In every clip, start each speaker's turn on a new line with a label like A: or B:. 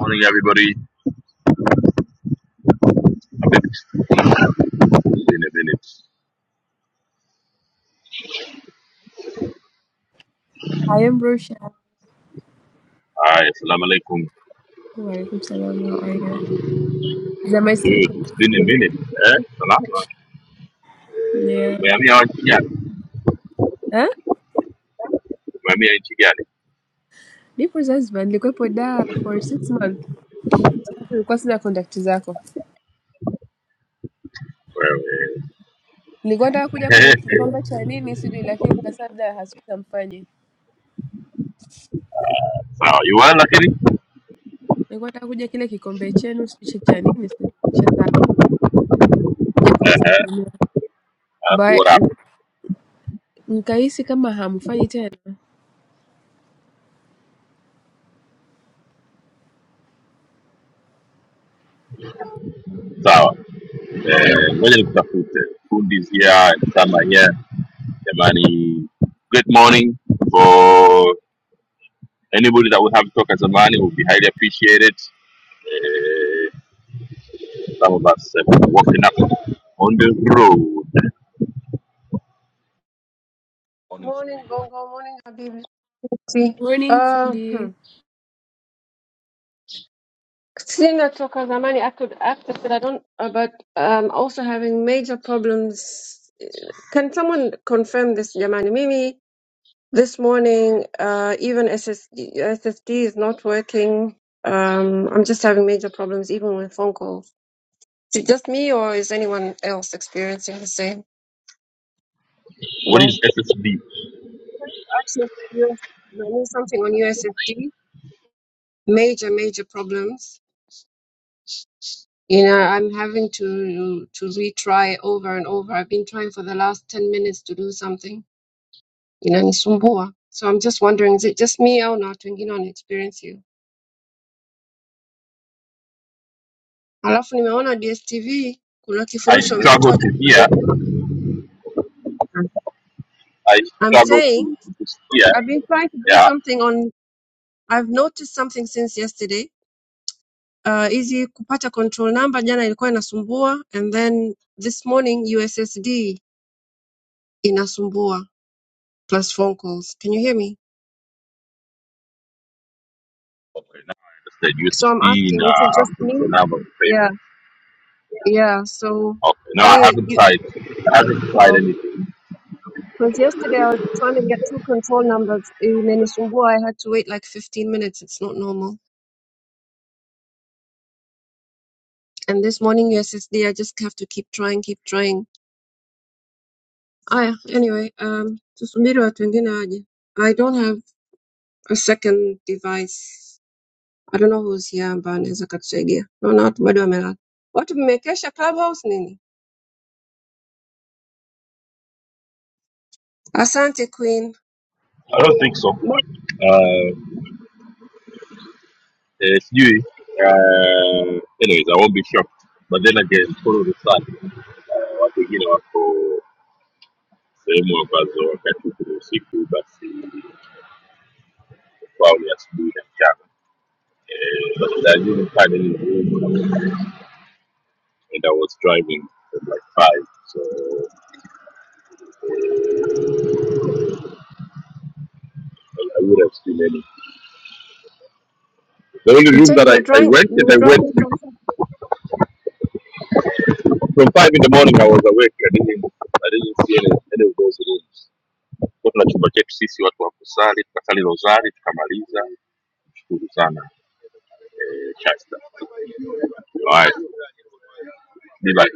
A: Morning, everybody. A bit, it's been a minute.
B: I am Roshan.
A: Hi, assalamu alaikum.
B: Walaikum salam. How are you? Za
A: Dude,
B: masiku.
A: it's been a minute. Eh? Salama.
B: Yeah.
A: Umehamia wapi gani?
B: Huh?
A: Umehamia nchi gani?
B: Nipo Zanzibar, nilikuwepo da for six months. Sasa nilikuwa sina contact zako.
A: Wewe.
B: Nilikuwa nataka kuja kwenye kikombe cha nini sijui, lakini nikasema labda hasuta mfanye.
A: Sawa, you well lakini?
B: Nilikuwa nataka kuja kile kikombe chenu sijui cha cha nini sijui cha sawa. Kuja
A: Eh,
B: kuwasalimia.
A: alafu what
B: But
A: up?
B: n- nikahisi kama hamfanyi tena.
A: Sawa. Eh, ngoja nikutafute. Food is here, Sama here. Jamani, good morning for anybody that would have a talk toka zamani would be highly appreciated. Eh, some of us have been walking up on the road.
C: Morning Bongo, morning Habib.
B: Morning
C: Uh, hmm.
B: fundi.
C: Seeing that Toka Zamani, I could access it. I don't, uh, but um, also having major problems. Can someone confirm this, Yamani? Mimi, this morning, uh, even SSD, is not working. Um, I'm just having major problems, even with phone calls. Is it just me, or is anyone else experiencing the same?
A: What
C: Well,
A: is SSB?
C: actually, yes, I need something on USSD. Major, major problems. You know, I'm having to to retry over and over. I've been trying for the last 10 minutes to do something. You know, nisumbua. So I'm just wondering, is it just me au na watu wengine wana experience hiyo? Alafu nimeona DSTV kuna
A: I
C: kifurushi
A: struggle
C: wamekitoa
A: to
C: cha
A: hear.
C: kujenga.
A: I
C: I'm
A: struggle
C: saying
A: to, to hear.
C: I've been trying to do
A: Yeah.
C: something on I've noticed something since yesterday. Uh, hizi kupata control number jana ilikuwa inasumbua and then this morning USSD inasumbua plus phone calls. Can you hear me?
A: Okay, now I understand
C: So I'm
A: USSD in
C: asking, is it just
A: uh, so
C: me?
A: now I'm on
C: Yeah,
A: payment.
C: yeah. So,
A: Okay. No, I
C: any
A: haven't
C: you?
A: tried. I haven't tried
C: Because
A: anything.
C: yesterday I was trying to get two control numbers in Enisumbua. I had to wait like 15 minutes. It's not normal. And this morning USSD, I just have to keep trying, keep trying. Aya, anyway, um, tusubiri watu wengine waje. I don't have a second device. I don't know who's here ambaye anaweza katusaidia. Naona watu bado wamelala. Watu mmekesha clubhouse nini? Asante Queen.
A: I don't think so.
C: Mo-
A: Uh, it's new. Uh, anyways, I won't be shocked. But then again, follow the sun. Uh, watu wengine wako sehemu ambazo wakati kuna usiku basi kwao ni asubuhi na mchana. But I didn't find any room and I was driving at like five, so I I would have seen any. The only
C: You
A: room
C: said
A: that
C: you
A: I,
C: were
A: I
C: driving.
A: went
C: You
A: and
C: were
A: I went
C: driving from.
A: from five in the morning I was awake. I didn't I didn't see any, any of those rooms. Kwa chumba chetu sisi watu wa kusali, tukasali rozari tukamaliza. Shukuru sana eh, Shasta. Alright, be like.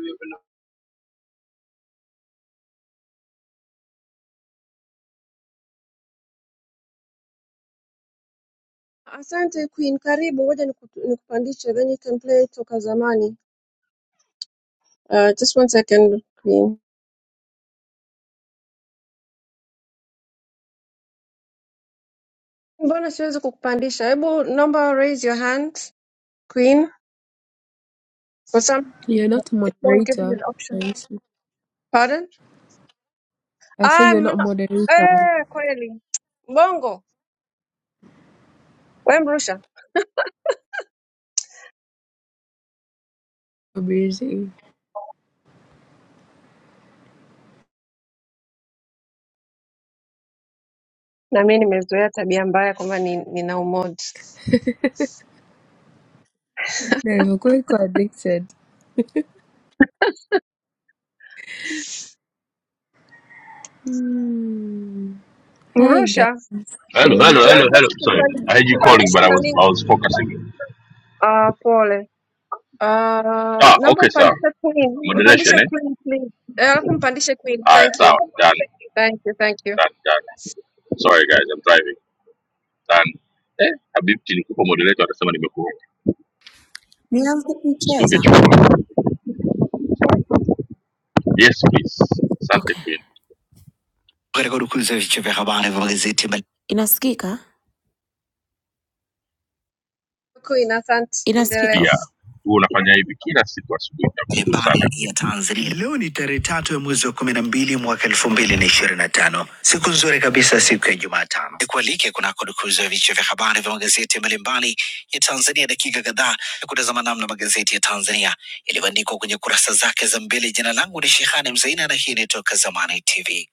C: Asante Queen, karibu, ngoja niku- nikupandishe, then you can play toka zamani. Uh, just one second Queen. Mbona siwezi kukupandisha? Hebu naomba raise your hand Queen, for some
B: You're not
C: it won't give me
B: moderator.
C: the option.
B: I see.
C: Pardon?
B: I say
C: Ah,
B: you're not
C: mna-
B: moderator.
C: eh, kweli Bongo we Mrusha,
B: Busy.
C: na mimi nimezoea tabia mbaya kwamba ni, nina umod.
B: Na ilivyokuwa iko addicted. Mm. Hi guys.
C: Mrusha,
A: Hello,
B: Jamani.
A: hello, hello, hello.
C: tuwezeshe
A: Sorry, I heard you calling,
C: kumpandisha
A: but I was I
C: nani?
A: was focusing.
C: Ah, pole. Uh,
A: Ah,
C: naomba
A: okay, sir.
C: mpandishe Queen,
A: Moderation,
C: mpandishe
A: eh?
C: Queen please. Eh, Alafu mpandishe Queen.
A: Haya,
C: Thank you.
A: sawa, done,
C: Thank you, thank you.
A: done, done. Sorry guys, I'm driving. Done. Eh, Habibti nikupa moderator atasema nimekuona.
D: nianze
A: Usifunge
D: kuicheza
A: chumba. Yes please. Asante
D: Okay,
A: Queen.
D: katika udukuzi ya vichwa vya habari vya magazeti inasikika
C: Queen, asante.
D: inasikika.
C: Endelee.
A: Pia
D: Okay.
A: huwa unafanya hivi kila siku asubuhi. Nakushukuru sana
D: mbalimbali ya
A: Queen.
D: Tanzania. Leo ni tarehe tatu ya mwezi wa kumi na mbili mwaka elfu mbili na ishirini na tano siku nzuri kabisa, siku ya Jumatano. Nikualike kunako dukuzi ya vichwa vya habari vya magazeti mbalimbali ya Tanzania, dakika kadhaa ya kutazama namna magazeti ya Tanzania yalivyoandikwa kwenye kurasa zake za mbele. Jina langu ni Shehani Mzaina na hii ni Toka Zamani TV.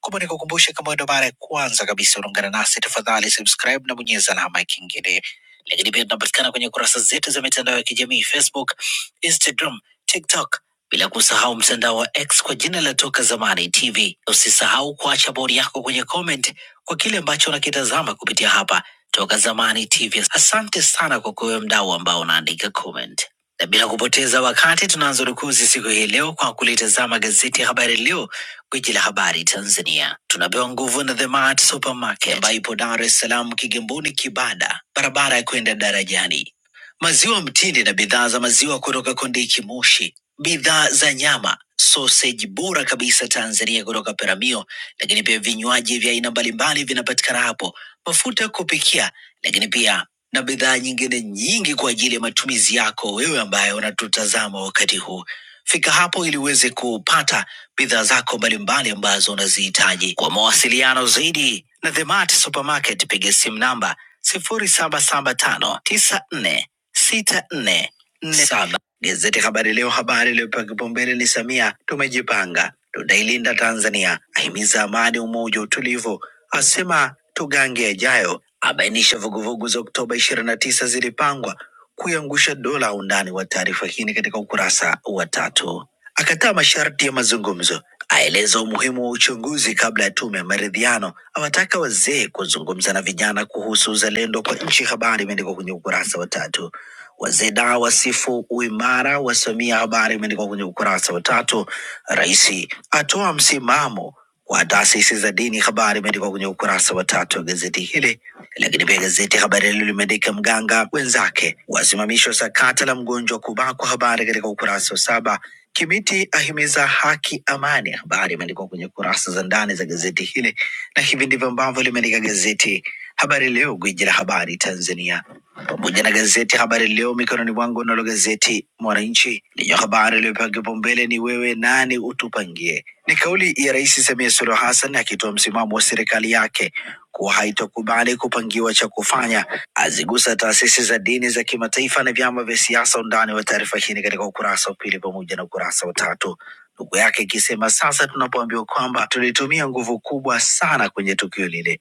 D: Kumbe nikukumbushe, kama wewe ndo mara ya kwanza kabisa unaungana nasi, tafadhali subscribe na bonyeza alama ya kengele. Lakini pia tunapatikana kwenye kurasa zetu za mitandao ya kijamii Facebook, Instagram, TikTok, bila kusahau mtandao wa X kwa jina la Toka Zamani TV. Usisahau kuacha bodi yako kwenye comment kwa kile ambacho unakitazama kupitia hapa Toka Zamani TV. Asante sana kwa kuwe mdau ambao unaandika comment na bila kupoteza wakati tunaanza rukuzi siku hii leo kwa kulitazama gazeti ya Habari Leo Gwiji la habari Tanzania tunapewa nguvu na The Mart Supermarket ambayo ipo Dar es Salaam, Kigamboni, Kibada, barabara ya kwenda darajani. Maziwa mtindi na bidhaa za maziwa kutoka Kondiki Moshi, bidhaa za nyama, soseji bora kabisa Tanzania kutoka Peramio, lakini pia vinywaji vya aina mbalimbali vinapatikana hapo, mafuta ya kupikia, lakini pia na bidhaa nyingine nyingi kwa ajili ya matumizi yako wewe ambaye unatutazama wakati huu. Fika hapo ili uweze kupata bidhaa zako mbalimbali ambazo unazihitaji. Kwa mawasiliano zaidi na Themart Supermarket, piga simu namba 07759464 saba. Gazeti Habari Leo, habari iliyopewa kipaumbele ni Samia, tumejipanga tutailinda Tanzania, ahimiza amani, umoja, utulivu, asema tugange yajayo, abainisha vuguvugu za Oktoba ishirini na tisa zilipangwa kuiangusha dola. Undani wa taarifa hii ni katika ukurasa wa tatu. Akataa masharti ya mazungumzo, aeleza umuhimu wa uchunguzi kabla ya tume ya maridhiano, awataka wazee kuzungumza na vijana kuhusu uzalendo kwa nchi. Habari imeandikwa kwenye ukurasa wa tatu. Wazeda wasifu uimara wa Samia, habari imeandikwa kwenye ukurasa wa tatu. Rais atoa msimamo wa taasisi za dini, habari imeandikwa kwenye ukurasa wa tatu wa gazeti hili. Lakini pia gazeti Habari Leo limeandika mganga wenzake wasimamishwa sakata la mgonjwa kubakwa, habari katika ukurasa wa saba. Kimiti ahimiza haki, amani, habari imeandikwa kwenye kurasa za ndani za gazeti hili, na hivi ndivyo ambavyo limeandika gazeti Habari Leo, gwiji la habari Tanzania, pamoja na gazeti Habari Leo mikononi mwangu. Nalo gazeti Mwananchi lenye habari iliyopewa kipaumbele ni wewe nani utupangie. Ni kauli ya Rais Samia Suluhu Hassan akitoa msimamo wa serikali yake kuwa haitokubali kupangiwa cha kufanya, azigusa taasisi za dini za kimataifa na vyama vya siasa. Undani wa taarifa hii ni katika ukurasa wa pili pamoja na ukurasa wa tatu ndugu yake ikisema sasa tunapoambiwa kwamba tulitumia nguvu kubwa sana kwenye tukio lile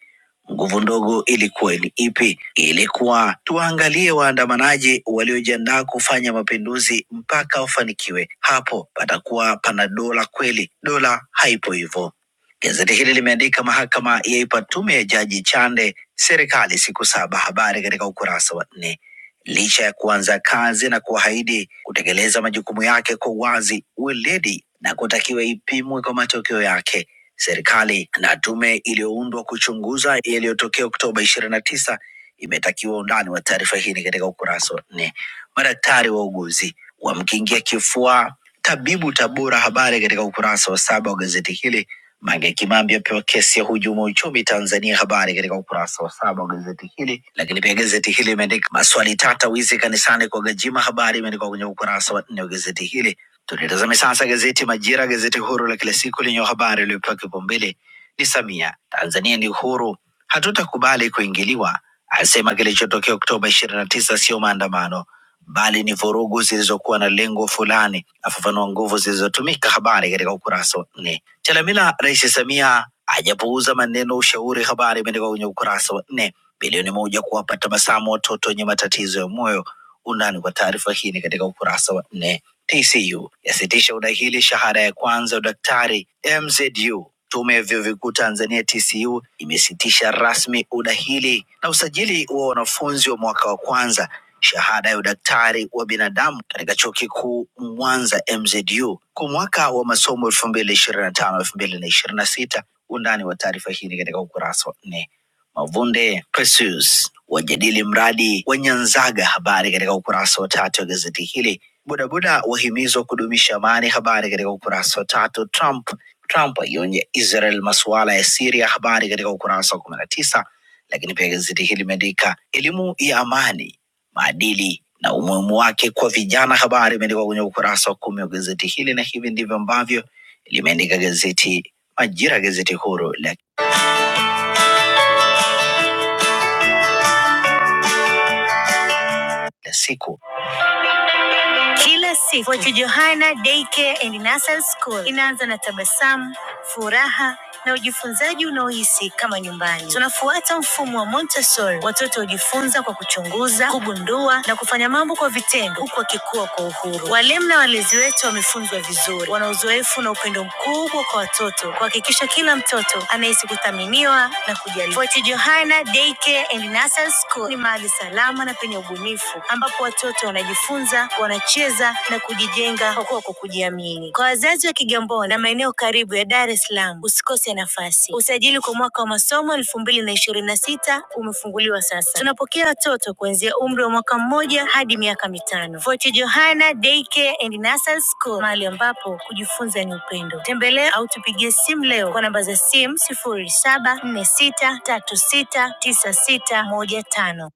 D: Nguvu ndogo ilikuwa ni ipi? Ilikuwa tuwaangalie waandamanaji waliojiandaa kufanya mapinduzi mpaka wafanikiwe. Hapo patakuwa pana dola kweli. Dola haipo hivyo. Gazeti hili limeandika mahakama yaipa tume ya jaji Chande serikali siku saba, habari katika ukurasa wa nne. Licha ya kuanza kazi na kuahidi kutekeleza majukumu yake kwa uwazi, weledi na kutakiwa ipimwe kwa matokeo yake, Serikali na tume iliyoundwa kuchunguza yaliyotokea Oktoba ishirini na tisa imetakiwa undani wa taarifa hii ni katika ukurasa wa nne. Madaktari wauguzi wamkingia kifua tabibu Tabora, habari katika ukurasa wa saba wa gazeti hili. Mange Kimambi apewa kesi ya hujuma uchumi Tanzania, habari katika ukurasa wa saba wa gazeti hili. Lakini pia gazeti hili imeandika maswali tata, wizi kanisani kwa Gwajima, habari imeandikwa kwenye ukurasa wa nne wa gazeti hili Tunitazame sasa gazeti Majira, gazeti huru la kila siku lenye habari iliyopewa kipaumbele ni Samia, Tanzania ni uhuru, hatutakubali kuingiliwa, asema kilichotokea Oktoba ishirini na tisa sio maandamano bali ni vurugu zilizokuwa na lengo fulani, afafanua nguvu zilizotumika. Habari katika ukurasa wa nne. Chalamila, Rais Samia hajapuuza maneno ushauri, habari imeandikwa kwenye ukurasa wa nne. Bilioni moja kuwapa tabasamu watoto wenye matatizo ya moyo. Undani wa taarifa hii ni katika ukurasa wa nne. TCU yasitisha udahili shahada ya kwanza ya udaktari MZU. Tume ya vyuo vikuu Tanzania TCU imesitisha rasmi udahili na usajili wa wanafunzi wa mwaka wa kwanza shahada ya udaktari wa binadamu katika chuo kikuu Mwanza MZU kwa mwaka wa masomo elfu mbili ishirini na tano elfu mbili na ishirini na sita. Undani wa taarifa hii ni katika ukurasa wa nne. Mavunde Precious wajadili mradi wa Nyanzaga, habari katika ukurasa wa tatu wa gazeti hili Bodaboda wahimizwa kudumisha amani. Habari katika ukurasa wa tatu. Trump Trump aionya Israel masuala ya Siria. Habari katika ukurasa wa kumi na tisa. Lakini pia gazeti hili limeandika elimu ya amani, maadili na umuhimu wake kwa vijana. Habari imeandikwa kwenye ukurasa wa kumi wa gazeti hili, na hivi ndivyo ambavyo limeandika gazeti Majira, gazeti huru la kila siku. Kila siku Fort Johanna Daycare and Nursery School inaanza na tabasamu, furaha na ujifunzaji unaohisi kama nyumbani. Tunafuata mfumo wa Montessori. Watoto hujifunza kwa kuchunguza, kugundua na kufanya mambo kwa vitendo, huku wakikua kwa uhuru. Walimu na walezi wetu wamefunzwa vizuri, wana uzoefu na upendo mkubwa kwa watoto, kuhakikisha kila mtoto anahisi kuthaminiwa na kujali. Fort Johanna Daycare and Nursery School ni mahali salama na penye ubunifu ambapo watoto wanajifunza, wanacheza na kujijenga kwa kwa kujiamini. Kwa wazazi wa Kigamboni na maeneo karibu ya Dar es Salaam, usikose nafasi. Usajili kwa mwaka wa masomo elfu mbili na ishirini na sita umefunguliwa sasa. Tunapokea watoto kuanzia umri wa mwaka mmoja hadi miaka mitano. Fort Johanna Daycare and Nursery School, mahali ambapo kujifunza ni upendo. Tembelea au tupigie simu leo kwa namba za simu sifuri saba nne sita tatu sita tisa sita moja tano.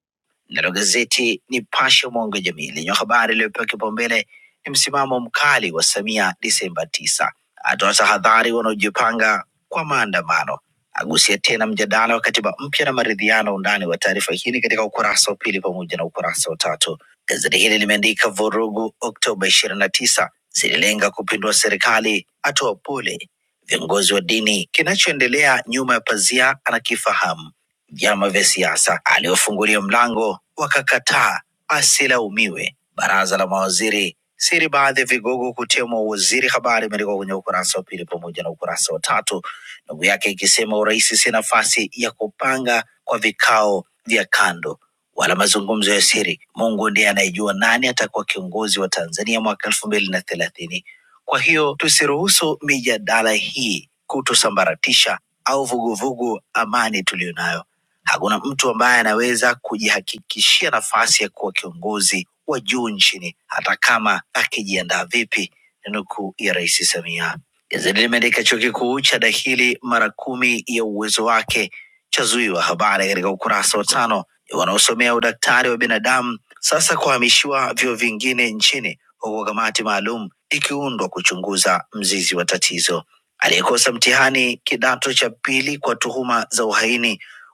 D: Nalo gazeti Nipashe mwanga wa jamii lenye habari iliyopewa kipaumbele ni msimamo mkali wa Samia Disemba tisa, atoa tahadhari wanaojipanga kwa maandamano, agusia tena mjadala wa katiba mpya na maridhiano. Undani wa taarifa hii ni katika ukurasa wa pili pamoja na ukurasa wa tatu. Gazeti hili limeandika vurugu Oktoba ishirini na tisa zililenga kupindua serikali, atoa pole viongozi wa dini, kinachoendelea nyuma ya pazia anakifahamu vyama vya siasa aliofungulia mlango wakakataa, asilaumiwe. Baraza la mawaziri siri baadhi ya vigogo kutemwa uwaziri. Habari imeandikwa kwenye ukurasa wa pili pamoja na ukurasa wa tatu, ndugu yake ikisema urais si nafasi ya kupanga kwa vikao vya kando wala mazungumzo ya siri. Mungu ndiye anayejua nani atakuwa kiongozi wa Tanzania mwaka elfu mbili na thelathini. Kwa hiyo tusiruhusu mijadala hii kutusambaratisha au vuguvugu amani tuliyonayo Hakuna mtu ambaye anaweza kujihakikishia nafasi ya kuwa kiongozi wa juu nchini hata kama akijiandaa vipi, ni nukuu ya Rais Samia. Gazeti limeandika chuo kikuu cha dahili mara kumi ya uwezo wake chazuiwa. Habari katika ukurasa wa tano. Wanaosomea udaktari wa binadamu sasa kuhamishiwa vyuo vingine nchini, huku kamati maalum ikiundwa kuchunguza mzizi wa tatizo. Aliyekosa mtihani kidato cha pili kwa tuhuma za uhaini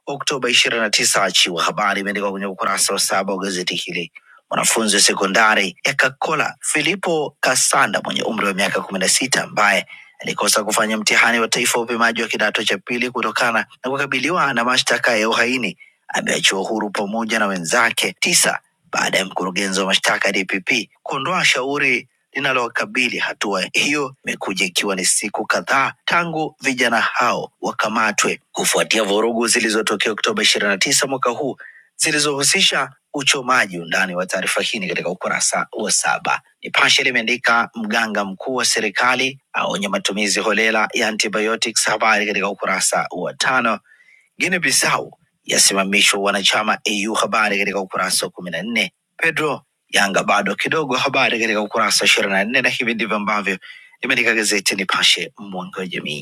D: Oktoba ishirini na tisa. Achiwa habari imeandikwa kwenye ukurasa wa saba wa gazeti hili. Mwanafunzi wa sekondari ya Kakola Filipo Kasanda mwenye umri wa miaka kumi na sita ambaye alikosa kufanya mtihani wa taifa wa upimaji wa kidato cha pili kutokana na kukabiliwa na mashtaka ya uhaini ameachiwa huru pamoja na wenzake tisa baada ya mkurugenzi wa mashtaka DPP kuondoa shauri linalowakabili. Hatua hiyo imekuja ikiwa ni siku kadhaa tangu vijana hao wakamatwe kufuatia vurugu zilizotokea Oktoba ishirini na tisa mwaka huu zilizohusisha uchomaji. Undani wa taarifa hii ni katika ukurasa wa saba. Nipashe limeandika mganga mkuu wa serikali aonya matumizi holela ya antibiotics, habari katika ukurasa wa tano. Guinea Bissau yasimamishwa wanachama AU. Habari katika ukurasa wa kumi na nne. Pedro Yanga bado kidogo, habari katika ukurasa wa ishirini na nne, na hivi ndivyo ambavyo limeandika gazeti Nipashe, mwanga wa jamii.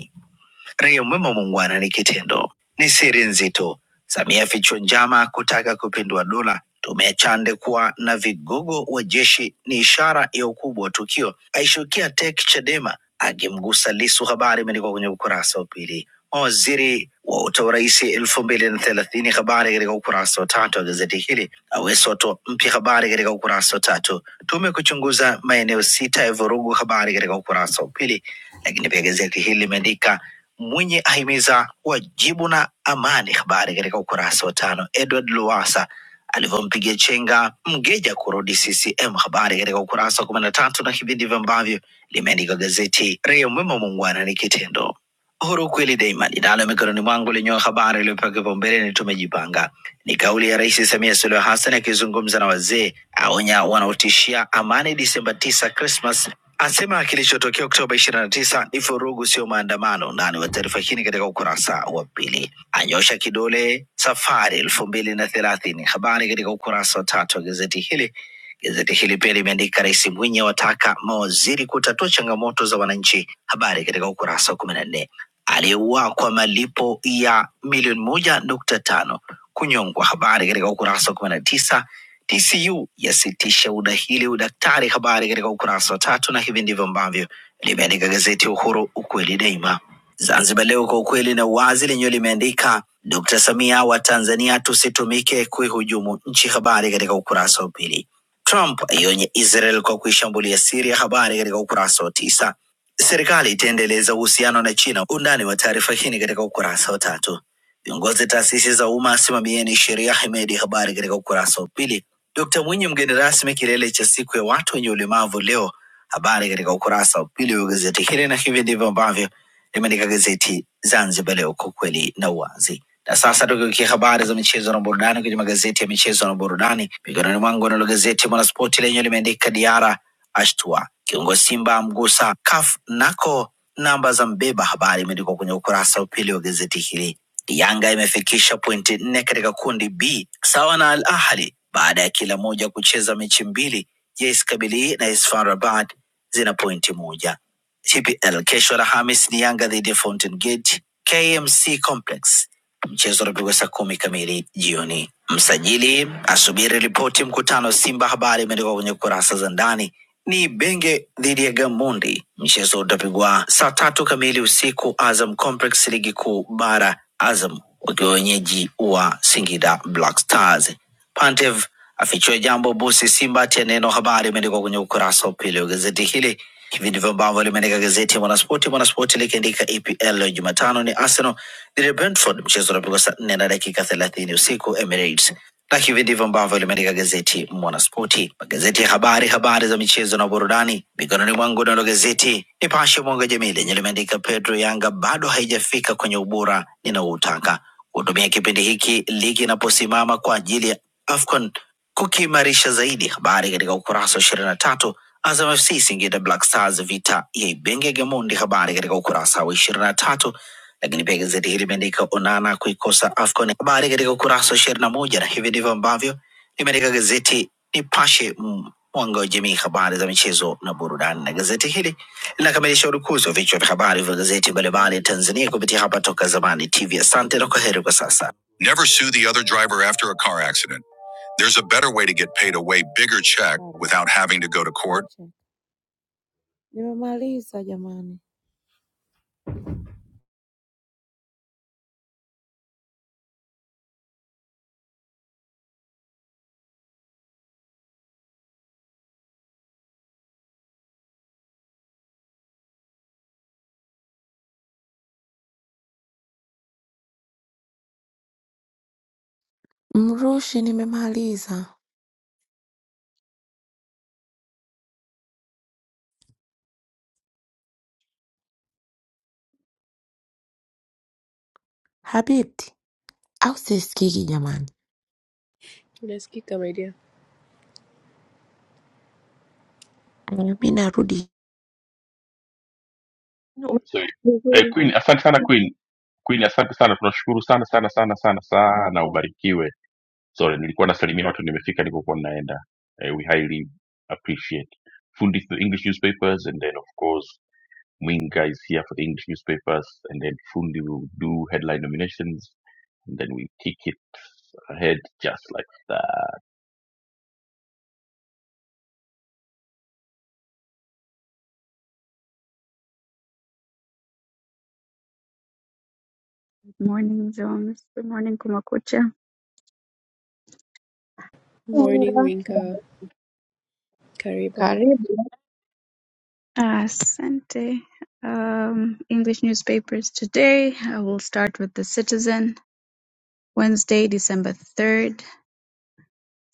D: Raia mwema muungwana ni kitendo, ni siri nzito. Samia fichwa njama kutaka kupindua dola. Tume ya Chande kuwa na vigogo wa jeshi ni ishara ya ukubwa wa tukio. Aishukia tek Chadema akimgusa Lisu. Habari imeandikwa kwenye ukurasa wa pili. Mawaziri wa urais elfu mbili na thelathini. Habari katika ukurasa wa tatu wa gazeti hili. Aweso watoa mpya. Habari katika ukurasa wa tatu. Tume kuchunguza maeneo sita ya vurugu. Habari katika ukurasa wa pili. Lakini pia gazeti hili limeandika Mwinyi ahimiza wajibu na amani. Habari katika ukurasa wa tano. Edward Lowassa alivyompigia chenga Mgeja kurudi CCM. Habari katika ukurasa wa kumi na tatu, na hivi ndivyo ambavyo limeandika gazeti Raia Mwema, muungwana ni kitendo. Uhuru kweli daima linalo mikononi mwangu lenye habari iliyopewa kipaumbele ni tumejipanga. Ni kauli ya Rais Samia Suluhu Hassan akizungumza na wazee, aonya wanaotishia amani Disemba 9 Christmas asema kilichotokea Oktoba 29 ni vurugu, sio maandamano. Nani wa taarifa hii ni katika ukurasa wa pili. Anyosha kidole safari elfu mbili na thelathini, habari katika ukurasa wa tatu wa gazeti hili. Gazeti hili pia limeandika Rais Mwinyi awataka mawaziri kutatua changamoto za wananchi, habari katika ukurasa wa kumi na nne. Aliyeuawa kwa malipo ya milioni moja nukta tano kunyongwa, habari katika ukurasa wa kumi na tisa TCU yasitisha udahili udaktari. Habari katika ukurasa wa tatu, na hivi ndivyo ambavyo limeandika gazeti Uhuru, ukweli daima. Zanzibar Leo, kwa ukweli na uwazi, lenyewe limeandika Dr. Samia wa Tanzania tusitumike kuihujumu nchi. Habari katika ukurasa wa pili. Trump aionye Israel kwa kuishambulia Syria. Habari katika ukurasa wa tisa. Serikali itaendeleza uhusiano na China. Undani wa taarifa hii ni katika ukurasa wa tatu. Viongozi taasisi za umma simamieni sheria, Hemedi. Habari katika ukurasa wa pili. Dkt Mwinyi mgeni rasmi kilele cha siku ya watu wenye ulemavu leo. Habari katika ukurasa wa pili wa gazeti hili, na hivi ndivyo ambavyo limeandika gazeti Zanzibar Leo, kwa kweli na uwazi. Na sasa tukiukia habari za michezo na burudani kwenye magazeti ya michezo na burudani, mikononi mwangu nalo gazeti Mwanaspoti lenye limeandika Diara ashtua kiongozi Simba amgusa CAF nako namba za mbeba. Habari imeandikwa kwenye ukurasa wa pili wa gazeti hili. Yanga imefikisha pointi nne katika kundi B sawa na Al Ahli baada ya kila moja kucheza mechi mbili. JS Kabylie na AS FAR Rabat zina pointi moja. TPL kesho Alhamis ni Yanga dhidi ya Fountain Gate KMC Complex. Mchezo unapigwa saa kumi kamili jioni. Msajili asubiri ripoti mkutano Simba. Habari imeandikwa kwenye kurasa za ndani. Ni Benge dhidi ya Gamundi, mchezo utapigwa saa tatu kamili usiku Azam Complex, ligi kuu bara, Azam wakiwa wenyeji wa Singida Black Stars. Pantev afichua jambo busi Simba tia neno habari, imeandikwa kwenye ukurasa wa pili wa gazeti hili. Hivi ndivyo ambavyo limeandika gazeti ya Mwanaspoti. Mwanaspoti likiandika EPL leo Jumatano ni Arsenal dhidi ya Brentford, mchezo unapigwa saa nne na dakika thelathini usiku Emirates na hivi ndivyo ambavyo limeandika gazeti Mwanaspoti. Magazeti ya habari, habari za michezo na burudani mikononi mwangu. Nalo gazeti Nipashe Mwanga wa Jamii lenye limeandika Pedro Yanga bado haijafika kwenye ubora ninaoutaka, kutumia kipindi hiki ligi inaposimama kwa ajili ya AFCON kukiimarisha zaidi. Habari katika ukurasa wa ishirini na tatu. Azam FC Singida Black Stars vita ya Ibenge Gamondi, habari katika ukurasa wa ishirini na tatu lakini pia gazeti hili limeandika Onana kuikosa AFCON, habari katika ukurasa wa ishirini na moja na hivi ndivyo ambavyo limeandika gazeti Nipashe, mm, mwanga wa jamii, habari za michezo na burudani. Na gazeti hili linakamilisha urukuzi wa vichwa vya habari vya gazeti mbalimbali Tanzania kupitia hapa Toka Zamani TV. Asante na kwa heri kwa sasa. Never sue the other driver after a car accident. There's a better way to get paid a way bigger check without having to go to court. Nimemaliza jamani, mrushi, nimemaliza. Habibti au sisikiki jamani
B: Unasikika my dear?
D: Eh, mi narudi
A: So, eh,
C: Vizuri.
A: Queen, asante sana Queen. Queen, asante sana. Tunashukuru sana sana sana sana sana. Ubarikiwe. Sorry, nilikuwa nasalimia watu nimefika nilikokuwa ninaenda. Eh, we highly appreciate Fundis the English newspapers and then of course Wing guys here for the English newspapers, and then Fundi will do headline nominations, and then we kick it ahead just like that.
E: Morning, Jones. Good morning, Kumakucha.
B: Morning
C: Mwinga,
B: Winka, karibu.
C: karibu.
E: Asante. Um, English newspapers today. I will start with The Citizen. Wednesday, December 3rd.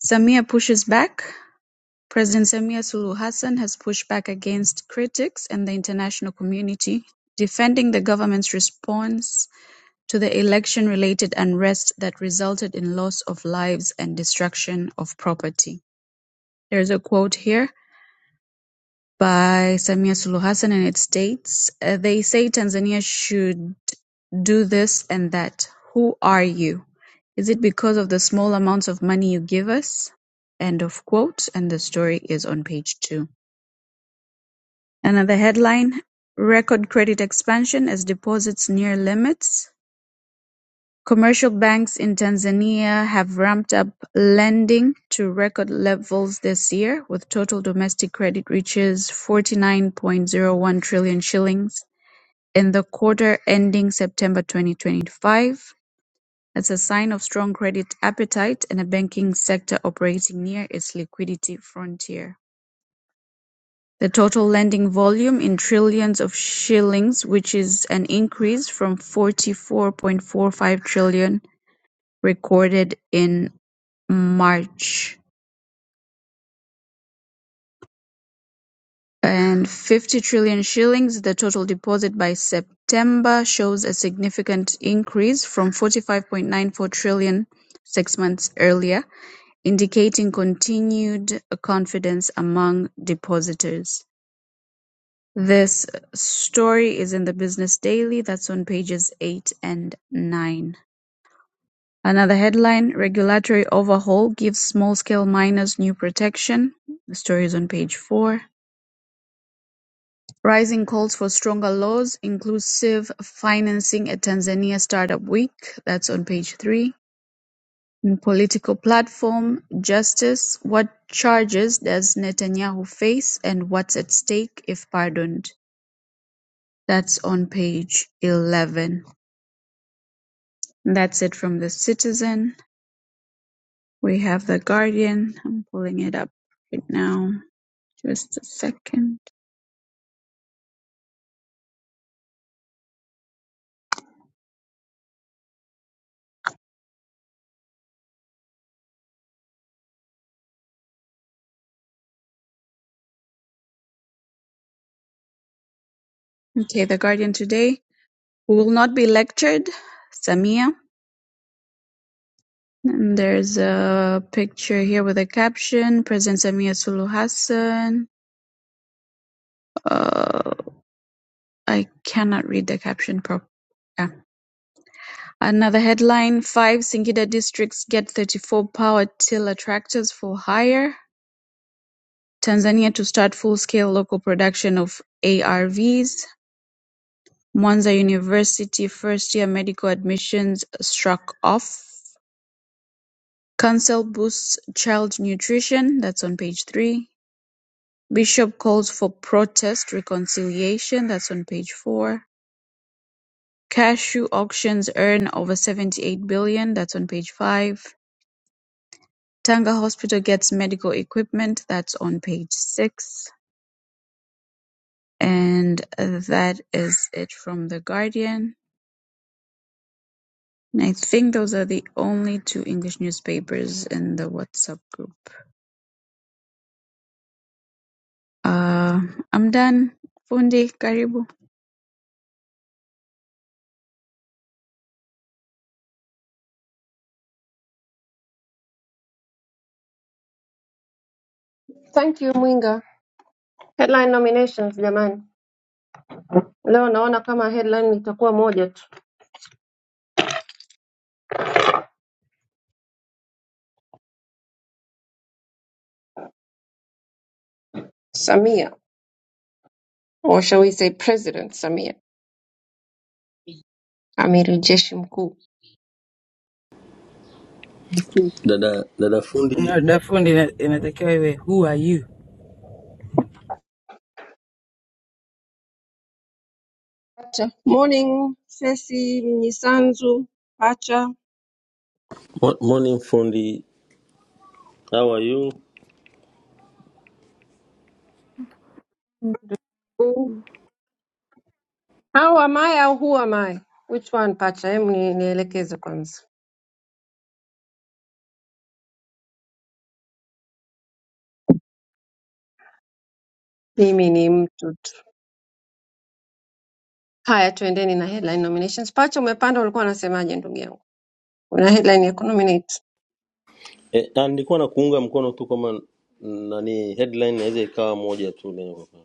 E: Samia pushes back. President Samia Sulu Hassan has pushed back against critics and the international community, defending the government's response to the election related unrest that resulted in loss of lives and destruction of property. There's a quote here. by Samia Suluhu Hassan, and it states uh, they say Tanzania should do this and that. Who are you? Is it because of the small amounts of money you give us? End of quote. And the story is on page two. Another headline: Record credit expansion as deposits near limits. Commercial banks in Tanzania have ramped up lending to record levels this year, with total domestic credit reaches 49.01 trillion shillings in the quarter ending September 2025. That's a sign of strong credit appetite and a banking sector operating near its liquidity frontier. The total lending volume in trillions of shillings, which is an increase from 44.45 trillion recorded in March, and 50 trillion shillings, the total deposit by September shows a significant increase from 45.94 trillion six months earlier, indicating continued confidence among depositors. This story is in the Business Daily, that's on pages 8 and 9. Another headline, "Regulatory Overhaul Gives Small-Scale Miners New Protection", the story is on page four. Rising calls for stronger laws, inclusive financing at Tanzania Startup Week. That's on page three. In political platform, justice. What charges does Netanyahu face and what's at stake if pardoned? That's on page 11. That's it from The Citizen. We have The Guardian. I'm pulling it up right now. Just a second. Okay, The Guardian today. We will not be lectured. Samia. And there's a picture here with a caption President Samia Sulu Hassan. Uh, I cannot read the caption properly. Yeah. Another headline Five Singida districts get 34 power tiller tractors for hire. Tanzania to start full scale local production of ARVs. Mwanza University first year medical admissions struck off. Council boosts child nutrition, that's on page three. Bishop calls for protest reconciliation, that's on page four. Cashew auctions earn over 78 billion, dollars, that's on page five. Tanga Hospital gets medical equipment, that's on page six. And uh, that is it from The Guardian. And I think those are the only two English newspapers in the WhatsApp group. Uh, I'm done. Fundi, karibu.
C: Thank you Mwinga. Headline nominations jamani. Leo naona kama headline itakuwa moja tu. Samia, or shall we say President Samia, amiri jeshi mkuu.
F: Dada dada fundi,
G: Na Dafundi ina- inatakiwa iwe who are you
C: Pacha. Morning, Sesi Mnyisanzu, Pacha.
F: mo- morning fundi, how are you?
C: How am I au who am I? Which one pacha? Hebu ni- nielekeze kwanza. Mimi ni mtu tu. Haya, tuendeni na headline nominations. Pacha, umepanda, ulikuwa unasemaje ndugu yangu? Una headline ya kunominate.
F: Eh, ah, nilikuwa na kuunga mkono tu kama mm, nani headline inaweza ikawa moja tu leo.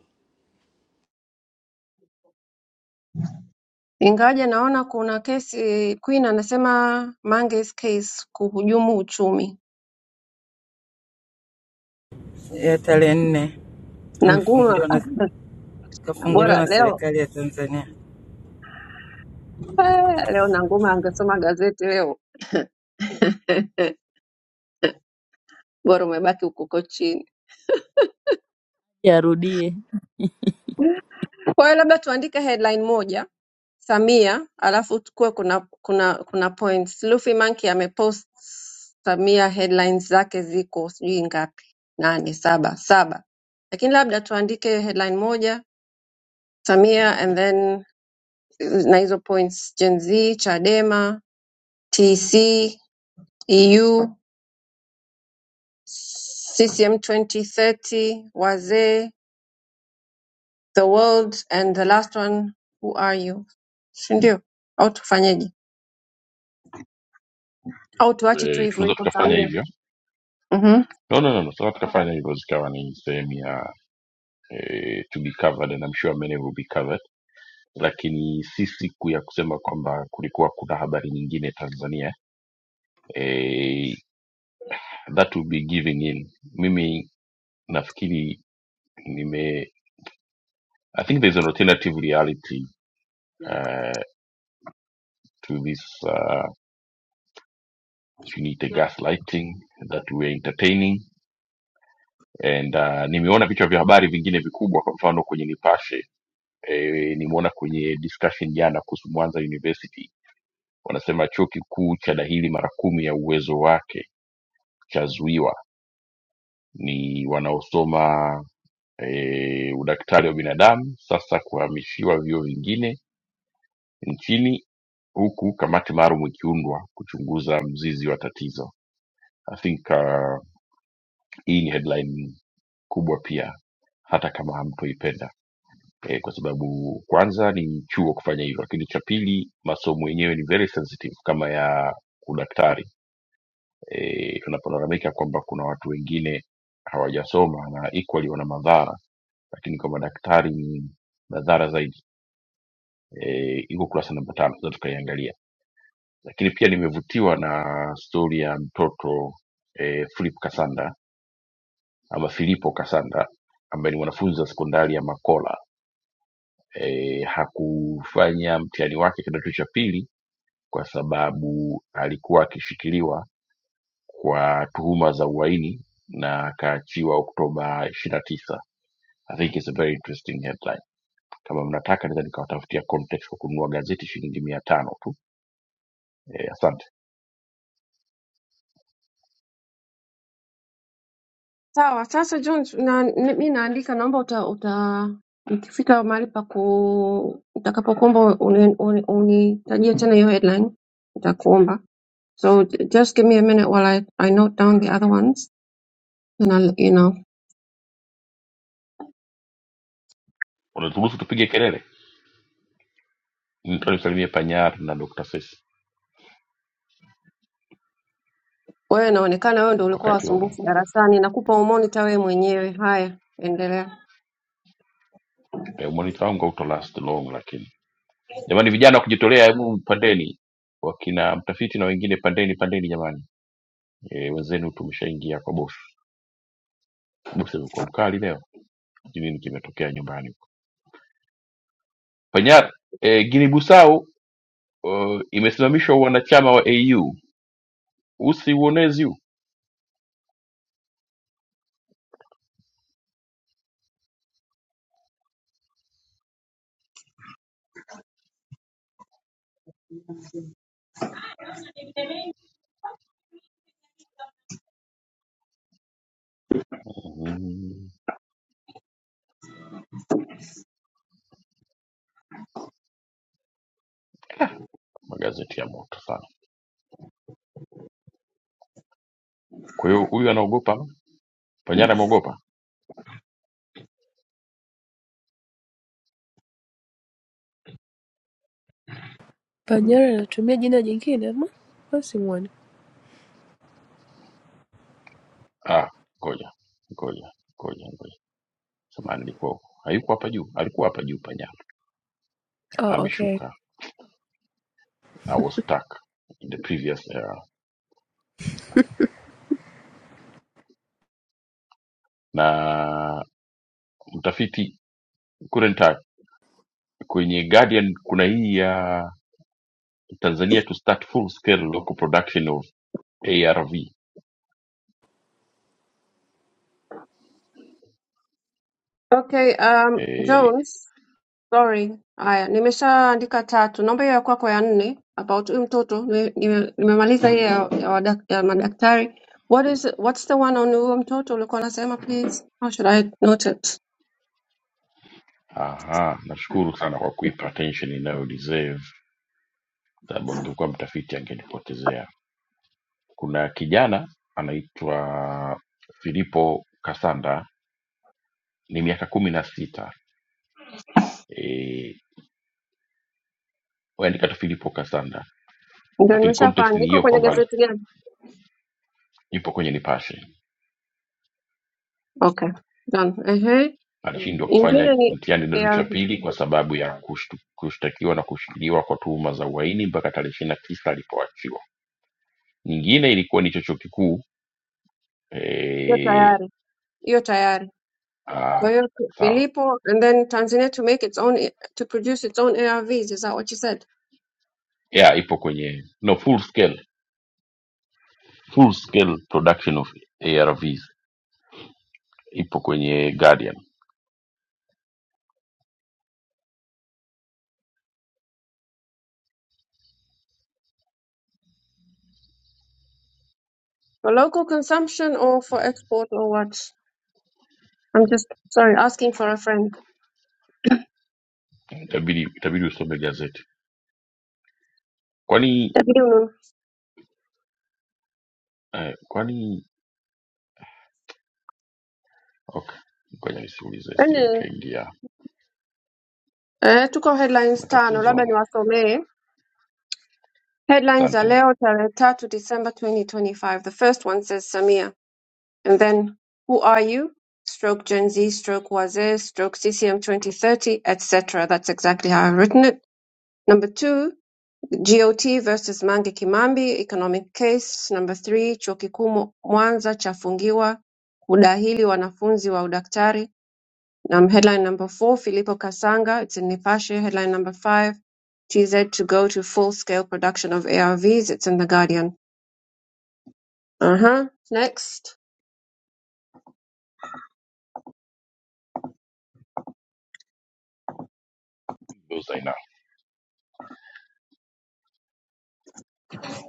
C: Ingawaje naona kuna kesi Queen anasema Mange's case kuhujumu uchumi.
G: ya tarehe nne
C: Nanguma
G: amefunguliwa na kafunguliwa
C: bora
G: na
C: leo
G: serikali ya Tanzania.
C: eh, leo Nanguma angesoma gazeti leo bora umebaki huko chini.
H: Yarudie.
C: Kwa hiyo labda tuandike headline moja Samia, alafu tukuwe kuna kuna kuna points. Luffy Monkey amepost Samia, headlines zake ziko sijui ngapi, nane, saba, saba, lakini labda tuandike headline moja Samia and then na hizo points Gen Z, Chadema, TC, EU, CCM 2030, wazee, the world and the last one who are you, si ndio? Au tufanyeje? au tuache tu
A: Eh,
C: hivyo
A: tunaweza
C: hivyo
A: tukafanya
C: Samia?
A: hivyo
C: Mhm.
A: no no no no tunaweza tukafanya hivyo zikawa ni sehemu ya eh, to be covered and I'm sure many will be covered lakini si siku ya kusema kwamba kulikuwa kuna habari nyingine tanzania eh, that will be giving in mimi nafikiri nime i think there's an alternative reality uh, to this uh, sijui niite gaslighting that we are entertaining and uh, nimeona vichwa vya habari vingine vikubwa kwa mfano kwenye nipashe e, nimeona kwenye discussion jana kuhusu mwanza university wanasema chuo kikuu cha dahili mara kumi ya uwezo wake chazuiwa ni wanaosoma e, udaktari wa binadamu sasa kuhamishiwa vyuo vingine nchini huku kamati maalum ikiundwa kuchunguza mzizi wa tatizo i think uh, hii ni headline kubwa pia hata kama hamtoipenda e, kwa sababu kwanza ni chuo kufanya hivyo lakini cha pili masomo yenyewe ni very sensitive kama ya udaktari e, tunapolalamika kwamba kuna watu wengine hawajasoma na equally wana madhara lakini kwa madaktari ni madhara zaidi e, iko kurasa namba tano tunaweza tukaiangalia lakini pia nimevutiwa na stori ya mtoto e, philip kasanda ama filipo kasanda ambaye ni mwanafunzi wa sekondari ya makola e, hakufanya mtihani wake kidato cha pili kwa sababu alikuwa akishikiliwa kwa tuhuma za uhaini na akaachiwa Oktoba ishirini na tisa. I think it's a very interesting headline. Kama mnataka naweza nikawatafutia context kwa kununua gazeti shilingi mia tano tu. Eh, asante.
C: Sawa, sasa John, na, ni- mi naandika, naomba uta, uta ikifika mahali pa ku utakapokuomba unitajie uni, uni, unitajie tena hiyo headline nitakuomba. So j- just give me a minute while I, I note down the other ones and I'll, you know.
A: Unaturuhusu tupige kelele? Nitoa nisalimie Panyar na Dr. Sesi
C: Wewe inaonekana wewe ndio ulikuwa
A: wakati wa
C: wasumbufu darasani, nakupa umonitor wewe mwenyewe. Haya, endelea.
A: eh, umonita wangu auto last long, lakini jamani, vijana wa kujitolea, hebu pandeni, wakina mtafiti na wengine, pandeni pandeni jamani. E, wenzenu tumeshaingia kwa bosi. Bosi amekuwa mkali leo, sijui nini kimetokea nyumbani huko. Panyar, e, Guinea Bissau uh, imesimamishwa uwanachama wa AU. Usiuonezi huu mm, magazeti ya moto sana. Kwa hiyo huyu anaogopa, Panyara ameogopa.
B: Panyara anatumia jina jingine ama? Au si muone?
A: Ah, ngoja ngoja ngoja ngoja, samahani, nilikuwa hayuko hapa juu, alikuwa hapa juu Panyara,
B: Oh, okay.
A: ameshuka. I was stuck in the previous era. Na mtafiti couldn't type. kwenye Guardian kuna hii ya Tanzania to start full scale local production of ARV
C: Okay, um, Jones. Sorry. Haya, nimeshaandika tatu. Naomba hiyo ya kwako ya nne about huyu mtoto. Nime- nime- Nimemaliza hiyo ya, ya, wadak- ya madaktari. What is what's the one on huyo mtoto ulikuwa unasema please? How should I note it?
A: Aha, nashukuru sana kwa kuipa attention inayo deserve, sababu angekuwa mtafiti angenipotezea. Kuna kijana anaitwa Filipo Kasanda, ni miaka kumi na sita e, andika tu Filipo Kasanda,
C: Ndio
A: lakini context
C: nimeshafanya.
A: ni
C: Iko
A: hiyo
C: kwenye
A: kwamba ali-
C: gazeti gani?
A: yupo kwenye Nipashe,
C: Okay. Done. Ehe.
A: alishindwa kufanya
C: Ingine ni
A: mtihani kidato cha
C: ya
A: pili kwa sababu ya kushtu- kushtakiwa na kushikiliwa kwa tuhuma za uhaini mpaka tarehe ishirini na tisa alipoachiwa. Nyingine ilikuwa ni cho chuo kikuu
C: hiyo
A: e,
C: tayari. Hiyo tayari. Kwa
A: ah,
C: hiyo
A: sawa,
C: Filipo and then Tanzania to make its own to produce its own ARVs is that what you said?
A: yeah ipo kwenye no full scale full scale production of arvs ipo kwenye guardian
C: For local consumption or for export or what? I'm just sorry, asking for a friend.
A: itabidi itabidi usome gazeti kwani
C: Tabiunu.
A: eh, kwani okay ngoja nisiulize sije
C: Yaani
A: nikaingia
C: eh, tuko headlines tano,
A: matatizo
C: labda niwasomee. Headlines za
A: asante
C: leo tarehe tatu December 2025. The first one says Samia and then who are you? Stroke Gen Z, stroke Wazir, stroke CCM 2030, etc. That's exactly how I've written it. Number two, GOT versus Mange Kimambi, economic case. Number three, chuo kikuu Mwanza chafungiwa kudahili wanafunzi wa udaktari. Um, headline number four, Filippo Kasanga. It's in Nipashe. Headline number five, TZ to go to full-scale production of ARVs. It's in The Guardian. Uh-huh. Next.
A: Ndio Zainab.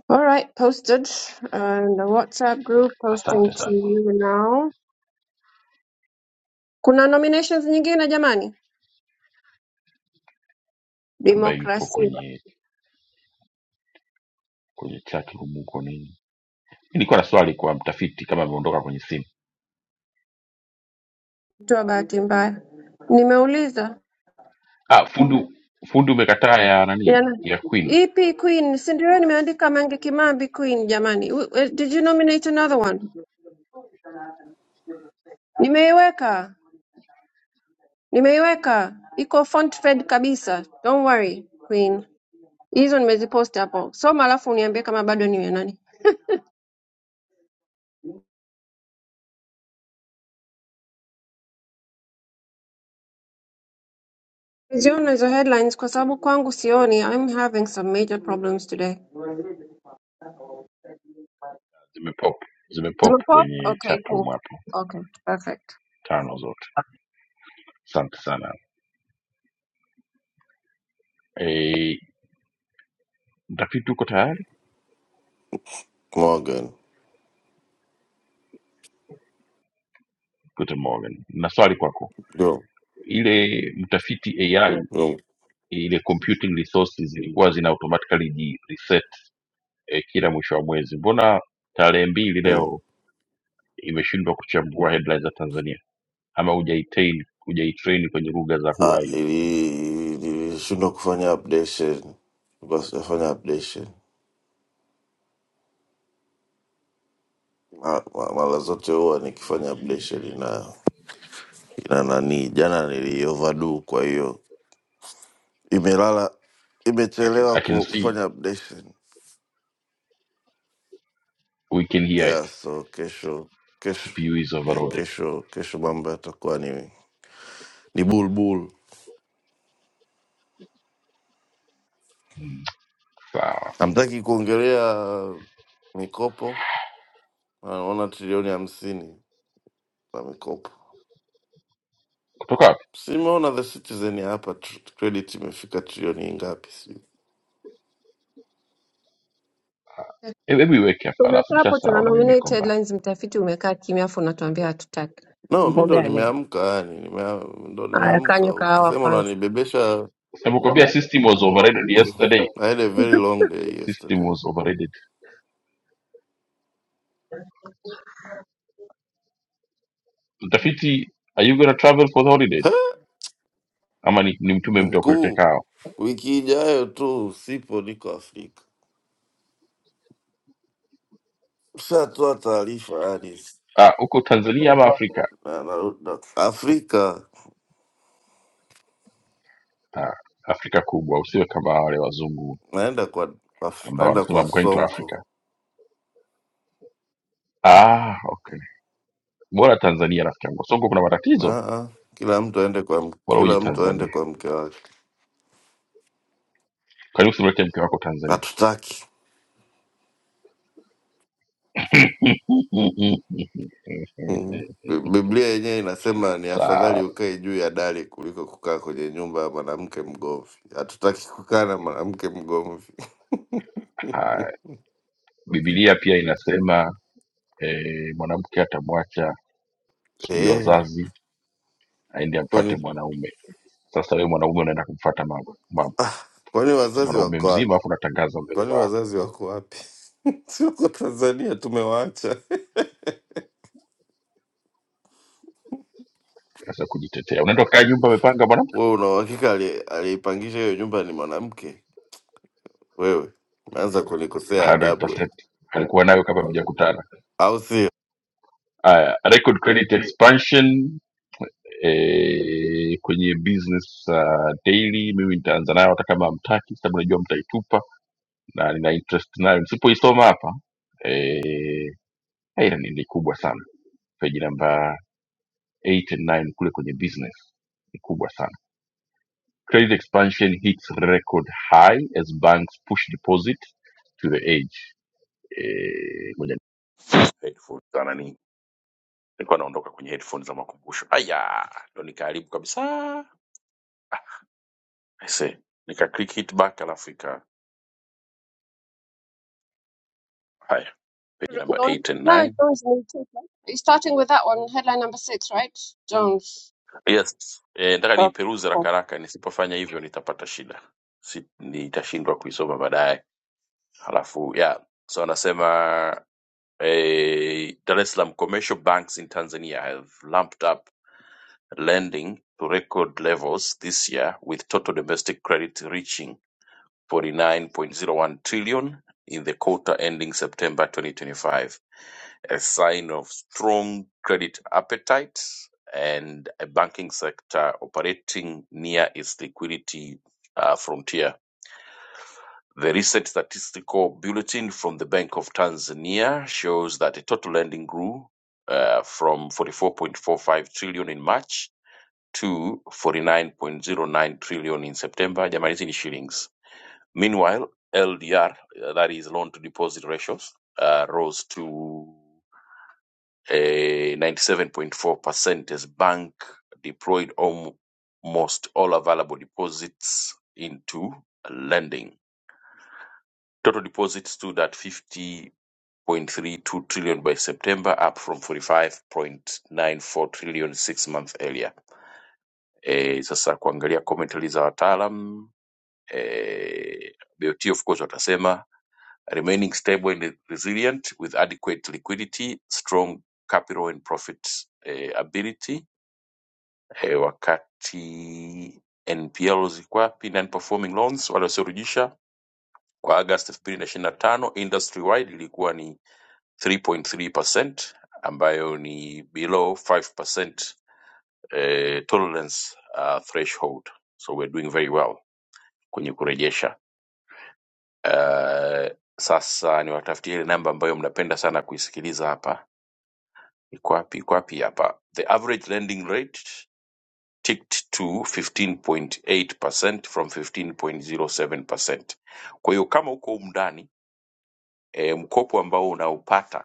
C: All right. Posted uh, in the WhatsApp group.
A: asante
C: Posting to
A: sana
C: you now. Kuna nominations nyingine jamani?
A: ambaye yupo
C: Demokrasia.
A: kwenye kwenye chat room huko nini Mimi nilikuwa na swali kwa mtafiti kama ameondoka kwenye simu
C: Toa bahati mbaya. Nimeuliza.
A: ah fundi fundi umekataa ya
C: Yana.
A: nani ya queen
C: Ipi Queen? Si ndio nimeandika Mange Kimambi Queen jamani. W- w- Did you nominate another one? Nimeiweka. Nimeiweka, iko font-fed kabisa don't worry Queen. Hizo nimeziposti hapo. Soma alafu uniambie kama bado niwe nani. Siziona hizo headlines kwa sababu kwangu sioni. I'm having some major problems today.
A: zimepop zimepop
C: Zimepop?
A: kwenye
C: Okay,
A: chatroom
C: cool.
A: hapo
C: Okay, perfect.
A: tano zote asante sana e, mtafiti uko tayari
I: Come on, good.
A: Guten Morgen na swali kwako
I: Go.
A: ile mtafiti ai
I: Go.
A: ile computing resources zilikuwa zina automatically ji reset e, kila mwisho wa mwezi mbona tarehe mbili
I: Mm.
A: leo imeshindwa kuchambua headlines za tanzania ama hujaitrain hujaitrain kwenye lugha za who
I: Ah,
A: are you
I: ili- Nilishindwa kufanya updation. Nilikuwa sijafanya updation. Ma- ma- Mara zote huwa nikifanya updation ina ina nani. Jana nili overdo kwa hiyo imelala imechelewa
A: i can
I: ku-
A: see
I: kufanya updation.
A: we can hear it
I: Yeah, so kesho kesho
A: cpu is
I: eh,
A: overloaded
I: kesho kesho mambo yatakuwa ni ni bulbul.
A: sawa
I: Hamtaki kuongelea mikopo. Naona trilioni hamsini na mikopo.
A: kutoka wapi?
I: Simeona the Citizen ya hapa tr- credit imefika trilioni ngapi? Sijui.
A: Eh, Hebu iweke hapa alafu
C: Tumekaa hapo tuna
A: nishasahau na mimi
C: nominate
A: kwamba
C: headlines, mtafiti umekaa kimya afu unatuambia hatutaki.
I: No, mi
C: Mambo
I: ndo
C: gani?
I: nimeamka yani, nimea, ndo
C: Haya, kanywa
I: nimeamka.
C: kahawa
I: Ukisema
C: kwanza.
I: unanibebesha,
A: nakuambia Kwamba system was overrated yesterday.
I: I had a very long day
A: System
I: yesterday.
A: was overrated. Mtafiti, are you gonna travel for the holidays? Ama ni, ni mtume mtu akulete
I: Mkuu,
A: kao?
I: wiki ijayo tu usipo niko Afrika. Ushatoa taarifa yani,
A: Ah, uko Tanzania ama Afrika?
I: na, na, na, Afrika
A: Ah, Afrika kubwa, usiwe kama wale wazungu
I: naenda kwa af-
A: ambao
I: naenda
A: wanasema
I: kwa
A: I'm going to
I: Sonko.
A: Africa. Ah, okay. Bora Tanzania rafiki yangu. Songo kuna matatizo.
I: Aa, kila mtu aende kwa m-
A: Bora uje
I: kila mtu aende
A: Tanzania.
I: kwa mke wake.
A: Karibu usimlete mke wako Tanzania.
I: Hatutaki. Mm. Bi- Biblia yenyewe inasema ni afadhali
A: Sawa.
I: ukae juu ya dari kuliko kukaa kwenye nyumba ya mwanamke mgomvi. Hatutaki kukaa na mwanamke mgomvi
A: Haya. Biblia pia inasema eh, mwanamke atamwacha sijui
I: eh.
A: wazazi aende amfate
I: Kwani
A: mwanaume sasa wewe mwanaume unaenda kumfata mama, mama
I: ah, kwani wazazi
A: mwanaume
I: wako
A: mzima
I: wapi?
A: afu unatangaza mbele za
I: Kwani
A: watu
I: wazazi wako wapi? Siko Tanzania, tumewaacha.
A: sasa kujitetea unaenda kukaa nyumba amepanga mwanamke
I: Wewe una uhakika ali- aliyeipangisha hiyo nyumba ni mwanamke? Wewe unaanza kunikosea adabu wewe,
A: 100% alikuwa nayo kama mjakutana
I: au sio?
A: haya record credit expansion eh, kwenye business uh, daily mimi nitaanza nayo hata kama hamtaki kwa sababu najua mtaitupa na nina interest nayo nisipoisoma hapa eh, haina ni ni kubwa sana peji namba eight and nine kule kwenye business ni kubwa sana credit expansion hits record high as banks push deposit to the edge Eh, ngoja headphone za nani nilikuwa naondoka kwenye headphone za makumbusho aya ndo nikaharibu kabisa ah, I say nika click hit back alafu ika haya page number
C: Don't,
A: 8
C: no,
A: and
C: Jones nimecheka. It's Starting with that one, headline number six, right? Jones.
A: 9 yes eh nataka
C: Okay,
A: niiperuze haraka
C: cool.
A: haraka nisipofanya hivyo nitapata shida si, nitashindwa kuisoma baadaye alafu yeah so anasema Eh, Dar es Salaam commercial banks in Tanzania have ramped up lending to record levels this year, with total domestic credit reaching 49.01 trillion in the quarter ending September 2025, a sign of strong credit appetite and a banking sector operating near its liquidity uh, frontier. The recent statistical bulletin from the Bank of Tanzania shows that total lending grew uh, from 44.45 trillion in March to 49.09 trillion in September. Jamani, hizi ni shillings. Meanwhile, LDR, uh, that is loan to deposit ratios, uh, rose to uh, 97.4% as bank deployed almost all available deposits into lending. Total deposits stood at 50.32 trillion by September, up from 45.94 trillion six months earlier. Eh, sasa kuangalia commentary za wataalam eh, BOT of course watasema remaining stable and resilient with adequate liquidity, strong capital and profit eh, ability. Eh, wakati NPL ziko wapi? Non-performing loans waliosirugisha kwa August 2025 industry wide ilikuwa ni 3.3% ambayo ni below 5% eh, tolerance uh, threshold so we're doing very well kwenye kurejesha uh, sasa niwatafutie ile namba ambayo mnapenda sana kuisikiliza hapa iko wapi iko wapi hapa the average lending rate ticked to 15.8% from 15.07% kwa hiyo kama uko humu ndani eh, mkopo ambao unaupata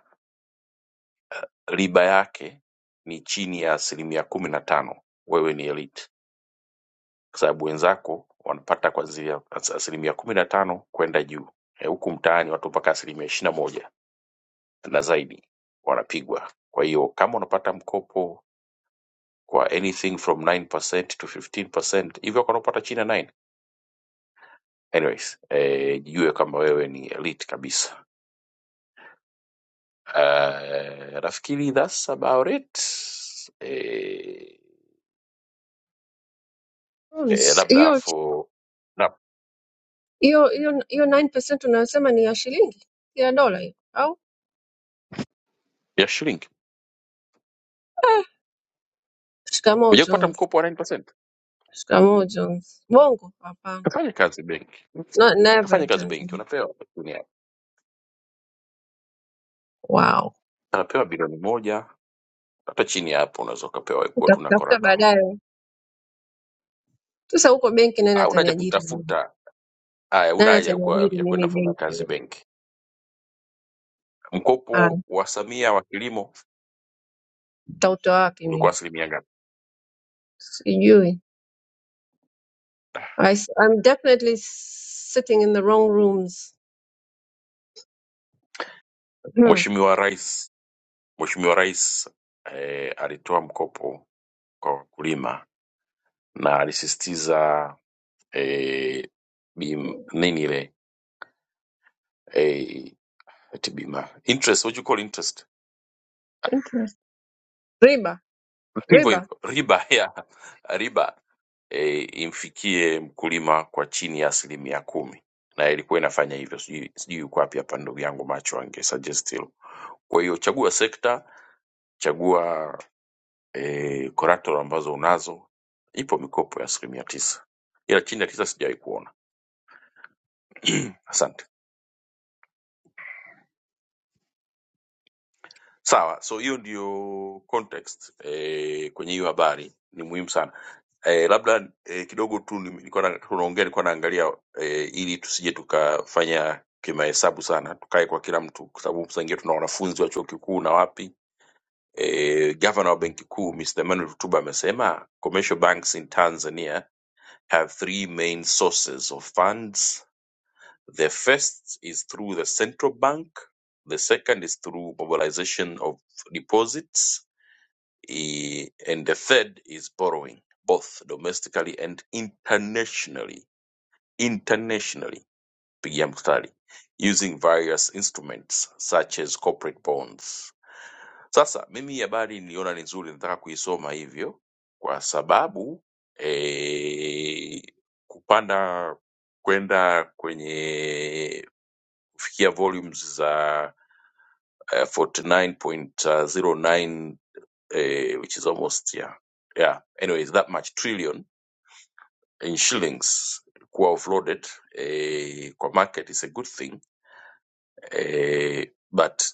A: riba yake ni chini ya asilimia kumi na tano wewe ni elite kwa sababu wenzako wanapata kuanzia as- asilimia kumi na tano kwenda juu Eh, huku mtaani watu mpaka asilimia ishirini na moja na zaidi wanapigwa kwa hiyo kama unapata mkopo kwa anything from 9% to 15% hivyo kwa unapata chini ya 9 anyways eh, jue kama wewe ni elite kabisa uh, nafikiri that's about it eh, eh,
C: Jones.
A: labda for
C: hiyo hiyo hiyo 9% unayosema ni ya shilingi si ya dola hiyo au
A: ya shilingi
C: eh, shikamoo
A: kuja kupata
C: jones
A: mkopo wa 9%.
C: shikamoo jones bongo hapana
A: Kafanya kazi benki,
C: no, never
A: kafanya
C: in
A: kazi benki,
C: tanzania
A: unapewa chini ya
C: wow
A: unapewa bilioni moja, hata chini ya hapo unaweza ukapewa kuwa tuna
C: utakutafuta
A: collateral.
C: baadaye sasa huko benki nani
A: Hauna haja
C: ataniajiri mimi
A: kutafuta haya, una
C: nani
A: haja ya kuwa-
C: ataniajiri
A: ya kwenda
C: mimi
A: kufanya kazi
C: benki
A: benki.
C: ah,
A: Mkopo wa Samia wa kilimo
C: nitautoa wapi
A: ulikuwa
C: mimi
A: asilimia ngapi?
C: sijui I, s- i'm definitely sitting in the wrong rooms Hmm.
A: Mheshimiwa Rais, Mheshimiwa Rais eh, alitoa mkopo kwa wakulima na alisisitiza eh, bim, nini ile eh, eti bima interest, what you call interest
C: riba
A: hivyo
C: riba
A: hivyo riba ya riba e, imfikie mkulima kwa chini ya asilimia kumi na ilikuwa inafanya hivyo sijui sijui yuko wapi hapa ndugu yangu macho ange suggest hilo kwa hiyo chagua sekta chagua e, collateral ambazo unazo ipo mikopo ya asilimia tisa ila chini ya tisa sijawahi kuona asante Sawa, so hiyo ndio context eh, kwenye hiyo habari ni muhimu sana eh, labda eh, kidogo tu ni- nilikuwa na- tunaongea, nilikuwa naangalia eh, ili tusije tukafanya kimahesabu sana, tukae kwa kila mtu, kwa sababu saa ingine tuna wanafunzi wa chuo kikuu na wapi. Eh, gavana wa benki kuu Mr. Emmanuel Lutuba amesema commercial banks in Tanzania have three main sources of funds. The first is through the central bank, the second is through mobilization of deposits Eh, and the third is borrowing both domestically and internationally internationally pigia mstari using various instruments such as corporate bonds sasa mimi hii habari niliona ni nzuri nataka kuisoma hivyo kwa sababu eh, kupanda kwenda kwenye kufikia volumes za eh, 49.09 uh, which is almost yeah yeah anyways that much trillion in shillings were offloaded uh, core market is a good thing uh, but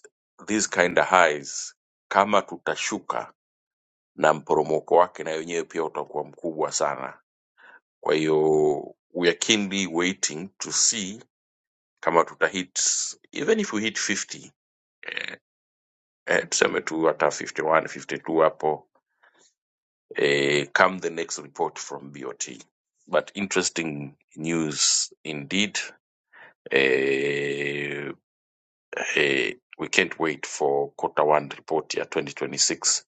A: these kind of highs kama tutashuka na mporomoko wake na wenyewe pia utakuwa mkubwa sana kwa hiyo we are keenly waiting to see kama tutahit even if we hit 50 eh, tuseme tu hata 51 hapo uh, come the next report from BOT. But interesting news indeed. Uh, uh, we can't wait for quarter one report ya 2026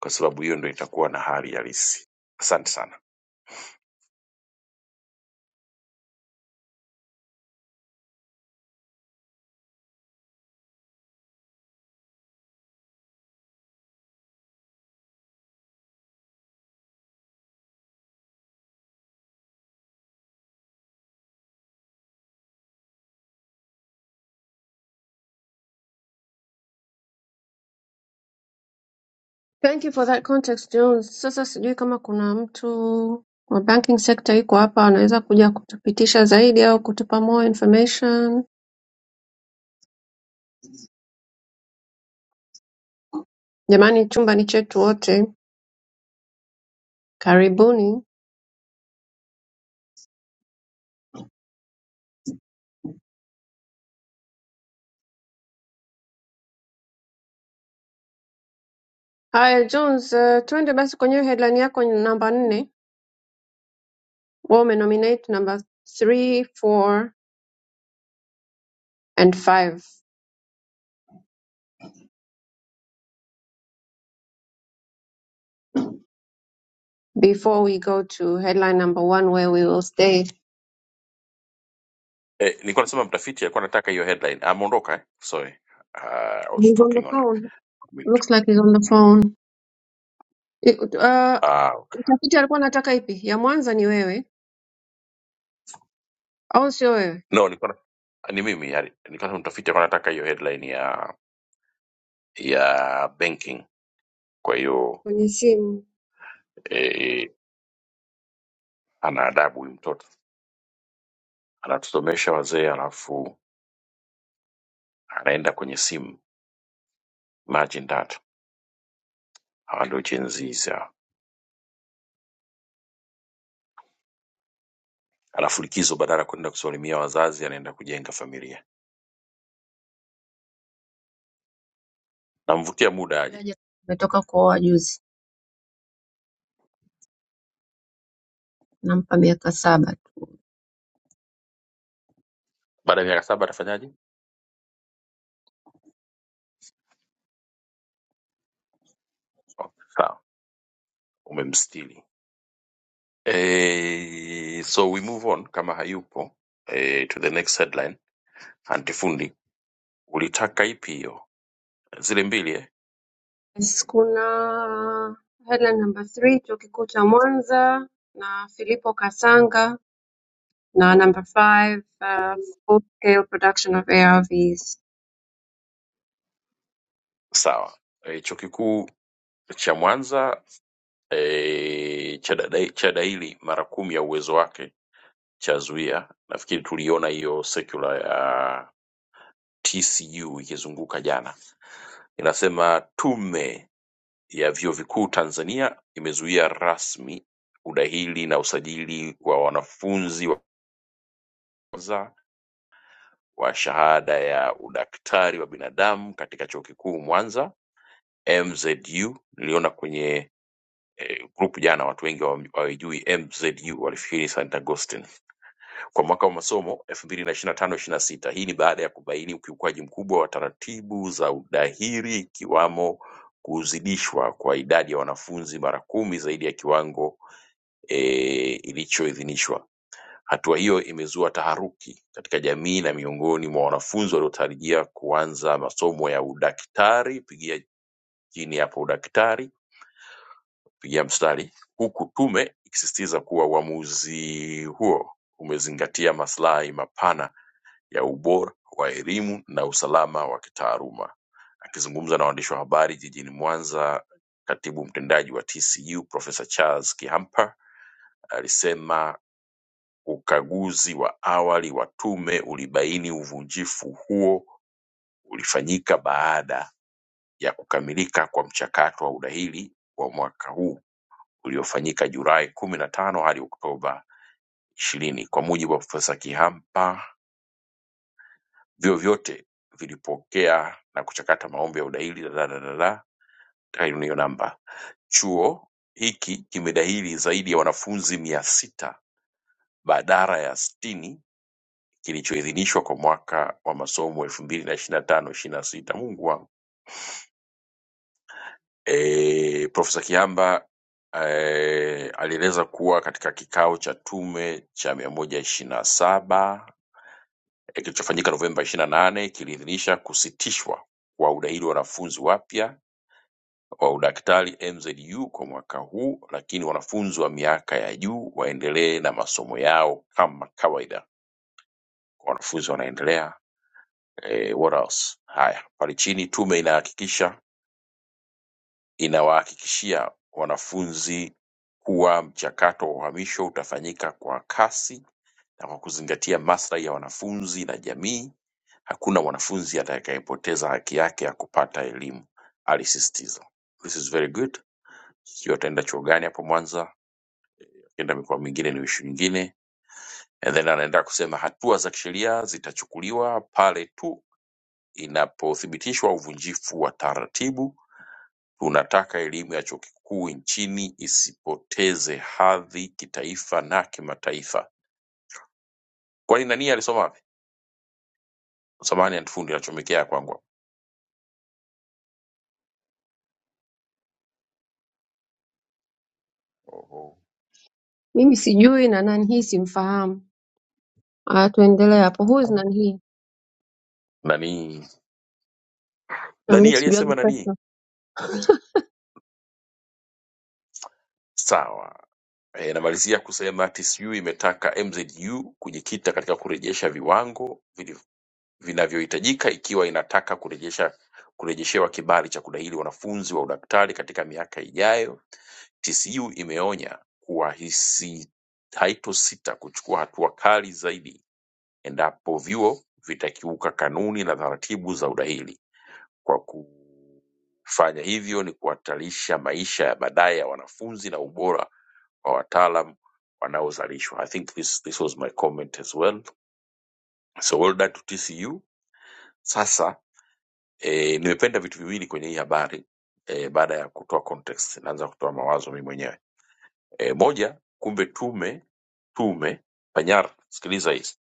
A: kwa sababu hiyo ndio itakuwa na hali halisi. Asante sana.
C: Thank you for that context Jones. Sasa sijui kama kuna mtu wa banking sector yuko hapa anaweza kuja kutupitisha zaidi au kutupa more information. Jamani, chumba ni chetu wote, karibuni. Haya Jones, uh, tuende basi kwenye hiyo headline yako namba nne. Wewe umenominate number three, four and five before we go to headline number one where we will stay.
A: Eh, nilikuwa nasema mtafiti alikuwa anataka hiyo headline. Ameondoka eh? Sorry. Uh, I was
C: He's on the
A: talking on a
C: phone.
A: mute.
C: Looks like he's on the phone. Eh, Uh,
A: Ah, okay.
C: utafiti alikuwa anataka ipi? Ya Mwanza ni wewe. au sio wewe?
A: No, nilikuwa na- ni mimi yani. Nilikuwa nasema mtafiti alikuwa anataka hiyo headline ya ya banking. Kwa hiyo
C: kwenye simu.
A: eh, ana adabu huyu mtoto. anatusomesha wazee alafu anaenda kwenye simu imagine that hawa ndio Gen Zs hawa alafu likizo badala ya kwenda kusalimia wazazi anaenda kujenga familia namvutia muda aje
C: Juaje ametoka kuoa juzi, nampa miaka saba tu.
A: baada ya miaka saba atafanyaje okay, sawa umemstili eh so we move on kama hayupo eh, to the next headline antifundi ulitaka ipi hiyo zile mbili eh?
C: Yes, kuna headline number 3 chuo kikuu cha Mwanza na Filipo Kasanga na number 5 uh, full scale production of ARVs.
A: sawa eh, chuo kikuu cha mwanza eh, cha dada- cha daili mara kumi ya uwezo wake cha Zuia. Nafikiri tuliona hiyo sekula ya TCU ikizunguka jana, inasema tume ya vyuo vikuu Tanzania imezuia rasmi udahili na usajili wa wanafunzi wa kwanza wa shahada ya udaktari wa binadamu katika chuo kikuu Mwanza MZU. Niliona kwenye eh, grupu jana watu wengi hawam- hawajui MZU, walifikiri St. Augustine kwa mwaka wa masomo 2025/26. Hii ni baada ya kubaini ukiukwaji mkubwa wa taratibu za udahiri ikiwamo kuzidishwa kwa idadi ya wanafunzi mara kumi zaidi ya kiwango e, ilichoidhinishwa. Hatua hiyo imezua taharuki katika jamii na miongoni mwa wanafunzi waliotarajia kuanza masomo ya udaktari, pigia chini hapo udaktari, pigia mstari, huku tume ikisisitiza kuwa uamuzi huo umezingatia maslahi mapana ya Ubora wa Elimu na Usalama wa Kitaaluma. Akizungumza na waandishi wa habari jijini Mwanza, katibu mtendaji wa TCU Profesa Charles Kihampa alisema ukaguzi wa awali wa tume ulibaini uvunjifu huo ulifanyika baada ya kukamilika kwa mchakato wa udahili wa mwaka huu uliofanyika Julai kumi na tano hadi Oktoba ishirini. Kwa mujibu wa Profesa Kihampa, Vyuo vyote vilipokea na kuchakata maombi ya udahili da da da da da, tayari hiyo namba. Chuo hiki kimedahili zaidi ya wanafunzi mia sita badala ya sitini kilichoidhinishwa kwa mwaka wa masomo elfu mbili na ishirini na tano ishirini na sita. Mungu wangu. E, Profesa Kiamba eh, alieleza kuwa katika kikao cha tume cha mia moja ishirini na saba eh, kilichofanyika Novemba ishirini na nane kiliidhinisha kusitishwa kwa udahili wa wanafunzi wapya wa Udaktari MZU kwa mwaka huu lakini wanafunzi wa miaka ya juu waendelee na masomo yao kama kawaida. Kwa wanafunzi wanaendelea eh, what else? Haya, pale chini tume inahakikisha inawahakikishia wanafunzi kuwa mchakato wa uhamisho utafanyika kwa kasi na kwa kuzingatia maslahi ya wanafunzi na jamii. Hakuna mwanafunzi atakayepoteza haki yake ya kupata elimu, alisisitiza. This is very good. Sijui ataenda chuo gani hapo Mwanza Ukienda mikoa mingine ni issue nyingine, and then anaenda kusema hatua za kisheria zitachukuliwa pale tu inapothibitishwa uvunjifu wa taratibu. Tunataka elimu ya chuo kikuu nchini isipoteze hadhi kitaifa na kimataifa. Kwani nani alisoma wapi? Samahani antifundi anachomekea kwangu. hapo. Oho.
C: Mimi sijui na nani hii simfahamu. Ah, tuendelee hapo. Who is nani hii?
A: Nani
C: Na mimi
A: nani aliyesema
C: sijui
A: nani? Sawa. E, namalizia kusema TCU imetaka MZU kujikita katika kurejesha viwango vilivyo vinavyohitajika ikiwa inataka kurejesha kurejeshewa kibali cha kudahili wanafunzi wa udaktari katika miaka ijayo, TCU imeonya kuwa hisi- haitosita kuchukua hatua kali zaidi endapo vyuo vitakiuka kanuni na taratibu za udahili. Kwa kufanya hivyo ni kuhatarisha maisha ya baadaye ya wanafunzi na ubora wa wataalam wanaozalishwa. I think this, this was my comment as well. So well done to TCU. Sasa E, nimependa vitu viwili kwenye hii habari e, baada ya kutoa context, naanza kutoa mawazo mimi mwenyewe e, moja, kumbe tume tume Panyar, sikiliza hizi,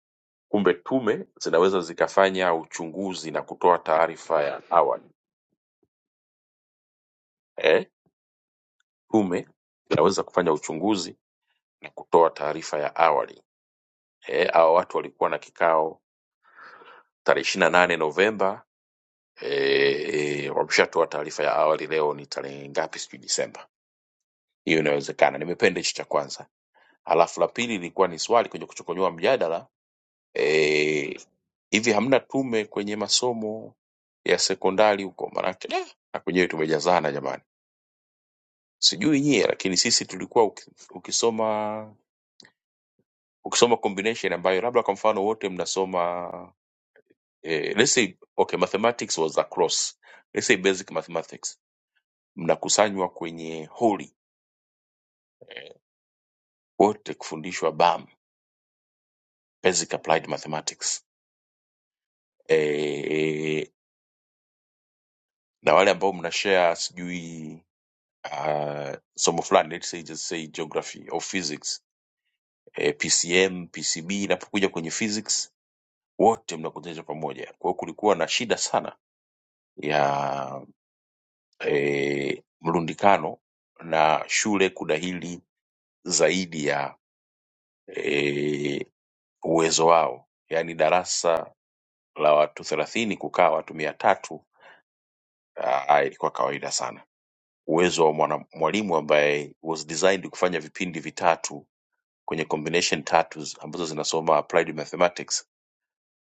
A: kumbe tume zinaweza zikafanya uchunguzi na kutoa taarifa ya awali e, tume zinaweza kufanya uchunguzi na kutoa taarifa ya awali e, hawa watu walikuwa na kikao tarehe ishiri na nane Novemba e, e, wameshatoa taarifa ya awali, leo ni tarehe ngapi? Sijui Disemba. Hiyo inawezekana. Nimependa hicho cha kwanza Halafu la pili ilikuwa ni swali kwenye kuchokonyoa mjadala eh, hivi hamna tume kwenye masomo ya sekondari huko? Maanake da, na kwenyewe tumejazana jamani, sijui nyie, lakini sisi tulikuwa uki- ukisoma ukisoma combination ambayo labda kwa mfano wote mnasoma eh, let's say okay, mathematics was across let's say basic mathematics, mnakusanywa kwenye holi wote kufundishwa BAM, basic applied mathematics eh, na wale ambao mnashare sijui uh, somo fulani let's say just say geography au physics eh, PCM, PCB inapokuja kwenye physics wote mnakutanishwa pamoja. Kwa hiyo kulikuwa na shida sana ya eh, mrundikano na shule kudahili zaidi ya eh, uwezo wao, yaani darasa la watu thelathini kukaa watu mia tatu ah, ilikuwa kawaida sana. Uwezo wa mwana- mwalimu ambaye was designed kufanya vipindi vitatu kwenye combination tatu ambazo zinasoma applied mathematics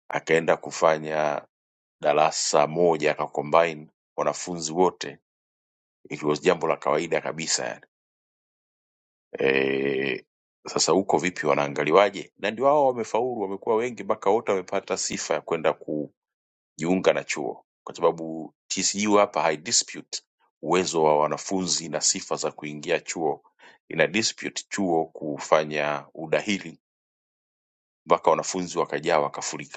A: akaenda kufanya darasa moja akacombine wanafunzi wote it was jambo la kawaida kabisa yani. e, sasa huko vipi wanaangaliwaje na ndio hao wamefaulu wamekuwa wengi mpaka wote wamepata sifa ya kwenda kujiunga na chuo kwa sababu tcu hapa hai dispute uwezo wa wanafunzi na sifa za kuingia chuo ina dispute chuo kufanya udahili mpaka wanafunzi wakajaa wakafurika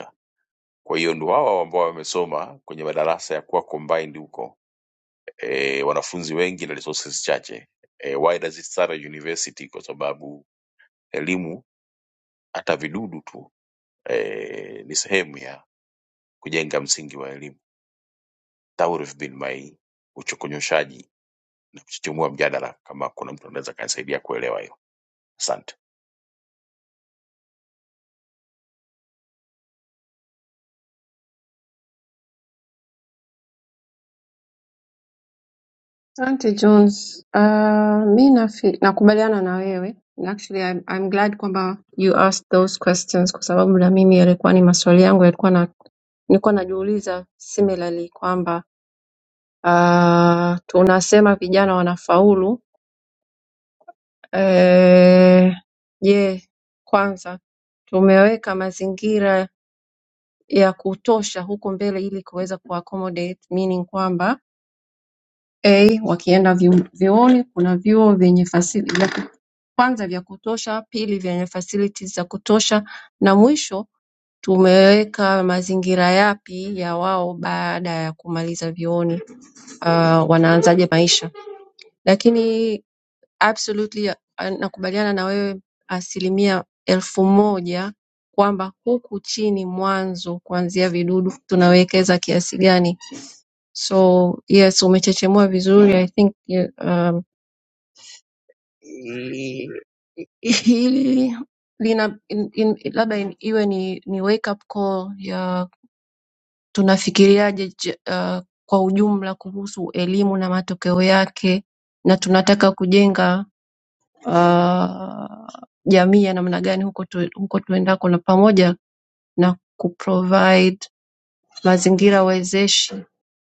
A: Kwa hiyo ndio wao ambao wamesoma kwenye madarasa ya kuwa combined huko e, wanafunzi wengi na resources chache. E, why does it start at university? Kwa sababu elimu hata vidudu tu e, ni sehemu ya kujenga msingi wa elimu. That would have been my uchokonyoshaji na kuchochemua mjadala, kama kuna mtu anaweza akanisaidia kuelewa hiyo. Asante.
C: Asante Jones. Uh, mi nafi, nakubaliana na wewe Na actually I'm, I'm glad kwamba you asked those questions kwa sababu na mimi yalikuwa ni maswali yangu yalikuwa na, nilikuwa najiuliza similarly kwamba uh, tunasema vijana wanafaulu eh, je, kwanza tumeweka mazingira ya kutosha huko mbele ili kuweza kuaccommodate meaning kwamba A, wakienda vyu- vyuoni kuna vyuo vyenye kwanza vya kutosha, pili vyenye facilities za kutosha na mwisho tumeweka mazingira yapi ya wao baada ya kumaliza vyuoni uh, wanaanzaje maisha. Lakini absolutely ah, nakubaliana na wewe asilimia elfu moja kwamba huku chini mwanzo kuanzia vidudu tunawekeza kiasi gani. So yes, umechechemua vizuri. I think yeah, um, hili lina in, in, labda in, iwe ni, ni wake up call ya tunafikiriaje j- uh, kwa ujumla kuhusu elimu na matokeo yake na tunataka kujenga uh, jamii ya namna gani huko, tu, huko tuendako na pamoja na kuprovide mazingira wezeshi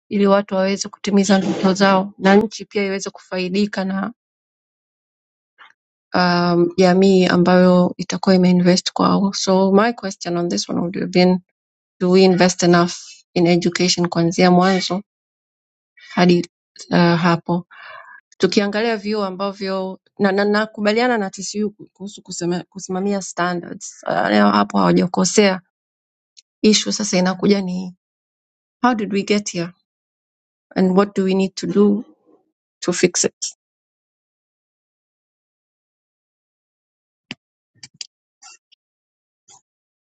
C: ili watu waweze kutimiza ndoto zao na nchi pia iweze kufaidika um, jamii um, ambayo itakuwa imeinvest kwao. So my question on this one would have been do we invest enough in education kuanzia mwanzo hadi uh, hapo tukiangalia vyuo ambavyo na na, nakubaliana na TCU kuhusu kusema, kusimamia standards uh, leo hapo hawajakosea. Issue sasa inakuja ni how did we get here and what do we need to do to fix it.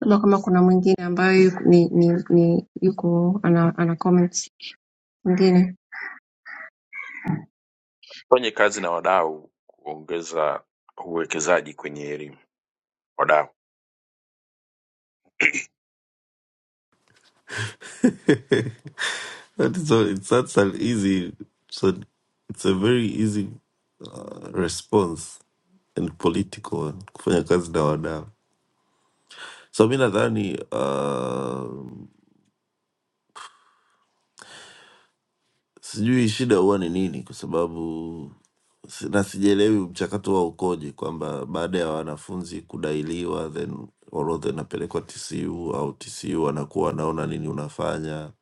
C: Labda kama kuna mwingine ambayo yuko- ni, ni, ni yuko ana, ana comments mwingine
A: Fanye kazi na wadau kuongeza uwekezaji kwenye elimu wadau.
I: that is all, it's that's an easy so it's a very easy uh, response and political kufanya kazi na wadau so mi nadhani uh, sijui shida huwa ni nini kwa sababu si- na sijaelewi mchakato wa ukoje kwamba baada ya wanafunzi kudailiwa then orodha inapelekwa tcu au tcu wanakuwa wanaona nini unafanya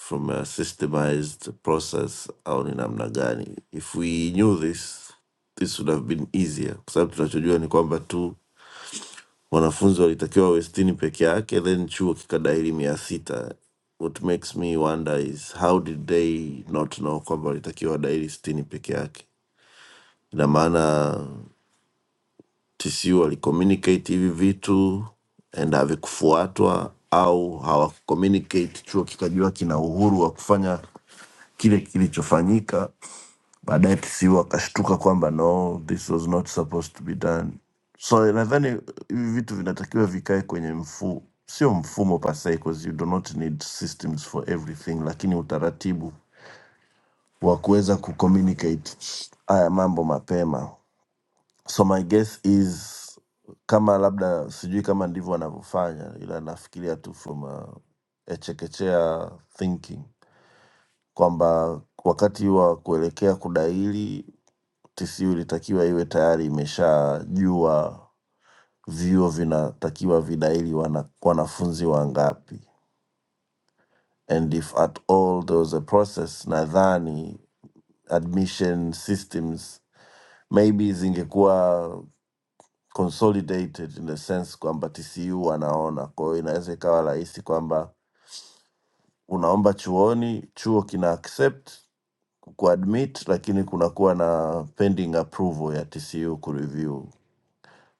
I: from a systemized process au ni namna gani if we knew this this would have been easier kwa sababu tunachojua ni kwamba tu wanafunzi walitakiwa wawe sitini peke yake then chuo kikadahili mia sita what makes me wonder is how did they not know kwamba walitakiwa wadahili sitini peke yake ina maana tcu walicommunicate hivi vitu and havikufuatwa au hawakucommunicate chuo kikajua kina uhuru wa kufanya kile kilichofanyika baadaye tisiu akashtuka kwamba no this was not supposed to be done so nadhani hivi vitu vinatakiwa vikae kwenye mfu sio mfumo pasee because you do not need systems for everything lakini utaratibu wa kuweza kucommunicate haya mambo mapema so my guess is kama labda sijui kama ndivyo wanavyofanya ila nafikiria tu from a, a chekechea thinking kwamba wakati wa kuelekea kudaili TCU ilitakiwa iwe tayari imeshajua vyuo vinatakiwa vidaili wana, wanafunzi wangapi and if at all there was a process nadhani admission systems maybe zingekuwa consolidated in the sense kwamba TCU wanaona, kwa hiyo inaweza ikawa rahisi kwamba unaomba chuoni, chuo kina accept kuadmit, lakini kunakuwa na pending approval ya TCU kureview.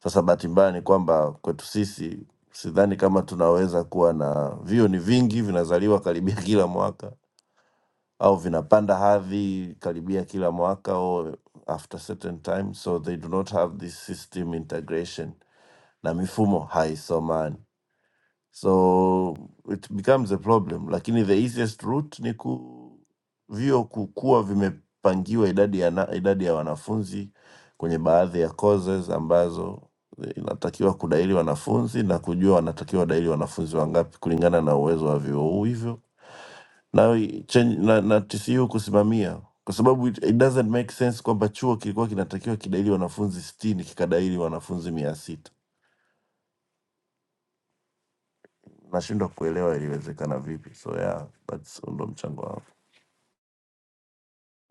I: Sasa bahati mbaya ni kwamba kwetu sisi sidhani kama tunaweza kuwa na vio, ni vingi vinazaliwa karibia kila mwaka au vinapanda hadhi karibia kila mwaka au after certain time, so they do not have this system integration na mifumo haisomani so it becomes a problem lakini the easiest route ni ku vio kukuwa vimepangiwa idadi ya, na, idadi ya wanafunzi kwenye baadhi ya courses ambazo inatakiwa kudaili wanafunzi na kujua wanatakiwa wadaili wanafunzi wangapi kulingana na uwezo wa vyuo hivyo na, change, na, na TCU kusimamia kwa sababu it, it doesn't make sense kwamba chuo kilikuwa kinatakiwa kidaili wanafunzi sitini kikadaili wanafunzi mia sita nashindwa kuelewa iliwezekana vipi so yeah, that's ndo mchango wangu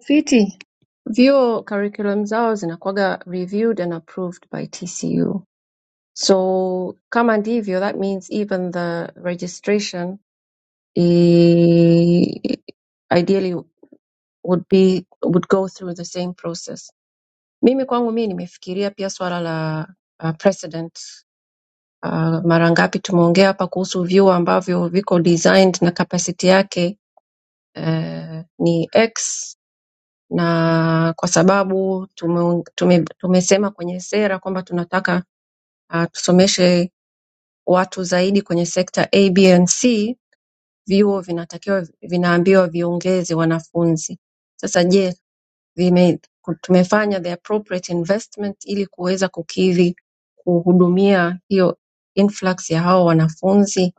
C: Fiti vyuo curriculum zao zinakuwaga reviewed and approved by TCU. So kama ndivyo, that means even the registration i, ideally would be would go through the same process. Mimi kwangu mimi nimefikiria pia swala la uh, precedent. Uh, mara ngapi tumeongea hapa kuhusu vyuo ambavyo viko designed na capacity yake uh, ni X na kwa sababu tume, tume, tumesema kwenye sera kwamba tunataka uh, tusomeshe watu zaidi kwenye sekta A, B and C, vyuo vinatakiwa vinaambiwa viongeze wanafunzi. Sasa je, vime, ku- tumefanya the appropriate investment ili kuweza kukidhi kuhudumia hiyo influx ya hao wanafunzi?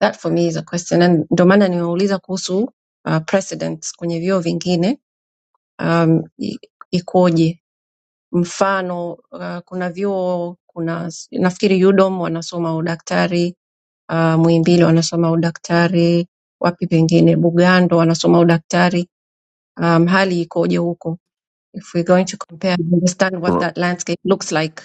C: That for me is a question, and ndio maana nimeuliza kuhusu uh, precedents kwenye vyuo vingine um, i- ikoje mfano uh, kuna vyuo kuna s- nafikiri UDOM wanasoma udaktari uh, Muhimbili wanasoma udaktari wapi pengine Bugando wanasoma udaktari um, hali ikoje huko if we're going to compare and understand what
I: Una-
C: that landscape looks like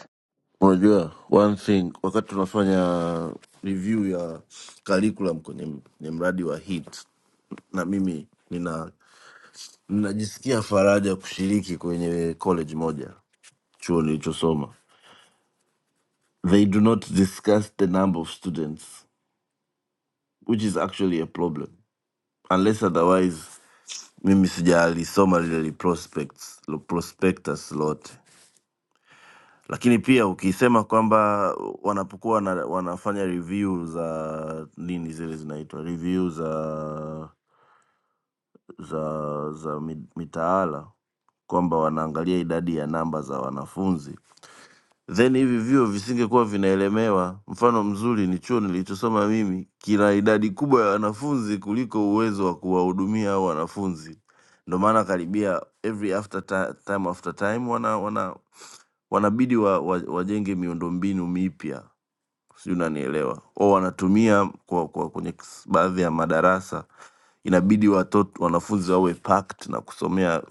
I: unajua one thing wakati tunafanya review ya curriculum kwenye, kwenye mradi wa hit na mimi nina ninajisikia faraja kushiriki kwenye college moja chuo nilichosoma they do not discuss the number of students which is actually a problem unless otherwise mimi sijalisoma lile li prospects, lo prospectus lote lakini pia ukisema kwamba wanapokuwa wana, wanafanya review za nini zile zinaitwa review za za za mi- mitaala kwamba wanaangalia idadi ya namba za wanafunzi then hivi vyuo visingekuwa vinaelemewa. Mfano mzuri ni chuo nilichosoma mimi, kina idadi kubwa ya wanafunzi kuliko uwezo wa kuwahudumia hao wanafunzi. Ndo maana karibia every after ta, time after time wana, wana wanabidi wa, wa, wajenge miundombinu mipya, sijui unanielewa, au wanatumia kwa, kwa kwenye s- baadhi ya madarasa inabidi watoto wanafunzi wawe packed na kusomea.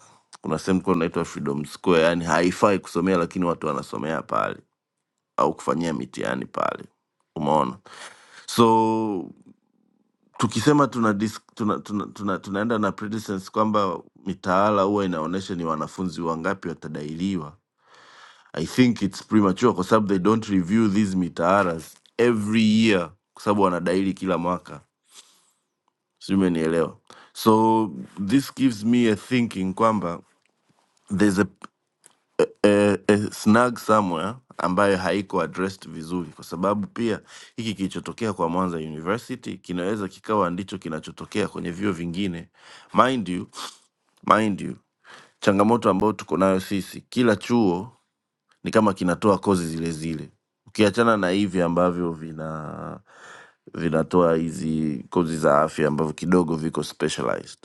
I: Kuna sehemu kulikuwa inaitwa Freedom Square, yani haifai kusomea, lakini watu wanasomea pale au kufanyia mitihani pale umeona so tukisema tuna dis, tuna, tuna, tuna, tunaenda na predecessors kwamba mitaala huwa inaonyesha ni wanafunzi wangapi watadairiwa i think its premature kwa sababu they don't review these mitaalas every year kwa sababu wanadairi kila mwaka sijui umenielewa so this gives me a thinking kwamba there's a a, a snag somewhere ambayo haiko addressed vizuri, kwa sababu pia hiki kilichotokea kwa Mwanza University kinaweza kikawa ndicho kinachotokea kwenye vyuo vingine. Mind you, mind you, changamoto ambayo tuko nayo sisi, kila chuo ni kama kinatoa kozi zile zile, ukiachana na hivi ambavyo vina vinatoa hizi kozi za afya ambavyo kidogo viko specialized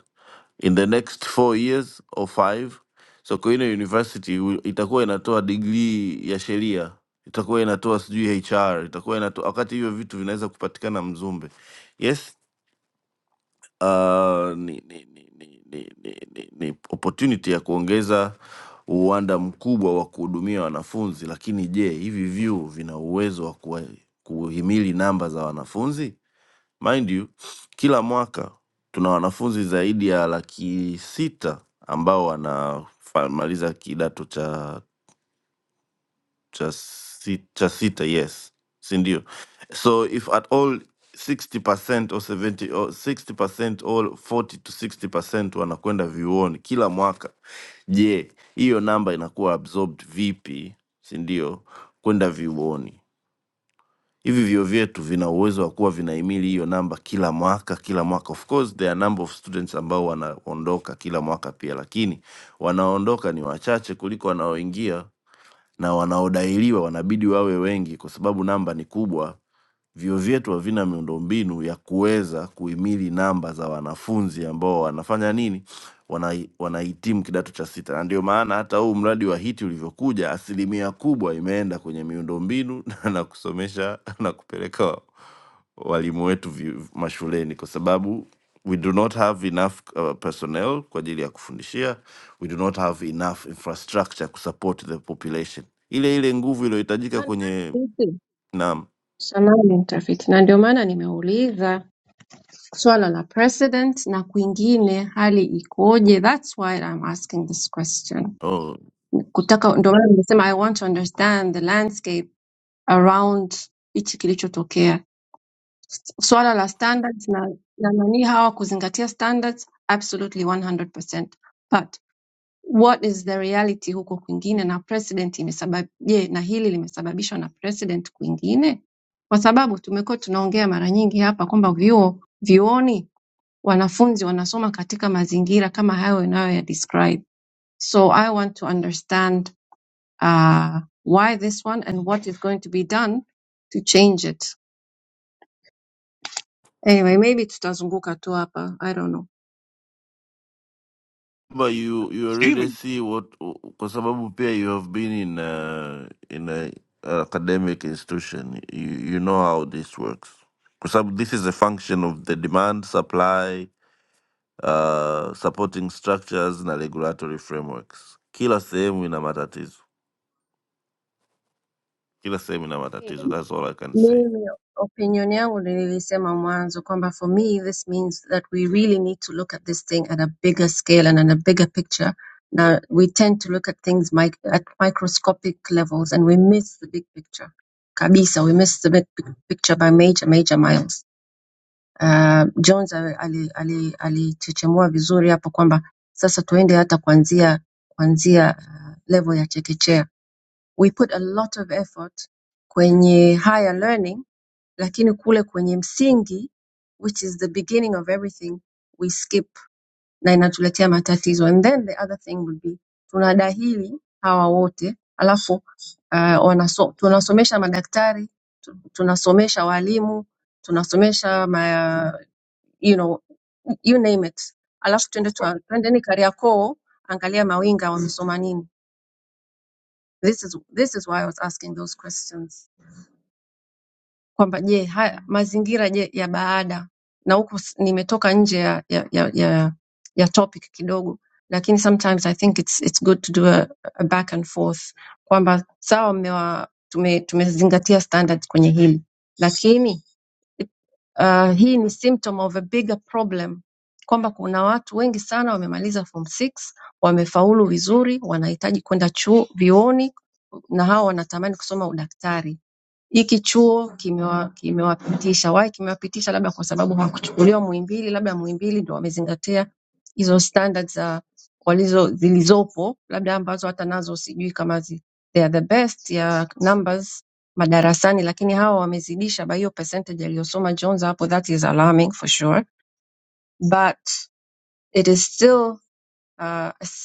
I: in the next four years or five sokoine university wi- itakuwa inatoa digrii ya sheria itakuwa inatoa sijui hr itakuwa inatoa wakati hivyo vitu vinaweza kupatikana mzumbe yes uh, ni, ni, ni, ni, ni, ni, ni, ni opportunity ya kuongeza uwanda mkubwa wa kuhudumia wanafunzi lakini je hivi vyuo vina uwezo wa kuwa- kuhimili namba za wanafunzi Mind you, kila mwaka tuna wanafunzi zaidi ya laki sita ambao wanamaliza kidato cha cha, si, cha sita yes, si ndio? So if at all 60% or 70 or 60% or 40 to 60% wanakwenda vyuoni kila mwaka, je, hiyo namba inakuwa absorbed vipi, si ndio, kwenda vyuoni? hivi vyuo vyetu vina uwezo wa kuwa vinahimili hiyo namba kila mwaka kila mwaka of course there are number of students ambao wanaondoka kila mwaka pia lakini wanaondoka ni wachache kuliko wanaoingia na wanaodairiwa wanabidi wawe wengi kwa sababu namba ni kubwa. Vyuo vyetu havina miundombinu ya kuweza kuhimili namba za wanafunzi ambao wanafanya nini, Wana- wanahitimu kidato cha sita, na ndio maana hata huu mradi wa HEET ulivyokuja, asilimia kubwa imeenda kwenye miundombinu na kusomesha na kupeleka walimu wetu vi- mashuleni kwa sababu we do not have enough uh, personnel kwa ajili ya kufundishia we do not have enough infrastructure kusupport the population ile ile nguvu iliyohitajika kwenye na
C: sanaa ni mtafiti na ndio maana nimeuliza swala la president na kwingine hali ikoje that's why I'm asking this question
I: oh,
C: kutaka ndio maana nimesema I want to understand the landscape around hichi kilichotokea. S- Swala la standards na, na nani hawa kuzingatia standards absolutely 100%. But what is the reality huko kwingine na president imesabab je, na hili limesababishwa na president kwingine? Kwa sababu tumekuwa tunaongea mara nyingi hapa kwamba vyuo vyuoni wanafunzi wanasoma katika mazingira kama hayo unayo ya describe. So I want to understand uh, why this one and what is going to be done to change it. Anyway, maybe tutazunguka tu hapa, I don't know.
I: but you, you
A: Sijui
I: already
A: mimi,
I: see what kwa sababu pia you have been in a, in a academic institution you, you know how this works kwa sababu this is a function of the demand supply uh, supporting structures na regulatory frameworks. Kila sehemu ina matatizo, kila sehemu ina matatizo. That's all I can say.
C: Mimi opinion yangu ni nilisema mwanzo kwamba for me this means that we really need to look at this thing at a bigger scale and at a bigger picture. Now we tend to look at things mic at microscopic levels and we miss the big picture. Kabisa, we miss the big big picture by major major miles. Uh, Jones alichechemua ali, ali, alichechemua vizuri hapo kwamba sasa tuende hata kuanzia kuanzia uh, level ya chekechea. We put a lot of effort kwenye higher learning, lakini kule kwenye msingi which is the beginning of everything we skip na inatuletea matatizo. And then the other thing would be tunadahili hawa wote alafu uh, wanaso, tunasomesha madaktari, tu- tunasomesha walimu, tunasomesha you know, you name it. Alafu twende tua- twendeni Kariakoo, angalia mawinga wamesoma nini. This is, this is why I was asking those questions. Kwamba je, haya mazingira je ya baada na huku s- nimetoka nje ya, ya, ya, ya, ya topic kidogo, lakini sometimes I think it's, it's good to do a, a back and forth kwamba sawa mmewa tume, tumezingatia standards kwenye hili lakini Uh, hii ni symptom of a bigger problem kwamba kuna watu wengi sana wamemaliza form 6 wamefaulu vizuri wanahitaji kwenda chuo vyuoni na hao wanatamani kusoma udaktari hiki chuo kimewapitisha why kimewapitisha labda kwa sababu hawakuchukuliwa muimbili labda muimbili ndo wamezingatia hizo standard za walizo zilizopo labda ambazo hata nazo sijui kama zi, they are the best ya numbers madarasani lakini hawa wamezidisha by hiyo percentage aliyosoma jones hapo that is alarming for sure but it is still uh,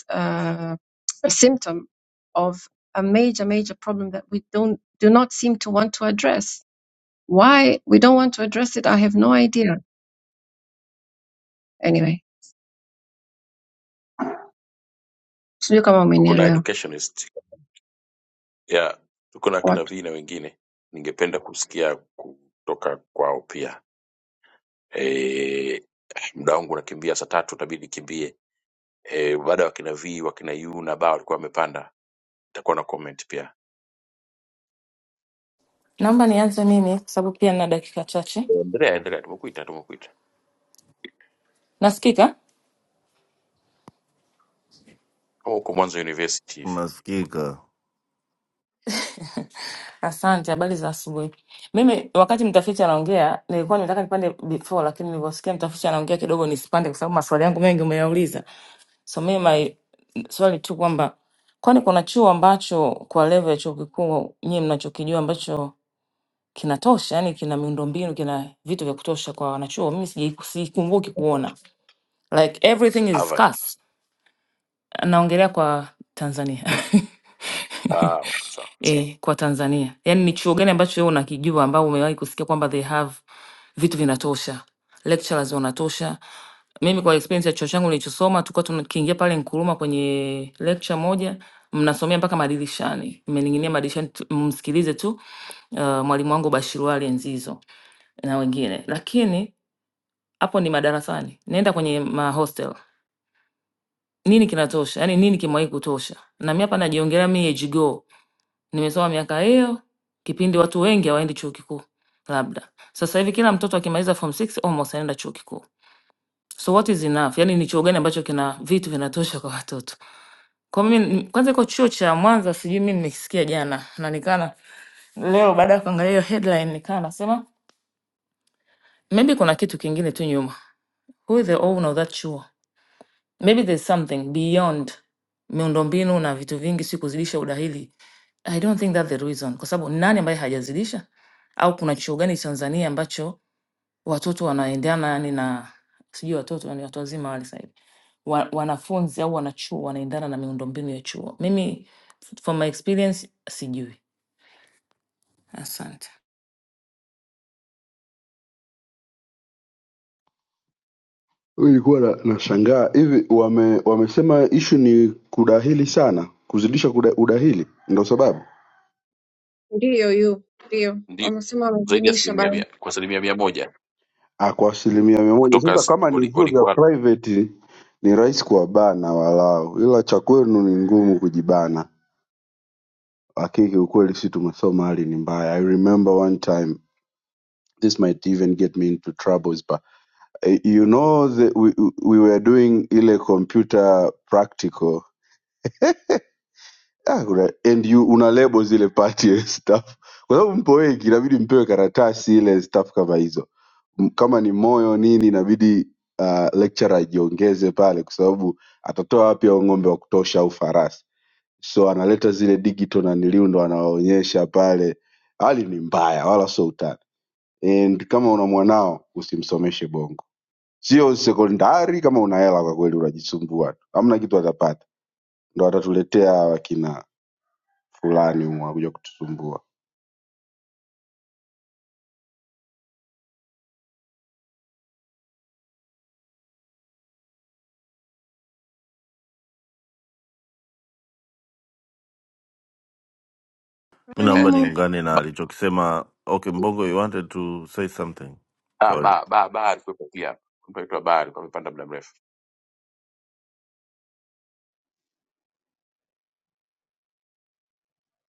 C: uh, a symptom of a major major problem that we don't do not seem to want to address Why we don't want to address it, I have no idea. Anyway, sijui kama
A: tuko na
C: umenielewa
A: educationist ya tuko na kina
C: watu.
A: V na wengine, ningependa kusikia kutoka kwao pia. E, muda wangu unakimbia, saa tatu itabidi nikimbie. E, baada ya wakina V wakina U na Ba walikuwa wamepanda, nitakuwa na comment pia.
J: Naomba nianze mimi kwa sababu pia na dakika chache.
A: Endelea, endelea, tumekuita, tumekuita.
J: Nasikika?
A: Kama uko Mwanza University hivi
I: Unasikika?
J: Asante, habari za asubuhi. Mimi wakati mtafiti anaongea, nilikuwa nimetaka nipande before, lakini nilivyosikia mtafiti anaongea kidogo nisipande, kwa sababu maswali yangu mengi umeyauliza. So mimi my swali tu kwamba kwani kuna chuo ambacho kwa level ya chuo kikuu nyie mnachokijua ambacho kinatosha, yani kina miundombinu, kina vitu vya kutosha kwa wanachuo? Mimi sijai- sikumbuki kuona like everything is
A: Harvard.
J: scarce. Naongelea kwa Tanzania.
A: Ah, okay, sawa,
J: eh, kwa Tanzania? Yaani ni chuo gani ambacho wewe unakijua ambao umewahi kusikia kwamba they have vitu vinatosha, lecturers wanatosha? Mimi kwa experience ya chuo changu nilichosoma, tulikuwa tukiingia pale Nkuruma kwenye lecture moja, mnasomea mpaka madirishani, mmening'inia madirishani, tu- mmsikilize tu uh, mwalimu wangu Bashiru Ali Nzizo na wengine, lakini hapo ni madarasani, naenda kwenye mahostel nini kinatosha, yani nini kimewahi kutosha? Na mimi hapa najiongelea mi age go Nimesoma miaka hiyo, kipindi watu wengi hawaendi chuo kikuu labda. Sasa hivi kila mtoto akimaliza form 6 almost anaenda chuo kikuu. So what is enough? Yaani ni chuo gani ambacho kina vitu vinatosha kwa watoto? Kwa mimi ni- kwanza iko chuo cha Mwanza sijui mimi nimekisikia jana na nikana leo baada ya kuangalia hiyo headline nikaa nasema maybe kuna kitu kingine tu nyuma. Who is the owner of that chuo? maybe there's something beyond miundombinu na vitu vingi, si kuzidisha udahili. I don't think that's the reason, kwa sababu nani ambaye hajazidisha? Au kuna chuo gani Tanzania ambacho watoto wanaendana yani na sijui watoto ni watu wazima wale sasa hivi wa, wanafunzi au wanachuo wanaendana na miundombinu ya chuo? Mimi from my experience sijui. Asante.
K: Nilikuwa na- nashangaa hivi wame, wamesema ishu ni kudahili sana, kuzidisha kuda, udahili ndo sababu
C: Ndiyo yu, ndiyo.
A: ndio
C: Wamesema
A: zaidi ya
C: wamezidisha
A: asilimia
C: bado.
A: mia kwa asilimia mia moja
K: ah, kwa asilimia mia moja.
A: kutoka
K: Sasa
A: s-
K: kama ni
A: wali-
K: vyuo vya
A: walikuwa
K: private ni rahisi kuwabana walau, ila cha kwenu ni ngumu kujibana. Lakini kiukweli si tumesoma, hali ni mbaya. I remember one time this might even get me into troubles but eh, you know the, we, we were doing ile computer practical Ah, kuna, and you una label zile party and stuff, kwa sababu mpo wengi, inabidi mpewe karatasi ile stuff kama hizo. M- Kama ni moyo nini, inabidi uh, lecturer ajiongeze pale, kwa sababu atatoa wapi hao ng'ombe wa kutosha au farasi? So analeta zile digital na niliu ndo anawaonyesha pale. Hali ni mbaya, wala sio utani. And kama una mwanao usimsomeshe bongo, sio sekondari. Kama una hela kwa kweli, unajisumbua tu, hamna kitu atapata. Ndo atatuletea wakina fulani humu wakuja kutusumbua.
I: Mi
C: Kwani
A: eh,
I: naomba
C: yumo
I: niungane na
A: ba,
I: alichokisema. Okay, Mbongo, you wanted to say something.
A: ah,
I: Sorry.
A: ba, ba, ba alikuwepo pia, mtu aitwa Ba alikuwa amepanda muda mrefu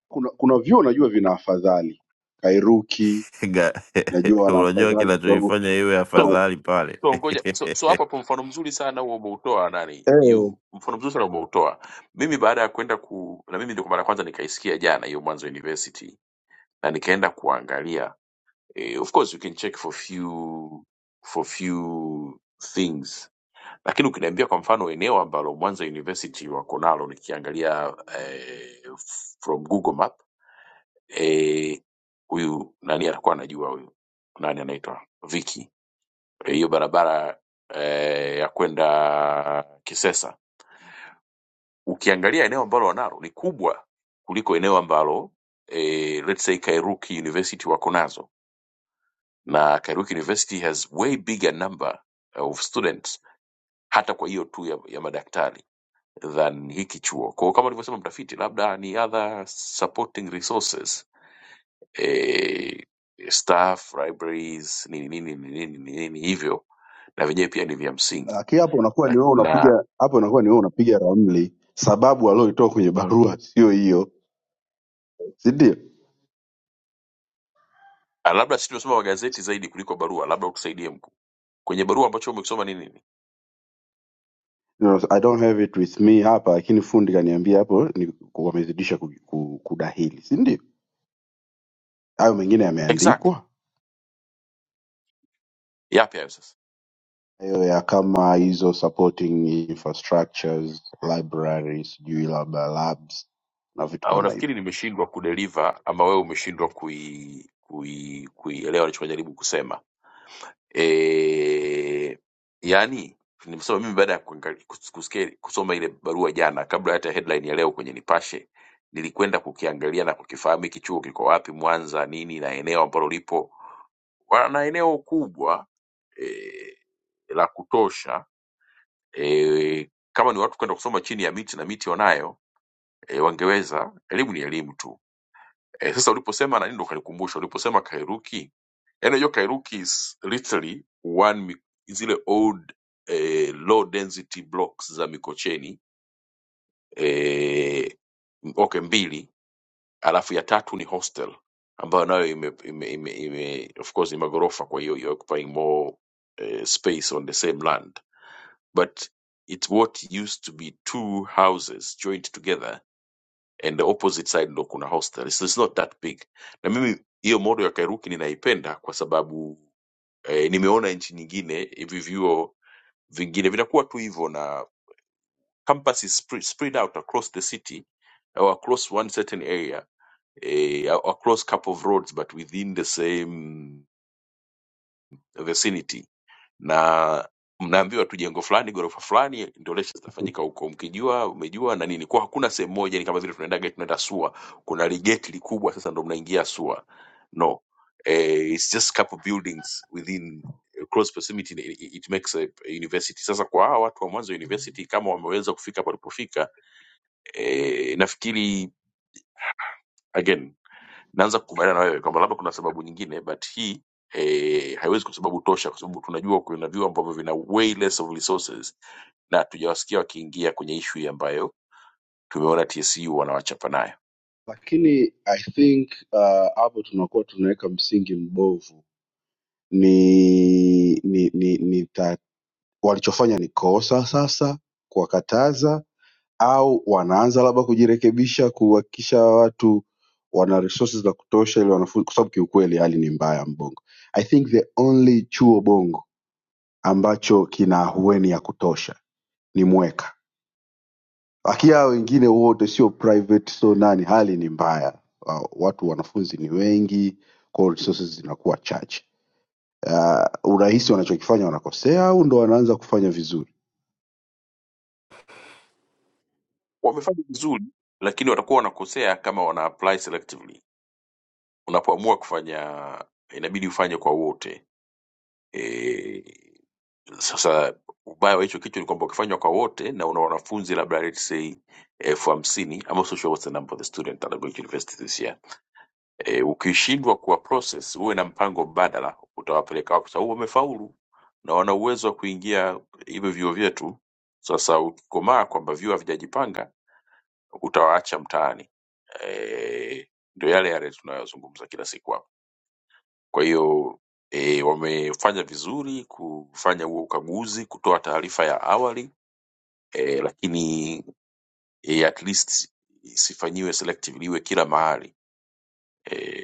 K: Kuna kuna vyuo najua vina afadhali, Kairuki
I: Ga-
K: najua wana
I: Unajua
K: afadhali kwa sababu
I: kinachoifanya iwe
A: So,
K: wana-
I: afadhali pale
A: so ngoja so, so hapo hapo mfano mzuri sana huo umeutoa nani
K: eh,
A: you mfano mzuri sana umeutoa mimi baada ya kwenda ku na mimi ndio kwa mara ya kwanza nikaisikia jana hiyo mwanzo university na nikaenda kuangalia eh, of course you can check for few for few things lakini ukiniambia kwa mfano eneo ambalo mwanza university wako nalo nikiangalia eh, from google map eh, huyu nani atakuwa anajua huyu nani anaitwa Vicky hiyo barabara eh, ya kwenda Kisesa, ukiangalia eneo ambalo wanalo ni kubwa kuliko eneo ambalo eh, let's say Kairuki University wako nazo, na Kairuki University has way bigger number of students hata kwa hiyo tu ya, ya madaktari than hiki chuo. Kwa hiyo kama alivyosema mtafiti, labda ni other supporting resources eh, staff, libraries, nini nini nini nini nini hivyo, na vyenyewe pia ni vya msingi
K: aki hapo unakuwa ni wewe
A: na,
K: unapiga hapo unakuwa ni wewe unapiga ramli, sababu walioitoa kwenye barua sio hiyo, si ndio?
A: Ah, labda sisi tumesoma magazeti zaidi kuliko barua, labda utusaidie mkuu. Kwenye barua ambacho umekisoma ni nini?
K: You know, I don't have it with me hapa, lakini fundi kaniambia hapo ni wamezidisha ku- ku- kudahili, si ndio? Hayo mengine
A: Exactly.
K: yameandikwa
A: Yapi hayo sasa?
K: hayo ya kama hizo supporting infrastructures, libraries, sijui labda labs na vitu
A: Au
K: kama hivyo.
A: nafikiri nimeshindwa kudeliver ama wewe umeshindwa kui kui kuielewa nilichojaribu kusema. Eh, yani nimesema mimi baada ya kuangali- kus- kusikia kusoma ile barua jana kabla hata ya headline ya leo kwenye Nipashe nilikwenda kukiangalia na kukifahamu hiki chuo kiko wapi Mwanza nini na eneo ambalo lipo wana eneo kubwa eh, la kutosha e, kama ni watu kwenda kusoma chini ya miti na miti wanayo e, wangeweza. Elimu ni elimu tu e, sasa uliposema na nini ndo kanikumbusha uliposema Kairuki, yani unajua Kairuki is literally one mi- zile old eh, low density blocks za Mikocheni eh, m- okay mbili, alafu ya tatu ni hostel ambayo nayo ime, ime, ime, ime, of course ni magorofa, kwa hiyo you're occupying more eh, space on the same land but it's what used to be two houses joined together and the opposite side ndo kuna hostel so it's not that big na mimi hiyo modo ya kairuki ninaipenda kwa sababu eh, nimeona nchi nyingine hivi vyuo vingine vinakuwa tu hivyo na campus is spre- spread out across the city or across one certain area eh, or across couple of roads but within the same vicinity na mnaambiwa tu jengo fulani ghorofa fulani ndio lectures zitafanyika huko mkijua umejua na nini kwa hakuna sehemu moja ni kama vile tunaendaga tunaenda sua kuna ligeti likubwa sasa ndo mnaingia sua no eh, it's just couple buildings within eh, close proximity it it makes a a university sasa kwa hawa watu wa mwanzo university kama wameweza kufika palipofika eh, nafikiri again naanza kukubaliana na wewe kwamba labda kuna sababu nyingine but hii eh, haiwezi kwa sababu tosha kwa sababu tunajua kuna vyuo ambavyo vina way less of resources na hatujawasikia wakiingia kwenye ishu hii ambayo tumeona tsu wanawachapa nayo
K: lakini I think uh, hapo tunakuwa tunaweka msingi mbovu. Ni, ni, ni, ni ta, walichofanya ni kosa sasa kuwakataza, au wanaanza labda kujirekebisha, kuhakikisha watu wana resources za kutosha ili wanafunzi, kwa sababu kiukweli hali ni mbaya Mbongo. I think the only chuo Bongo ambacho kina ahueni ya kutosha ni Mweka lakini hao wengine wote sio private so nani hali ni mbaya uh, watu wanafunzi ni wengi kwa hiyo resources zinakuwa chache uh, urahisi wanachokifanya wanakosea au ndo wanaanza kufanya vizuri
A: wamefanya vizuri lakini watakuwa wanakosea kama wana apply selectively unapoamua kufanya inabidi ufanye kwa wote eh, sasa ubaya wa hicho kichwa ni kwamba ukifanywa kwa wote na una wanafunzi labda let's say elfu hamsini I'm also sure what's the number of the student that are going to university this year e, ukishindwa kuwa process uwe na mpango mbadala utawapeleka wapi kwa sababu wamefaulu na wana uwezo wa kuingia hivyo vyuo vyetu sasa ukikomaa kwamba vyuo havijajipanga utawaacha mtaani e, ndio yale yale tunayozungumza kila siku hapa kwa hiyo e, wamefanya vizuri kufanya huo ukaguzi kutoa taarifa ya awali e, lakini e, at least isifanyiwe selective liwe kila mahali e,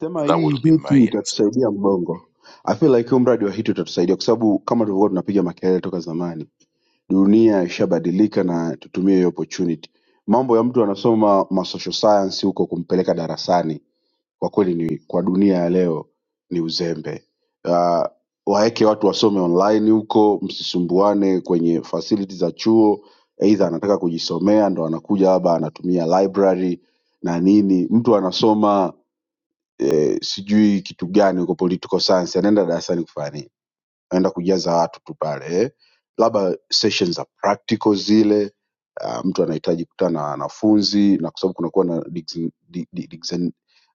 K: sema
A: that
K: hii
A: would have been
K: hiti
A: my answer.
K: itatusaidia mbongo I feel like huo mradi wa hiti utatusaidia kwa sababu kama tulivyokuwa tunapiga makelele toka zamani dunia ishabadilika na tutumie hiyo opportunity mambo ya mtu anasoma ma social science huko kumpeleka darasani kwa kweli ni kwa dunia ya leo ni uzembe uh, waeke watu wasome online huko msisumbuane kwenye facility za chuo eidha anataka kujisomea ndo anakuja labda anatumia library na nini mtu anasoma eh, sijui kitu gani huko political science anaenda darasani kufanya nini naenda kujaza watu tu pale labda session za practical zile uh, mtu anahitaji kukutana na wanafunzi na kwa sababu kunakuwa na digs- di- di- digs-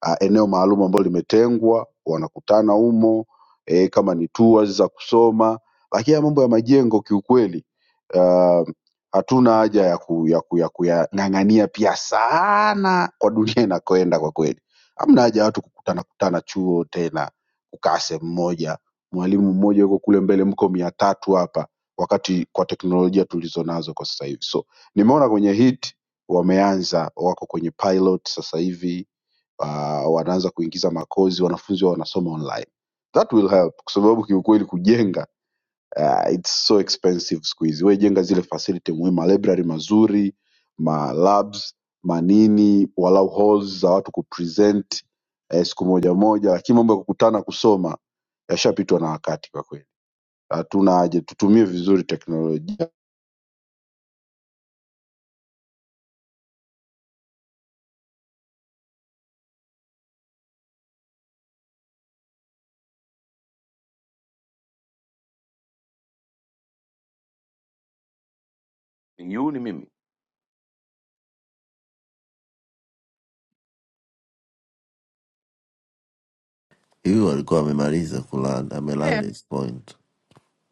K: uh, eneo maalum ambalo limetengwa wanakutana humo eh, kama ni tours za kusoma lakini haya mambo ya majengo kiukweli uh, hatuna haja ya ku- ya ku- ya kuyang'ang'ania pia sana kwa dunia inakoenda kwa kweli hamna haja ya watu kukutana kutana chuo tena kukaa sehemu moja mwalimu mmoja yuko kule mbele, mko mia tatu hapa, wakati kwa teknolojia tulizonazo kwa sasa hivi. So nimeona kwenye hit wameanza, wako kwenye pilot sasa hivi uh, wanaanza kuingiza makozi, wanafunzi wao wanasoma online. That will help kwa sababu kiukweli kujenga uh, it's so expensive siku hizi. Wewe jenga zile facility muhimu, ma library mazuri, ma labs, manini, walau halls za watu kupresent eh, siku moja moja, lakini mambo ya kukutana kusoma yashapitwa na wakati kwa kweli hatuna haja, tutumie vizuri teknolojia.
A: Ni yuni mimi
I: hiyo alikuwa amemaliza kuland
C: eh,
I: ameland his point.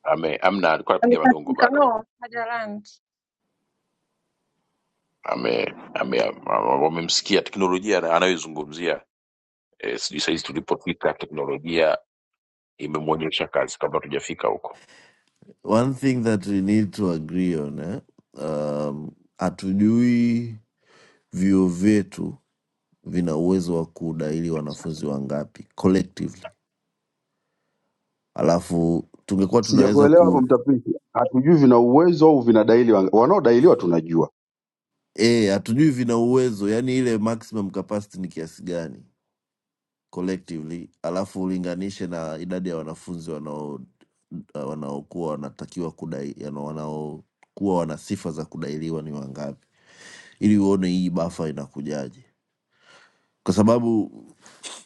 A: ame amna alikuwa anapiga madongo
C: alikatika
A: bado
C: no, hajaland.
A: ame ame ame- wamemsikia teknolojia na- anayoizungumzia e, sijui sahizi tulipofika teknolojia imemwonyesha kazi kabla tujafika huko
I: One thing that we need to agree on eh? Um, hatujui vyuo vyetu vina uwezo wa kudaili wanafunzi wangapi collectively, alafu tungekuwa tunaweza
K: Sijakuelewa hapo
I: ku
K: mtafiti, hatujui vina uwezo au vinadaili, wang- wanaodailiwa tunajua.
I: eh, hatujui vina uwezo, yani ile maximum capacity ni kiasi gani collectively, alafu ulinganishe na idadi ya wanafunzi wanao wanaokuwa wanatakiwa kudai, yani wanaokuwa wana sifa za kudailiwa ni wangapi, ili uone hii bafa inakujaje, kwa sababu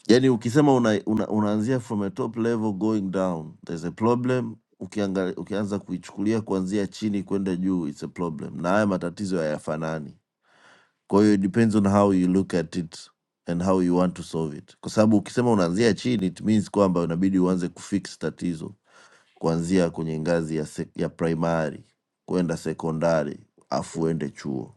I: yani ukisema una, una, unaanzia from a top level going down there's a problem Ukiangali, ukianza kuichukulia kuanzia chini kwenda juu it's a problem na haya matatizo hayafanani kwa hiyo it depends on how you look at it and how you want to solve it kwa sababu ukisema unaanzia chini it means kwamba unabidi uanze kufix tatizo kuanzia kwenye ngazi ya, sek- ya primary kwenda sekondari afu uende chuo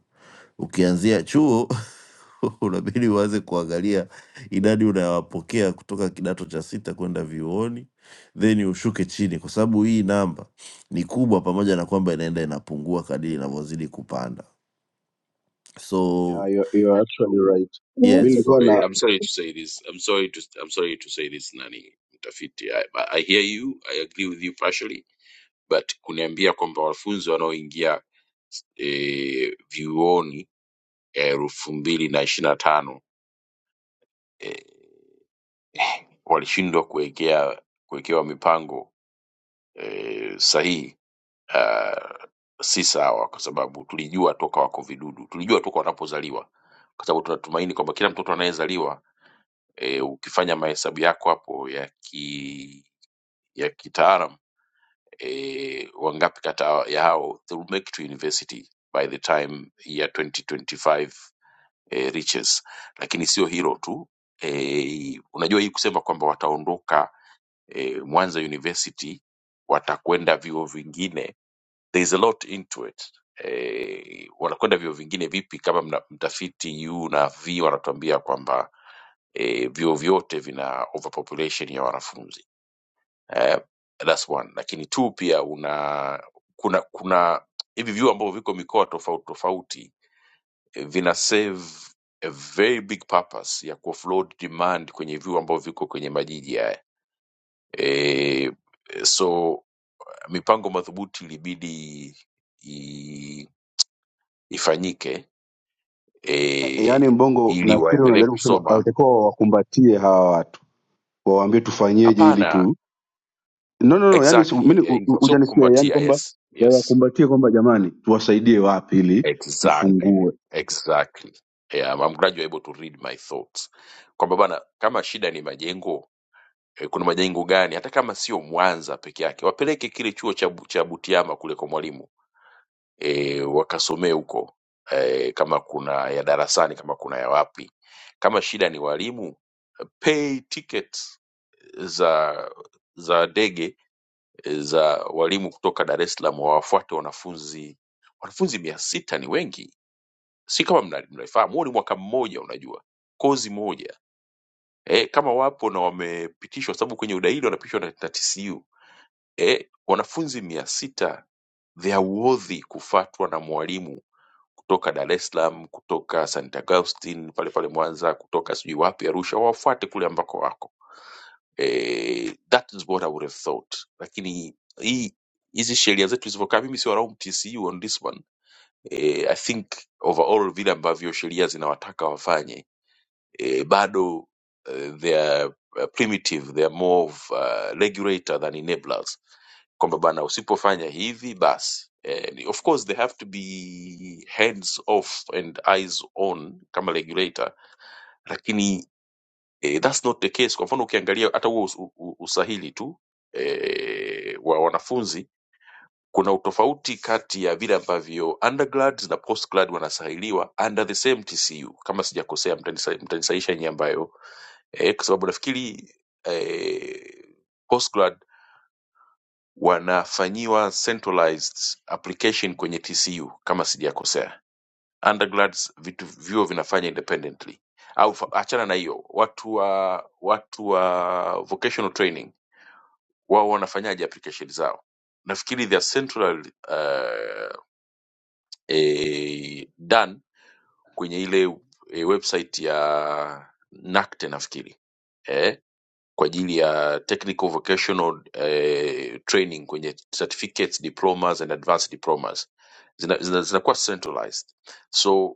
I: Ukianzia chuo unabidi uanze kuangalia idadi unayowapokea kutoka kidato cha sita kwenda vyuoni, then ushuke chini, kwa sababu hii namba ni kubwa, pamoja na kwamba inaenda inapungua kadiri inavyozidi kupanda. So
K: Yeah, you- you're actually right. Mi
C: Mtu-
I: yes,
K: nilikuwa
A: sorry,
K: na
A: I'm sorry to say this. I'm sorry to I'm sorry to say this nani mtafiti. I, I hear you, I agree with you partially, but kuniambia kwamba wanafunzi wanaoingia eh, vyuoni ya elfu mbili na ishirini na tano eh, walishindwa kuwekea kuwekewa mipango eh, sahihi ah, si sawa, kwa sababu tulijua toka wako vidudu, tulijua toka wanapozaliwa, kwa sababu tunatumaini kwamba kila mtoto anayezaliwa e, ukifanya mahesabu yako hapo ya ki ya kitaalam e, wangapi kata ya hao they will make to university by the time year 2025 eh, riches. Lakini sio hilo tu eh, unajua hii kusema kwamba wataondoka eh, Mwanza University watakwenda vyuo vingine, there is a lot into it. Eh, wanakwenda vyuo vingine vipi kama mna, mtafiti U na V wanatuambia kwamba eh, vyuo vyote vina overpopulation ya wanafunzi eh, that's one. Lakini two pia una kuna kuna hivi vyuo ambavyo viko mikoa tofauti tofauti vina serve a very big purpose ya kuoffload demand kwenye vyuo ambavyo viko kwenye majiji haya e, so mipango madhubuti ilibidi i, ifanyike
K: yaani,
A: e,
K: Mbongo
A: ili
K: nafikiri
A: waendelee
K: unajaribu kusema
A: kusoma
K: watakuwa wakumbatie hawa watu, wawaambie tufanyeje ili
A: hapana
K: tu no, no, no, yani
A: exactly
K: mimi
A: eh,
K: u- u-
A: hivyo sio
K: hujanisikia, yani
A: kukumbatia
K: kwamba
A: yes yes
K: wawakumbatie kwamba jamani, tuwasaidie wapi ili
A: exactly
K: mfungue.
A: exactly yeah, I'm glad you're able to read my thoughts kwamba bana kama shida ni majengo eh, kuna majengo gani, hata kama sio Mwanza peke yake, wapeleke kile chuo cha, Bu- cha Butiama kule kwa Mwalimu e, wakasomee huko e, kama kuna ya darasani, kama kuna ya wapi. Kama shida ni walimu, pay tickets za za ndege eh, za walimu kutoka Dar es Salaam wawafuate wanafunzi. Wanafunzi mia sita ni wengi, si kama mna- mnaifahamu. Huo ni mwaka mmoja, unajua kozi moja e, kama wapo na wamepitishwa, sababu kwenye udahili wanapitishwa na, na TCU e wanafunzi mia sita their worthy kufatwa na mwalimu kutoka Dar es Salaam, kutoka St. Augustine pale pale Mwanza, kutoka sijui wapi Arusha, wawafuate kule ambako wako. E, that is what I would have thought, lakini hii hizi sheria zetu zilivyokaa, mimi siwalaumu TCU on this one. E, I think overall vile ambavyo sheria zinawataka wafanye e, bado uh, they are uh, primitive they are more of uh, regulator than enablers kwamba bana usipofanya hivi basi eh, of course they have to be hands off and eyes on kama regulator lakini eh, that's not the case kwa mfano ukiangalia hata huo us- u- u- usahili tu eh, wa wanafunzi kuna utofauti kati ya vile ambavyo undergrads na postgrad wanasahiliwa under the same tcu kama sijakosea mtanisa- mtanisahisha nyie ambayo eh, kwa sababu nafikiri eh, postgrad wanafanyiwa centralized application kwenye TCU kama sijakosea. Undergrads vitu vyuo vinafanya independently. Au fa- achana na hiyo, watu wa watu wa vocational training wao wanafanyaje application zao? Nafikiri they are central uh, eh, done kwenye ile eh, website ya NACTE nafikiri. Eh, kwa ajili ya technical vocational eh, training kwenye certificates diplomas and advanced diplomas zina, zina, zinakuwa centralized so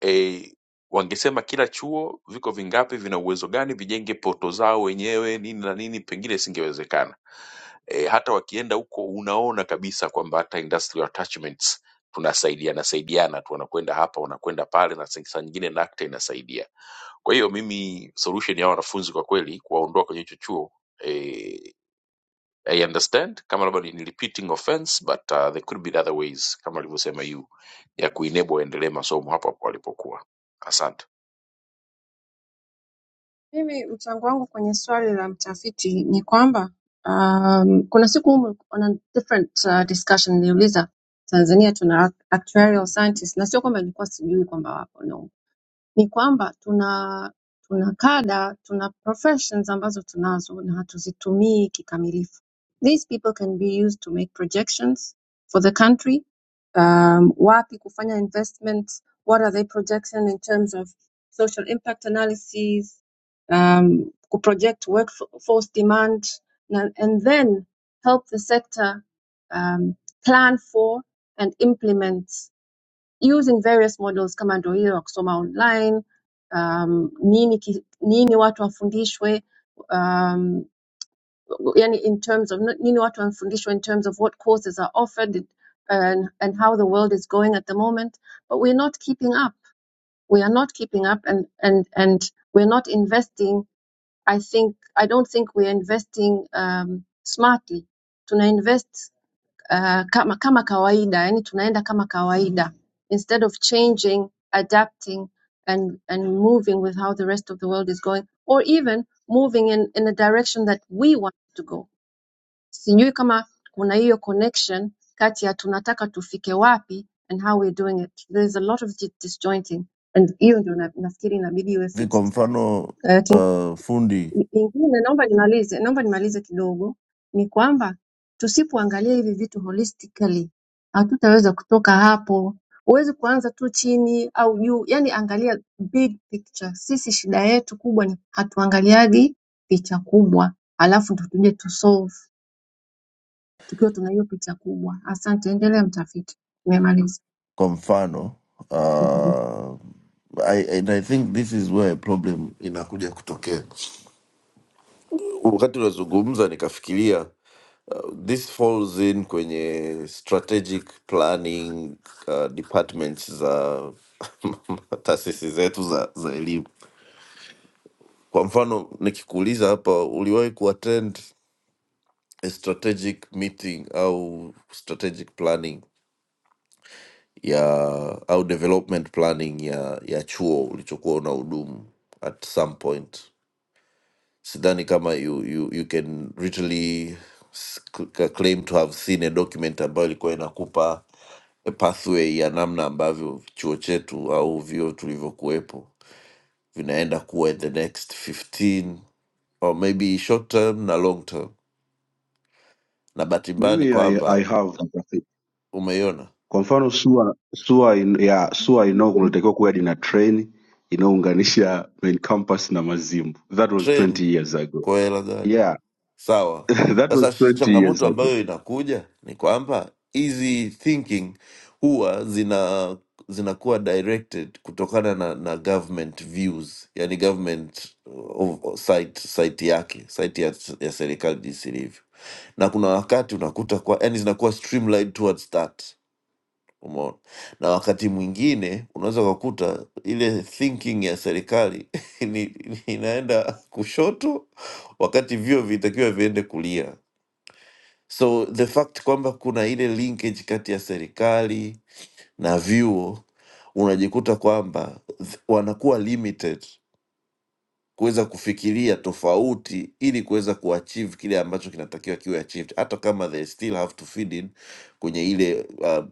A: eh, wangesema kila chuo viko vingapi vina uwezo gani vijenge poto zao wenyewe nini na nini pengine isingewezekana eh, hata wakienda huko unaona kabisa kwamba hata industrial attachments tunasaidiana saidiana tu wanakwenda hapa wanakwenda pale na saa nyingine NACTA inasaidia kwa hiyo mimi solution ya hawa wanafunzi kwa kweli kuwaondoa kwenye hicho chuo eh, I understand kama labda ni ni repeating offense but uh, there could be other ways kama alivyosema yu ya kuenable waendelee masomo hapo hapo walipokuwa. Asante.
C: Mimi mchango wangu kwenye swali la mtafiti ni kwamba um, kuna siku humu on a different uh, discussion niliuliza Tanzania tuna act- actuarial scientists na sio kwamba nilikuwa sijui kwamba wapo no ni kwamba tuna tuna kada, tuna professions ambazo tunazo na hatuzitumii kikamilifu. These people can be used to make projections for the country. Um, wapi kufanya investments, what are they projection in terms of social impact analysis, um, ku- project workforce demand, na- and then help the sector um, plan for and implement using various models kama ndio hiyo ya kusoma online um, nini ki, nini watu wafundishwe um, yani in terms of nini watu wafundishwe in terms of what courses are offered and, and how the world is going at the moment but we're not keeping up we are not keeping up and and and we're not investing i think i don't think we're investing um, smartly to invest. uh, kama, kama kawaida yani tunaenda kama kawaida instead of changing adapting and, and moving with how the rest of the world is going or even moving in, in a direction that we want to go sijui kama kuna hiyo connection kati ya tunataka tufike wapi and how we're doing it there is a lot of di- disjointing and hiyo ndio na- nafikiri inabidi iwe
I: Hivi kwa
C: fixed
I: mfano
C: Uh,
I: uh, fundi
C: Ingine naomba nimalize, naomba nimalize kidogo, ni kwamba tusipoangalia hivi vitu holistically hatutaweza kutoka hapo. Huwezi kuanza tu chini au juu, yani angalia big picture. Sisi shida yetu kubwa ni hatuangaliagi picha kubwa, alafu ndo tuje tu solve tukiwa tuna hiyo picha kubwa. Asante, endelea mtafiti, nimemaliza.
I: kwa mfano
C: Mhm.
I: uh, I, and I think this is where problem inakuja kutokea wakati unazungumza nikafikiria uh, this falls in kwenye strategic planning uh, departments za taasisi zetu za, za elimu kwa mfano nikikuuliza hapa uliwahi kuattend a strategic meeting au strategic planning ya au development planning ya ya chuo ulichokuwa una hudumu at some point sidhani kama you, you, you can literally s- c- c- claim to have seen a document ambayo ilikuwa inakupa a pathway ya namna ambavyo chuo chetu au vyo tulivyokuwepo vinaenda kuwa in the next 15 or maybe short term na long term na bahati mbaya ni
K: Mimi I, I
I: kwamba
K: have mtafiti.
I: umeiona
K: Kwa mfano SUA SUA in, ya SUA ino kunatakiwa kuwe hadi na train inayounganisha main campus na Mazimbu. That was 20
I: treni
K: years ago.
I: kwa hela gani
K: Yeah,
I: sawa.
K: that was
I: Sasa sh-
K: 20 years
I: changamoto
K: ago.
I: ambayo inakuja ni kwamba hizi thinking huwa zina zinakuwa directed kutokana na, na government views, yani government uh, of, of site, site yake site ya, ya serikali jinsi ilivyo, na kuna wakati unakuta kwa yani zinakuwa streamlined towards that Umeona? Na wakati mwingine unaweza ukakuta ile thinking ya serikali ni, ni inaenda kushoto wakati vyuo vitakiwa viende kulia. So the fact kwamba kuna ile linkage kati ya serikali na vyuo, unajikuta kwamba th- wanakuwa limited kuweza kufikiria tofauti ili kuweza kuachieve kile ambacho kinatakiwa kiwe achieved hata kama they still have to feed in kwenye ile uh, a,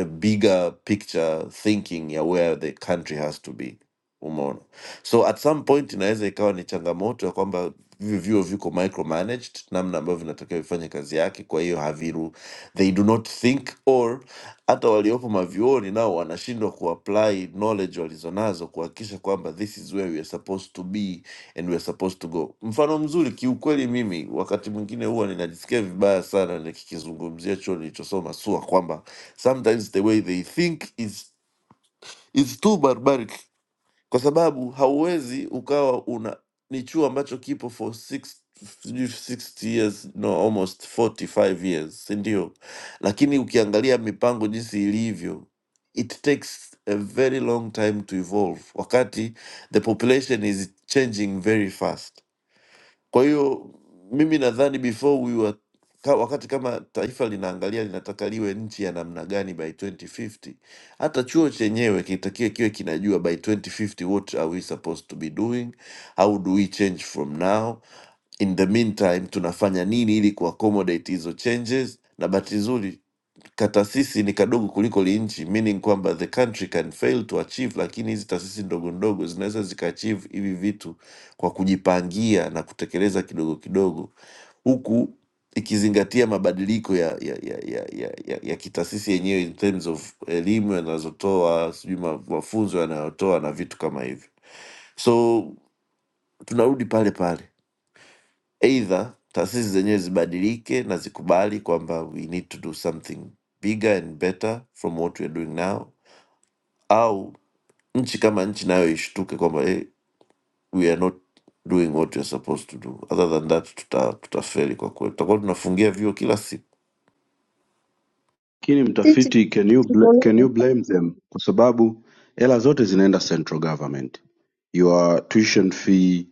I: a bigger picture thinking ya where the country has to be umeona so at some point inaweza ikawa ni changamoto ya kwamba hivyo vyuo viko micromanaged namna ambavyo vinatakiwa vifanye kazi yake kwa hiyo haviru they do not think or hata waliopo mavyuoni nao wanashindwa kuapply knowledge walizonazo kuhakikisha kwamba this is where we are supposed to be and we are supposed to go mfano mzuri kiukweli mimi wakati mwingine huwa ninajisikia vibaya sana nikikizungumzia chuo nilichosoma sua kwamba sometimes the way they think is is too barbaric kwa sababu hauwezi ukawa una ni chuo ambacho kipo for six, sijui 60 years no almost 45 years si ndio lakini ukiangalia mipango jinsi ilivyo it takes a very long time to evolve wakati the population is changing very fast kwa hiyo mimi nadhani before we were, ka, wakati kama taifa linaangalia linataka liwe nchi ya namna gani by 2050, hata chuo chenyewe kitakiwe kiwe kinajua by 2050 what are we supposed to be doing, how do we change from now in the meantime tunafanya nini ili kuaccommodate hizo changes na bahati nzuri katasisi ni kadogo kuliko linchi meaning kwamba the country can fail to achieve lakini hizi taasisi ndogo ndogo zinaweza zikaachieve hivi vitu kwa kujipangia na kutekeleza kidogo kidogo huku ikizingatia mabadiliko ya ya, ya, ya, ya, ya, ya kitaasisi yenyewe in terms of elimu yanazotoa sijui ma- mafunzo yanayotoa na vitu kama hivyo so tunarudi pale pale Aidha, taasisi zenyewe zibadilike na zikubali kwamba we need to do something bigger and better from what we are doing now, au nchi kama nchi nayo ishtuke kwamba eh, we are not doing what we are supposed to do. Other than that, tuta tutafeli kwa kweli, tutakuwa tunafungia vyuo kila siku.
K: Lakini
C: Sisi
K: mtafiti, can you bl can you blame them? Kwa sababu hela zote zinaenda central government. Your tuition fee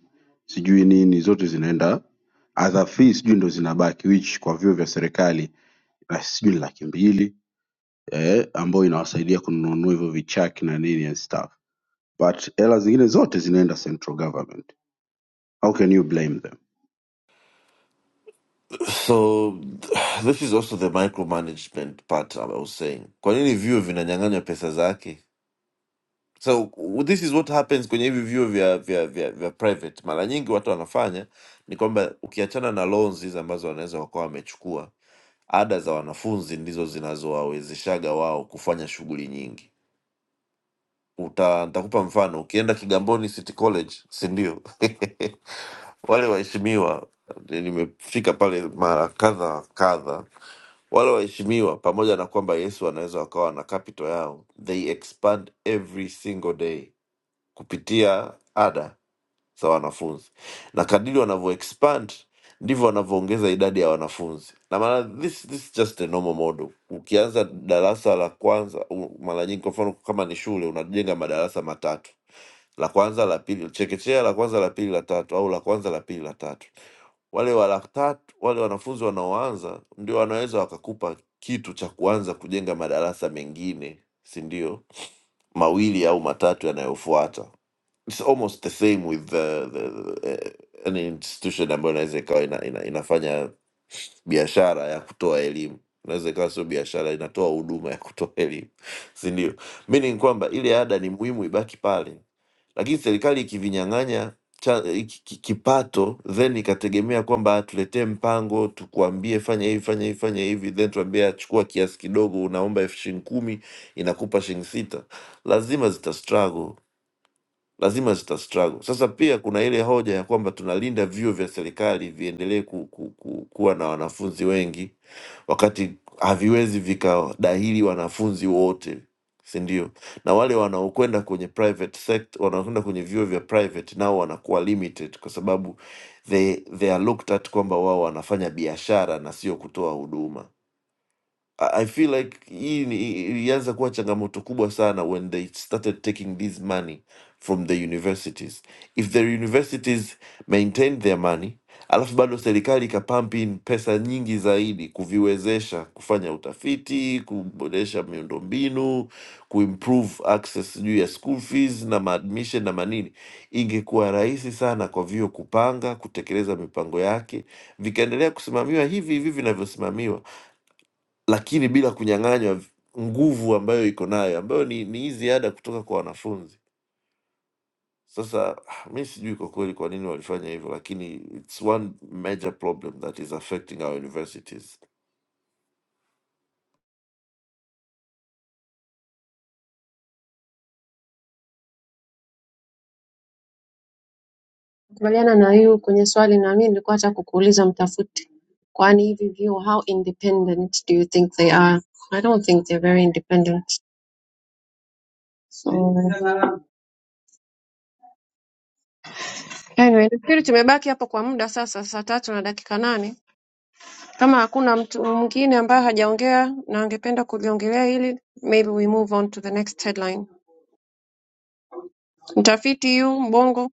K: sijui nini zote zinaenda other fees sijui ndo zinabaki which kwa vyuo vya serikali na sijui ni laki mbili eh, ambayo inawasaidia kununua hivyo vichaki na nini and stuff. but hela zingine zote zinaenda central government how can you blame them
I: So this is also the micromanagement part I was saying. Kwa nini vyuo vinanyang'anywa pesa zake? so w- this is what happens kwenye hivi vyuo vya, vya, vya, vya private mara nyingi watu wanafanya ni kwamba ukiachana na loans hizi ambazo wanaweza wakawa wamechukua ada za wanafunzi ndizo zinazowawezeshaga wao kufanya shughuli nyingi Uta, nitakupa mfano ukienda kigamboni city college si ndio wale waheshimiwa eh, nimefika pale mara kadha wa kadha wale waheshimiwa pamoja na kwamba yesu wanaweza wakawa na capital yao they expand every single day kupitia ada za wanafunzi, na kadiri wanavyo expand ndivyo wanavyoongeza idadi ya wanafunzi na mara this, this is just a normal model. Ukianza darasa la kwanza, u- mara nyingi, kwa mfano kama ni shule, unajenga madarasa matatu, la kwanza, la pili, chekechea, la kwanza, la pili, la tatu, au la kwanza, la pili, la tatu. Wale wa la tatu, wale wanafunzi wanaoanza ndio wanaweza wakakupa kitu cha kuanza kujenga madarasa mengine, si ndio, mawili au matatu yanayofuata it's almost the same with the, the, the uh, any institution ambayo inaweza ikawa ina, ina, inafanya biashara ya kutoa elimu inaweza ikawa sio biashara inatoa huduma ya kutoa elimu sindio meaning kwamba ile ada ni muhimu ibaki pale lakini serikali ikivinyang'anya cha- iki- ki- kipato then ikategemea kwamba tuletee mpango tukuambie fanya hivi fanya hivi fanya hivi then tuambie achukua kiasi kidogo unaomba elfu shilingi kumi inakupa shilingi sita lazima zita struggle lazima zita struggle. Sasa pia kuna ile hoja ya kwamba tunalinda vyuo vya serikali viendelee ku, ku, ku, kuwa na wanafunzi wengi wakati haviwezi vikadahili wanafunzi wote, si ndio? Na wale wanaokwenda kwenye private sector, wanaokwenda kwenye vyuo vya private nao wanakuwa limited kwa sababu they, they are looked at kwamba wao wanafanya biashara na sio kutoa huduma. I I feel like hii ni- i- ilianza kuwa changamoto kubwa sana when they started taking this money from the universities. If the universities maintained their money, alafu bado serikali ikapump in pesa nyingi zaidi kuviwezesha kufanya utafiti, kuboresha miundombinu, kuimprove access sijui ya school fees na maadmission na manini, ingekuwa rahisi sana kwa vyuo kupanga, kutekeleza mipango yake, vikaendelea kusimamiwa hivi hivi vinavyosimamiwa lakini bila kunyang'anywa nguvu ambayo iko nayo ambayo ni ni hizi ada kutoka kwa wanafunzi sasa ah, mi sijui kwa kweli kwa nini walifanya hivyo lakini its one major problem that is affecting our universities
C: Nakubaliana na you kwenye swali na mimi nilikuwa hata kukuuliza mtafuti, kwani hivi vyuo how independent do you think they are? I don't think they're very independent. So anyway, nafikiri tumebaki hapo kwa muda sasa, saa tatu na dakika nane. Kama hakuna mtu mwingine ambaye hajaongea na angependa kuliongelea hili, maybe we move on to the next headline. Mtafiti yu Mbongo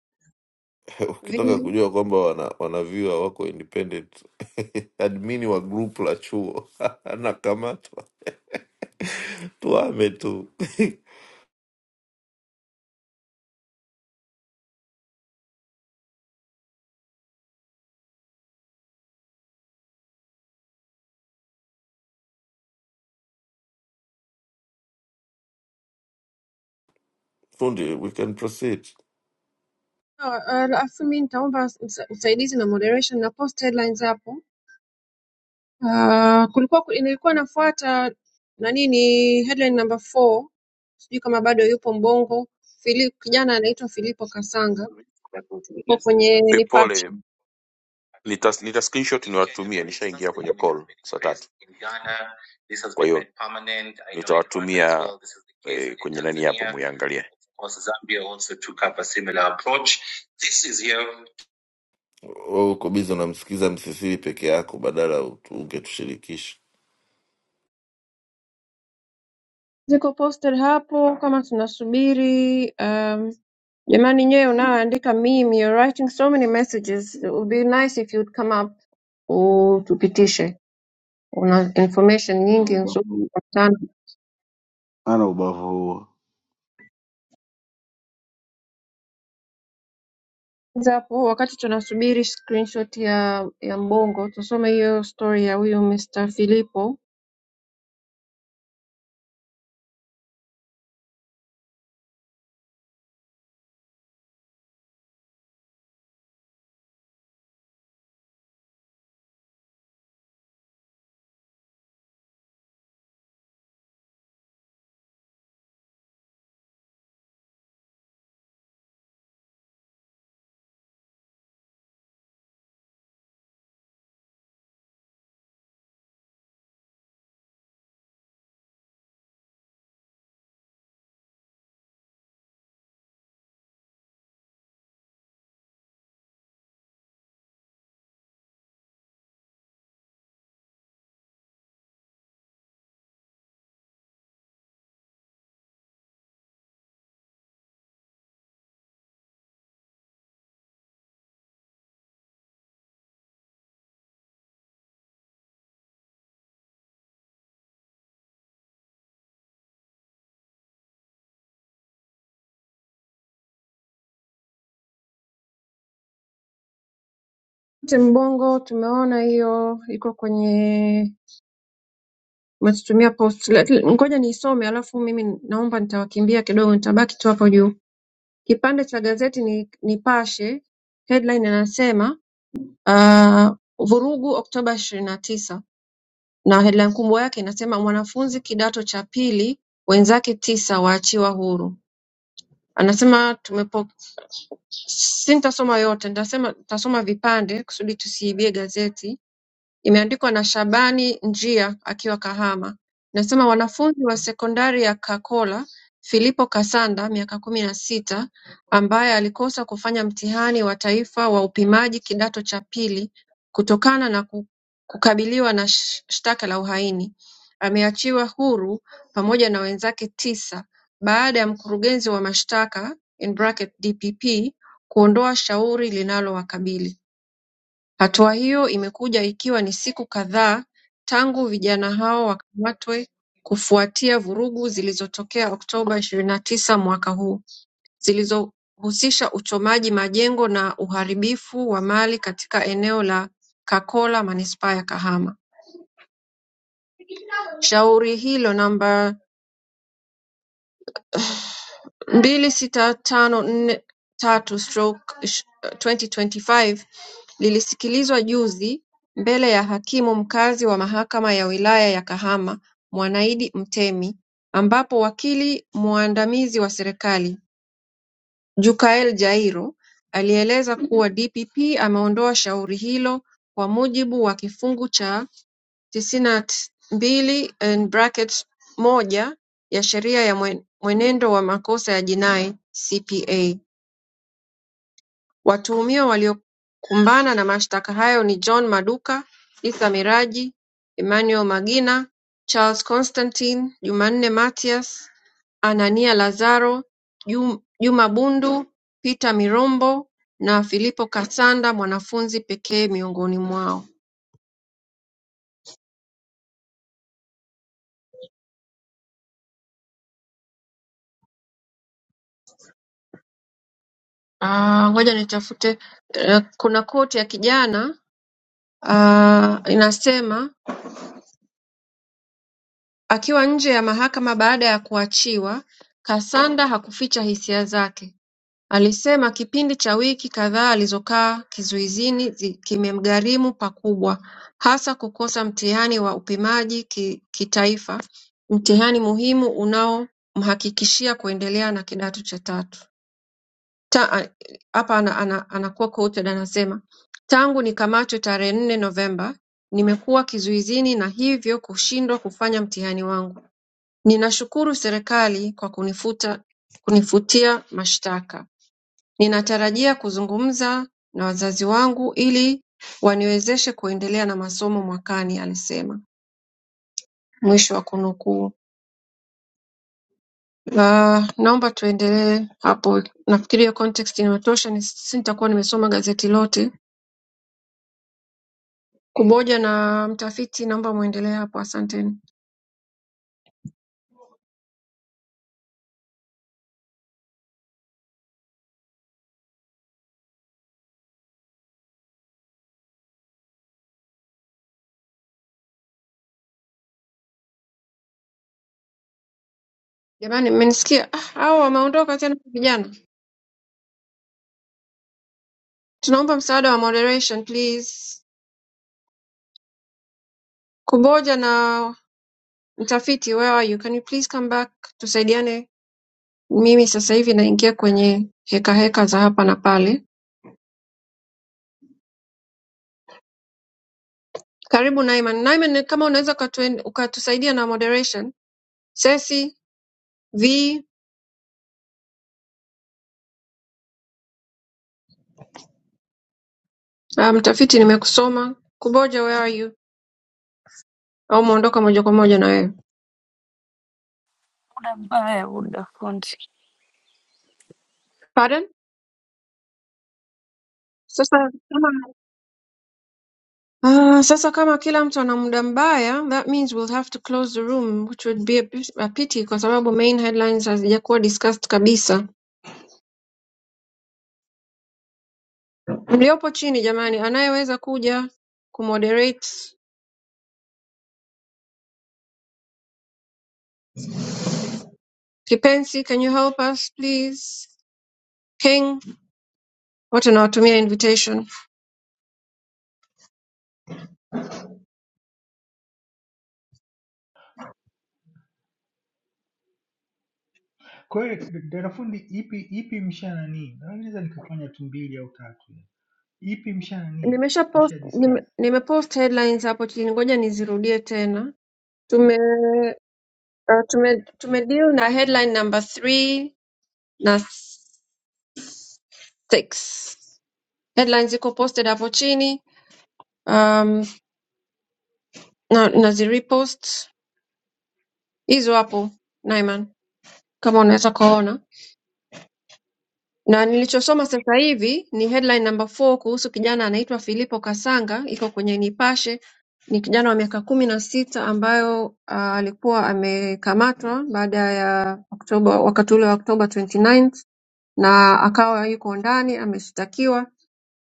I: ukitaka
C: vi-
I: kujua kwamba wana, wanavyua wako independent admini wa group la chuo anakamatwa tuame tu fundi we can proceed
C: Ah, ah, Alafu mi nitaomba usa- usaidizi na moderation na post headlines hapo Uh, kulikuwa ku- nilikuwa nafuata nani ni headline number four, sijui kama bado yupo Mbongo. Fili, kijana anaitwa Filipo Kasanga, yuko kwenye
A: Eh,
C: Nipashe,
A: Pole, nita, nita screenshot niwatumie, nishaingia kwenye call saa tatu, kwa hiyo nitawatumia eh, kwenye nani hapo muiangalie.
I: wewe uko bizi unamsikiza msisiri peke yako badala ungetushirikisha
C: ziko posted hapo kama tunasubiri. Um, jamani, nyewe unayoandika meme, you're writing so many messages, it would be nice if you'd come up utupitishe, una information
K: ana
C: nyingi nzuri.
K: ubavu ana ubavu huo
C: Kwanza hapo wakati tunasubiri screenshot ya ya Mbongo, tusome hiyo story ya huyu Mr. Filipo. Wote Mbongo tumeona hiyo iko kwenye umetutumia post. Let- Ngoja niisome alafu mimi naomba nitawakimbia kidogo, nitabaki tu hapo juu. Kipande cha gazeti ni Nipashe, headline inasema uh, vurugu Oktoba ishirini na tisa na headline kubwa yake inasema mwanafunzi kidato cha pili wenzake tisa waachiwa huru. Anasema Sintasoma yote nitasema nitasoma vipande kusudi tusiibie gazeti Imeandikwa na Shabani Njia akiwa Kahama inasema wanafunzi wa sekondari ya Kakola Filipo Kasanda miaka kumi na sita ambaye alikosa kufanya mtihani wa taifa wa upimaji kidato cha pili kutokana na ku- kukabiliwa na sh- shtaka la uhaini ameachiwa huru pamoja na wenzake tisa baada ya mkurugenzi wa mashtaka in bracket DPP kuondoa shauri linalowakabili. Hatua hiyo imekuja ikiwa ni siku kadhaa tangu vijana hao wakamatwe kufuatia vurugu zilizotokea Oktoba ishirini na tisa mwaka huu zilizohusisha uchomaji majengo na uharibifu wa mali katika eneo la Kakola manispaa ya Kahama. Shauri hilo namba mbili sita tano nne tatu stroke twenty twenty five lilisikilizwa juzi mbele ya hakimu mkazi wa mahakama ya wilaya ya Kahama Mwanaidi Mtemi ambapo wakili mwandamizi wa serikali Jukael Jairo alieleza kuwa DPP ameondoa shauri hilo kwa mujibu wa kifungu cha tisini na mbili moja ya Sheria ya Mwenendo wa Makosa ya Jinai (CPA). Watuhumiwa waliokumbana na mashtaka hayo ni John Maduka, Lisa Miraji, Emmanuel Magina, Charles Constantine, Jumanne Mathias, Anania Lazaro, Juma Bundu, Peter Mirombo na Filipo Kasanda mwanafunzi pekee miongoni mwao Ah, ngoja nitafute eh, kuna koti ya kijana ah, inasema akiwa nje ya mahakama baada ya kuachiwa, Kasanda hakuficha hisia zake. Alisema kipindi cha wiki kadhaa alizokaa kizuizini zi- kimemgharimu pakubwa, hasa kukosa mtihani wa upimaji ki, kitaifa, mtihani muhimu unaomhakikishia kuendelea na kidato cha tatu. ta- a- hapa ana, ana, anakuwa quoted anasema, tangu nikamatwe tarehe nne Novemba nimekuwa kizuizini na hivyo kushindwa kufanya mtihani wangu. Ninashukuru serikali kwa kunifuta, kunifutia mashtaka. Ninatarajia kuzungumza na wazazi wangu ili waniwezeshe kuendelea na masomo mwakani, alisema. Mwisho wa kunukuu. Uh, naomba tuendelee hapo, nafikiri hiyo context inatosha, ni- sitakuwa nimesoma gazeti lote kumoja na mtafiti naomba muendelee hapo asanteni jamani mmenisikia ah, hao wameondoka tena vijana tunaomba msaada wa moderation please kumoja na mtafiti where are you can you please come back tusaidiane mimi sasa hivi naingia kwenye heka heka za hapa na pale karibu Naiman Naiman kama unaweza ukatuen- ukatusaidia na moderation sesi v ah, mtafiti nimekusoma kumoja where are you au umeondoka moja kwa moja na wewe
H: Muda mbaya, muda fundi.
C: pardon sasa Ah, sasa kama kila mtu ana muda mbaya, that means we'll have to close the room which would be a, pit- a pity kwa sababu main headlines hazijakuwa discussed kabisa. Mliopo chini jamani, anayeweza kuja kumoderate Kipensi, can you help us please? King, wote nawatumia invitation.
L: Kwa hiyo dada fundi, ipi ipi msha nani, Na mimi naweza nikafanya tu mbili au tatu, ipi msha nani,
C: Nimesha post,
L: msha discuss.
C: nime, nimepost headlines hapo chini, ngoja nizirudie tena. Tume, uh, tume, tume deal na headline number 3 na 6. headlines iko posted hapo chini um, na, na zirepost hizo hapo Naiman, kama unaweza kuona na nilichosoma sasa hivi ni headline number 4 kuhusu kijana anaitwa Filipo Kasanga, iko kwenye Nipashe. Ni kijana wa miaka kumi na sita ambayo uh, alikuwa amekamatwa baada ya Oktoba, wakati ule wa Oktoba 29 na tisa, na akawa yuko ndani ameshtakiwa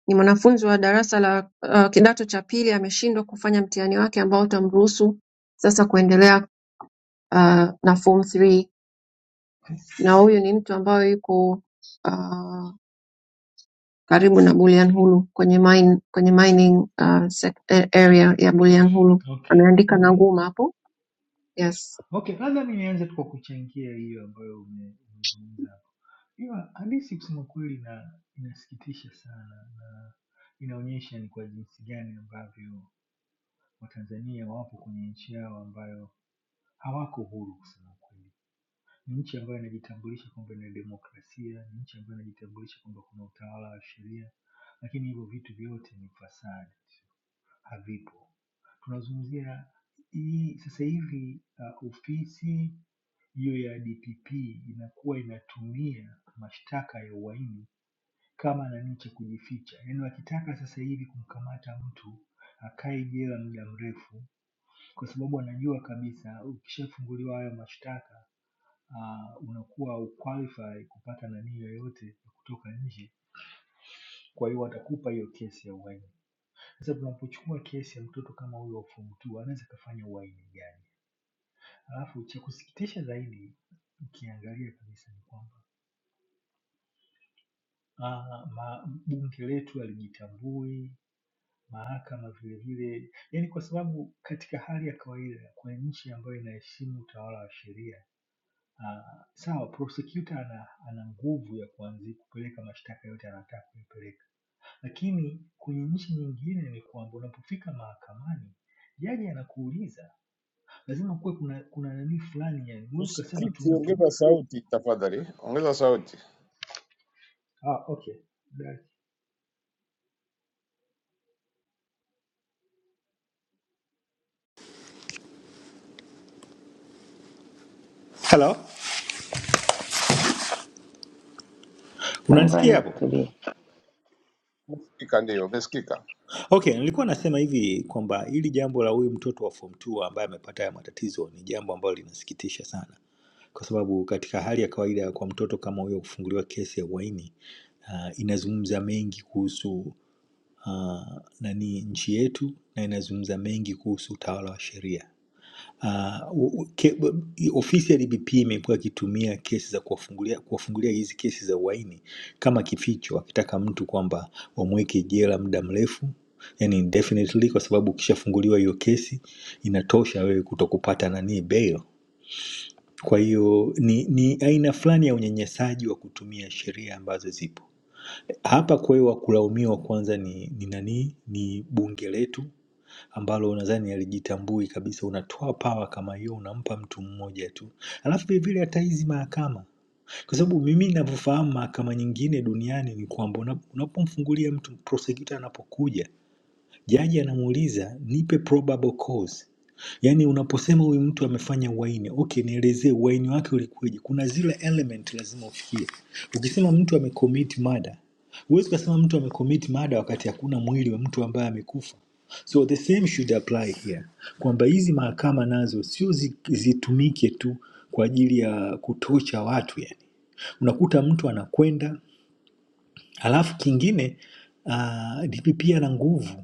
C: Ni mwanafunzi wa darasa la uh, kidato cha pili ameshindwa kufanya mtihani wake ambao utamruhusu sasa kuendelea uh, na form 3 na huyu ni mtu ambaye yuko uh, karibu na Bulyanhulu kwenye mine, kwenye mining uh, sec- eh, area ya Bulyanhulu.
L: Okay,
C: Ameandika na
L: okay,
C: nguma hapo. Yes.
L: okay. Labda mi nianze tu kwa kuchangia hiyo ambayo ume- umezungumza hapo. Hiyo hadithi kusema kweli na inasikitisha sana na inaonyesha ni kwa jinsi gani ambavyo Watanzania wapo kwenye nchi yao ambayo hawako huru kusema kweli Ni nchi ambayo inajitambulisha kwamba ina demokrasia, ni nchi ambayo inajitambulisha kwamba kuna utawala wa sheria, lakini hivyo vitu vyote ni fasadi, havipo. Tunazungumzia hii sasa hivi uh, ofisi hiyo ya DPP inakuwa inatumia mashtaka ya uhaini kama nani cha kujificha, yaani wakitaka sasa hivi kumkamata mtu akae jela muda mrefu, kwa sababu anajua kabisa ukishafunguliwa hayo mashtaka ah, unakuwa hauqualify kupata nani yoyote ya kutoka nje, kwa hiyo watakupa hiyo kesi ya uhaini. Sasa tunapochukua kesi ya mtoto kama huyo wa form 2 anaweza kafanya uhaini gani? Alafu cha kusikitisha zaidi ukiangalia kabisa ni kwamba ah, ma- bunge letu halijitambui, mahakama vile vile, yaani kwa sababu katika hali ya kawaida kwa nchi ambayo inaheshimu utawala wa sheria ah, sawa prosecutor ana, ana nguvu ya kuanzi kupeleka mashtaka yote anataka kupeleka, lakini kwenye nchi nyingine ni kwamba unapofika mahakamani jaji anakuuliza, lazima kuwe kuna kuna nani fulani, yani huwezi ukasema tu
M: Msikiti,
L: mtu
M: ongeza sauti tafadhali, ongeza sauti.
L: ah, okay dai. Hello,
G: Kwanza
L: unanisikia hapo?
G: nitulie.
M: Umesikika? Ndio, umesikika.
L: Okay, nilikuwa nasema hivi kwamba hili jambo la huyu mtoto wa form 2 ambaye amepata haya matatizo ni jambo ambalo linasikitisha sana. kwa sababu katika hali ya kawaida kwa mtoto kama huyo kufunguliwa kesi ya uhaini uh, inazungumza mengi kuhusu uh, nani nchi yetu na inazungumza mengi kuhusu utawala wa sheria. Uh, ke, ofisi ya DPP imekuwa ikitumia kesi za kuwafungulia kuwafungulia hizi kesi za uhaini kama kificho, akitaka mtu kwamba wamweke jela muda mrefu yani indefinitely, kwa sababu ukishafunguliwa hiyo kesi inatosha wewe kutokupata nani bail kwa hiyo ni, ni aina fulani ya unyanyasaji wa kutumia sheria ambazo zipo hapa. Kwa hiyo wa kulaumiwa kwanza ni, ni nani? Ni bunge letu ambalo nadhani alijitambui kabisa. Unatoa pawa kama hiyo, unampa mtu mmoja tu, alafu vilevile hata hizi mahakama, kwa sababu mimi ninavyofahamu mahakama nyingine duniani ni kwamba una- unapomfungulia mtu prosecutor anapokuja Jaji anamuuliza nipe probable cause. Yaani unaposema huyu mtu amefanya uhaini, okay, nielezee uhaini wake ulikuwaje? Kuna zile element lazima ufikie. Ukisema mtu amecommit murder, huwezi ukasema mtu amecommit murder wakati hakuna mwili wa mtu ambaye amekufa. So the same should apply here, kwamba hizi mahakama nazo sio zi- zitumike tu kwa ajili ya kutocha watu yani unakuta mtu anakwenda, alafu kingine uh, DPP ana nguvu,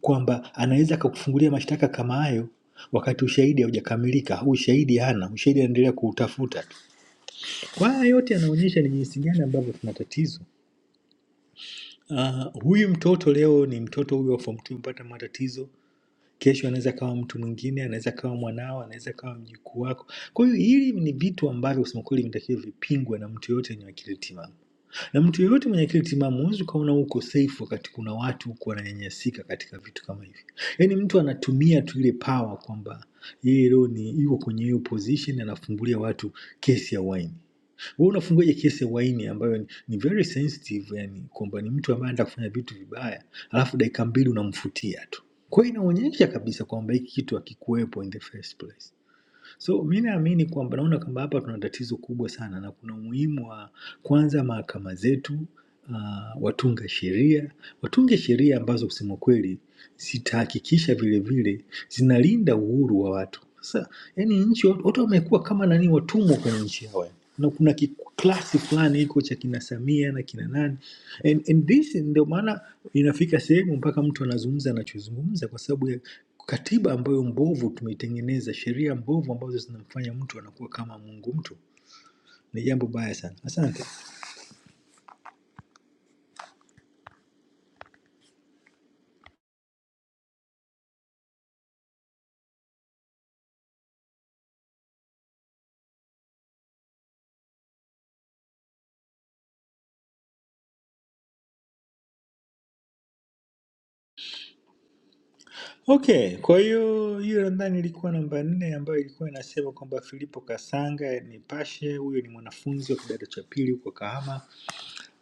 L: kwamba anaweza akakufungulia mashtaka kama hayo wakati ushahidi haujakamilika au ushahidi hana, ushahidi anaendelea kuutafuta tu. Kwa haya yote yanaonyesha ni jinsi gani ambavyo tuna tatizo. Ah, huyu mtoto leo ni mtoto huyu wa form 2 mpata matatizo, kesho anaweza kawa mtu mwingine, anaweza kawa mwanao, anaweza kawa mjukuu wako. Kwa hiyo hili ni vitu ambavyo kusema kweli vinatakiwa vipingwe na mtu yoyote yenye akili timamu. Na mtu yeyote mwenye akili timamu huwezi ukaona uko safe wakati kuna watu huko wananyanyasika katika vitu kama hivi. Yaani mtu anatumia tu ile power kwamba yeye leo ni yuko kwenye hiyo position, anafumbulia watu kesi ya waini. Wewe unafunguaje kesi ya waini ambayo ni, ni very sensitive, yani kwamba ni mtu ambaye anataka kufanya vitu vibaya, alafu dakika mbili unamfutia tu. Kwa hiyo inaonyesha kabisa kwamba hiki kitu hakikuwepo in the first place. So mi naamini kwamba naona kwamba hapa tuna tatizo kubwa sana na kuna umuhimu wa kwanza mahakama zetu uh, watunga sheria watunge sheria ambazo kusema kweli zitahakikisha vile vile zinalinda uhuru wa watu. Sasa yani nchi watu watu wamekuwa kama nani watumwa kwenye nchi yao, yani. na kuna kiklasi fulani iko cha kina Samia na kina nani And, and this ndio maana inafika sehemu mpaka mtu anazungumza anachozungumza, kwa sababu ya katiba ambayo mbovu tumeitengeneza, sheria mbovu ambazo zinamfanya mtu anakuwa kama mungu mtu. Ni jambo baya sana. Asante. Okay, kwa hiyo hiyo nadhani ilikuwa namba nne ambayo ilikuwa inasema kwamba Filipo Kasanga Nipashe, huyo ni mwanafunzi wa kidato cha pili huko Kahama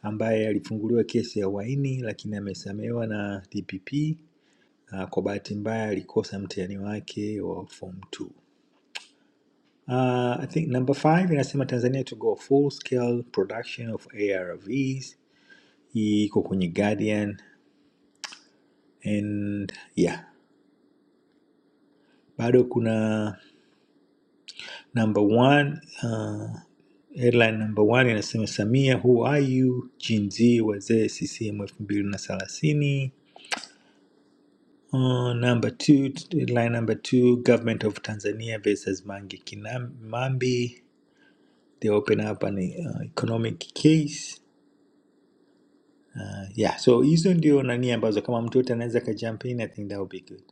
L: ambaye alifunguliwa kesi ya uhaini lakini amesamehewa na DPP. Ah, Kwa bahati mbaya alikosa mtihani wake wa form 2. Uh, I think number five inasema Tanzania to go full scale production of ARVs iko kwenye Guardian and yeah, bado kuna number one uh, headline number one inasema Samia who are you Gen Z wazee CCM elfu mbili na thelathini. Uh, number two, headline number two, government of Tanzania versus Mange Kinambi, they open up an uh, economic case Yeah, so hizo ndio nani ambazo kama mtu yote anaweza ka jump in, I think that would be good.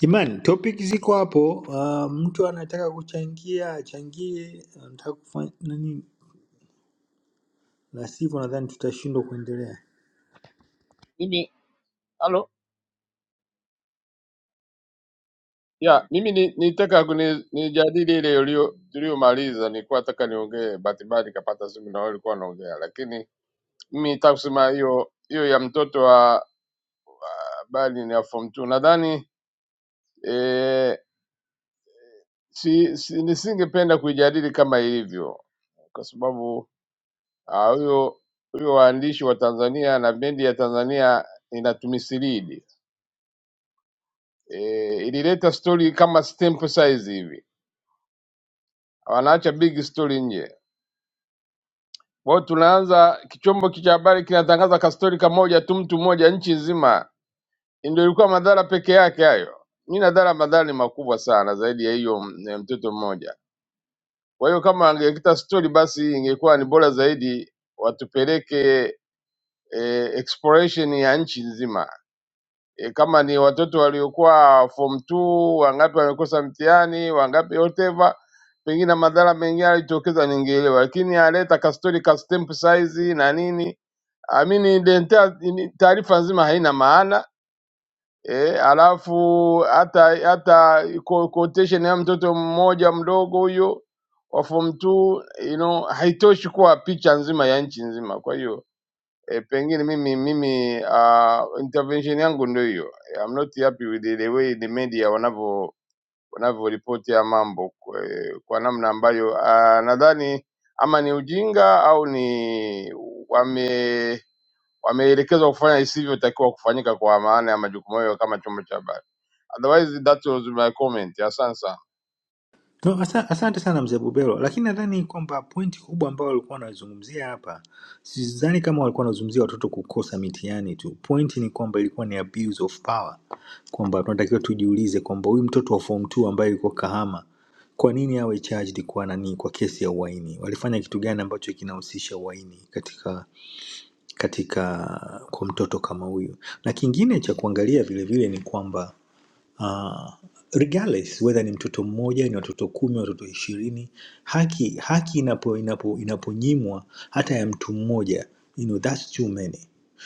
L: Jamani, topic ziko hapo. Uh, mtu anataka kuchangia achangie, anataka kufanya nani, la sivyo nadhani tutashindwa kuendelea.
M: Mimi halo ya mimi ni- nitaka kuni- nijadili ile ulio- tuliyomaliza. Nilikuwa nataka niongee, bahati mbaya nikapata simu na wewe ulikuwa unaongea, lakini mimi nitaka kusema hiyo hiyo ya mtoto wa bali ni ya form 2 nadhani eh, si, si, nisingependa kuijadili kama ilivyo kwa sababu ah, huyo huyo waandishi wa Tanzania na bendi ya Tanzania inatumisilidi e, ilileta stori kama stamp size hivi, wanaacha big stori nje. Kwa hiyo tunaanza kichombo cha habari kinatangaza kastori kamoja tu, mtu mmoja nchi nzima. Ndio ilikuwa madhara peke yake hayo. Mi nadhara madhara ni makubwa sana zaidi ya hiyo m- ya mtoto mmoja. Kwa hiyo kama angeleta stori, basi ingekuwa ni bora zaidi, watupeleke eh, exploration ya nchi nzima e, kama ni watoto waliokuwa form 2 wangapi wamekosa mtihani wangapi whatever pengine na madhara mengine alijitokeza ningeelewa lakini aleta kastori ka stamp size na nini amini identia- ini- taarifa nzima haina maana e, alafu hata hata co- quotation ya mtoto mmoja mdogo huyo wa form 2 you know haitoshi kuwa picha nzima ya nchi nzima kwa hiyo e, pengine mimi mimi uh, intervention yangu ndio hiyo. I'm not happy with the the way the media wanavyo wanavyoripoti ya mambo kwa, kwa namna ambayo uh, nadhani ama ni ujinga au ni wame wameelekezwa kufanya isivyotakiwa kufanyika kwa maana ya majukumu yao kama chombo cha habari. Otherwise that was my comment. Asante sana.
L: No, asa- asante sana mzee Bubelo, lakini nadhani kwamba pointi kubwa ambayo walikuwa wanazungumzia hapa, sidhani kama walikuwa wanazungumzia watoto kukosa mitihani tu. Pointi ni kwamba ilikuwa ni abuse of power, kwamba tunatakiwa tujiulize kwamba huyu mtoto wa form 2 ambaye yuko Kahama, kwa nini awe charged kwa nani, kwa kesi ya uhaini? Walifanya kitu gani ambacho kinahusisha uhaini katika katika kwa mtoto kama huyu? Na kingine cha kuangalia vilevile ni kwamba uh, regardless whether ni mtoto mmoja ni watoto kumi watoto ishirini haki haki inapo inapo inaponyimwa hata ya mtu mmoja you know, that's too many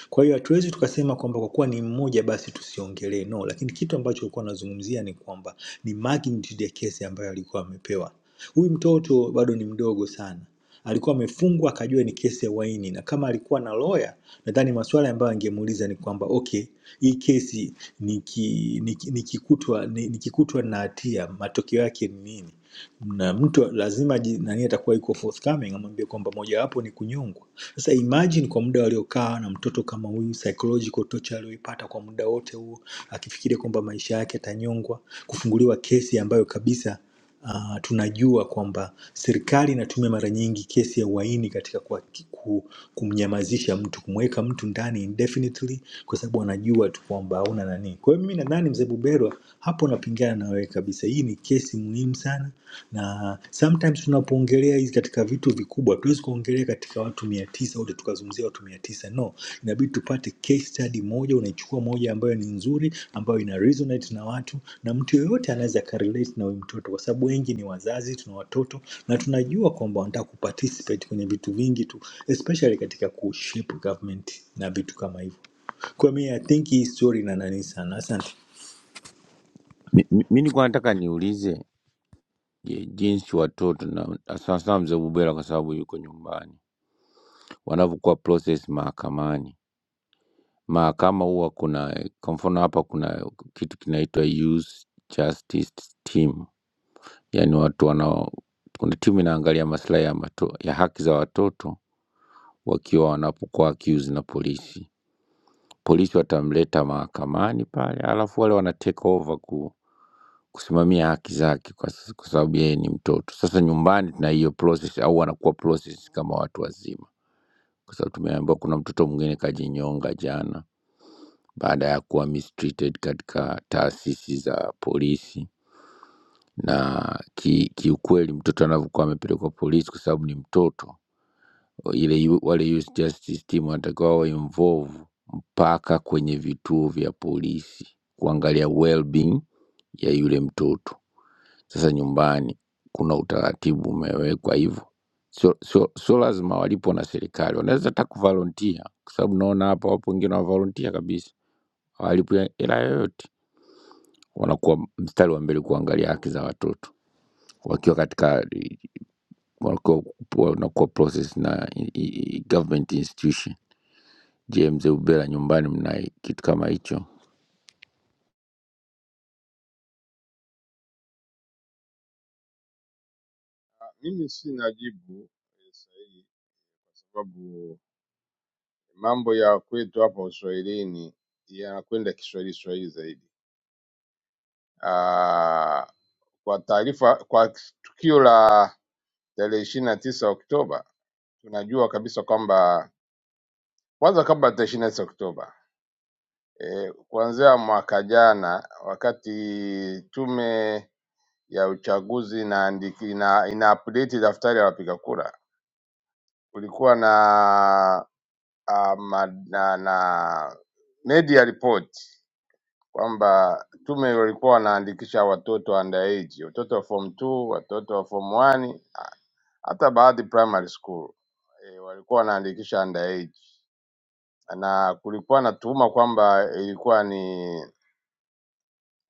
L: kwa hiyo hatuwezi tukasema kwamba kwa kuwa ni mmoja basi tusiongelee no lakini kitu ambacho alikuwa anazungumzia ni kwamba ni magnitude ya kesi ambayo alikuwa amepewa huyu mtoto bado ni mdogo sana alikuwa amefungwa akajua ni kesi ya uhaini, na kama alikuwa na lawyer, nadhani maswali ambayo angemuuliza ni kwamba okay, hii kesi nikikutwa niki- niki- nikikutwa ni- nikikutwa na hatia, matokeo yake ni nini? Na mtu lazima ji- nani atakuwa iko forthcoming, amwambie kwamba mojawapo ni kunyongwa sasa imagine kwa muda waliokaa na mtoto kama huyu, psychological torture aliyoipata kwa muda wote huo, akifikiria kwamba maisha yake yatanyongwa, kufunguliwa kesi ambayo kabisa Uh, tunajua kwamba serikali inatumia mara nyingi kesi ya uhaini katika kwa, ku, kumnyamazisha mtu kumweka mtu ndani indefinitely kwa sababu wanajua tu kwamba hauna nani. Kwa hiyo mimi nadhani mzee Buberwa hapo napingana na wewe kabisa. Hii ni kesi muhimu sana na na sometimes tunapoongelea hizi katika vitu vikubwa tuwezi kuongelea katika watu mia tisa wote tukazungumzia watu mia tisa no inabidi tupate case study moja unaichukua moja ambayo ni nzuri ambayo ina resonate na watu na mtu yoyote anaweza akarelate na huyu mtoto kwa sababu wengi ni wazazi tuna watoto na tunajua kwamba wanataka kuparticipate kwenye vitu vingi tu especially katika kushape government na vitu kama hivyo kwa mi I think hii story ina nani sana asante
N: Mi mi- mi nilikuwa nataka niulize je, jinsi watoto na sasa mzee Bubera kwa sababu yuko nyumbani wanavyokuwa process mahakamani. Mahakama huwa kuna kwa mfano hapa kuna kitu kinaitwa youth justice team, yaani watu wanao kuna timu inaangalia maslahi ya, mato- ya haki za watoto wakiwa wanapokuwa accused na polisi. Polisi watamleta mahakamani pale, alafu wale wana take over Kusimamia haki zake kwa s kwa sababu yeye ni mtoto. Sasa nyumbani tuna hiyo process au wanakuwa process kama watu wazima. Kwa sababu tumeambiwa kuna mtoto mwingine kajinyonga jana baada ya kuwa mistreated katika taasisi za polisi na ki, kiukweli mtoto anavyokuwa amepelekwa polisi kwa sababu ni mtoto ile yu- wale youth justice team wanatakiwa wawe involve mpaka kwenye vituo vya polisi kuangalia well-being ya yule mtoto Sasa nyumbani kuna utaratibu umewekwa hivyo, sio sio sio lazima walipwe na serikali, wanaweza hata kuvolunteer, kwa sababu naona hapa wapo wengine wanavolunteer kabisa, hawalipwi hela yoyote, wanakuwa mstari wa mbele kuangalia haki za watoto wakiwa katika wakiwa wanakuwa process na i- i- i- government institution. Je, mzee Ubela, nyumbani mna kitu kama hicho?
M: Mimi sina jibu eh, sahihi kwa sababu mambo ya kwetu hapa Uswahilini yanakwenda Kiswahili Swahili zaidi. Ah, kwa taarifa kwa tukio la tarehe ishirini na tisa Oktoba tunajua kabisa kwamba kwanza, kabla ya tarehe ishirini na tisa Oktoba e, kuanzia mwaka jana wakati tume ya uchaguzi inaandiki, ina, ina update daftari la wapiga kura kulikuwa na, ah, ma- na, na media report kwamba tume walikuwa wanaandikisha watoto underage, watoto wa form 2, watoto wa form 1, ah, hata baadhi primary school e, walikuwa wanaandikisha underage, na kulikuwa na tuhuma kwamba ilikuwa ni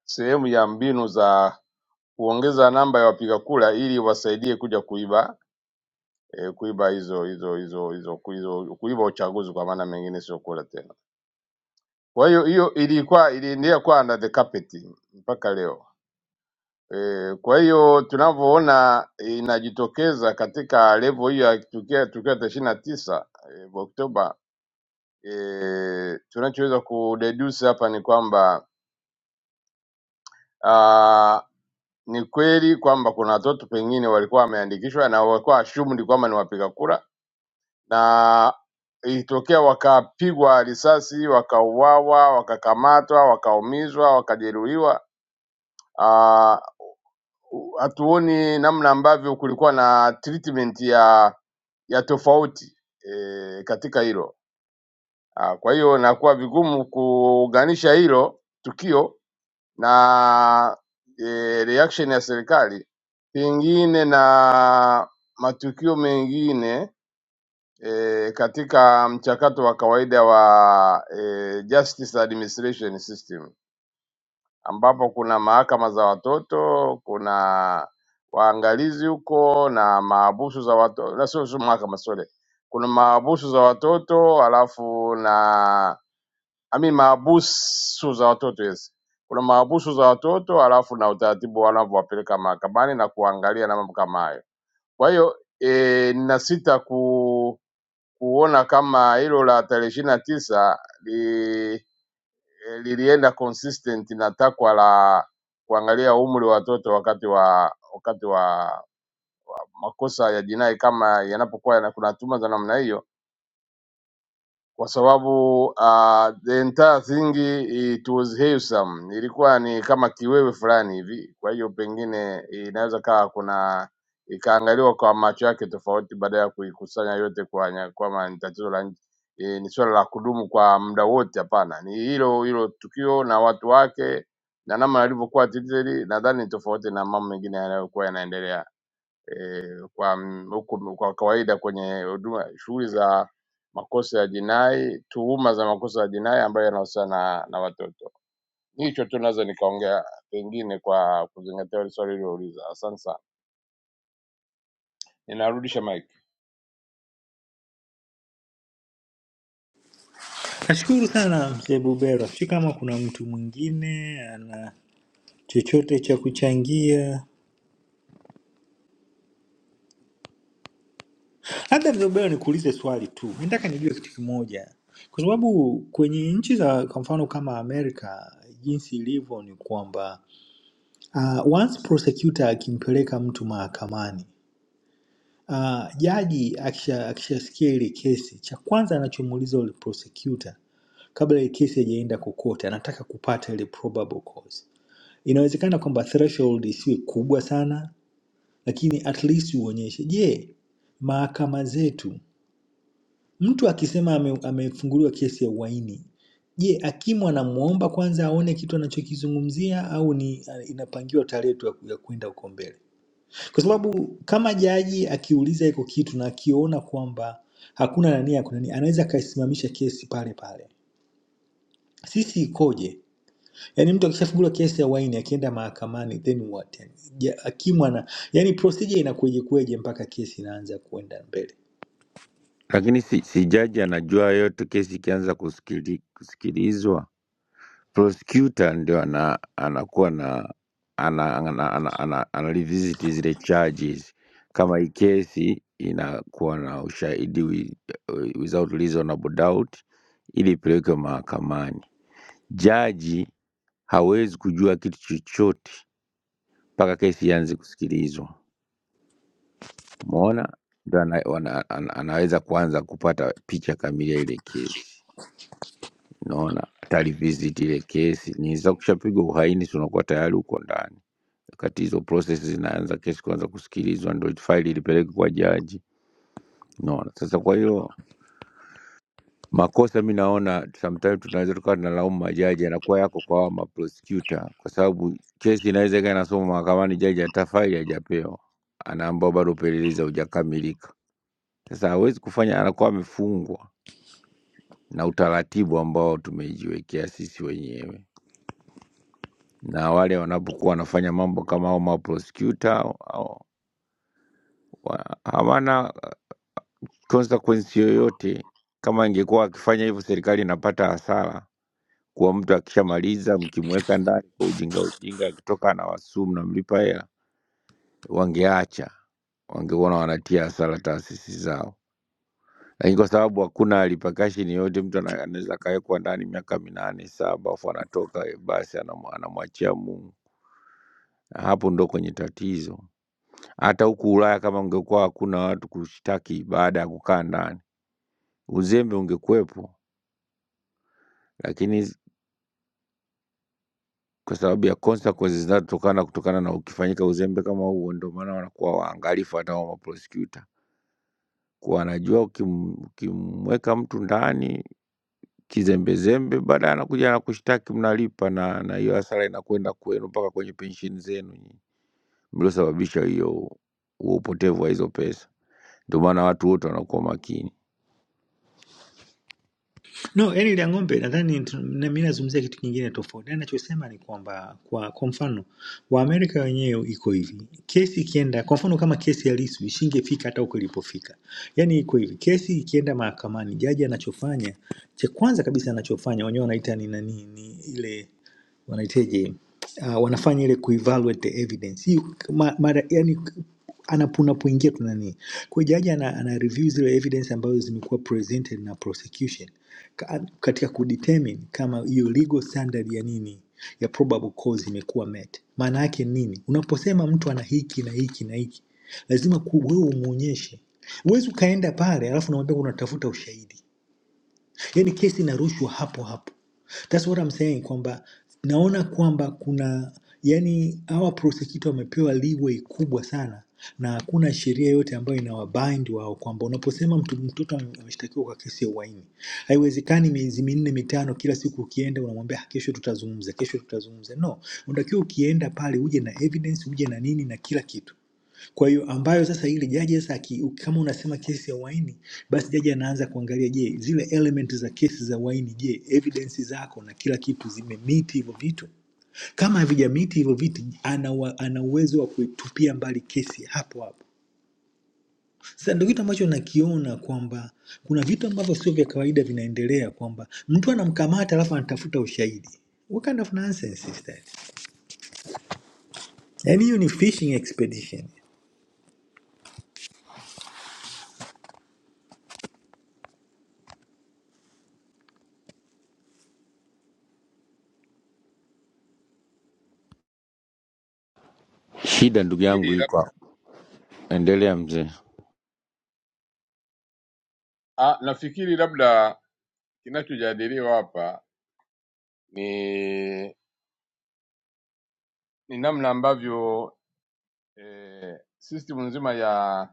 M: sehemu ya mbinu za kuongeza namba ya wapiga kura ili wasaidie kuja kuiba e, kuiba hizo hizo hizo hizo hizo kuiba uchaguzi kwa maana mengine sio kura tena. Kwa hiyo hiyo ilikuwa iliendelea kuwa under the carpet mpaka leo. E, kwa hiyo tunavyoona inajitokeza katika levo hiyo ya tukio tukio la ishirini na tisa eh, Oktoba e, tunachoweza kudeduce hapa ni kwamba ah, ni kweli kwamba kuna watoto pengine walikuwa wameandikishwa na walikuwa assumed kwamba ni wapiga kura, na ilitokea wakapigwa risasi, wakauawa, wakakamatwa, wakaumizwa, wakajeruhiwa ah, u- hatuoni namna ambavyo kulikuwa na treatment ya ya tofauti e, katika hilo. Ah, Kwa hiyo nakuwa vigumu kuunganisha hilo tukio na e, reaction ya serikali pengine na matukio mengine e, katika mchakato wa kawaida wa e, justice administration system ambapo kuna mahakama za watoto, kuna waangalizi huko na mahabusu za watoto, na sio sio mahakama sorry, kuna mahabusu za watoto alafu na ami mahabusu za watoto yes, kuna mahabusu za watoto alafu na utaratibu wanavyowapeleka mahakamani na kuangalia na mambo kama hayo. Kwa hiyo e, ninasita ku, kuona kama hilo la tarehe ishirini na tisa li, eh, lilienda consistent na takwa la kuangalia umri wa watoto wakati wa wakati wa makosa ya jinai kama yanapokuwa yana- kuna tuhuma za namna hiyo kwa sababu uh, the entire thing it was wholesome, ilikuwa ni kama kiwewe fulani hivi. Kwa hiyo pengine inaweza kawa kuna ikaangaliwa kwa macho yake tofauti, baada ya kuikusanya yote kwa kwama ni tatizo la nchi e, ni swala la kudumu kwa muda wote. Hapana, ni hilo hilo tukio na watu wake na namna alivyokuwa treated, nadhani ni tofauti na mambo mengine yanayokuwa yanaendelea eh, kwa m- huku kwa kawaida kwenye huduma shughuli za makosa ya jinai, tuhuma za makosa ya jinai ambayo yanahusiana na, na watoto. Hicho tu naweza nikaongea pengine kwa kuzingatia ile swali ulilouliza. Asante sana, ninarudisha mic.
L: nashukuru sana mzee bubera si kama kuna mtu mwingine ana chochote cha kuchangia. Labda mzobeo, nikuulize swali tu, nataka nijue kitu kimoja, kwa sababu kwenye nchi za kwa mfano kama Amerika, jinsi ilivyo ni kwamba uh, once prosecutor akimpeleka mtu mahakamani uh, jaji akisha- akishasikia ile kesi, cha kwanza anachomuuliza ule prosecutor kabla ile kesi haijaenda kokote, anataka kupata ile probable cause. Inawezekana kwamba threshold isiwe kubwa sana lakini at least uonyeshe. Je, mahakama zetu, mtu akisema ame, amefunguliwa kesi ya uhaini, je, hakimu anamwomba kwanza aone kitu anachokizungumzia au ni inapangiwa tarehe tu ya ku- ya kwenda huko mbele? Kwa sababu kama jaji akiuliza iko kitu na akiona kwamba hakuna nania, kuna nini, anaweza akaisimamisha kesi pale pale. Sisi ikoje? Yaani mtu akishafunguliwa kesi ya waini akienda mahakamani then what? Yani, hakimu ana yani procedure inakweje kweje mpaka kesi inaanza kuenda mbele.
N: Lakini si, si jaji anajua yote, kesi ikianza kusikili- kusikilizwa prosecutor ndio ana, anakuwa na ana, ana, ana, ana, ana ana revisit zile charges kama hii kesi inakuwa na ushahidi wi- without reasonable doubt ili ipelekwe mahakamani. Jaji hawezi kujua kitu chochote mpaka kesi ianze kusikilizwa. Umeona, ndio ana, ana, ana, anaweza kuanza kupata picha kamili ya ile kesi. naona atalivisit ile kesi niza kushapigwa uhaini tunakuwa tayari huko ndani wakati hizo process zinaanza kesi kuanza kusikilizwa ndo faili ilipeleke kwa jaji naona sasa kwa hiyo makosa mi naona sometimes tunaweza tukawa tunalaumu majaji yanakuwa yako kwa hawa maprosecutor kwa sababu kesi inaweza ikawa inasoma mahakamani jaji hata faili hajapewa anaambiwa bado upelelezi haujakamilika sasa hawezi kufanya anakuwa amefungwa na utaratibu ambao tumejiwekea sisi wenyewe na wale wanapokuwa wanafanya mambo kama hao maprosecutor au- au- wa- hawana consequence yoyote. Kama ingekuwa akifanya hivyo, serikali inapata hasara kuwa mtu akishamaliza, mkimweka ndani kwa ujinga ujinga, akitoka anawasuu, mnamlipa hela, wangeacha, wangeona wanatia hasara taasisi zao. Lakini kwa sababu hakuna repercussion yoyote, mtu ana- anaweza akawekwa ndani miaka minane saba, afu anatoka, eh, basi anamwa- anamwachia Mungu. Hapo ndo kwenye tatizo. Hata huku Ulaya kama ungekuwa hakuna watu kushtaki baada ya kukaa ndani, uzembe ungekuwepo, lakini s- kwa sababu ya consequences zinazotokana kutokana na ukifanyika uzembe kama huo, ndio maana wanakuwa waangalifu hata wao maprosecutor, kuwa wanajua ukim- ukimweka mtu ndani kizembezembe, baadaye anakuja anakushtaki, mnalipa, na na hiyo hasara inakwenda kwenu mpaka kwenye pensheni zenu nyinyi mliosababisha hiyo huo upotevu wa hizo pesa. Ndio maana watu wote wanakuwa makini.
L: No, eli la ng'ombe nadhani tu- na mimi nazungumzia kitu kingine tofauti. Na Ninachosema ni kwamba kwa kwa mfano Waamerika wenyewe iko hivi. Kesi ikienda kwa mfano kama kesi ya Lissu isingefika hata huko ilipofika. Yaani iko hivi. Kesi ikienda mahakamani, jaji anachofanya cha kwanza kabisa anachofanya wenyewe wanaita ni nani ni ile wanaiteje uh, wanafanya ile kuevaluate the evidence. Hii ma, mara yani anapoingia tu nani. Kwa hiyo jaji ana, ana review zile evidence ambazo zimekuwa presented na prosecution ka- katika kudetermine kama hiyo legal standard ya nini ya probable cause imekuwa met. Maana yake nini? Unaposema mtu ana hiki na hiki na hiki, lazima ku- wewe umuonyeshe. Huwezi ukaenda pale alafu unamwambia unatafuta ushahidi yaani kesi inarushwa hapo hapo thats what I'm saying kwamba naona kwamba kuna yani hawa prosecutor wamepewa leeway kubwa sana na hakuna sheria yote ambayo inawabind wao kwamba unaposema mtu, mtoto ame- ameshtakiwa kwa kesi ya uhaini haiwezekani miezi minne mitano kila siku ukienda unamwambia "Ah, kesho tutazungumza kesho tutazungumza no unatakiwa ukienda pale uje na evidence uje na nini na kila kitu kwa hiyo ambayo sasa ile jaji sasa aki, kama unasema kesi ya uhaini, basi jaji anaanza kuangalia, je, zile element za kesi za uhaini, je, evidence zako na kila kitu zimemiti hivyo vitu? Kama havijamiti hivyo vitu, ana wa- ana uwezo wa kuitupia mbali kesi hapo hapo. Sasa ndio kitu ambacho nakiona kwamba kuna vitu ambavyo sio vya kawaida vinaendelea, kwamba mtu anamkamata alafu anatafuta ushahidi. What kind of nonsense is that? Yaani hiyo ni fishing expedition.
N: Shida ndugu yangu
M: Nafikiri lab-
N: iko Endelea mzee,
M: ah, nafikiri labda kinachojadiliwa hapa ni ni namna ambavyo eh, system nzima ya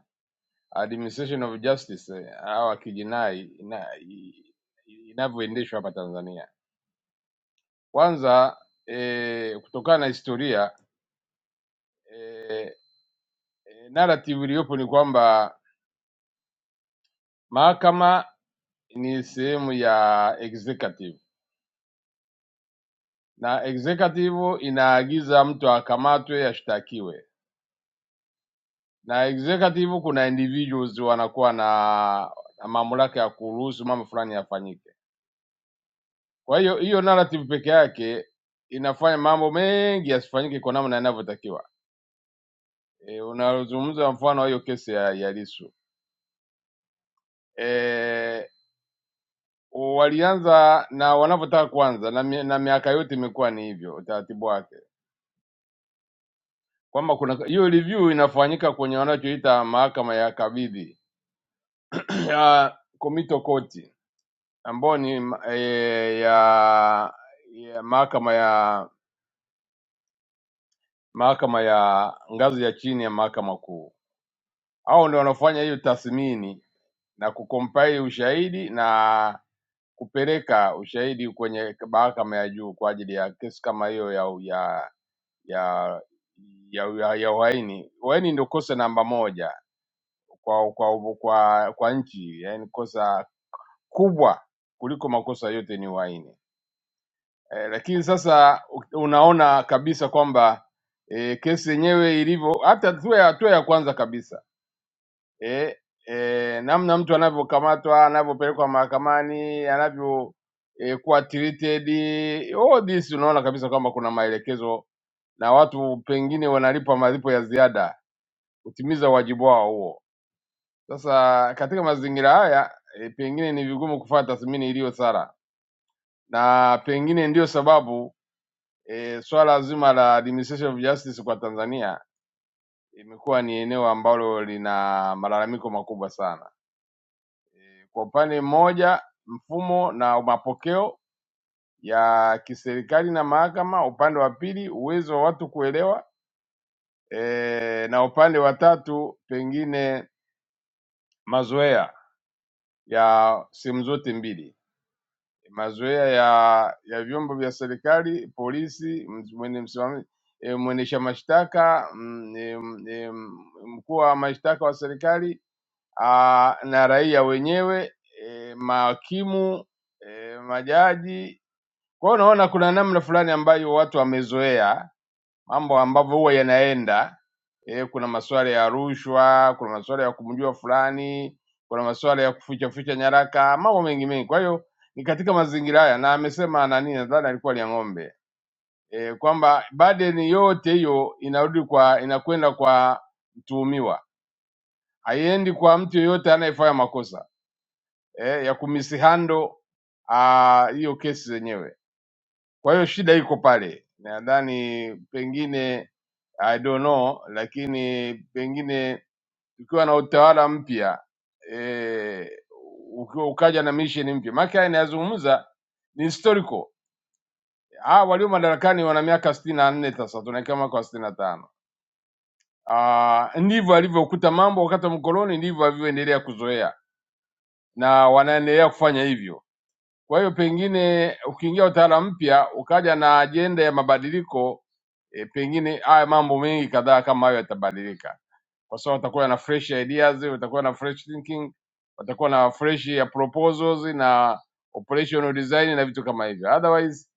M: administration of justice eh, hawa kijinai ina- i- inavyoendeshwa hapa Tanzania. Kwanza e, kutokana na historia e, narrative iliyopo ni kwamba mahakama ni sehemu ya executive na executive inaagiza mtu akamatwe ashtakiwe, na executive kuna individuals wanakuwa na, na mamlaka ya kuruhusu mambo fulani yafanyike Kwa hiyo hiyo narrative peke yake inafanya mambo mengi yasifanyike kwa namna yanavyotakiwa. E, unazungumza mfano wa hiyo kesi ya, ya Lissu e, walianza na wanavyotaka kuanza na, mi, na miaka yote imekuwa ni hivyo utaratibu wake kwamba kuna hiyo review inafanyika kwenye wanachoita mahakama ya kabidhi ya komito koti ambayo ni ma- eh, ya, ya mahakama ya mahakama ya ngazi ya chini ya mahakama kuu au ndio wanaofanya hiyo tathmini na kucompile ushahidi na kupeleka ushahidi kwenye mahakama ya juu kwa ajili ya kesi kama hiyo ya ya ya ya, ya, ya uhaini. Uhaini ndio kosa namba moja kwa kwa kwa, kwa nchi, yani kosa kubwa kuliko makosa yote ni uhaini. E, lakini sasa u- unaona kabisa kwamba e, kesi yenyewe ilivyo, hata hatua ya hatua ya kwanza kabisa eh, eh, namna mtu anavyokamatwa, anavyopelekwa mahakamani, anavyo eh, kuwa treated, all this unaona kabisa kwamba kuna maelekezo na watu pengine wanalipwa malipo ya ziada kutimiza wajibu wao huo. Sasa katika mazingira haya e, pengine ni vigumu kufanya tathmini iliyo sara, na pengine ndiyo sababu e, swala zima la administration of justice kwa Tanzania imekuwa ni eneo ambalo lina malalamiko makubwa sana e, Kwa upande mmoja mfumo na mapokeo ya kiserikali na mahakama, upande wa pili uwezo wa watu kuelewa e, na upande wa tatu pengine mazoea ya sehemu zote mbili, mazoea ya ya vyombo vya serikali, polisi, ms- mwene- msimamizi, e, mwendesha mashtaka, mm, e, mm, e, mm, mkuu wa mashtaka wa serikali ah, na raia wenyewe eh, mahakimu eh, majaji. Kwa hiyo unaona kuna namna fulani ambayo watu wamezoea mambo ambavyo huwa yanaenda eh, kuna masuala ya rushwa, kuna masuala ya kumjua fulani, kuna masuala ya kuficha ficha nyaraka, mambo mengi mengi. Kwa hiyo ni katika mazingira haya, na amesema nani, nadhani alikuwa ni ng'ombe eh, kwamba badeni yote hiyo inarudi kwa inakwenda kwa mtuhumiwa, haiendi kwa mtu yeyote anayefanya makosa eh, ya kumisihando ah, hiyo kesi zenyewe. Kwa hiyo shida iko pale, nadhani pengine I don't know, lakini pengine tukiwa na utawala mpya eh, ukiwa ukaja na mission mpya, maana yake inayozungumza ni historical. Ah, walio madarakani wana miaka sitini na nne sasa, tunaelekea mwaka wa sitini na tano. Ah, ndivyo alivyokuta mambo wakati wa mkoloni, ndivyo alivyoendelea kuzoea na wanaendelea kufanya hivyo Kwa hiyo pengine ukiingia utawala mpya ukaja na ajenda ya mabadiliko e, pengine haya mambo mengi kadhaa kama hayo yatabadilika, kwa sababu watakuwa na fresh ideas, watakuwa na fresh thinking, watakuwa na fresh ya proposals na operational design na vitu kama hivyo. Otherwise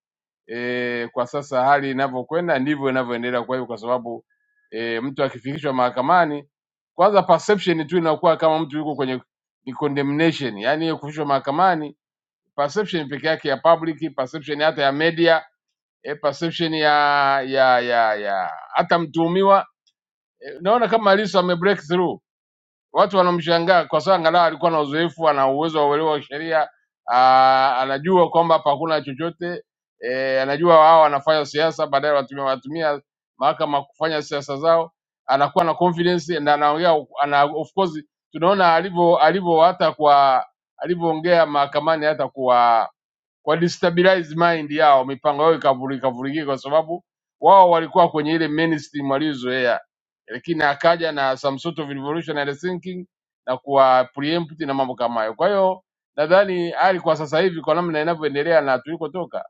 M: e, kwa sasa hali inavyokwenda ndivyo inavyoendelea. Kwa hiyo kwa sababu e, mtu akifikishwa mahakamani, kwanza perception tu inakuwa kama mtu yuko kwenye ni condemnation, yani kufikishwa mahakamani perception peke yake ya public, perception hata ya media eh, perception ya ya ya ya hata mtuhumiwa eh, naona kama Lissu ame break through, watu wanamshangaa kwa sababu angalau alikuwa na uzoefu, ana uwezo wa uelewa wa sheria, ah, anajua kwamba hapa hakuna chochote eh, anajua wao wanafanya siasa, baadaye watumia watumia mahakama kufanya siasa zao, anakuwa na confidence na anaongea ana, of course tunaona alivyo alivyo hata kwa alivyoongea mahakamani hata kwa kwa destabilize mind yao, mipango yao ikavurika vurikika, kwa sababu wao walikuwa kwenye ile mainstream waliozoea, lakini akaja na some sort of revolutionary thinking na kuwa preempt na mambo kama hayo. Kwa hiyo nadhani hali kwa sasa hivi kwa namna inavyoendelea na tulikotoka,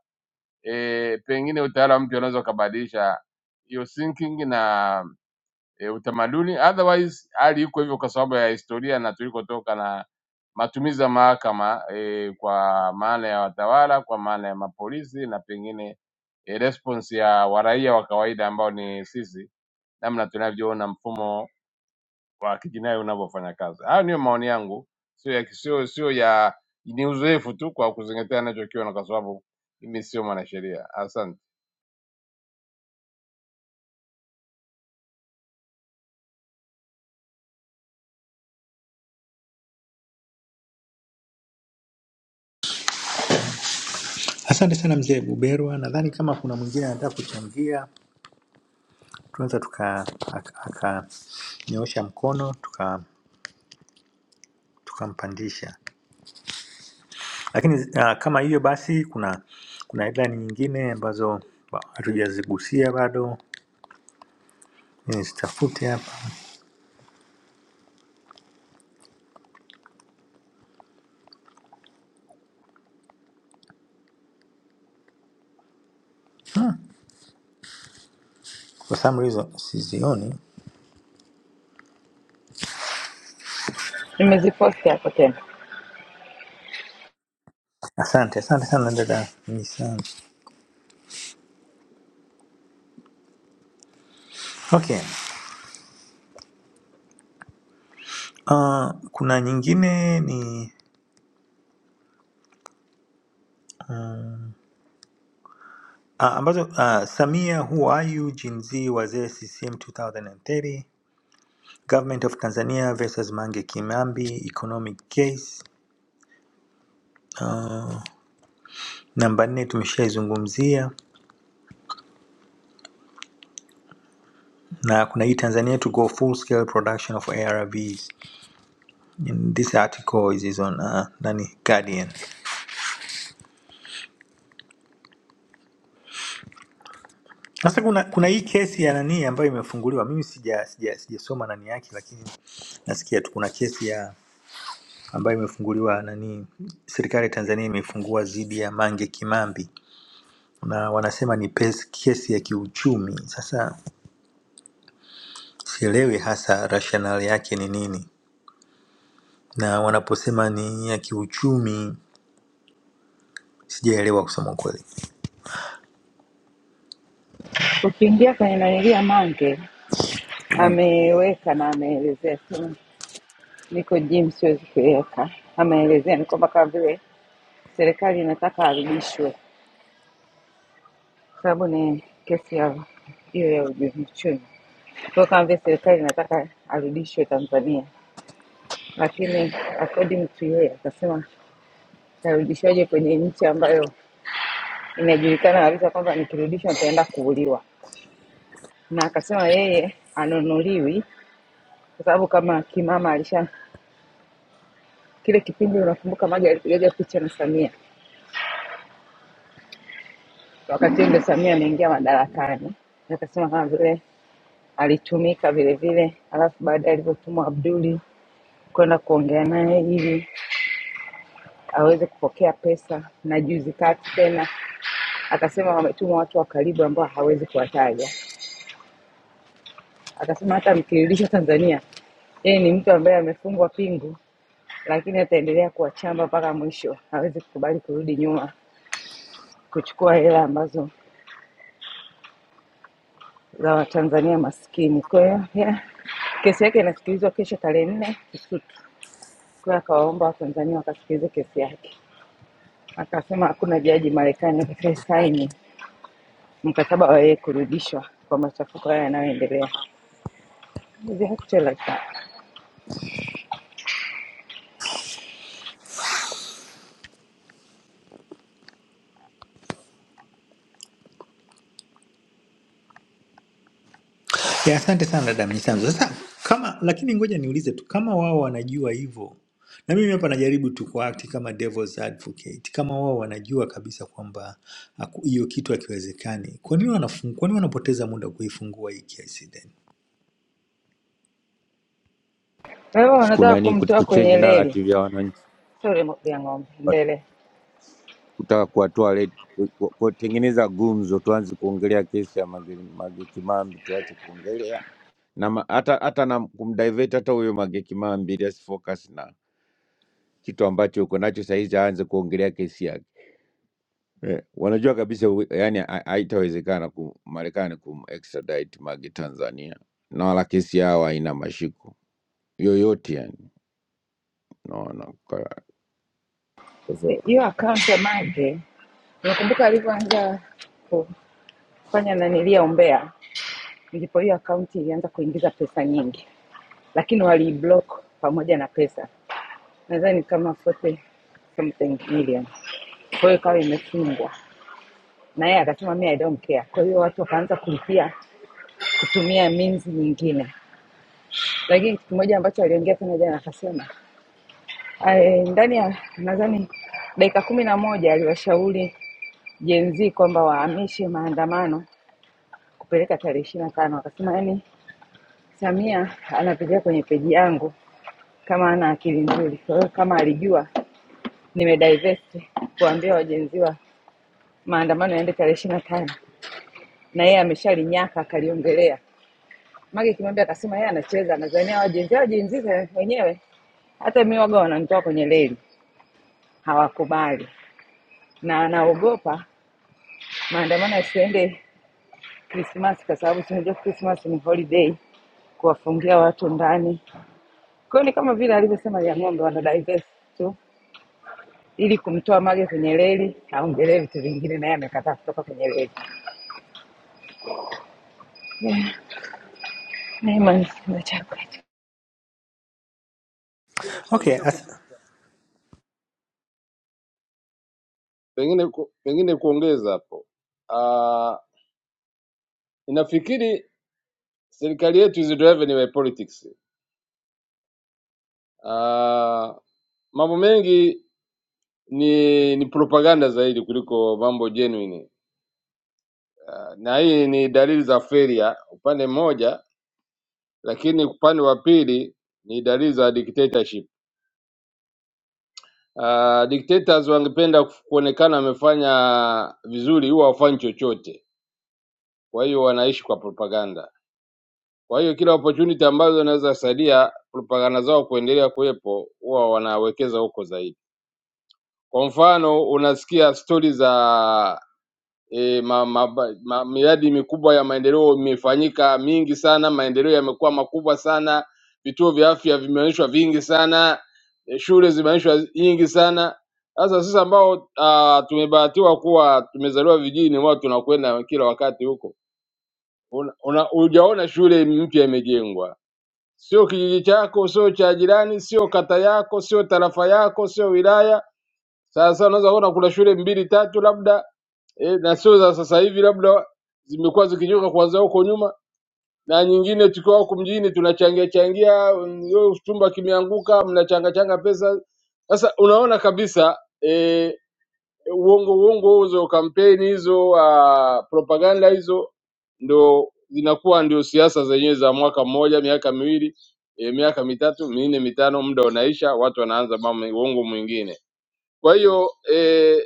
M: e, pengine utawala mpya unaweza ukabadilisha hiyo thinking na e, utamaduni. Otherwise hali iko hivyo kwa sababu ya historia na tulikotoka na matumizi ya mahakama e, kwa maana ya watawala, kwa maana ya mapolisi na pengine e, response ya waraia wa kawaida ambao ni sisi, namna tunavyoona mfumo wa kijinai unavyofanya kazi. Hayo ndiyo maoni yangu, sio ya sio sio ya ni uzoefu tu kwa kuzingatia anachokiona, kwa sababu mimi sio mwanasheria. Asante.
L: Asante sana mzee Buberwa, nadhani kama kuna mwingine anataka kuchangia tunaweza tukanyoosha mkono tuka- tukampandisha tuka lakini uh, kama hiyo basi kuna kuna headline nyingine ambazo ba- hatujazigusia bado Mimi zitafute hapa hmm. kwa some reason sizioni
G: Nimeziposti hapo tena.
L: asante asante sana dada Nisan. okay uh, kuna nyingine ni uh, ambazo uh, samia who are you Gen Z wazee ccm 2030 government of tanzania versus mange kimambi economic case Namba nne tumeshaizungumzia na kuna hii Tanzania to go full scale production of ARVs. In this article is, is on uh, nani Guardian. Sasa kuna kuna hii kesi ya nani ambayo imefunguliwa. Mimi sija sija sijasoma nani yake lakini nasikia tu kuna kesi ya ambayo imefunguliwa nani serikali ya Tanzania imefungua dhidi ya Mange Kimambi na wanasema ni pes- kesi ya kiuchumi. Sasa sielewi hasa rationale yake ni nini, na wanaposema ni ya kiuchumi sijaelewa kusema ukweli
G: Ukiingia kwenye nanilia Mange
L: Naam.
G: ameweka na ameelezea tu, niko gym siwezi kuiweka. Ameelezea ni kwamba kama vile serikali inataka arudishwe, kwa sababu ni kesi ya hiyo ya ujuzi uchumi. Kwa hiyo kama vile serikali inataka arudishwe Tanzania, lakini according to yeye akasema nitarudishwaje kwenye nchi ambayo inajulikana kabisa kwamba nikirudishwa nitaenda kuuliwa. Na akasema yeye anunuliwi kwa sababu kama kimama alisha kile kipindi, unakumbuka Maji alipigaga picha na Samia, wakati ule Samia ameingia madarakani, Na akasema kama vile alitumika vile vile, alafu baadaye alivyotumwa Abduli kwenda kuongea naye ili aweze kupokea pesa, na juzi kati tena akasema wametumwa watu wa karibu ambao hawezi kuwataja Akasema hata mkirudisha Tanzania, yeye ni mtu ambaye amefungwa pingu, lakini ataendelea kuwachamba mpaka mwisho. Hawezi kukubali kurudi nyuma kuchukua hela ambazo za Watanzania maskini. Kwa hiyo yeah, kesi yake inasikilizwa kesho tarehe nne Kisutu. Kwa hiyo akawaomba Watanzania wakasikilize kesi yake. Akasema hakuna jaji Marekani atakayesaini mkataba wa yeye kurudishwa kwa machafuko haya yanayoendelea. Is it actually like that?
L: ya asante sana dada mnyisanzu sasa kama lakini ngoja niulize tu kama wao wanajua hivyo na mimi hapa najaribu tu kuakti kama devil's advocate kama wao wanajua kabisa kwamba haku- hiyo kitu hakiwezekani kwa nini wanafung- kwa nini wanapoteza muda kuifungua hii kesi then
G: Kwa hiyo
N: siku
G: wanataka
N: nani ku-
G: kumtoa kwenye
N: kuchange
G: reli,
N: narrative ya wananchi
G: sio reli ya ng'ombe,
N: Wat-
G: ndele
N: kutaka kuwatoa red- ku- ku- kutengeneza gumzo, tuanze kuongelea kesi ya Mage Mage Kimambi, tuache kuongelea na ma- hata hata na kumdivert hata huyo Mage Kimambi ili asifocus na kitu ambacho yuko nacho sahizi, aanze kuongelea kesi yake. Eh, wanajua kabisa u- yani ha- haitawezekana ku Marekani kumextradite Mage Tanzania na wala kesi yao haina mashiko yoyote yani, naona
G: Eh, hiyo akaunti ya Mange nakumbuka alivyoanza kufanya nanilia umbea, ndipo hiyo akaunti ilianza kuingiza pesa nyingi, lakini waliiblock pamoja na pesa, nadhani kama 40 something million. Kwa hiyo ikawa imefungwa, na yeye akasema mi I don't care. Kwa hiyo watu wakaanza kulipia kutumia means nyingine, lakini kitu kimoja ambacho aliongea tena jana akasema, eh, ndani ya nadhani dakika kumi na moja aliwashauri jenzi kwamba wahamishe maandamano kupeleka tarehe ishirini na tano akasema yani Samia anapitia kwenye peji yangu kama ana akili nzuri. Kwa hiyo kama alijua nimedivest kuambia wajenziwa maandamano yaende tarehe ishirini na tano na yeye ameshalinyaka akaliongelea. Mange Kimambi akasema yeye anacheza, anazania wajenzi wajenzi za- wenyewe. Hata mi waga wananitoa kwenye reli, hawakubali na anaogopa maandamano yasiende Krismasi kwa sababu si unajua Krismasi ni holiday, kuwafungia watu ndani Kwa hiyo ni kama vile alivyosema Liang'ombe, wana divest tu ili kumtoa Mage kwenye reli, aongelee vitu vingine, naye amekataa kutoka kwenye reli. Yeah, Naiman na chakula
M: Pengine
L: okay
M: pengine ku-
L: as,
M: pengine ku- pengine kuongeza hapo Uh, Ninafikiri serikali yetu is driven by politics. Uh, mambo mengi ni ni propaganda zaidi kuliko mambo genuine. Uh, na hii ni dalili za failure upande mmoja, lakini upande wa pili ni dalili za dictatorship. Uh, dictators wangependa kuf- kuonekana wamefanya vizuri, huwa hawafanyi chochote, kwa hiyo wanaishi kwa propaganda. Kwa hiyo kila opportunity ambazo zinaweza saidia propaganda zao kuendelea kuwepo, huwa wanawekeza huko zaidi. Kwa mfano unasikia stori za e, ma, ma, ma, miradi mikubwa ya maendeleo imefanyika mingi sana, maendeleo yamekuwa makubwa sana, vituo vya afya vimeonyeshwa vingi sana, e, shule zimeonyeshwa nyingi sana. Sasa sisi ambao uh, tumebahatiwa kuwa tumezaliwa vijijini, wao tunakwenda kila wakati huko, Una- una- hujaona shule mpya imejengwa, sio kijiji chako, sio cha jirani, sio kata yako, sio tarafa yako, sio wilaya sasa unaweza kuona kuna shule mbili tatu labda e, na sio za sasa hivi, labda zimekuwa zikijuka kuanzia huko nyuma, na nyingine tukiwa huku mjini tunachangia changia, mm, yo chumba kimeanguka, mnachanga changa pesa. Sasa unaona kabisa e, uongo uongo hizo kampeni hizo uh, propaganda hizo ndo zinakuwa ndio siasa zenyewe za mwaka mmoja, miaka miwili e, miaka mitatu minne mitano, muda unaisha, watu wanaanza mambo uongo mwingine. Kwa hiyo e,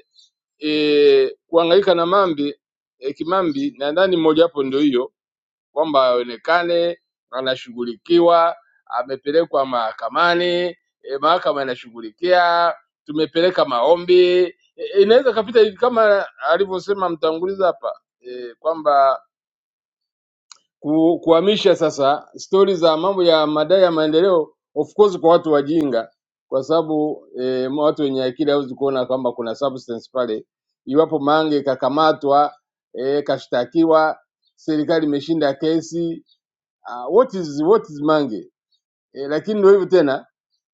M: e, kuhangaika na mambi e, kimambi, nadhani mojawapo ndio hiyo kwamba aonekane anashughulikiwa, amepelekwa mahakamani e, mahakama inashughulikia, tumepeleka maombi e, e, inaweza kapita hivi kama alivyosema mtangulizi hapa e, kwamba ku, kuhamisha sasa stori za mambo ya madai ya maendeleo of course kwa watu wajinga, kwa sababu eh, watu wenye akili hawezi kuona kwamba kuna substance pale. Iwapo Mange kakamatwa eh, kashtakiwa, serikali imeshinda kesi uh, what is, what is Mange eh, lakini ndio hivyo tena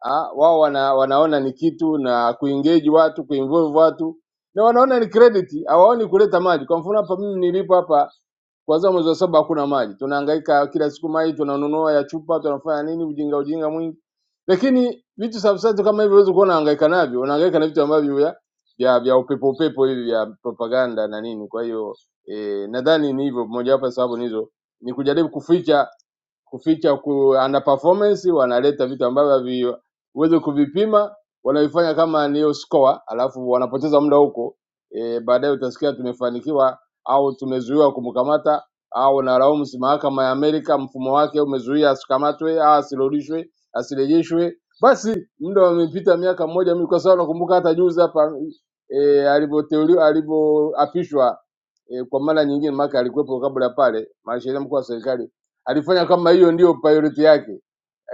M: Ah, wao wana, wanaona ni kitu na kuengage watu kuinvolve watu na wanaona ni credit, hawaoni kuleta mali. Kwa mfano hapa mimi nilipo hapa kwanza mwezi wa saba hakuna maji, tunahangaika kila siku maji tunanunua ya chupa, tunafanya nini, ujinga ujinga mwingi. Lakini vitu substance kama hivyo huwezi kuwa unahangaika navyo, unahangaika na vitu ambavyo vya vya, vya upepo upepo hivi vya propaganda na nini. Kwa hiyo eh, nadhani ni hivyo, mojawapo ya sababu nizo ni kujaribu kuficha kuficha ku, ana performance wanaleta vitu ambavyo havi- huwezi kuvipima, wanaifanya kama niyo score, alafu wanapoteza muda huko e, baadaye utasikia tumefanikiwa au tumezuiwa kumkamata au nalaumu si mahakama ya Amerika, mfumo wake umezuia asikamatwe, ah, asirudishwe, asirejeshwe. Basi muda umepita miaka mmoja, mimi kwa sababu nakumbuka hata juzi hapa e, alivyoteuliwa alivyoapishwa e, kwa mara nyingine, maana alikuwepo kabla pale, mwanasheria mkuu wa serikali alifanya kama hiyo ndio priority yake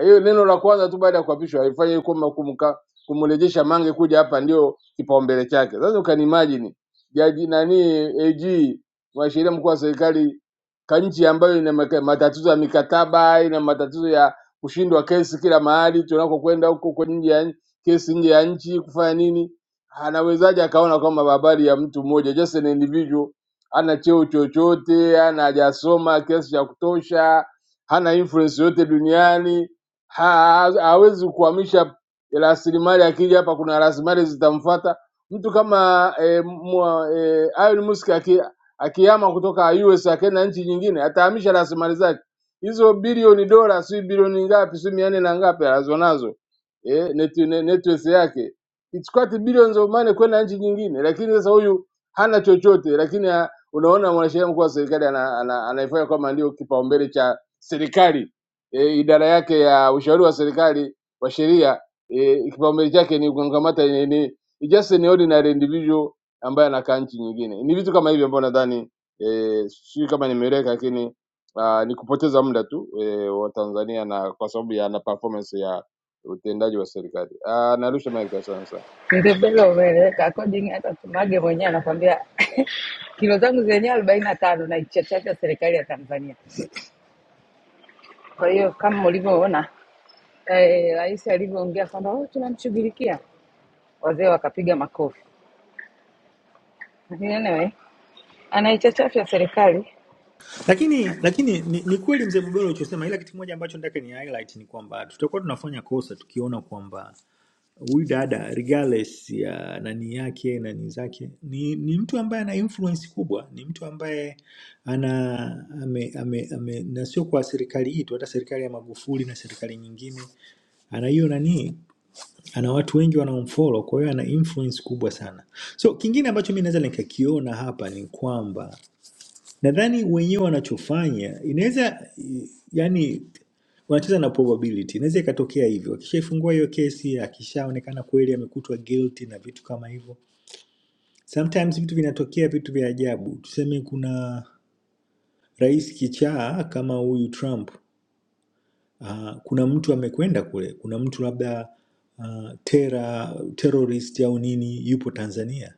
M: hiyo neno la kwanza tu baada ya kuapishwa alifanya kwamba kumka kumrejesha Mange kuja hapa ndio kipaumbele chake. Sasa ukanimagine jaji nani AG mwanasheria mkuu wa serikali ka nchi ambayo ina maka- matatizo ya mikataba, ina matatizo ya kushindwa kesi kila mahali tunakokwenda huko kwa nje ya nchi- kesi nje ya nchi kufanya nini? Anawezaje akaona kwamba habari ya mtu mmoja just an individual hana cheo chochote, hana hajasoma kiasi cha kutosha, hana influence yote duniani Ha- hawezi kuhamisha rasilimali, akija hapa kuna rasilimali zitamfuata. Mtu kama eh, mwa- eh, Elon Musk aki, akihama kutoka US akaenda nchi nyingine, atahamisha rasilimali zake hizo, bilioni dola, si bilioni ngapi, si mia nne na ngapi alizonazo eh, net, net, net worth yake it's quite billions of money kwenda nchi nyingine, lakini sasa huyu hana chochote, lakini ah, unaona mwanasheria mkuu wa serikali ana- ana- anaifanya kwamba ndio kipaumbele cha serikali e, idara yake ya ushauri wa serikali wa sheria e, kipaumbele chake ni kumkamata ni, ni it's just an ordinary individual ambaye anakaa nchi nyingine. Ni vitu kama hivyo ambavyo nadhani e, sijui kama nimeeleweka, lakini aa, ni kupoteza muda tu e, wa Tanzania na kwa sababu ya na performance ya utendaji wa serikali. Ah, Narusha mic, asante sana.
G: Ndebele umeeleweka according hata tu Mage mwenyewe anakwambia kilo zangu zenyewe arobaini na tano na ichachacha serikali ya Tanzania. Kwa hiyo kama ulivyoona eh, rais alivyoongea kwamba oh, tunamshughulikia, wazee wakapiga makofi. Lakini anyway, anaichachafya serikali
L: lakini lakini ni, ni kweli mzee bobero ulichosema ila kitu kimoja ambacho nataka ni highlight ni kwamba tutakuwa tunafanya kosa tukiona kwamba huyu dada regardless ya nani yake nani zake ni, ni mtu ambaye ana influence kubwa ni mtu ambaye ana ame, ame, ame, na sio kwa serikali hii tu hata serikali ya magufuli na serikali nyingine ana hiyo nani ana watu wengi wanaomfollow kwa hiyo ana influence kubwa sana so kingine ambacho mi naweza nikakiona hapa ni kwamba nadhani wenyewe wanachofanya inaweza yani wanacheza na probability inaweza ikatokea hivyo akishaifungua hiyo kesi akishaonekana kweli amekutwa guilty na vitu kama hivyo sometimes vitu vinatokea vitu vya ajabu tuseme kuna rais kichaa kama huyu trump uh, kuna mtu amekwenda kule kuna mtu labda uh, tera, terrorist au nini yupo tanzania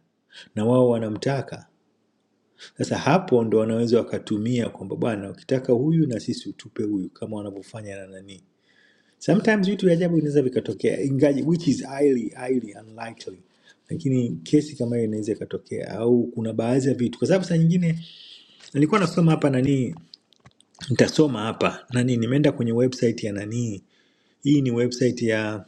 L: na wao wanamtaka Sasa hapo ndo wanaweza wakatumia kwamba bwana, ukitaka huyu na sisi utupe huyu, kama wanavyofanya na nani. Sometimes vitu vya ajabu vinaweza vikatokea, ingaji which is highly highly unlikely, lakini kesi kama hiyo inaweza ikatokea, au kuna baadhi ya vitu, kwa sababu saa nyingine nilikuwa nasoma hapa nani, nitasoma hapa nani, nimeenda kwenye website ya nani, hii ni website ya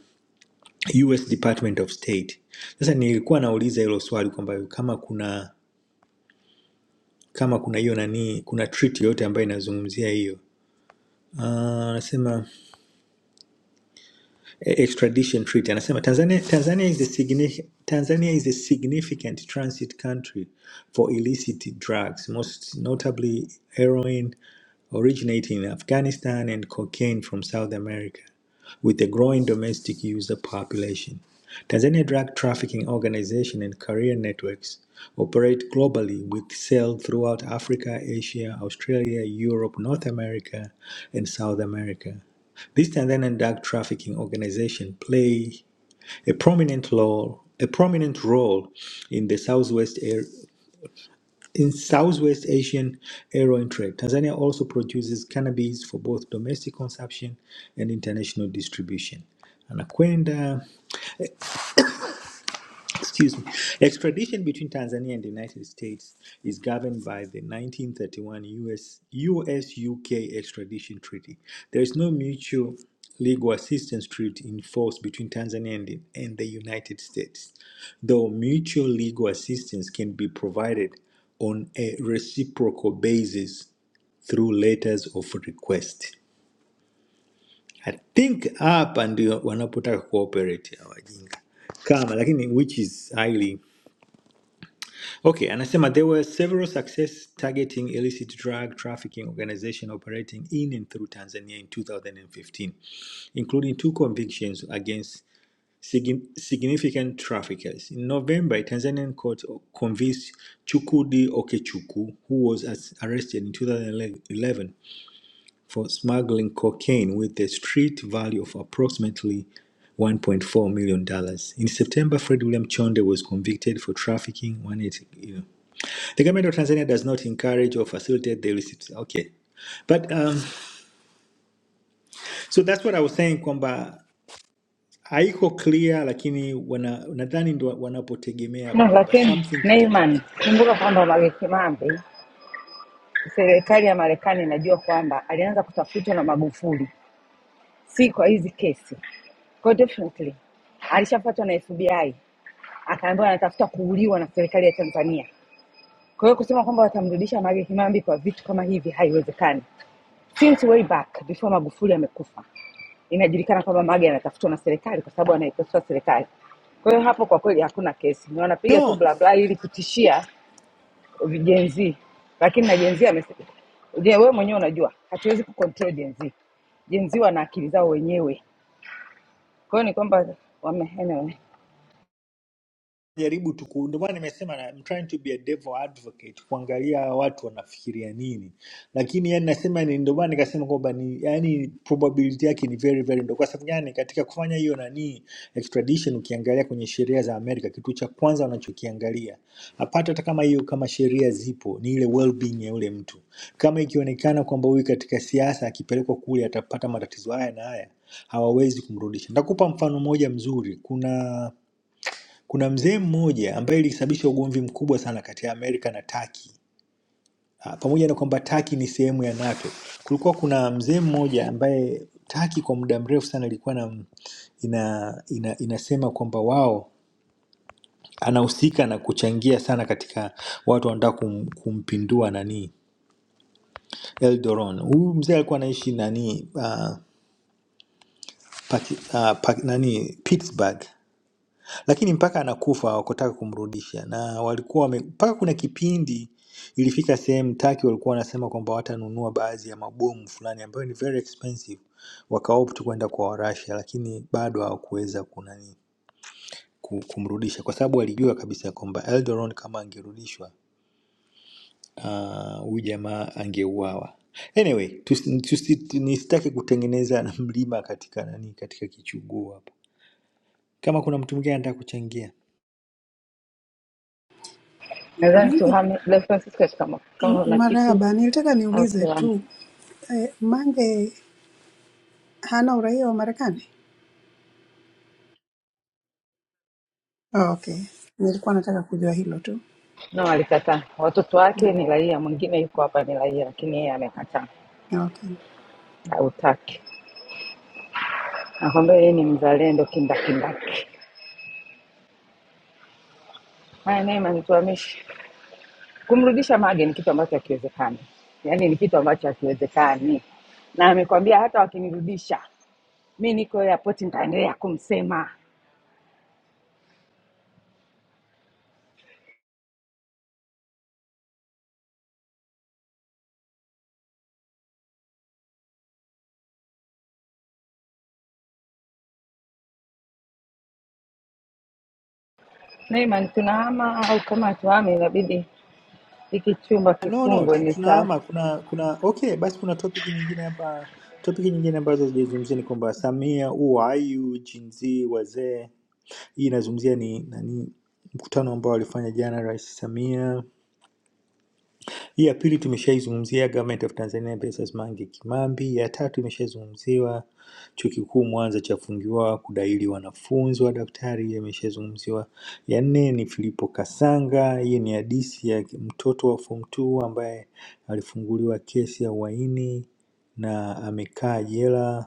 L: US Department of State. Sasa nilikuwa nauliza hilo swali kwamba kama kuna kama kuna hiyo nani, kuna treaty yoyote ambayo inazungumzia hiyo Ah, anasema eh, extradition treaty anasema Tanzania, Tanzania, is the signi- Tanzania is a significant transit country for illicit drugs most notably heroin originating in Afghanistan and cocaine from South America with a growing domestic user population. Tanzania Drug Trafficking Organization and career networks operate globally with sales throughout Africa, Asia, Australia, Europe, North America, and South America. This Tanzanian drug trafficking organization play a prominent role, a prominent role in the southwest in Southwest Asian heroin trade, Tanzania also produces cannabis for both domestic consumption and international distribution. Anakwenda excuse me, extradition between Tanzania and the United States is governed by the 1931 US US UK extradition treaty. There is no mutual legal assistance treaty in force between Tanzania and the, and the United States, though mutual legal assistance can be provided on a reciprocal basis through letters of request. I think hapa ndio wanapotaka cooperate hawajinga kama lakini which is highly Okay, anasema there were several success targeting illicit drug trafficking organization operating in and through Tanzania in 2015, including two convictions against signi- significant traffickers. In November, a Tanzanian court convicted Chukudi Okechuku, who was as- arrested in 2011 for smuggling cocaine with a street value of approximately $1.4 million. dollars. In September, Fred William Chonde was convicted for trafficking 180. The government of Tanzania does not encourage or facilitate the receipt. Okay. But um, so that's what I was saying kwamba haiko clear lakini wana, nadhani ndo wanapotegemea hapo
G: no,
L: kwamba
G: lakini
L: something
G: Neiman,
L: kitatokea.
G: kumbuka kwamba Mange Kimambi serikali ya Marekani inajua kwamba alianza kutafutwa na Magufuli, si kwa hizi kesi. Kwa hiyo definitely alishafuatwa na FBI akaambiwa anatafuta kuuliwa na serikali ya Tanzania. Kwa hiyo kusema kwamba watamrudisha Mange Kimambi kwa vitu kama hivi haiwezekani. Since way back before Magufuli amekufa, inajulikana kwamba Mange anatafutwa na serikali kwa sababu anaikosoa serikali. Kwa hiyo hapo kwa kweli hakuna kesi, ni wanapiga tu
L: No.
G: bla bla ili kutishia Gen Z, lakini na Gen Z amesema je, wewe mwenyewe unajua hatuwezi kucontrol Gen Z. Gen Z wana akili zao wenyewe, kwa hiyo ni kwamba wame, anyway,
L: jaribu tu ku- ndio maana nimesema na- I'm trying to be a devil advocate kuangalia hawa watu wanafikiria nini, lakini yani nasema ni ndio maana nikasema kwamba ni yani probability yake ni very very ndogo. Kwa sababu gani? Katika kufanya hiyo nani extradition, ukiangalia kwenye sheria za Amerika, kitu cha kwanza wanachokiangalia apata, hata kama hiyo kama sheria zipo, ni ile well being ya yule mtu. Kama ikionekana kwamba huyu katika siasa akipelekwa kule atapata matatizo haya na haya, hawawezi kumrudisha. Nitakupa mfano mmoja mzuri. Kuna kuna mzee mmoja ambaye ilisababisha ugomvi mkubwa sana kati ya Amerika na Turkey. Ah, Pamoja na kwamba Turkey ni sehemu ya NATO, kulikuwa kuna mzee mmoja ambaye Turkey kwa muda mrefu sana ilikuwa na ina, ina, inasema kwamba wao anahusika na kuchangia sana katika watu wanataka kum, kumpindua nani Eldoron. Huyu mzee alikuwa anaishi nani, uh, Paki, uh, Paki, nani Pittsburgh lakini mpaka anakufa hawakutaka kumrudisha, na walikuwa wame, mpaka kuna kipindi ilifika sehemu Taki walikuwa wanasema kwamba watanunua baadhi ya mabomu fulani ambayo ni very expensive, wakaopt kwenda kwa Warasha, lakini bado hawakuweza kunani ku- kumrudisha kwa sababu walijua kabisa kwamba Eldoron kama angerudishwa ah, huyu jamaa angeuawa. Anyway, tusi- tusi- nisitaki kutengeneza na mlima katika nani katika kichuguu hapa. Kama kuna mtu mwingine anataka kuchangia
G: nadhani
O: Mangi,
G: tuhame Black Francisco kama
O: m-
G: kama na kitu
O: marhaba, nilitaka
G: au
O: niulize
G: tuhame
O: tu eh, Mange hana uraia wa Marekani? Oh, okay, nilikuwa nataka kujua hilo tu.
G: na walikataa. Watoto wake ni raia, mwingine yuko hapa ni raia, lakini yeye amekataa,
O: Okay,
G: hautaki. Nakwambia yeye ni mzalendo kindakindaki. Haya, naye manituamishi. kumrudisha mage ni kitu ambacho hakiwezekani, yaani ni kitu ambacho hakiwezekani, na amekwambia hata wakimrudisha mi niko airport nitaendelea kumsema Naiman. Tunahama au kama hatuhami, inabidi hiki chumba
L: No, no,
G: kifungwe.
L: tu-
G: Ni saa
L: tunahama kuna kuna okay, basi kuna topic nyingine hapa, topic nyingine ambazo hazijazungumzia ni kwamba Samia, uayu, jinzi, wazee. Hii inazungumzia ni nani, mkutano ambao alifanya jana Rais Samia hii ya pili tumeshaizungumzia Government of Tanzania versus Mange Kimambi. Ya tatu imeshazungumziwa chuo kikuu Mwanza chafungiwa kudaili wanafunzi wa daktari, hii imeshazungumziwa. Ya nne ni Filipo Kasanga, hii ni hadisi ya mtoto wa form 2 ambaye alifunguliwa kesi ya uhaini na amekaa jela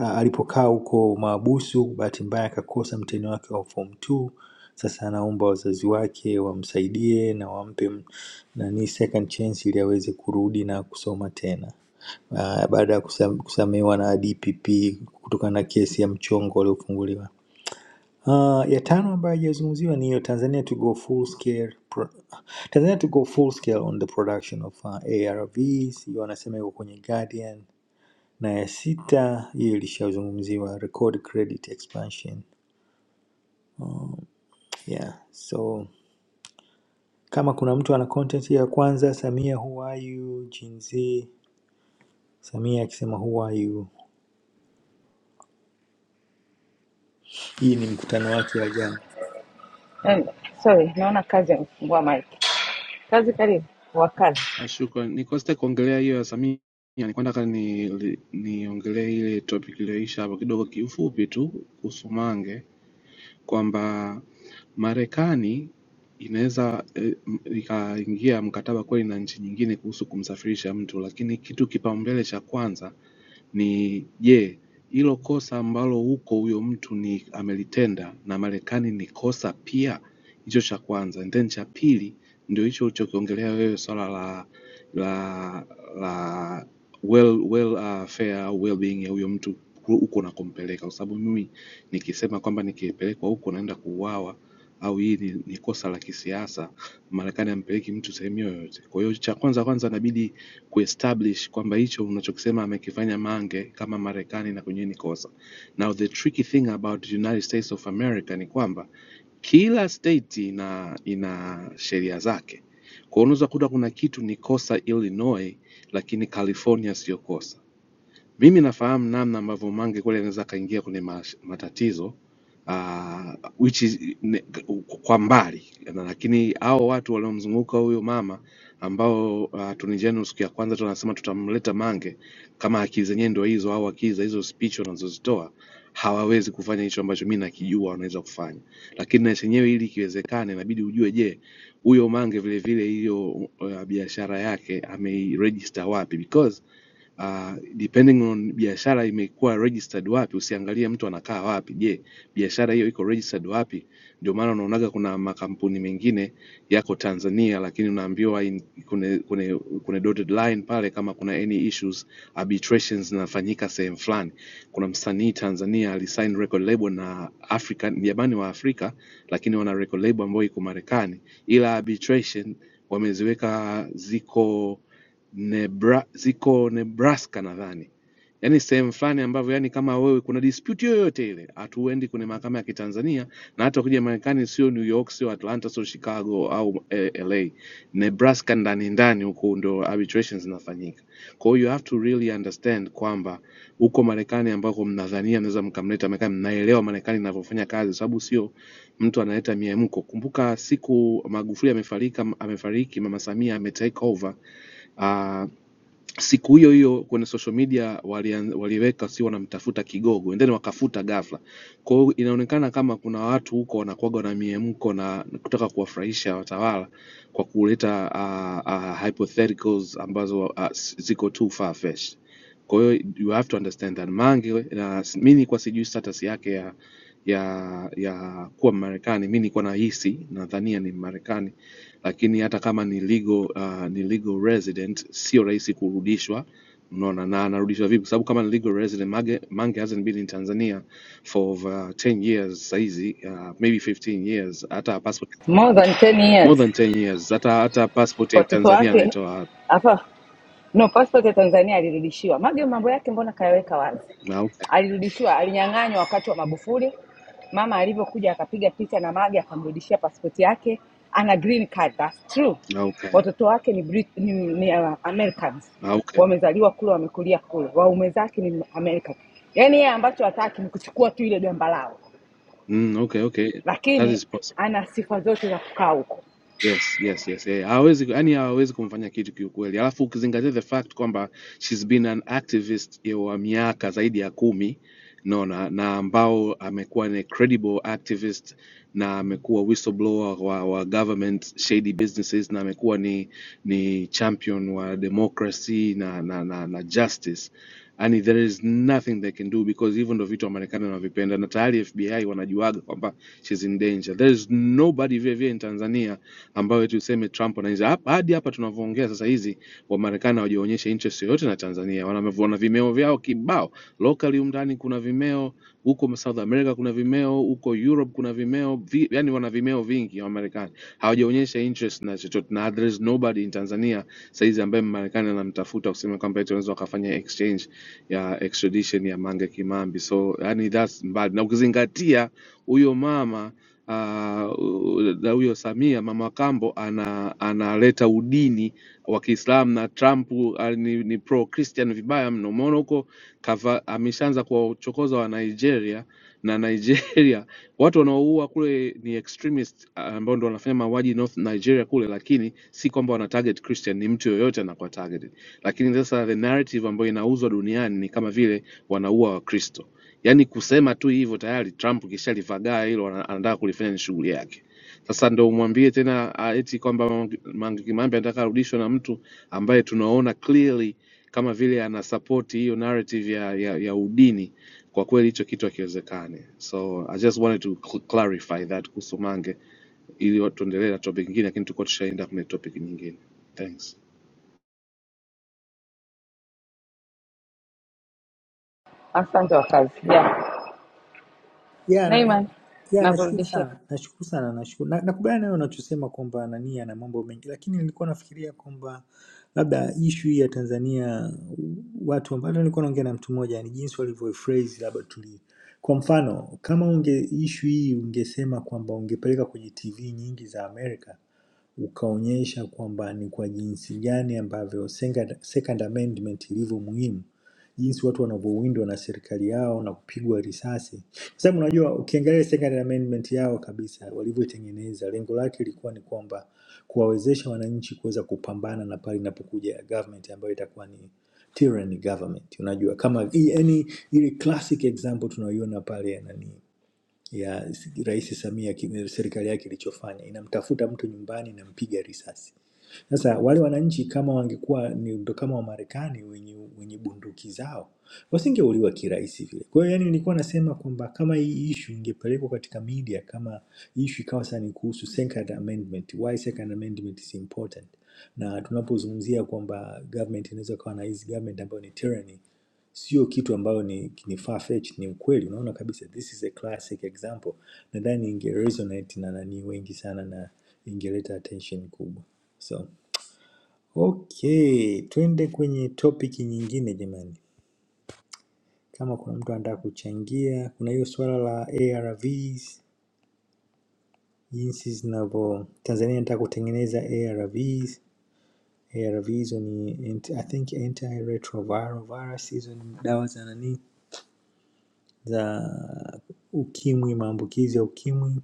L: Ah, alipokaa huko maabusu, bahati mbaya akakosa mtihani wake wa form 2. Sasa anaomba wazazi wake wamsaidie na wampe nani second chance ili aweze kurudi na kusoma tena uh, baada ya kusam- kusamehewa na DPP kutokana na kesi ya mchongo waliofunguliwa. Uh, ya tano ambayo haijazungumziwa ni hiyo Tanzania to go full scale pro Tanzania to go full scale on the production of uh, ARVs, hiyo wanasema iko kwenye Guardian. Na ya sita hiyo ilishazungumziwa record credit expansion. Yeah, so kama kuna mtu ana content ya kwanza Samia who are you? Gen Z Samia akisema who are you? Hii ni mkutano wake wa jana.
G: em, sorry, naona kazi amefungua mike. Kazi karibu wa kazi
P: Ah, Shukran, nikosita kuongelea hiyo ya Samia, nilikuwa nataka ni- li- niongelee ni ile topic iliyoisha hapo kidogo kiufupi tu kuhusu Mange kwamba Marekani inaweza eh, m- ikaingia mkataba kweli na nchi nyingine kuhusu kumsafirisha mtu, lakini kitu kipaumbele cha kwanza ni je, yeah, hilo kosa ambalo huko huyo mtu ni amelitenda na Marekani ni kosa pia? Hicho cha kwanza. And then cha pili ndio hicho ulichokiongelea wewe swala la la la well, well, uh, fair au well-being ya huyo mtu ku- huko unakompeleka, kwa sababu mimi nikisema kwamba nikipelekwa huko naenda kuuawa au hii ni, ni kosa la kisiasa, Marekani ampeleki mtu sehemu yoyote. Kwa hiyo cha kwanza kwanza inabidi kuestablish kwamba hicho unachokisema amekifanya Mange kama Marekani na kwenyewe ni kosa. Now the tricky thing about the United States of America ni kwamba kila state ina, ina sheria zake. Kwa hiyo unaweza kuta kuna kitu ni kosa Illinois, lakini California sio kosa mimi nafahamu namna ambavyo Mange kweli anaweza akaingia kwenye mas- matatizo uh, which is, ne, kwa mbali na, lakini hao watu waliomzunguka huyo mama ambao uh, tunijani siku ya kwanza tunasema tutamleta Mange kama akili zenyewe ndio hizo au akili za hizo speech wanazozitoa hawawezi kufanya hicho ambacho mi nakijua wanaweza kufanya, lakini na chenyewe ili ikiwezekana inabidi ujue, je, huyo Mange vilevile hiyo uh, biashara yake ameiregister wapi because uh, depending on biashara imekuwa registered wapi, usiangalie mtu anakaa wapi. Je, biashara hiyo iko registered wapi? Ndio maana unaonaga kuna makampuni mengine yako Tanzania, lakini unaambiwa in- kuna kuna kuna dotted line pale, kama kuna any issues arbitrations zinafanyika sehemu fulani. Kuna msanii Tanzania alisign record label na Afrika, jamani wa Afrika, lakini wana record label ambayo iko Marekani, ila arbitration wameziweka ziko Nebra, ziko Nebraska nadhani, yaani sehemu fulani ambavyo yani kama wewe kuna dispute yoyote ile, hatuendi kwenye mahakama ya Kitanzania, na hata ukija Marekani sio New York, sio Atlanta, sio Chicago au eh, LA, Nebraska ndani ndani huko ndo arbitrations zinafanyika. Kwa hiyo you have to really understand kwamba huko Marekani ambako mnadhania mnaweza mkamleta Marekani, mnaelewa Marekani inavyofanya kazi, sababu sio mtu analeta miemko. Kumbuka siku Magufuli amefariki, amefariki Mama Samia ame take over uh, siku hiyo hiyo kwenye social media walian- waliweka si wanamtafuta kigogo and then wakafuta ghafla kwa hiyo inaonekana kama kuna watu huko wanakuwaga na miemko na kutaka kuwafurahisha watawala kwa kuleta uh, uh, hypotheticals ambazo uh, ziko too far fetched kwa hiyo you have to understand that mange na mi nilikuwa sijui status yake ya ya ya kuwa mmarekani mi nilikuwa nahisi nadhania ni mmarekani lakini hata kama ni legal, uh, ni legal resident sio rahisi kurudishwa unaona na anarudishwa vipi kwa sababu kama ni legal resident mange, mange hasn't been in tanzania for over 10 years saizi uh, maybe 15 years hata passport
G: more than 10
P: more
G: years
P: than 10 years hata hata passport
G: kwa
P: ya
G: watoto
P: tanzania
G: wake
P: anaitoa
G: hapa no passport ya tanzania alirudishiwa mage mambo yake mbona kayaweka wazi
P: wapi? Ah, okay
G: alirudishiwa alinyang'anywa wakati wa magufuli mama alivyokuja akapiga picha na mage akamrudishia passport yake ana green card that's true
P: Ah, okay
G: watoto wake ni, Brit ni, ni uh, americans
P: Ah, okay
G: wamezaliwa kule wamekulia kule waume zake ni american yaani yeye ambacho hataki ni kuchukua tu ile gamba lao
P: mm, okay okay that
G: lakini
P: is possible
G: ana sifa zote za kukaa huko
P: Yes, yes, yes. Eh, hawezi yani hawezi kumfanya kitu kiukweli. Alafu ukizingatia the fact kwamba she's been an activist ya wa miaka zaidi ya kumi naona na ambao amekuwa ni credible activist na amekuwa whistleblower wa, wa government shady businesses na amekuwa ni ni champion wa democracy na na, na, na justice. Yani there is nothing they can do because hivyo ndo vitu wa Marekani wanavipenda na tayari FBI wanajuaga kwamba she's in danger. There is nobody vile vile in Tanzania ambayo tuseme Trump anaiza hap- hadi hapa tunavyoongea sasa, hizi Wamarekani hawajaonyesha interest yoyote na Tanzania. Wana, wana vimeo vyao kibao locally, humu ndani kuna vimeo huko South America, kuna vimeo huko Europe, kuna vimeo vi, yani wana vimeo vingi Wamarekani hawajaonyesha interest na chochote, na there is nobody in Tanzania saizi ambaye Mmarekani anamtafuta kusema kwamba eti wanaweza wakafanya exchange ya extradition ya Mange Kimambi. So yani that's mbali, na ukizingatia huyo mama ah, u- na huyo Samia mama Kambo ana analeta udini wa Kiislamu na Trump ah, ni, ni pro Christian vibaya mno. Umeona huko kava- ameshaanza kuwachokoza wa Nigeria na Nigeria watu wanaoua kule ni extremist ah, ambao ndo wanafanya mauaji North Nigeria kule, lakini si kwamba wana target Christian, ni mtu yoyote anakuwa targeted. Lakini sasa the narrative ambayo inauzwa duniani ni kama vile wanaua Wakristo Yaani kusema tu hivyo tayari Trump kishalivagaa hilo, ana- anataka kulifanya ni shughuli yake. Sasa ndo umwambie tena ah, eti kwamba Mange Mange Kimambi anataka arudishwe na mtu ambaye tunaona clearly kama vile ana support hiyo narrative ya, ya, ya udini. Kwa kweli hicho kitu hakiwezekani. So I just wanted to cl- clarify that kuhusu Mange, ili tuendelee na topic nyingine, lakini tulikuwa tushaenda kwenye topic nyingine. Thanks.
G: asante wakazi yeah.
L: ya na-
G: naiman
L: ya, nashukuru
G: nakurudishia
L: sana, nashukuru sana, nashukuru. Na- Nakubaliana nayo unachosema kwamba nani ana mambo mengi, lakini nilikuwa nafikiria kwamba labda ishu hii ya Tanzania watu ambao nilikuwa naongea na mtu mmoja ni jinsi walivyoiphrase labda tuli kwa mfano kama unge ishu hii ungesema kwamba ungepeleka kwenye TV nyingi za Amerika ukaonyesha kwamba ni kwa jinsi gani ambavyo Second Second Amendment ilivyo muhimu, jinsi watu wanavyowindwa na serikali yao na kupigwa risasi kwa sababu unajua ukiangalia second amendment yao kabisa walivyoitengeneza, lengo lake ilikuwa ni kwamba kuwawezesha wananchi kuweza kupambana na pale inapokuja government ambayo itakuwa ni tyranny government. Unajua kama hii- yani ile classic example tunaiona pale ya nani ya Rais Samia ki- serikali yake ilichofanya, inamtafuta mtu nyumbani, inampiga risasi. Sasa wale wananchi kama wangekuwa ni ndo kama Wamarekani wenye, wenye bunduki zao wasingeuliwa kirahisi vile. Kwa hiyo yani, nilikuwa nasema kwamba kama hii ishu ingepelekwa katika media, kama ishu ikawa sasa ni kuhusu second amendment, why second amendment is important, na tunapozungumzia kwamba government inaweza kuwa na hizi government ambayo ni tyranny sio kitu ambayo ni, ni far fetched, ni ukweli. Unaona kabisa this is a classic example. Nadhani inge resonate na nani wengi sana na ingeleta attention kubwa. So okay, twende kwenye topic nyingine jamani. Kama kuna mtu anataka kuchangia, kuna hiyo swala la ARVs jinsi zinavyo Tanzania inataka kutengeneza ARVs. ARVs ni anti- I think antiretroviral viruses, hizo ni dawa za nani za ukimwi maambukizi ya ukimwi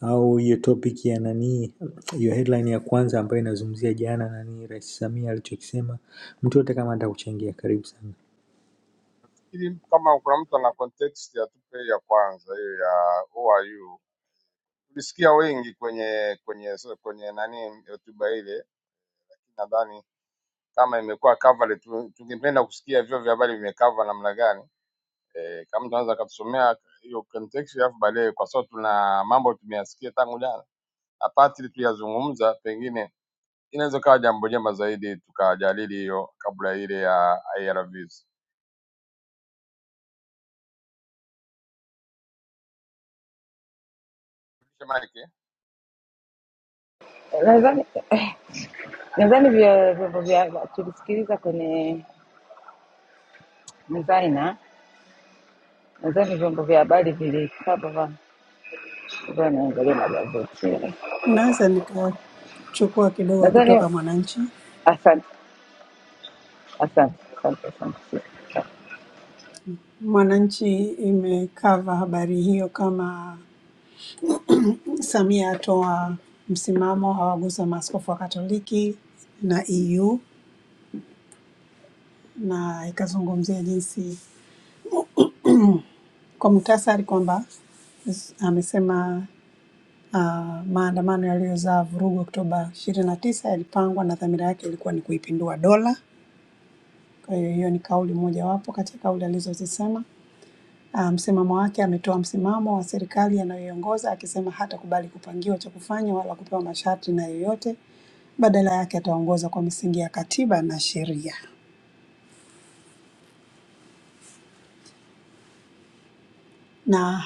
L: au hiyo topic ya nani hiyo headline ya kwanza ambayo inazungumzia jana nani rais samia alichokisema mtu yote kama atakuchangia karibu sana
M: Ili kama kuna mtu ana context ya tupe ya kwanza hiyo ya who are you, tulisikia wengi kwenye kwenye kwenye nani hotuba ile, nadhani kama imekuwa covered. tu- Tungependa kusikia vyombo vya habari vimecover namna gani. E, kama mtu anaweza akatusomea hiyo context, alafu baadaye, kwa sababu tuna mambo tumeyasikia tangu jana, apatili tuliyazungumza, pengine inaweza kawa jambo jema zaidi tukajadili hiyo kabla ile ya IRVs. Shike Mike.
G: nadhani eh, Nadhani vya- vyombo vya tulisikiliza kwenye Mzaina, nadhani vyombo vya habari vilikaa baba baba, naangalia magazeti.
O: naweza nikachukua kidogo
G: Nadhani
O: kutoka Mwananchi.
G: asante, asante, asante, asante. asante.
O: Mwananchi imekava habari hiyo kama Samia atoa msimamo, hawagusa maaskofu wa Katoliki na EU, na ikazungumzia jinsi kwa muhtasari kwamba s- amesema Ah, maandamano yaliyozaa vurugu Oktoba 29 yalipangwa na dhamira yake ilikuwa ni kuipindua dola. Kwa hiyo hiyo ni kauli mojawapo kati ya kauli alizozisema. Ah, msimamo wake ametoa msimamo wa serikali anayoiongoza akisema hatakubali kupangiwa cha kufanya wala kupewa masharti na yoyote, badala yake ataongoza kwa misingi ya katiba na sheria. Na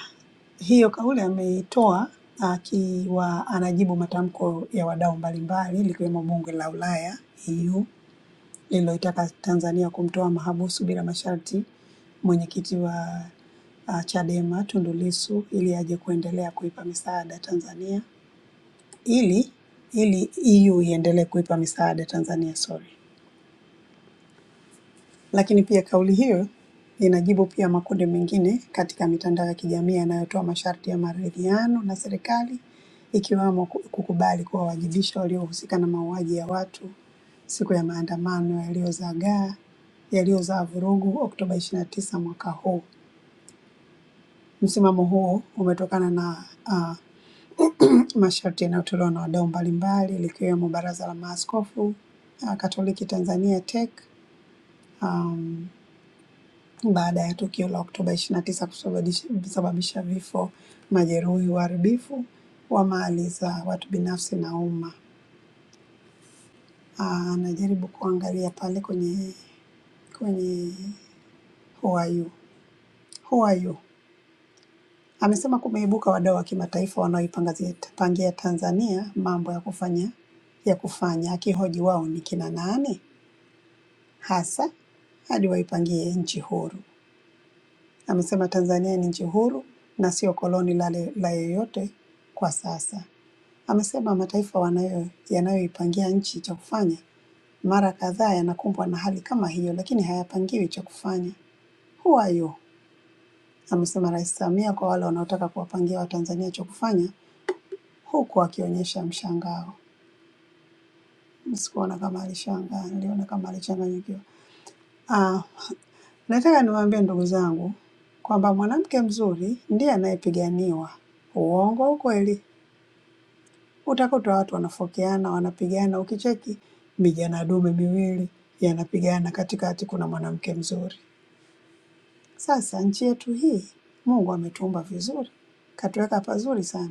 O: hiyo kauli ameitoa akiwa anajibu matamko ya wadau mbalimbali likiwemo bunge la Ulaya EU lililoitaka Tanzania kumtoa mahabusu bila masharti mwenyekiti wa uh, Chadema Tundu Lissu ili aje kuendelea kuipa misaada Tanzania ili ili EU iendelee kuipa misaada Tanzania sorry. Lakini pia kauli hiyo inajibu pia makundi mengine katika mitandao ya kijamii yanayotoa masharti ya maridhiano na serikali ikiwemo ku- kukubali kuwawajibisha waliohusika na mauaji ya watu siku ya maandamano yaliyozagaa yaliyozaa vurugu Oktoba 29 mwaka huu. Msimamo huo umetokana na ah, masharti yanayotolewa na wadau mbalimbali likiwemo Baraza la Maaskofu ah, Katoliki Tanzania TEC um, baada ya tukio la Oktoba 29 kusababisha kusababisha vifo, majeruhi, uharibifu wa mali za watu binafsi na umma. Ah, Anajaribu kuangalia pale kwenye kwenye Who are you? Who are you? Amesema kumeibuka wadau wa kimataifa wanaoipangia pangia Tanzania mambo ya kufanya ya kufanya, akihoji wao ni kina nani hasa hadi waipangie nchi huru. Amesema Tanzania ni nchi huru na sio koloni la, la yeyote kwa sasa. Amesema mataifa wanayo yanayoipangia nchi cha kufanya mara kadhaa yanakumbwa na hali kama hiyo, lakini hayapangiwi cha kufanya. Who are you? Amesema Rais Samia kwa wale wanaotaka kuwapangia Watanzania cha kufanya, huku akionyesha mshangao. Sikuona kama alishangaa, niliona kama alichanganyikiwa. Ah, nataka niwaambie ndugu zangu kwamba mwanamke mzuri ndiye anayepiganiwa, uongo au kweli? utakuta watu wanafokeana, wanapigana. Ukicheki mijana dume miwili yanapigana, katikati kuna mwanamke mzuri. Sasa nchi yetu hii Mungu ametuumba vizuri, katuweka pazuri sana.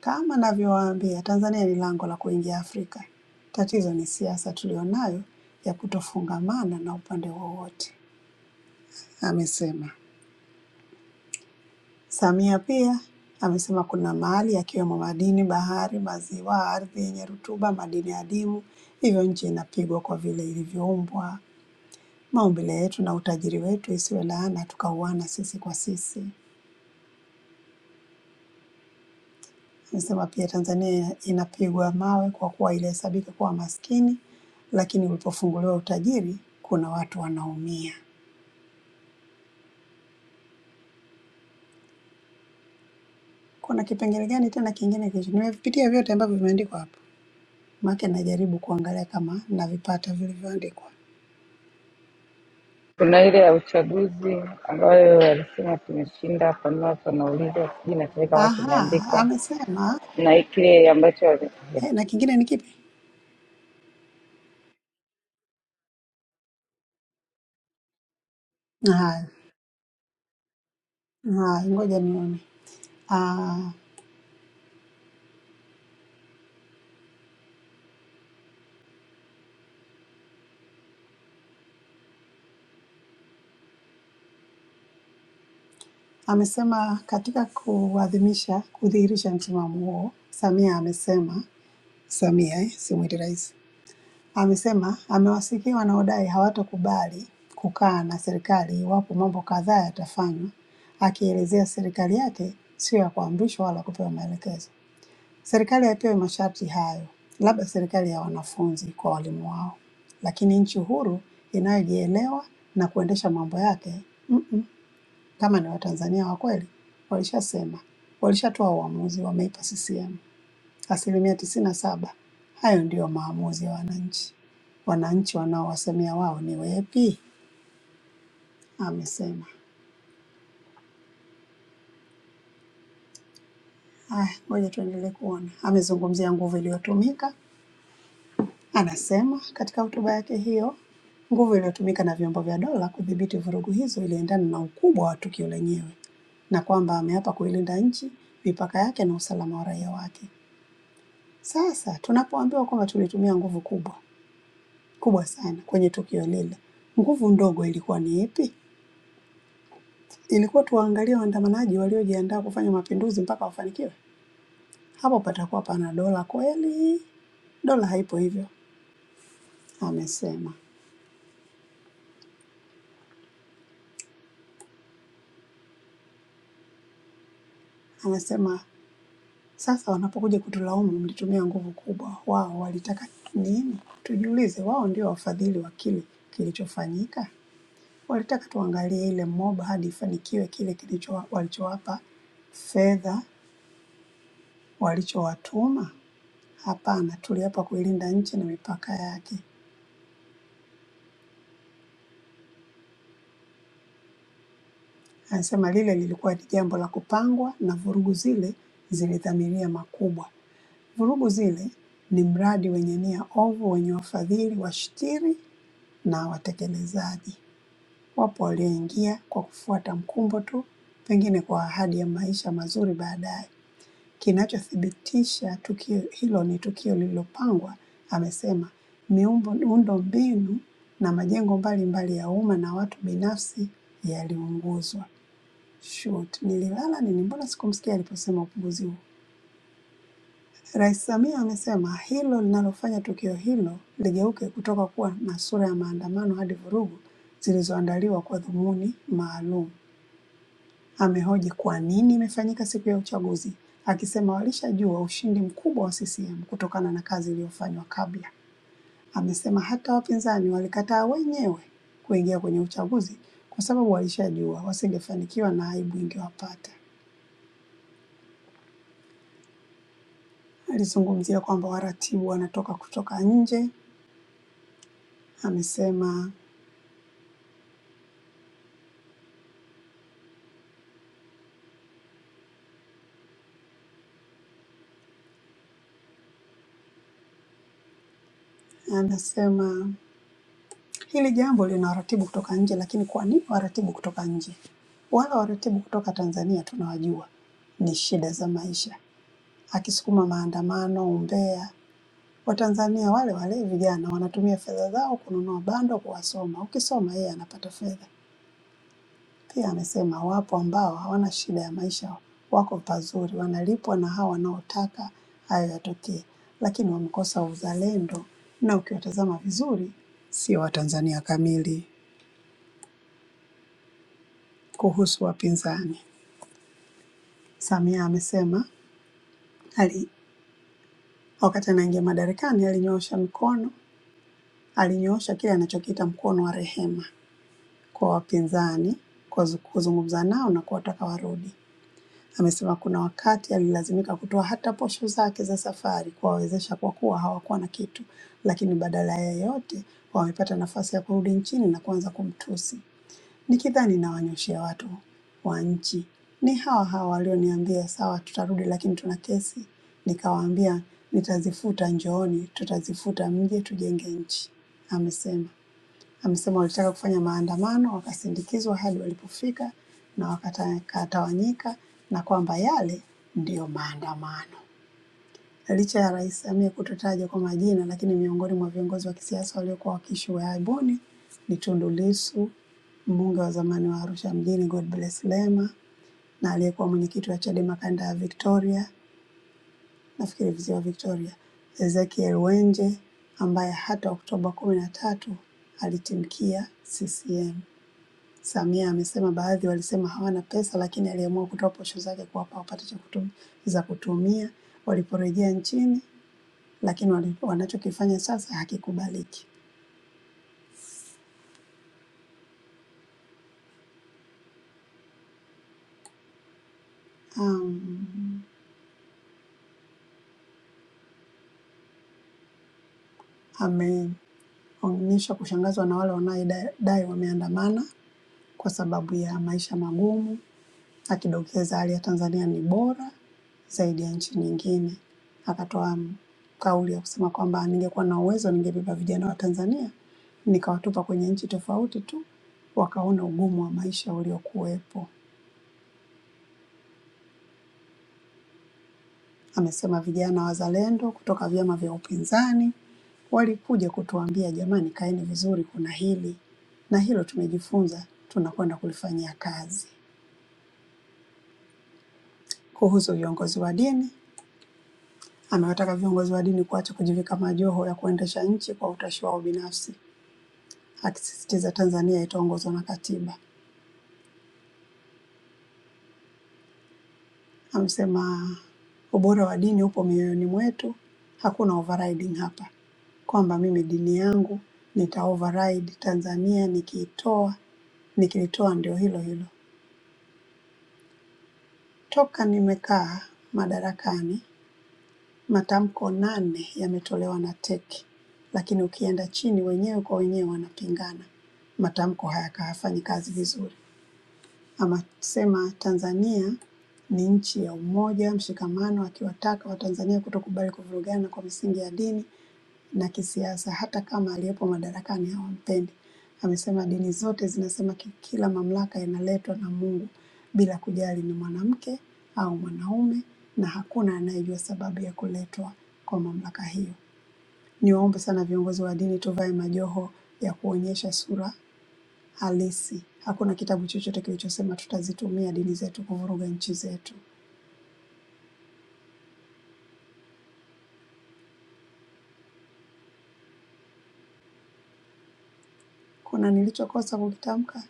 O: Kama navyowaambia, Tanzania ni lango la kuingia Afrika. Tatizo ni siasa tulionayo ya kutofungamana na upande wowote, amesema. Samia pia amesema kuna mali yakiwemo madini, bahari, maziwa, ardhi yenye rutuba, madini adimu, hivyo nchi inapigwa kwa vile ilivyoumbwa, maumbile yetu na utajiri wetu, isiwe laana tukauana sisi kwa sisi. Amesema pia Tanzania inapigwa mawe kwa kuwa ilihesabika kuwa maskini, lakini ulipofunguliwa utajiri kuna watu wanaumia. Kuna kipengele gani tena kingine kilicho? Nimevipitia vyote ambavyo vimeandikwa hapo, maana najaribu kuangalia kama navipata vilivyoandikwa.
G: Kuna ile ya uchaguzi ambayo walisema tumeshinda, panua panauliza, sijui nasema kama
O: Aha,
G: kimeandikwa
O: amesema
G: na kile ambacho wali-
O: eh, na kingine ni kipi? Haya, haya, ngoja nione. Ah, amesema katika kuadhimisha kudhihirisha msimamo huo, Samia amesema, Samia eh, simwiti rais, amesema amewasikia wanaodai hawatokubali kukaa na serikali iwapo mambo kadhaa yatafanywa, akielezea serikali yake sio ya kuamrishwa wala kupewa maelekezo. Serikali haipewi masharti hayo, labda serikali ya wanafunzi kwa walimu wao, lakini nchi huru inayojielewa na kuendesha mambo yake mm-mm. Kama ni Watanzania wa kweli, walishasema, walishatoa uamuzi, wameipa CCM asilimia tisini na saba. Hayo ndiyo maamuzi ya wananchi. Wananchi wanaowasemea wao ni wepi, amesema. Haya, ngoja tuendelee kuona. Amezungumzia nguvu iliyotumika Anasema katika hotuba yake hiyo, nguvu iliyotumika na vyombo vya dola kudhibiti vurugu hizo iliendana na ukubwa wa tukio lenyewe na kwamba ameapa kuilinda nchi, mipaka yake na usalama wa raia wake. Sasa tunapoambiwa kwamba tulitumia nguvu kubwa kubwa sana kwenye tukio lile, nguvu ndogo ilikuwa ni ipi? Ilikuwa tuwaangalie waandamanaji waliojiandaa kufanya mapinduzi mpaka wafanikiwe? Hapo patakuwa pana dola kweli? Dola haipo hivyo, amesema. Anasema Sasa wanapokuja kutulaumu mlitumia nguvu kubwa, wao walitaka nini? Tujiulize, wao ndio wafadhili wa kile kilichofanyika. Walitaka tuangalie ile mob hadi ifanikiwe kile kilicho walichowapa fedha walichowatuma? Hapana, tuliapa kuilinda nchi na mipaka yake. Anasema lile lilikuwa ni jambo la kupangwa na vurugu zile zilidhamiria makubwa. Vurugu Zile ni mradi wenye nia ovu wenye wafadhili washtiri na watekelezaji. Wapo walioingia kwa kufuata mkumbo tu, pengine kwa ahadi ya maisha mazuri baadaye. Kinachothibitisha tukio hilo ni tukio lililopangwa, amesema. Miumbo- Miundombinu na majengo mbalimbali ya umma na watu binafsi yaliunguzwa. Shoot, nililala nini? Mbona sikumsikia aliposema upunguzi huu? Rais Samia amesema hilo linalofanya tukio hilo ligeuke kutoka kuwa na sura ya maandamano hadi vurugu zilizoandaliwa kwa dhumuni maalum. Amehoji kwa nini imefanyika siku ya uchaguzi, akisema walishajua ushindi mkubwa wa CCM kutokana na kazi iliyofanywa kabla. Amesema hata wapinzani walikataa wenyewe kuingia kwenye uchaguzi kwa sababu walishajua wasingefanikiwa na aibu ingewapata. Alizungumzia kwamba waratibu wanatoka kutoka nje. Amesema anasema hili jambo lina waratibu kutoka nje, lakini kwa nini waratibu kutoka nje? Wala waratibu kutoka Tanzania tunawajua, ni shida za maisha, akisukuma maandamano, umbea. Watanzania wale wale vijana wanatumia fedha zao kununua bando kuwasoma, ukisoma yeye anapata fedha. Pia amesema wapo ambao hawana shida ya maisha, wako pazuri, wanalipwa na hawa wanaotaka hayo yatokee, lakini wamekosa uzalendo, na ukiwatazama vizuri sio Watanzania kamili. Kuhusu wapinzani, Samia amesema ali, wakati anaingia madarakani alinyoosha mkono, alinyoosha kile anachokiita mkono wa rehema kwa wapinzani, kwa zu- kuzungumza nao na kuwataka warudi. Amesema kuna wakati alilazimika kutoa hata posho zake za safari kuwawezesha kwa kuwa hawakuwa na kitu, lakini badala ya yote wamepata nafasi ya kurudi nchini na kuanza kumtusi. Nikidhani nawanyoshea watu wa nchi, ni hawa hawa walioniambia sawa, tutarudi lakini tuna kesi. Nikawaambia nitazifuta, njooni tutazifuta, mje tujenge nchi, amesema. Amesema walitaka kufanya maandamano, wakasindikizwa hadi walipofika na wakatawanyika, na kwamba yale ndiyo maandamano. Licha ya Rais Samia kutotajwa kwa majina, lakini miongoni mwa viongozi wa kisiasa waliokuwa wakiishiwa aibuni ni Tundu Lissu, mbunge wa zamani wa Arusha Mjini Godbless Lema na aliyekuwa mwenyekiti wa Chadema kanda ya Victoria, nafikiri visiwa Victoria, Ezekiel Wenje ambaye hata Oktoba kumi na tatu alitimkia CCM. Samia amesema baadhi walisema hawana pesa lakini aliamua kutoa posho zake kuwapa wapate cha kutum- za kutumia waliporejea nchini, lakini wali- wanachokifanya sasa hakikubaliki. Um, ameonyesha kushangazwa na wale wanaodai wameandamana kwa sababu ya maisha magumu akidokeza hali ya Tanzania ni bora zaidi ya nchi nyingine. Akatoa m- kauli ya kusema kwamba ningekuwa na uwezo ningebeba vijana wa Tanzania nikawatupa kwenye nchi tofauti tu wakaona ugumu wa maisha uliokuwepo. Amesema vijana wazalendo kutoka vyama vya upinzani walikuja kutuambia, jamani, kaeni vizuri, kuna hili na hilo tumejifunza, tunakwenda kulifanyia kazi. Kuhusu viongozi wa dini, Amewataka viongozi wa dini kuacha kujivika majoho ya kuendesha nchi kwa utashi wao binafsi, akisisitiza Tanzania itaongozwa na katiba. Amesema ubora wa dini upo mioyoni mwetu, hakuna overriding hapa, kwamba mimi dini yangu nita override Tanzania nikiitoa, nikilitoa ndio hilo hilo. Toka nimekaa madarakani Matamko nane yametolewa na TEC, lakini ukienda chini wenyewe kwa wenyewe wanapingana. Matamko haya hayafanyi kazi vizuri. Amasema Tanzania ni nchi ya umoja, mshikamano, akiwataka Watanzania kutokubali kuvurugana kwa misingi ya dini, na kisiasa, hata kama aliyepo madarakani hawampendi. Amesema dini zote zinasema ki- kila mamlaka inaletwa na Mungu bila kujali ni mwanamke au mwanaume, na hakuna anayejua sababu ya kuletwa kwa mamlaka hiyo. Niwaombe sana viongozi wa dini, tuvae majoho ya kuonyesha sura halisi. Hakuna kitabu chochote kilichosema tutazitumia dini zetu kuvuruga nchi zetu. Kuna nilichokosa kukitamka?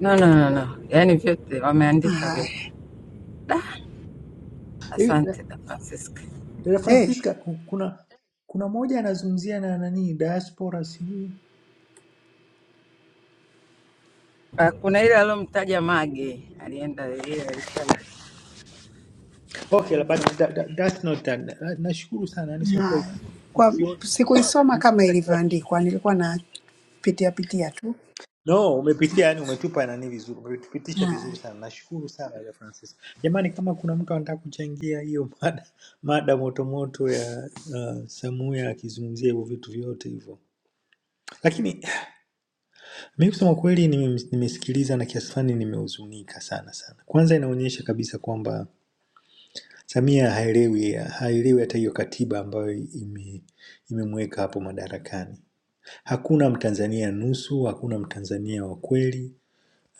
G: No, no, no, no. Yaani vyote wameandika
O: Haya, eh.
G: vyote. Da,
L: hivi eh,
G: asante da Francisca.
L: dada
O: hey,
L: francisca ku- kuna kuna moja anazungumzia na nani diaspora sijui
G: Ah, Kuna ile alomtaja Mage alienda ile alitaja
L: okay but
G: Nadhani
L: that, that, that's not that. Na- nashukuru sana yani sema kweli
O: Haya, kwa
L: ukiona
O: sikuisoma kama ilivyoandikwa, nilikuwa napitia pitia tu.
L: no umepitia yani umetupa nani vizuri umetupitisha
O: Haya.
L: vizuri sana nashukuru sana ya francis jamani kama kuna mtu anataka kuchangia hiyo mada mada motomoto ya uh, samuya akizungumzia hivyo vitu vyote hivyo lakini mi kusema kweli nime- nimesikiliza na kiasi fulani nimehuzunika sana sana kwanza inaonyesha kabisa kwamba samia haelewi haelewi hata hiyo katiba ambayo ime imemweka hapo madarakani hakuna mtanzania nusu hakuna mtanzania wa kweli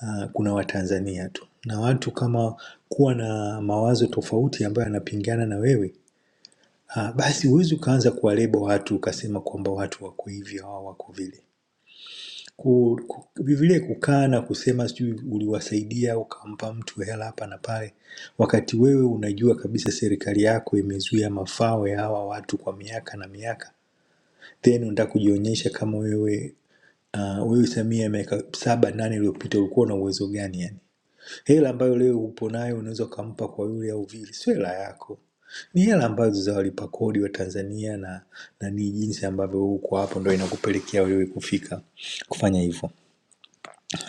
L: uh, kuna watanzania tu na watu kama kuwa na mawazo tofauti ambayo yanapingana na wewe ah, basi huwezi ukaanza kuwalebo watu ukasema kwamba watu wako hivyo au wako vile Ku- ku- vile kukaa na kusema sijui uliwasaidia ukampa mtu hela hapa na pale wakati wewe unajua kabisa serikali yako imezuia mafao ya hawa watu kwa miaka na miaka then unataka kujionyesha kama wewe uh, wewe Samia miaka saba nane iliyopita ulikuwa na uwezo gani yani Hela ambayo leo upo nayo unaweza ukampa kwa yule au vile, sio hela yako, ni hela ambazo za walipa kodi wa Tanzania na, na ni jinsi ambavyo uko hapo ndo inakupelekea wewe kufika kufanya hivyo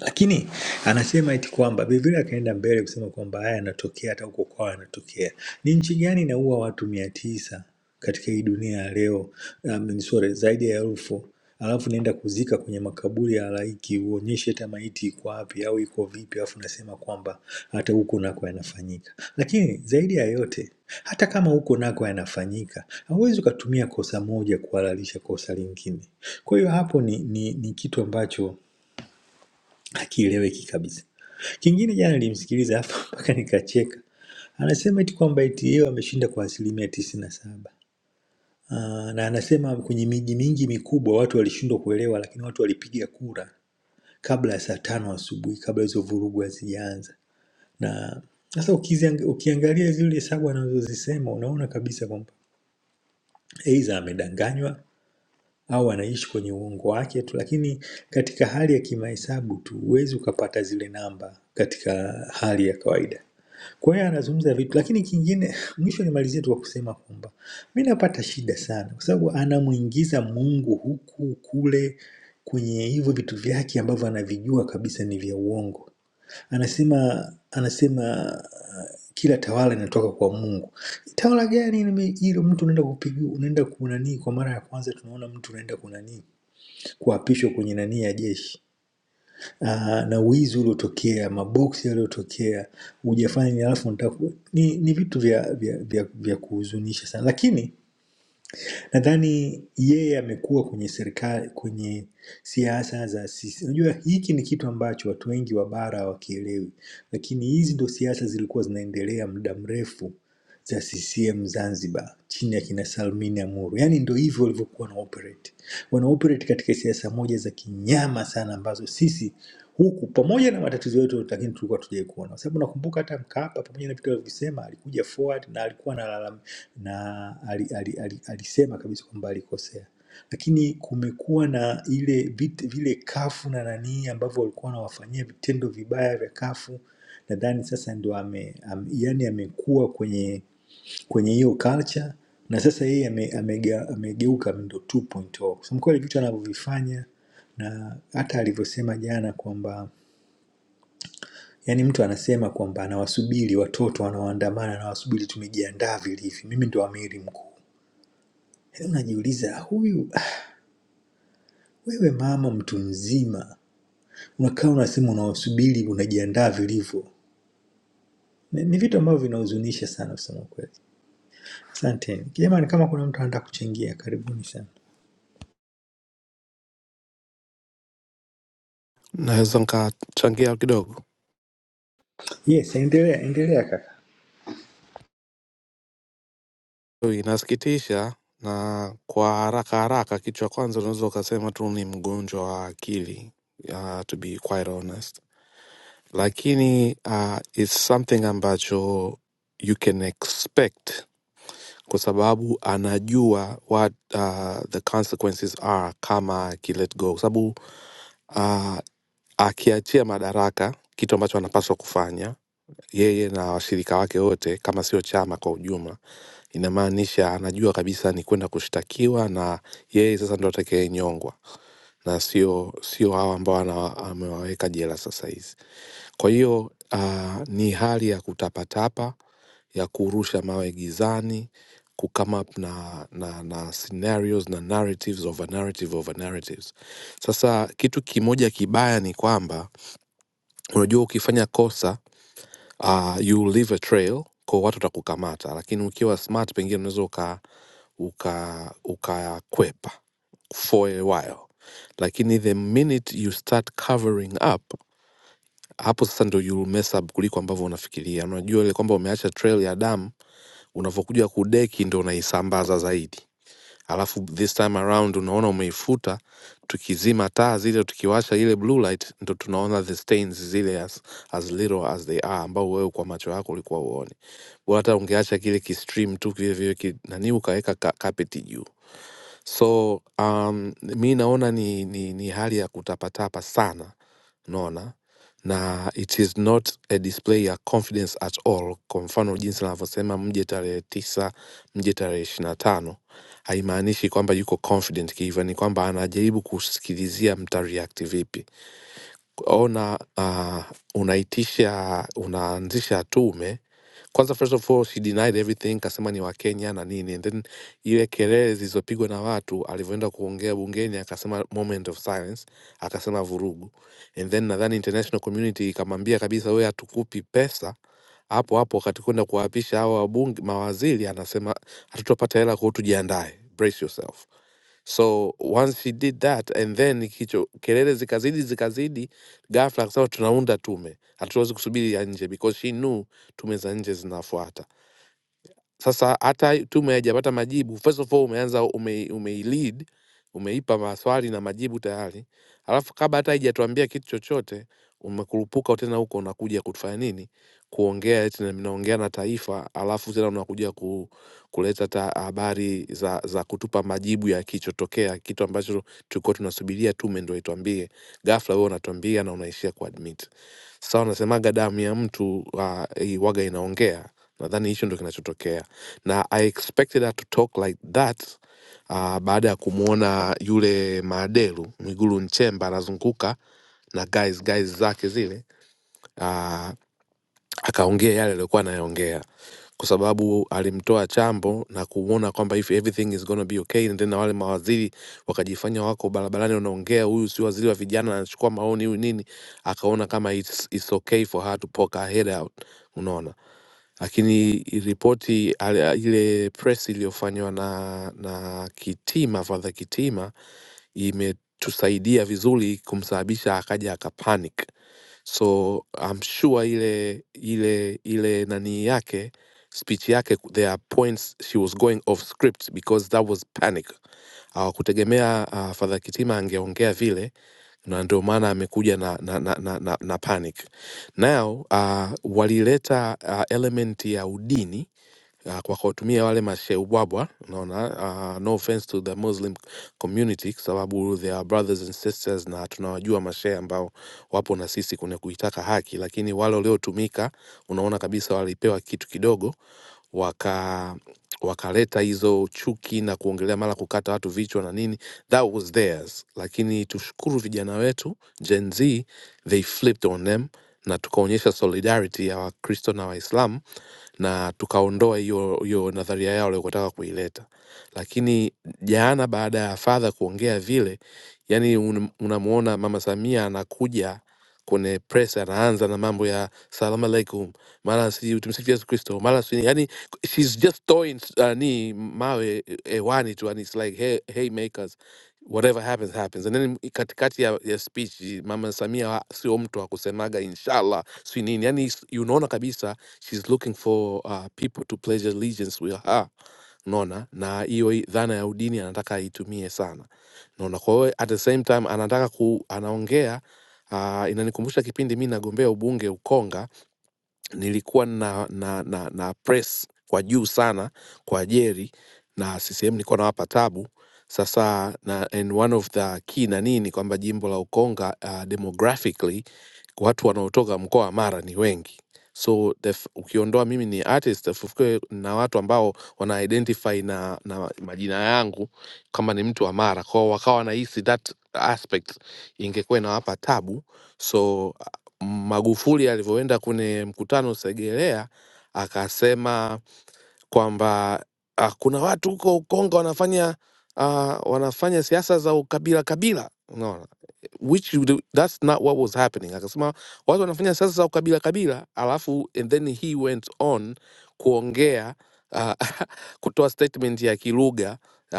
L: lakini anasema eti kwamba Biblia akaenda mbele kusema kwamba haya yanatokea hata huko kwao yanatokea. Ni nchi gani inaua watu mia tisa katika hii dunia ya leo? Um, sorry, zaidi ya elfu alafu naenda kuzika kwenye makaburi ya halaiki, uonyeshe hata maiti iko wapi au iko vipi, alafu nasema kwamba hata huko nako yanafanyika. Lakini zaidi ya yote, hata kama huko nako yanafanyika, hauwezi ukatumia kosa moja kuhalalisha kosa lingine. Kwa hiyo hapo ni, ni, ni kitu ambacho hakieleweki kabisa. Kingine jana nilimsikiliza hapa mpaka nikacheka, anasema eti kwamba eti yeye ameshinda kwa asilimia tisini na saba Ah, na anasema kwenye miji mingi mikubwa watu walishindwa kuelewa, lakini watu walipiga kura kabla ya saa tano asubuhi, kabla hizo vurugu hazijaanza. Na sasa ukiziang- ukiangalia zile hesabu anazozisema unaona kabisa kwamba aidha amedanganywa au anaishi kwenye uongo wake tu, lakini katika hali ya kimahesabu tu huwezi ukapata zile namba katika hali ya kawaida. Kwa hiyo anazungumza vitu, lakini kingine, mwisho nimalizie tu kwa kusema kwamba mi napata shida sana, kwa sababu anamwingiza Mungu huku kule kwenye hivyo vitu vyake ambavyo anavijua kabisa ni vya uongo anasema anasema uh, kila tawala inatoka kwa Mungu. Tawala gani nime- hilo? Mtu unaenda kupigiwa, unaenda kunanii kwa mara ya kwanza, tunaona mtu unaenda kunanii kuapishwa kwenye nani ya jeshi uh, na wizi uliotokea, maboksi yaliyotokea, hujafanya ni alafu unataka ku- ni, ni vitu vya vya, vya, vya kuhuzunisha sana, lakini Nadhani yeye amekuwa kwenye serikali, kwenye siasa za sisi. Unajua hiki ni kitu ambacho watu wengi wa bara hawakielewi, lakini hizi ndo siasa zilikuwa zinaendelea muda mrefu za CCM Zanzibar chini ya kina Salmini Amuru. Yaani ndo hivyo walivyokuwa wana operate, wana operate katika siasa moja za kinyama sana, ambazo sisi huku pamoja na matatizo yetu, lakini tulikuwa tujai kuona, kwa sababu nakumbuka hata Mkapa pamoja na vitu alivyosema, alikuja forward na alikuwa analalama na ali, ali, ali, alisema kabisa kwamba alikosea, lakini kumekuwa na ile vit, vile kafu na nanii ambavyo walikuwa wanawafanyia vitendo vibaya vya kafu. Nadhani sasa ndo ame, am, yani amekuwa kwenye kwenye hiyo culture na sasa yeye amegeuka ame, amega, amegeuka ndo 2.0 kusema kweli, vitu anavyovifanya na hata alivyosema jana kwamba yani mtu anasema kwamba anawasubiri watoto wanaoandamana, anawasubiri tumejiandaa vilivyo, mimi ndo amiri mkuu Yaani unajiuliza huyu wewe mama mtu mzima unakaa unasema unawasubiri unajiandaa vilivyo ni, ni vitu ambavyo vinahuzunisha sana kusema kweli asanteni jamani kama kuna mtu anataka kuchangia karibuni sana
P: Naweza nikachangia kidogo.
L: yes endelea endelea kaka
P: So, Inasikitisha na kwa haraka haraka, kitu cha kwanza unaweza ukasema tu ni mgonjwa wa akili uh, to be quite honest, lakini uh, it's something ambacho you can expect kwa sababu anajua what uh, the consequences are kama aki let go, kwa sababu uh, akiachia madaraka, kitu ambacho anapaswa kufanya yeye na washirika wake wote, kama sio chama kwa ujumla, inamaanisha anajua kabisa ni kwenda kushtakiwa na yeye sasa ndo atakayenyongwa na sio sio hawa ambao ana- amewaweka jela sasa hizi. Kwa hiyo ah, ni hali ya kutapatapa, ya kurusha mawe gizani, kucome up na, na, na scenarios na narratives over narrative over narratives. Sasa kitu kimoja kibaya ni kwamba unajua, ukifanya kosa uh, you leave a trail kwa watu watakukamata lakini ukiwa smart pengine unaweza uka uka ukakwepa for a while lakini the minute you start covering up hapo sasa ndo you'll mess up kuliko ambavyo unafikiria unajua ile kwamba umeacha trail ya damu unavyokuja kudeki ndo unaisambaza zaidi alafu this time around unaona umeifuta tukizima taa zile tukiwasha ile blue light ndo tunaona the stains zile as, as little as they are ambao wewe kwa macho yako ulikuwa uone bora hata ungeacha kile kistream tu kile vile ki, nani ukaweka ka, carpet juu So um, mi naona ni, ni, ni hali ya kutapatapa sana, naona na it is not a display ya confidence at all. Kwa mfano jinsi anavyosema mje tarehe tisa, mje tarehe ishirini na tano haimaanishi kwamba yuko confident kihivyo, ni kwamba anajaribu kusikilizia mta react vipi ona uh, unaitisha unaanzisha tume kwanza first of all she denied everything kasema ni wakenya na nini and then ile kelele zilizopigwa na watu alivyoenda kuongea bungeni akasema moment of silence akasema vurugu and then nadhani international community ikamwambia kabisa wewe hatukupi pesa hapo hapo wakati kwenda kuwaapisha hawa wabunge mawaziri anasema hatutapata hela kwao tujiandae brace yourself so once he did that and then kicho kelele zikazidi zikazidi ghafla akasema tunaunda tume hatuwezi kusubiri ya nje because she knew tume za nje zinafuata sasa hata tume haijapata majibu. First of all umeanza ume, umeilead umeipa maswali na majibu tayari, alafu kabla hata haijatuambia kitu chochote umekurupuka tena huko, unakuja kutufanya nini? Kuongea eti na- mnaongea na taifa, alafu tena unakuja ku, kuleta ta habari za, za kutupa majibu ya kichotokea, kitu ambacho tulikuwa tunasubiria tume ndio ituambie. Ghafla wewe unatuambia na unaishia kuadmit. Sasa wanasemaga damu ya mtu uh, waga inaongea, nadhani hicho ndo kinachotokea, na I expected her to talk like that uh, baada ya kumwona yule maadelu Mwigulu Nchemba anazunguka na guys guys zake zile Uh, akaongea yale aliyokuwa anayaongea kwa sababu alimtoa chambo na kuona kwamba if everything is gonna be okay and then na wale mawaziri wakajifanya wako barabarani wanaongea huyu si waziri wa vijana anachukua maoni huyu nini akaona kama it's, it's okay for her to poke her head out unaona lakini ripoti ale- ile press iliyofanywa na na kitima fadha kitima imetusaidia vizuri kumsababisha akaja akapanic so I'm sure ile ile ile nani yake speech yake ku- there are points she was going off script because that was panic hawakutegemea uh, fadha kitima angeongea vile na ndio maana amekuja na, na, na, na, na, na panic now uh, walileta uh, element ya udini uh, kwa kuwatumia wale masheubwabwa unaona uh, no offense to the muslim community kwa sababu they are brothers and sisters na tunawajua mashehe ambao wapo na sisi kwenye kuitaka haki lakini wale waliotumika unaona kabisa walipewa kitu kidogo waka wakaleta hizo chuki na kuongelea mara kukata watu vichwa na nini that was theirs lakini tushukuru vijana wetu gen z they flipped on them na tukaonyesha solidarity ya wakristo na waislamu na tukaondoa hiyo hiyo nadharia yao waliyotaka kuileta. Lakini jana baada ya fadha kuongea vile, yani unamwona Mama Samia anakuja kwenye press anaanza na mambo ya salamu alaikum, mara si tumsifu Yesu Kristo, mara si yani, she's just throwing uh, ni mawe eh, hewani tu, and it's like hey, hey makers whatever happens happens. And then katikati ya, ya speech mama Samia wa- sio mtu wa kusemaga inshallah si nini, yani is- unaona kabisa she's looking for uh, people to pledge allegiance with her naona na hiyo hi- dhana ya udini anataka aitumie sana naona kwa hiyo at the same time anataka ku, anaongea uh, inanikumbusha kipindi mi nagombea ubunge ukonga nilikuwa na, na, na, na press kwa juu sana kwa ajeri na CCM nilikuwa nawapa tabu sasa na, and one of the key na nini kwamba jimbo la Ukonga uh, demographically watu wanaotoka mkoa wa Mara ni wengi so the, f- ukiondoa mimi ni artist fufuke na watu ambao wana identify na, na majina yangu kama ni mtu wa Mara kwao wakawa wanahisi that aspect ingekuwa inawapa tabu so Magufuli alivyoenda kwenye mkutano Segerea akasema kwamba ah, kuna watu huko Ukonga wanafanya ah, wanafanya siasa za ukabila kabila, unaona which you do, that's not what was happening akasema watu wanafanya siasa za ukabila kabila alafu and then he went on kuongea uh, kutoa statement ya kilugha uh,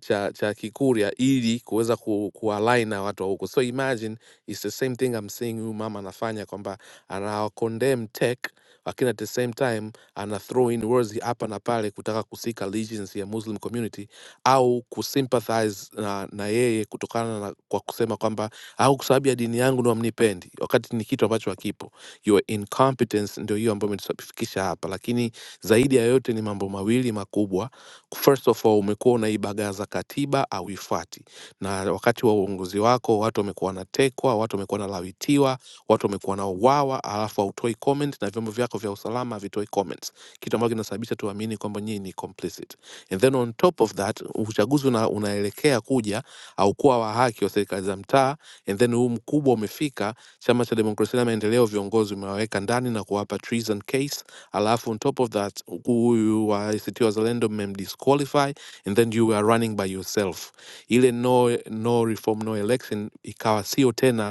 P: cha, cha kikuria ili kuweza ku, kualign na watu wa huko so imagine it's the same thing I'm seeing huyu mama anafanya kwamba ana condemn tech lakini at the same time ana throw in words hapa na pale kutaka kusika allegiance ya muslim community au kusympathize na, na yeye kutokana na kwa kusema kwamba au kwa sababu ya dini yangu ndo amnipendi, wakati ni kitu ambacho hakipo. Your incompetence ndio hiyo ambayo imetufikisha hapa, lakini zaidi ya yote ni mambo mawili makubwa. First of all, umekuwa unaibagaza katiba, auifuati, na wakati wa uongozi wako watu wamekuwa wanatekwa, watu wamekuwa wanalawitiwa, watu wamekuwa wanauawa, alafu hautoi comment na vyombo vyako vya usalama havitoi comments, kitu ambacho kinasababisha tuamini kwamba nyinyi ni complicit. And then on top of that, uchaguzi una, unaelekea kuja, haukuwa wa haki wa serikali za mtaa and then huu mkubwa umefika, chama cha demokrasia na maendeleo viongozi umewaweka ndani na kuwapa treason case, alafu on top of that huyu wa ACT Wazalendo mmemdisqualify and then you were running by yourself. Ile no, no reform no election ikawa sio tena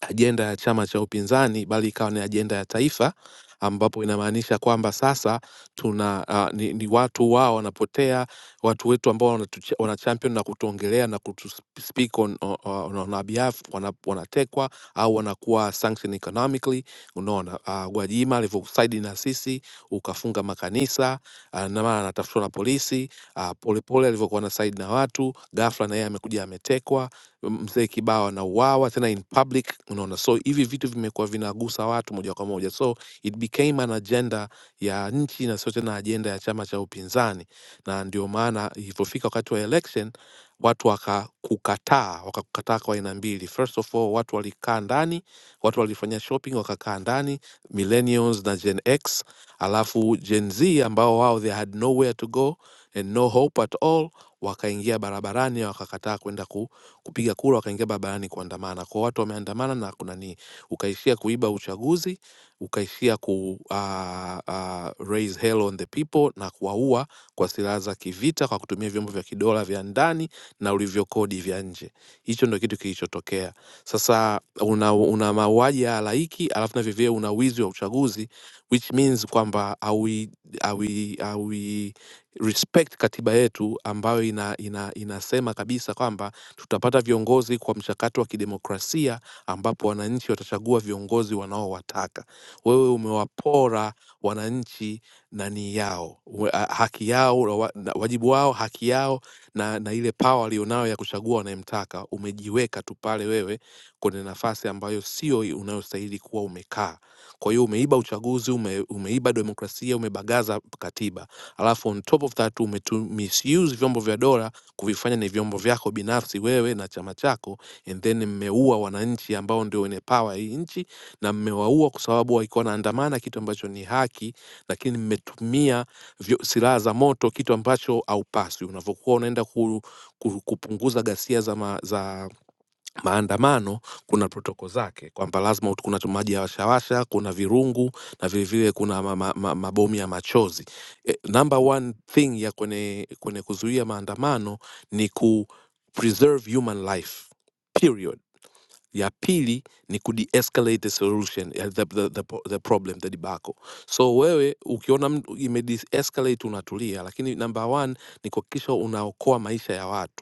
P: ajenda ya chama cha upinzani bali ikawa ni ajenda ya taifa ambapo inamaanisha kwamba sasa tuna uh, ni, ni watu wao wanapotea watu wetu ambao wanatucha- wana champion na kutuongelea na kutu sp- speak on, on, on, on our behalf wana, wanatekwa au wanakuwa sanction economically unaona uh, Gwajima alivyosaidi na sisi ukafunga makanisa uh, na maana anatafutwa na polisi uh, polepole alivyokuwa na saidi na watu ghafla na yeye amekuja ametekwa mzee kibao anauawa tena in public unaona so hivi vitu vimekuwa vinagusa watu moja kwa moja so it became an agenda ya nchi na sio tena ajenda ya chama cha upinzani na ndio maana ilivyofika wakati wa election watu wakakukataa wakakukataa kwa aina mbili first of all watu walikaa ndani watu walifanya shopping wakakaa ndani millennials na gen x alafu gen z ambao wao they had nowhere to go and no hope at all wakaingia barabarani wakakataa kwenda ku kupiga kura, wakaingia barabarani kuandamana. Kwa hiyo watu wameandamana na kuna nini, ukaishia kuiba uchaguzi, ukaishia ku ah, ah, raise hell on the people na kuwaua kwa silaha za kivita kwa kutumia vyombo vya kidola vya ndani na ulivyokodi vya nje. Hicho ndio kitu kilichotokea. Sasa una, una mauaji ya halaiki alafu na vivyo una wizi wa uchaguzi which means kwamba hawi, hawi, hawi respect katiba yetu ambayo ina, ina, inasema kabisa kwamba tutapata viongozi kwa mchakato wa kidemokrasia ambapo wananchi watachagua viongozi wanaowataka. Wewe umewapora wananchi nani yao we- a- haki yao na wa- na wajibu wao, haki yao na, na ile pawa walionayo ya kuchagua wanayemtaka. Umejiweka tu pale wewe kwenye nafasi ambayo sio unayostahili kuwa umekaa. Kwa hiyo umeiba uchaguzi, ume, umeiba demokrasia, umebagaza katiba, alafu on top of that umetu misuse vyombo vya dola kuvifanya ni vyombo vyako binafsi wewe na chama chako, and then mmeua wananchi ambao ndio wenye power hii nchi, na mmewaua kwa sababu walikuwa wanaandamana, kitu ambacho ni haki, lakini mmetumia vyo- silaha za moto, kitu ambacho haupaswi. Unavyokuwa unaenda ku, ku, kupunguza ghasia za, ma, za maandamano kuna protoko zake kwamba lazima ut- kuna maji ya washawasha kuna virungu na vilevile kuna ma, ma, ma, mabomu ya machozi e, number one thing ya kwenye, kwenye kuzuia maandamano ni ku preserve human life period ya pili ni ku de-escalate the solution eh, the, the, the, po- the problem the debacle so wewe ukiona mtu ime de-escalate unatulia lakini number one ni kuhakikisha unaokoa maisha ya watu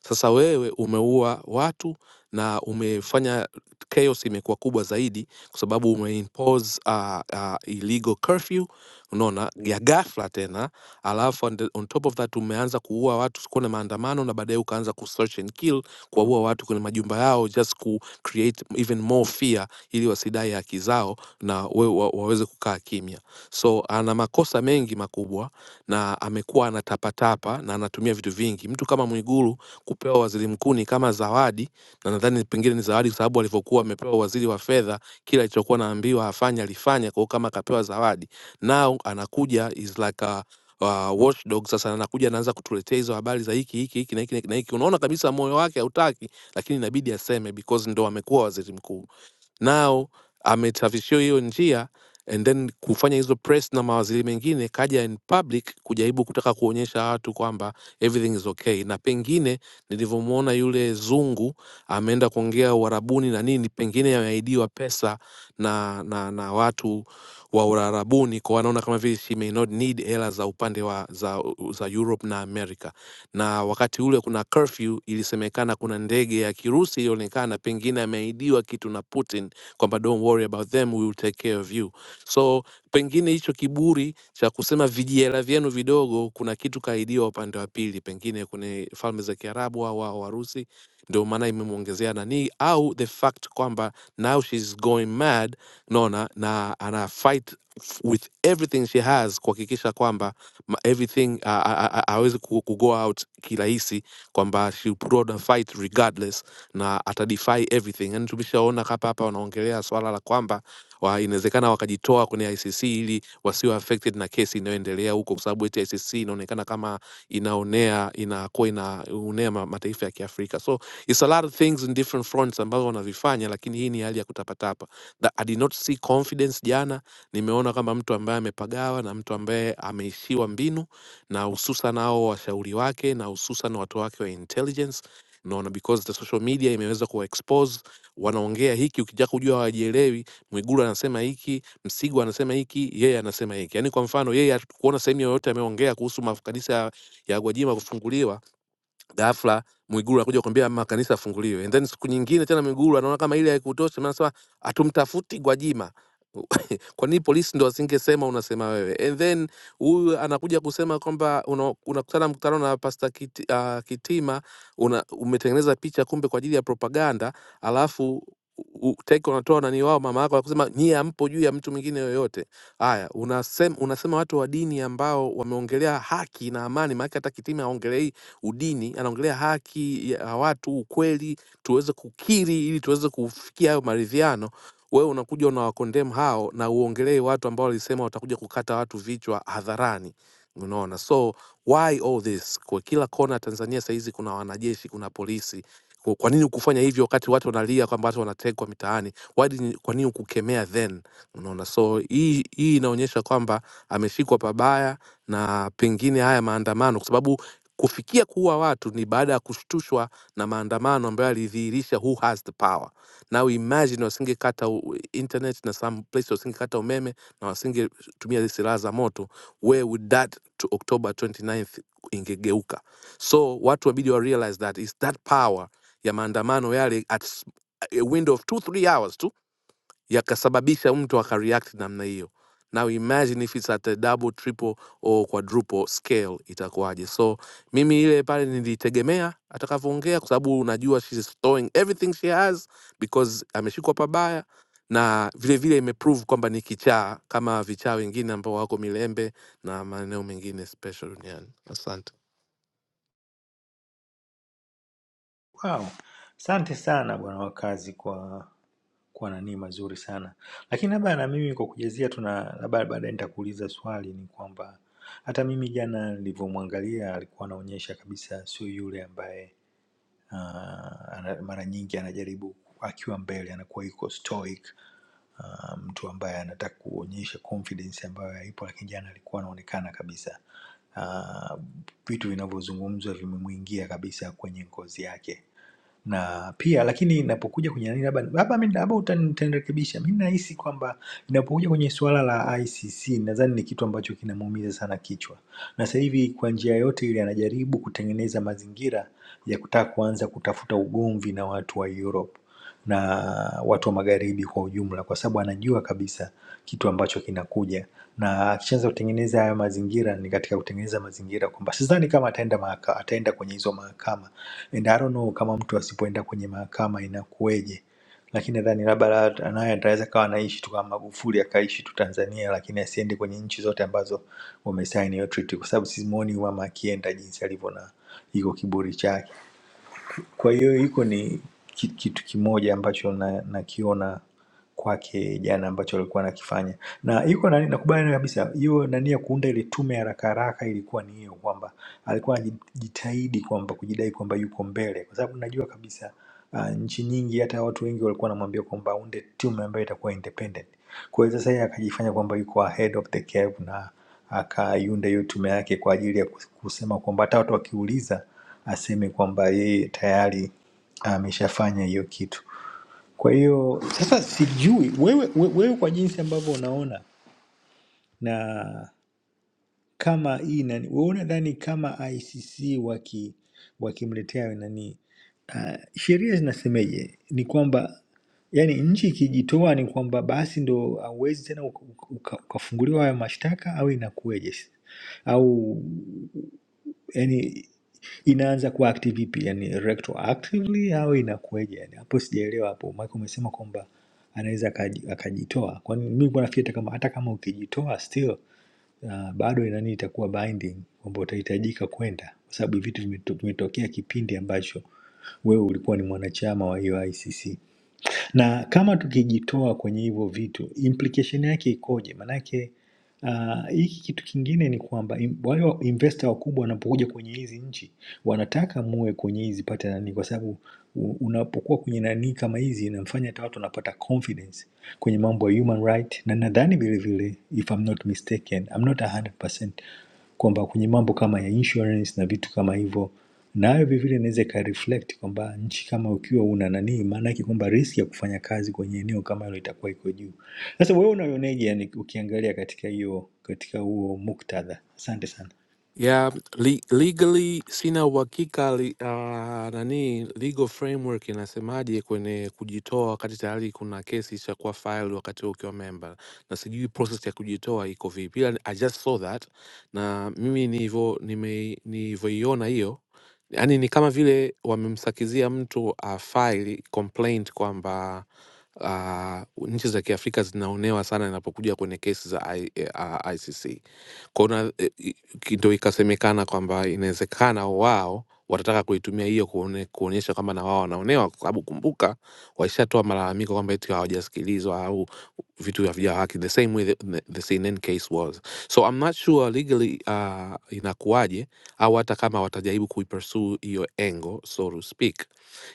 P: sasa wewe umeua watu na umefanya chaos imekuwa kubwa zaidi kwa sababu umeimpose uh, uh, illegal curfew unaona ya ghafla tena, alafu on, the- on top of that umeanza kuua watu sikuwa na maandamano, na baadaye ukaanza ku search and kill, kuwaua watu kwenye majumba yao just ku create even more fear ili wasidai haki zao na we, wa, waweze kukaa kimya. So ana makosa mengi makubwa na amekuwa anatapatapa na anatumia vitu vingi. Mtu kama Mwigulu kupewa waziri mkuu ni kama zawadi, na nadhani pengine ni zawadi kwa sababu alivyokuwa amepewa waziri wa fedha, kila alichokuwa anaambiwa afanye alifanya. Kwa hiyo kama akapewa zawadi, now anakuja is like a Uh, watchdog sasa anakuja anaanza kutuletea hizo habari za hiki hiki hiki na hiki na hiki, na hiki. Unaona kabisa moyo wake hautaki, lakini inabidi aseme because ndo amekuwa waziri mkuu nao amesafishiwa hiyo njia and then kufanya hizo press na mawaziri mengine kaja in public kujaribu kutaka kuonyesha watu kwamba everything is okay na pengine nilivyomwona yule zungu ameenda kuongea uharabuni na nini pengine yameahidiwa pesa na, na, na watu wa uharabuni kwa wanaona kama vile she may not need hela za upande wa za, za europe na america na wakati ule kuna curfew ilisemekana kuna ndege ya kirusi ilionekana pengine ameahidiwa kitu na putin kwamba don't worry about them we will take care of you so pengine hicho kiburi cha kusema vijihela vyenu vidogo kuna kitu kaidiwa upande wa pili pengine kwenye falme za kiarabu au au warusi ndio maana imemwongezea nanii au the fact kwamba now she's going mad naona na ana fight f- with everything she has kuhakikisha kwamba ma- everything awezi uh, uh, uh, aweze ku, ku go out kirahisi kwamba she put on a fight regardless na atadefy everything. Yani tumeshaona hapa hapa wanaongelea swala la kwamba wa- inawezekana wakajitoa kwenye ICC ili wasiwe affected na kesi inayoendelea huko, kwa sababu eti ICC inaonekana kama inaonea inakuwa inaonea ma- mataifa ya Kiafrika. So it's a lot of things in different fronts ambazo wanavifanya, lakini hii ni hali ya kutapatapa. That I did not see confidence jana. Nimeona kama mtu ambaye amepagawa na mtu ambaye ameishiwa mbinu, na hususan hao washauri wake na hususan watu wake wa intelligence unaona because the social media imeweza kuwa expose wanaongea hiki ukija kujua hawajielewi mwigulu anasema hiki msigo anasema hiki yeye anasema hiki yaani kwa mfano yeye hatukuona sehemu yoyote ameongea kuhusu makanisa ya, ya gwajima kufunguliwa ghafla Mwigulu anakuja kuambia makanisa afunguliwe, and then siku nyingine tena Mwigulu anaona kama ile haikutosha, anasema hatumtafuti Gwajima. Kwa nini polisi ndo asingesema unasema wewe? And then huyu anakuja kusema kwamba una- unakutana una mkutano na Pasta Kiti, uh, Kitima una, umetengeneza picha kumbe kwa ajili ya propaganda, alafu u- take unatoa nani wao mama yako akusema nyie hampo juu ya mtu mwingine yoyote. Haya, unasema unasema watu wa dini ambao wameongelea haki na amani, maana hata Kitima aongelei udini, anaongelea haki ya watu, ukweli, tuweze kukiri ili tuweze kufikia hayo maridhiano. Wewe unakuja unawakondem hao na uongelee watu ambao walisema watakuja kukata watu vichwa hadharani, unaona? So why all this? Kwa kila kona Tanzania saizi kuna wanajeshi, kuna polisi. Kwa kwa nini ukufanya hivyo wakati watu wanalia kwamba watu wanatekwa mitaani? Why didn't- Kwa nini ukukemea then? Unaona, so hii hii inaonyesha kwamba ameshikwa pabaya, na pengine haya maandamano, kwa sababu Kufikia kuua watu ni baada ya kushtushwa na maandamano ambayo yalidhihirisha who has the power. Now imagine wasingekata u- internet na some place wasingekata umeme na wasingetumia silaha za moto, where would that to October 29th ingegeuka? So watu wabidi wa realize that is that power ya maandamano yale at s- a window of 2 3 hours yakasababisha mtu akareact namna hiyo now imagine if it's at a double triple or quadruple scale itakuwaje so mimi ile pale nilitegemea atakavyoongea kwa sababu unajua she's throwing everything she has because ameshikwa pabaya na vile vile imeprove kwamba ni kichaa kama vichaa wengine ambao wako milembe na maeneo mengine special duniani asante
L: wow asante sana bwana wakazi kwa kwa nanii mazuri sana lakini labda na mimi kwa kujazia tu na labda baadaye nitakuuliza swali ni kwamba hata mimi jana nilivyomwangalia alikuwa anaonyesha kabisa sio yule ambaye Ah, ana- mara nyingi anajaribu akiwa mbele anakuwa yuko stoic ah, mtu ambaye anataka kuonyesha confidence ambayo haipo, lakini jana alikuwa anaonekana kabisa ah, vitu uh, vinavyozungumzwa vimemwingia kabisa kwenye ngozi yake na pia lakini inapokuja kwenye nani labda labda mimi labda utani- utanirekebisha. Mimi nahisi kwamba inapokuja kwenye suala la ICC nadhani ni kitu ambacho kinamuumiza sana kichwa. Na sasa hivi kwa njia yote ile anajaribu kutengeneza mazingira ya kutaka kuanza kutafuta ugomvi na watu wa Europe na watu wa magharibi kwa ujumla kwa sababu anajua kabisa kitu ambacho kinakuja na akishaanza kutengeneza haya mazingira ni katika kutengeneza mazingira kwamba sidhani kama ataenda mahaka, ataenda kwenye hizo mahakama And I don't know kama mtu asipoenda kwenye mahakama inakuweje, lakini nadhani labda la- naye ataweza kawa anaishi tu kama Magufuli akaishi tu Tanzania, lakini asiende kwenye nchi zote ambazo wamesaini hiyo treaty, kwa sababu simuoni huyu mama akienda jinsi alivyo na iko kiburi chake. Kwa hiyo hiko ni ki- kitu kimoja ambacho na- nakiona kwake jana ambacho alikuwa anakifanya na iko nani nakubaliana kabisa hiyo nani ya kuunda ile tume ya haraka haraka ilikuwa ni hiyo kwamba alikuwa anajitahidi kwamba kujidai kwamba yuko mbele kwa sababu najua kabisa uh, nchi nyingi hata watu wengi walikuwa wanamwambia kwamba unde timu ambayo itakuwa independent kwa hiyo sasa yeye akajifanya kwamba yuko ahead of the curve na akaiunda hiyo tume yake kwa ajili ya kus- kusema kwamba hata watu wakiuliza aseme kwamba yeye tayari ameshafanya hiyo kitu kwa hiyo sasa sijui wewe, we- wewe kwa jinsi ambavyo unaona na kama hii nani, wewe unadhani kama ICC waki wakimletea nani uh, sheria zinasemeje? Ni kwamba yani nchi ikijitoa ni kwamba basi ndo hauwezi tena uka- uka- ukafunguliwa hayo mashtaka au inakuweje? Au yani inaanza kuwa active vipi yani retroactively au inakuwaje yani hapo sijaelewa hapo maana umesema kwamba anaweza akaji- akajitoa kwani mimi nilikuwa nafikiri hata kama hata kama ukijitoa still uh, bado nani itakuwa binding kwamba utahitajika kwenda kwa sababu hivi vitu vimeto- vimetokea kipindi ambacho wewe ulikuwa ni mwanachama wa hiyo ICC na kama tukijitoa kwenye hivyo vitu, implication yake ikoje? Manake ah, hiki uh, kitu kingine ni kwamba im- wale wa- investor wakubwa wanapokuja kwenye hizi nchi wanataka muwe kwenye hizi pata nani, kwa sababu u- unapokuwa kwenye nani kama hizi inamfanya hata watu wanapata confidence kwenye mambo ya human right, na nadhani vile vile, if I'm not mistaken, I'm not 100% kwamba kwenye mambo kama ya insurance na vitu kama hivyo, nayo vile vile inaweza ikareflect kwamba nchi kama ukiwa una nani, maana yake kwamba risk ya kufanya kazi kwenye eneo kama hilo itakuwa iko juu. Sasa wewe unaioneje, yani ukiangalia katika hiyo katika huo muktadha? Asante sana.
P: Yeah, le legally sina uhakika li, uh, nani legal framework inasemaje kwenye kujitoa wakati tayari kuna kesi cha kuwa file wakati wewe ukiwa member, na sijui process ya kujitoa iko vipi, ila I just saw that na mimi nilivyo nime nilivyoiona hiyo, yani ni kama vile wamemsakizia mtu uh, file complaint kwamba uh, nchi za Kiafrika zinaonewa sana inapokuja kwenye kesi za I, uh, ICC ndo ikasemekana kwamba inawezekana wao watataka kuitumia hiyo kuone, kuonyesha kwamba na wao wanaonewa, kwa sababu kumbuka waishatoa malalamiko kwamba eti hawajasikilizwa au vitu havija haki, the same way the, the, the CNN case was. So I'm not sure legally uh, inakuwaje au hata kama watajaribu kuipursue hiyo engo so to speak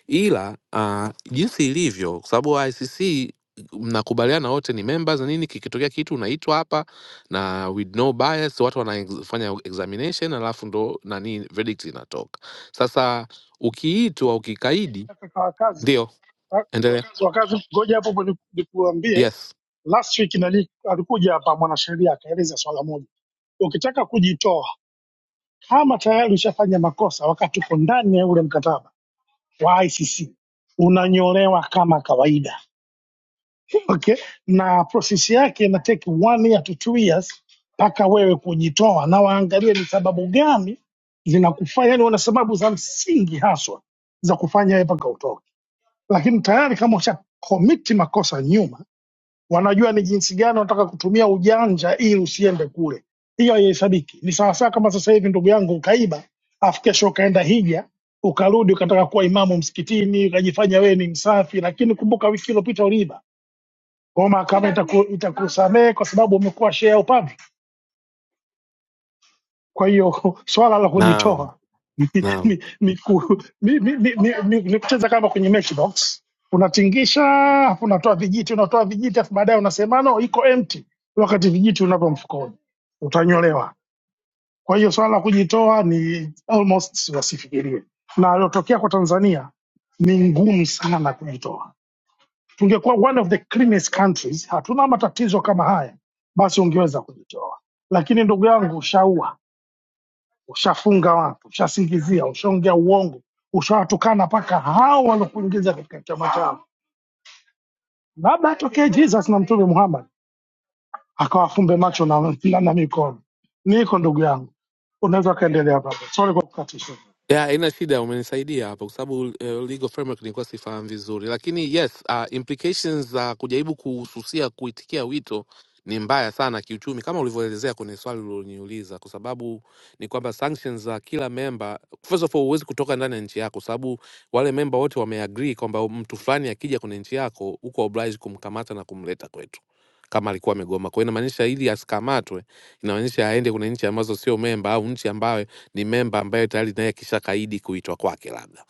P: ila ah, jinsi ilivyo, kwa sababu ICC mnakubaliana wote ni members na nini, kikitokea kitu unaitwa hapa na with no bias, watu wanafanya examination alafu ndo nani verdict inatoka. Sasa ukiitwa ukikaidi,
Q: kaka kwa wakazi
P: ndio
Q: wa-
P: endelea.
Q: wakazi, ngoja hapo hapo niku- nikuambie.
P: Yes,
Q: Last week nali, alikuja hapa mwanasheria akaeleza swala moja, ukitaka kujitoa kama tayari ushafanya makosa wakati uko ndani ya ule mkataba wa ICC unanyolewa kama kawaida okay? na prosesi yake ina take one year to two years mpaka wewe kujitoa, na waangalie ni sababu gani zinakufanya, yani wana sababu za msingi haswa za kufanya wewe mpaka utoke. lakini tayari kama usha komiti makosa nyuma, wanajua ni jinsi gani wanataka kutumia ujanja ili usiende kule. Hiyo haihesabiki. Ni sawasawa kama sasa hivi ndugu yangu ukaiba, afu kesho ukaenda hija, ukarudi ukataka kuwa imamu msikitini, ukajifanya wewe ni msafi, lakini kumbuka wiki iliyopita uliiba. Kwa hiyo mahakama itaku, itakusamehe kwa sababu umekuwa share upande. Kwa hiyo swala la
P: naam,
Q: kujitoa
P: naam.
Q: ni, ni, ku, ni, ni, ni, ni, ni, ni kucheza kama kwenye matchbox unatingisha afu unatoa vijiti unatoa vijiti afu baadaye unasema no iko empty wakati vijiti unavyo mfukoni utanyolewa kwa hiyo swala la kujitoa ni almost wasifikirie na aliotokea kwa tanzania ni ngumu sana kujitoa tungekuwa one of the cleanest countries hatuna matatizo kama haya basi ungeweza kujitoa lakini ndugu yangu shaua ushafunga watu, ushasingizia, ushaongea uongo, ushawatukana mpaka hao waliokuingiza katika chama chao. Labda atokee Jesus na Mtume Muhammad akawafumbe macho na, na, na mikono. Niko ndugu yangu, unaweza ukaendelea baba. Sorry kwa kukatisha.
P: Yeah, haina shida, umenisaidia hapo kwa sababu uh, legal framework nilikuwa sifahamu vizuri, lakini yes, uh, implications za kujaribu kuhususia kuitikia wito ni mbaya sana kiuchumi, kama ulivyoelezea kwenye swali ulioniuliza, kwa sababu ni kwamba sanctions za kila memba, first of all, huwezi kutoka ndani ya nchi yako, kwa sababu wale memba wote wameagree kwamba mtu fulani akija kwenye nchi yako uko obliged kumkamata na kumleta kwetu kama alikuwa amegoma. Kwa hiyo inamaanisha ili asikamatwe, inamaanisha aende kwenye nchi ambazo sio memba au nchi ambayo ni memba ambaye tayari naye akishakaidi kuitwa kwake labda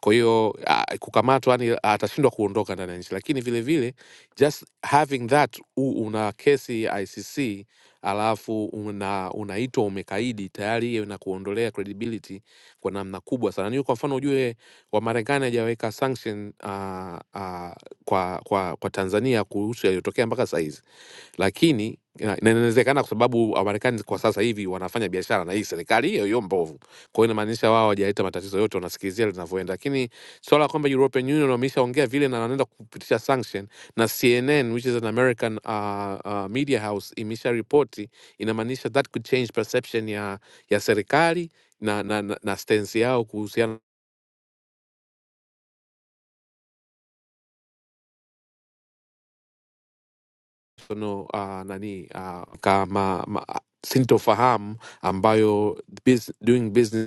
P: kwa hiyo ah, kukamatwa yani atashindwa kuondoka ndani ya nchi lakini vile vile just having that u, una kesi ya icc alafu una unaitwa umekaidi tayari hiyo inakuondolea credibility kwa namna kubwa sana niyo kwa mfano ujue wamarekani hajaweka sanction uh, uh, kwa, kwa, kwa tanzania kuhusu yaliyotokea mpaka sahizi lakini na na inawezekana kwa sababu Wamarekani kwa sasa hivi wanafanya biashara na hii serikali hiyo hiyo mbovu. Kwa hiyo inamaanisha wao hawajaleta matatizo yote, wanasikilizia linavyoenda. Lakini swala la kwamba European Union wameishaongea vile na wanaenda kupitisha sanction na CNN which is an American uh, uh, media house imesha ripoti, inamaanisha that could change perception ya ya serikali na na, na, na stance yao kuhusiana no, uh, nani uh, kama ma, sintofahamu ambayo bus, doing business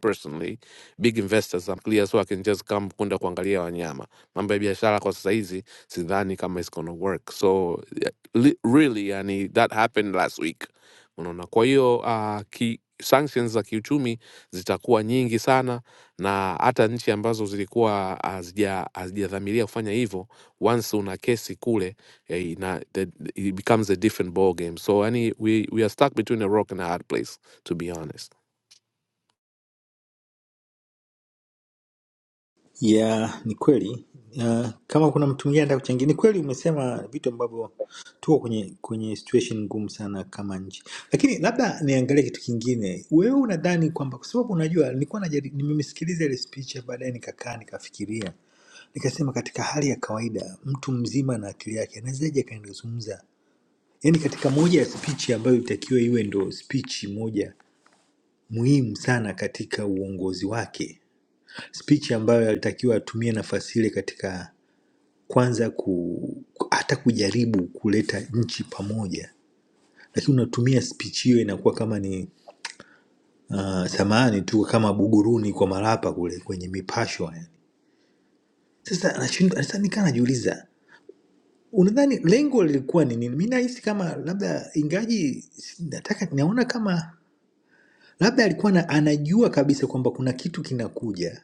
P: personally big investors I'm clear so I can just come kwenda kuangalia wanyama mambo ya biashara kwa sasa hizi sidhani kama it's gonna work so yeah, li, really yani that happened last week unaona kwa hiyo uh, ki sanctions za kiuchumi zitakuwa nyingi sana na hata nchi ambazo zilikuwa hazija- hazijadhamiria kufanya hivyo once una kesi kule eh, ina, the, it becomes a different ball game so yani we, we are stuck between a rock and a hard place to be honest
L: Ya, ni kweli. Uh, kama kuna mtu mwingine anataka kuchangia, ni kweli umesema vitu ambavyo tuko kwenye kwenye situation ngumu sana kama nchi, lakini labda niangalie kitu kingine. Wewe unadhani kwamba kwa sababu unajua, nilikuwa najari- nimemsikiliza ile speech, ya baadaye nikakaa nikafikiria, nikasema katika hali ya kawaida mtu mzima na akili yake anawezaje akaendezungumza yaani katika moja ya speech ambayo itakiwa iwe ndo speech moja muhimu sana katika uongozi wake speech ambayo alitakiwa atumie nafasi ile katika kwanza ku, ku- hata kujaribu kuleta nchi pamoja, lakini unatumia speech hiyo inakuwa kama ni uh, samani tu kama buguruni kwa marapa kule kwenye mipasho yani. Sasa anashindwa sasa, nikaa najiuliza unadhani lengo lilikuwa ni nini? Mi nahisi kama labda ingaji si- nataka naona kama labda alikuwa na, anajua kabisa kwamba kuna kitu kinakuja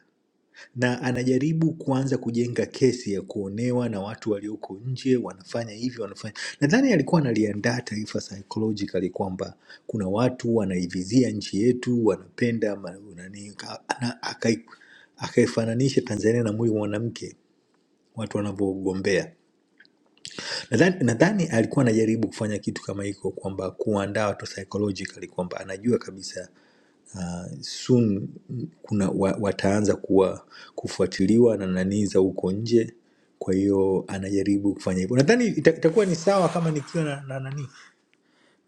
L: na anajaribu kuanza kujenga kesi ya kuonewa na watu walioko nje, wanafanya hivyo wanafanya. Nadhani alikuwa analiandaa taifa psychologically kwamba kuna watu wanaivizia nchi yetu wanapenda ma- nani, ka- ana- akai- akaifananisha Tanzania na mwili wa mwanamke watu wanavyogombea. Nadhani nadhani alikuwa anajaribu kufanya kitu kama hiko, kwamba kuandaa watu psychologically kwamba anajua kabisa uh, soon kuna wa, wataanza kuwa kufuatiliwa na nanii za huko nje kwa hiyo anajaribu kufanya hivyo nadhani ita- itakuwa ni sawa kama nikiwa na, na nani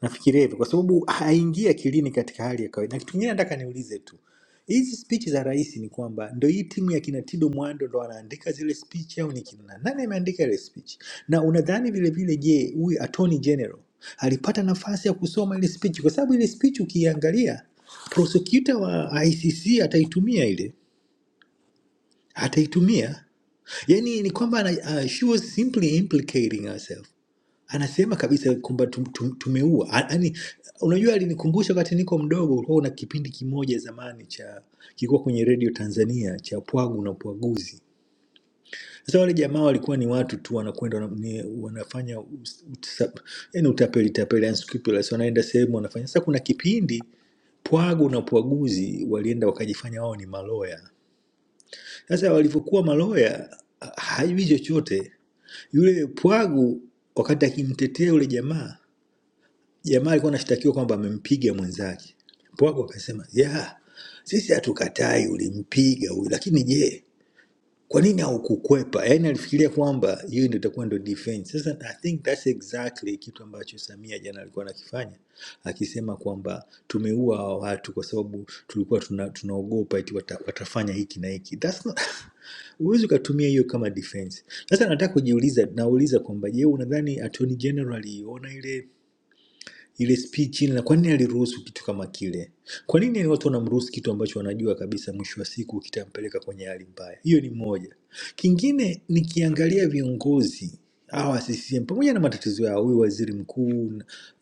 L: Nafikiria hivyo kwa sababu haingii akilini katika hali ya kawaida. Na kitu kingine nataka niulize tu, hizi spichi za rais ni kwamba ndo hii timu ya kina Tido Mwando ndo anaandika zile spichi au ni kina nani ameandika ile spichi? Na unadhani vile vile, je, huyu Attorney General alipata nafasi ya kusoma ile spichi? Kwa sababu ile spichi ukiiangalia, prosecutor wa ICC ataitumia ile, ataitumia yani ni kwamba ana- uh, she was simply implicating herself anasema kabisa kwamba tum- tum- tumeua A- yani unajua alinikumbusha wakati niko mdogo ulikuwa una kipindi kimoja zamani cha kilikuwa kwenye redio tanzania cha pwagu na pwaguzi sasa wale jamaa walikuwa ni watu tu wanakwenda wana, ni- wanafanya us- utsa- yani utapeli tapeli yani unscrupulous, wanaenda sehemu wanafanya sasa kuna kipindi pwagu na pwaguzi walienda wakajifanya wao ni maloya sasa walivyokuwa maloya ha- hajui chochote yule pwagu wakati akimtetea yule jamaa jamaa alikuwa anashtakiwa kwamba amempiga mwenzake. Mpoago akasema yeah, sisi hatukatai ulimpiga huyu, lakini je, kwa nini haukukwepa? Yaani alifikiria kwamba hiyo ndio itakuwa ndio defense. Sasa I think that's exactly kitu ambacho Samia jana alikuwa anakifanya akisema kwamba tumeua hawa watu kwa sababu tulikuwa tuna, tunaogopa eti wata, watafanya hiki na hiki. That's not, huwezi ukatumia hiyo kama defense. Sasa nataka kujiuliza, nauliza kwamba je, unadhani Attorney General aliona ile ile speech ile, na kwa nini aliruhusu kitu kama kile? Kwa nini watu wanamruhusu kitu ambacho wanajua kabisa mwisho wa siku kitampeleka kwenye hali mbaya? Hiyo ni moja. Kingine nikiangalia viongozi hawa CCM pamoja na matatizo yao, huyu waziri mkuu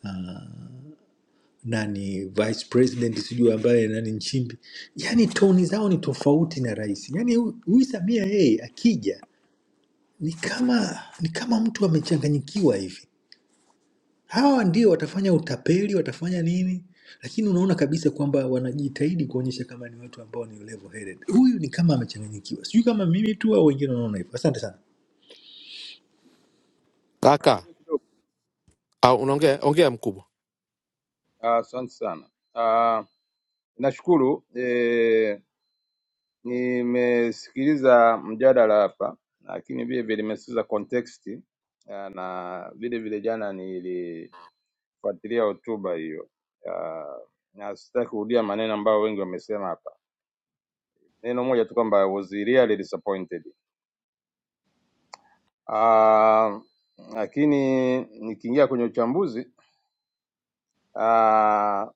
L: uh, nani vice president sijui ambaye nani Nchimbi, yani toni zao ni tofauti na rais. Yani huyu huyu Samia yeye akija ni kama ni kama mtu amechanganyikiwa hivi Hawa ndio watafanya utapeli, watafanya nini, lakini unaona kabisa kwamba wanajitahidi kuonyesha kama ni watu ambao ni level headed. Huyu ni kama amechanganyikiwa, sijui kama mimi tu au wengine wanaona hivyo. Asante sana.
P: kaka
M: Niongee kidogo.
P: au unaongea ongea mkubwa
M: Ah, Asante sana. Ah, Nashukuru eh, Nimesikiliza mjadala hapa, lakini vile vile nimesikiliza context ah, na vile vile jana nilifuatilia hotuba hiyo Ah, na sitaki kurudia maneno ambayo wengi wamesema hapa, neno moja tu kwamba I was really disappointed. Ah, lakini nikiingia kwenye uchambuzi ah, ah,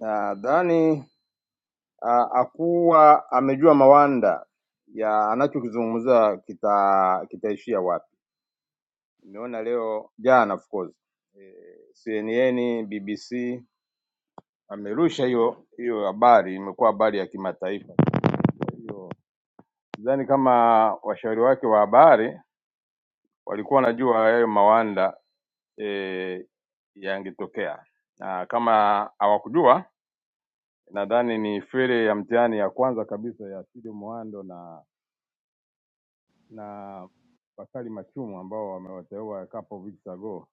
M: nadhani ah, hakuwa amejua mawanda ya anachokizungumza kita- kitaishia wapi Nimeona leo jana, of course eh, CNN, BBC amerusha hiyo hiyo habari, imekuwa habari ya kimataifa. Kwa hiyo sidhani kama washauri wake wa habari walikuwa wanajua hayo mawanda e, yangetokea, na kama hawakujua, nadhani ni fere ya mtihani ya kwanza kabisa ya Sidi Mwando na na Bakari Machumu ambao wamewateua a couple of weeks ago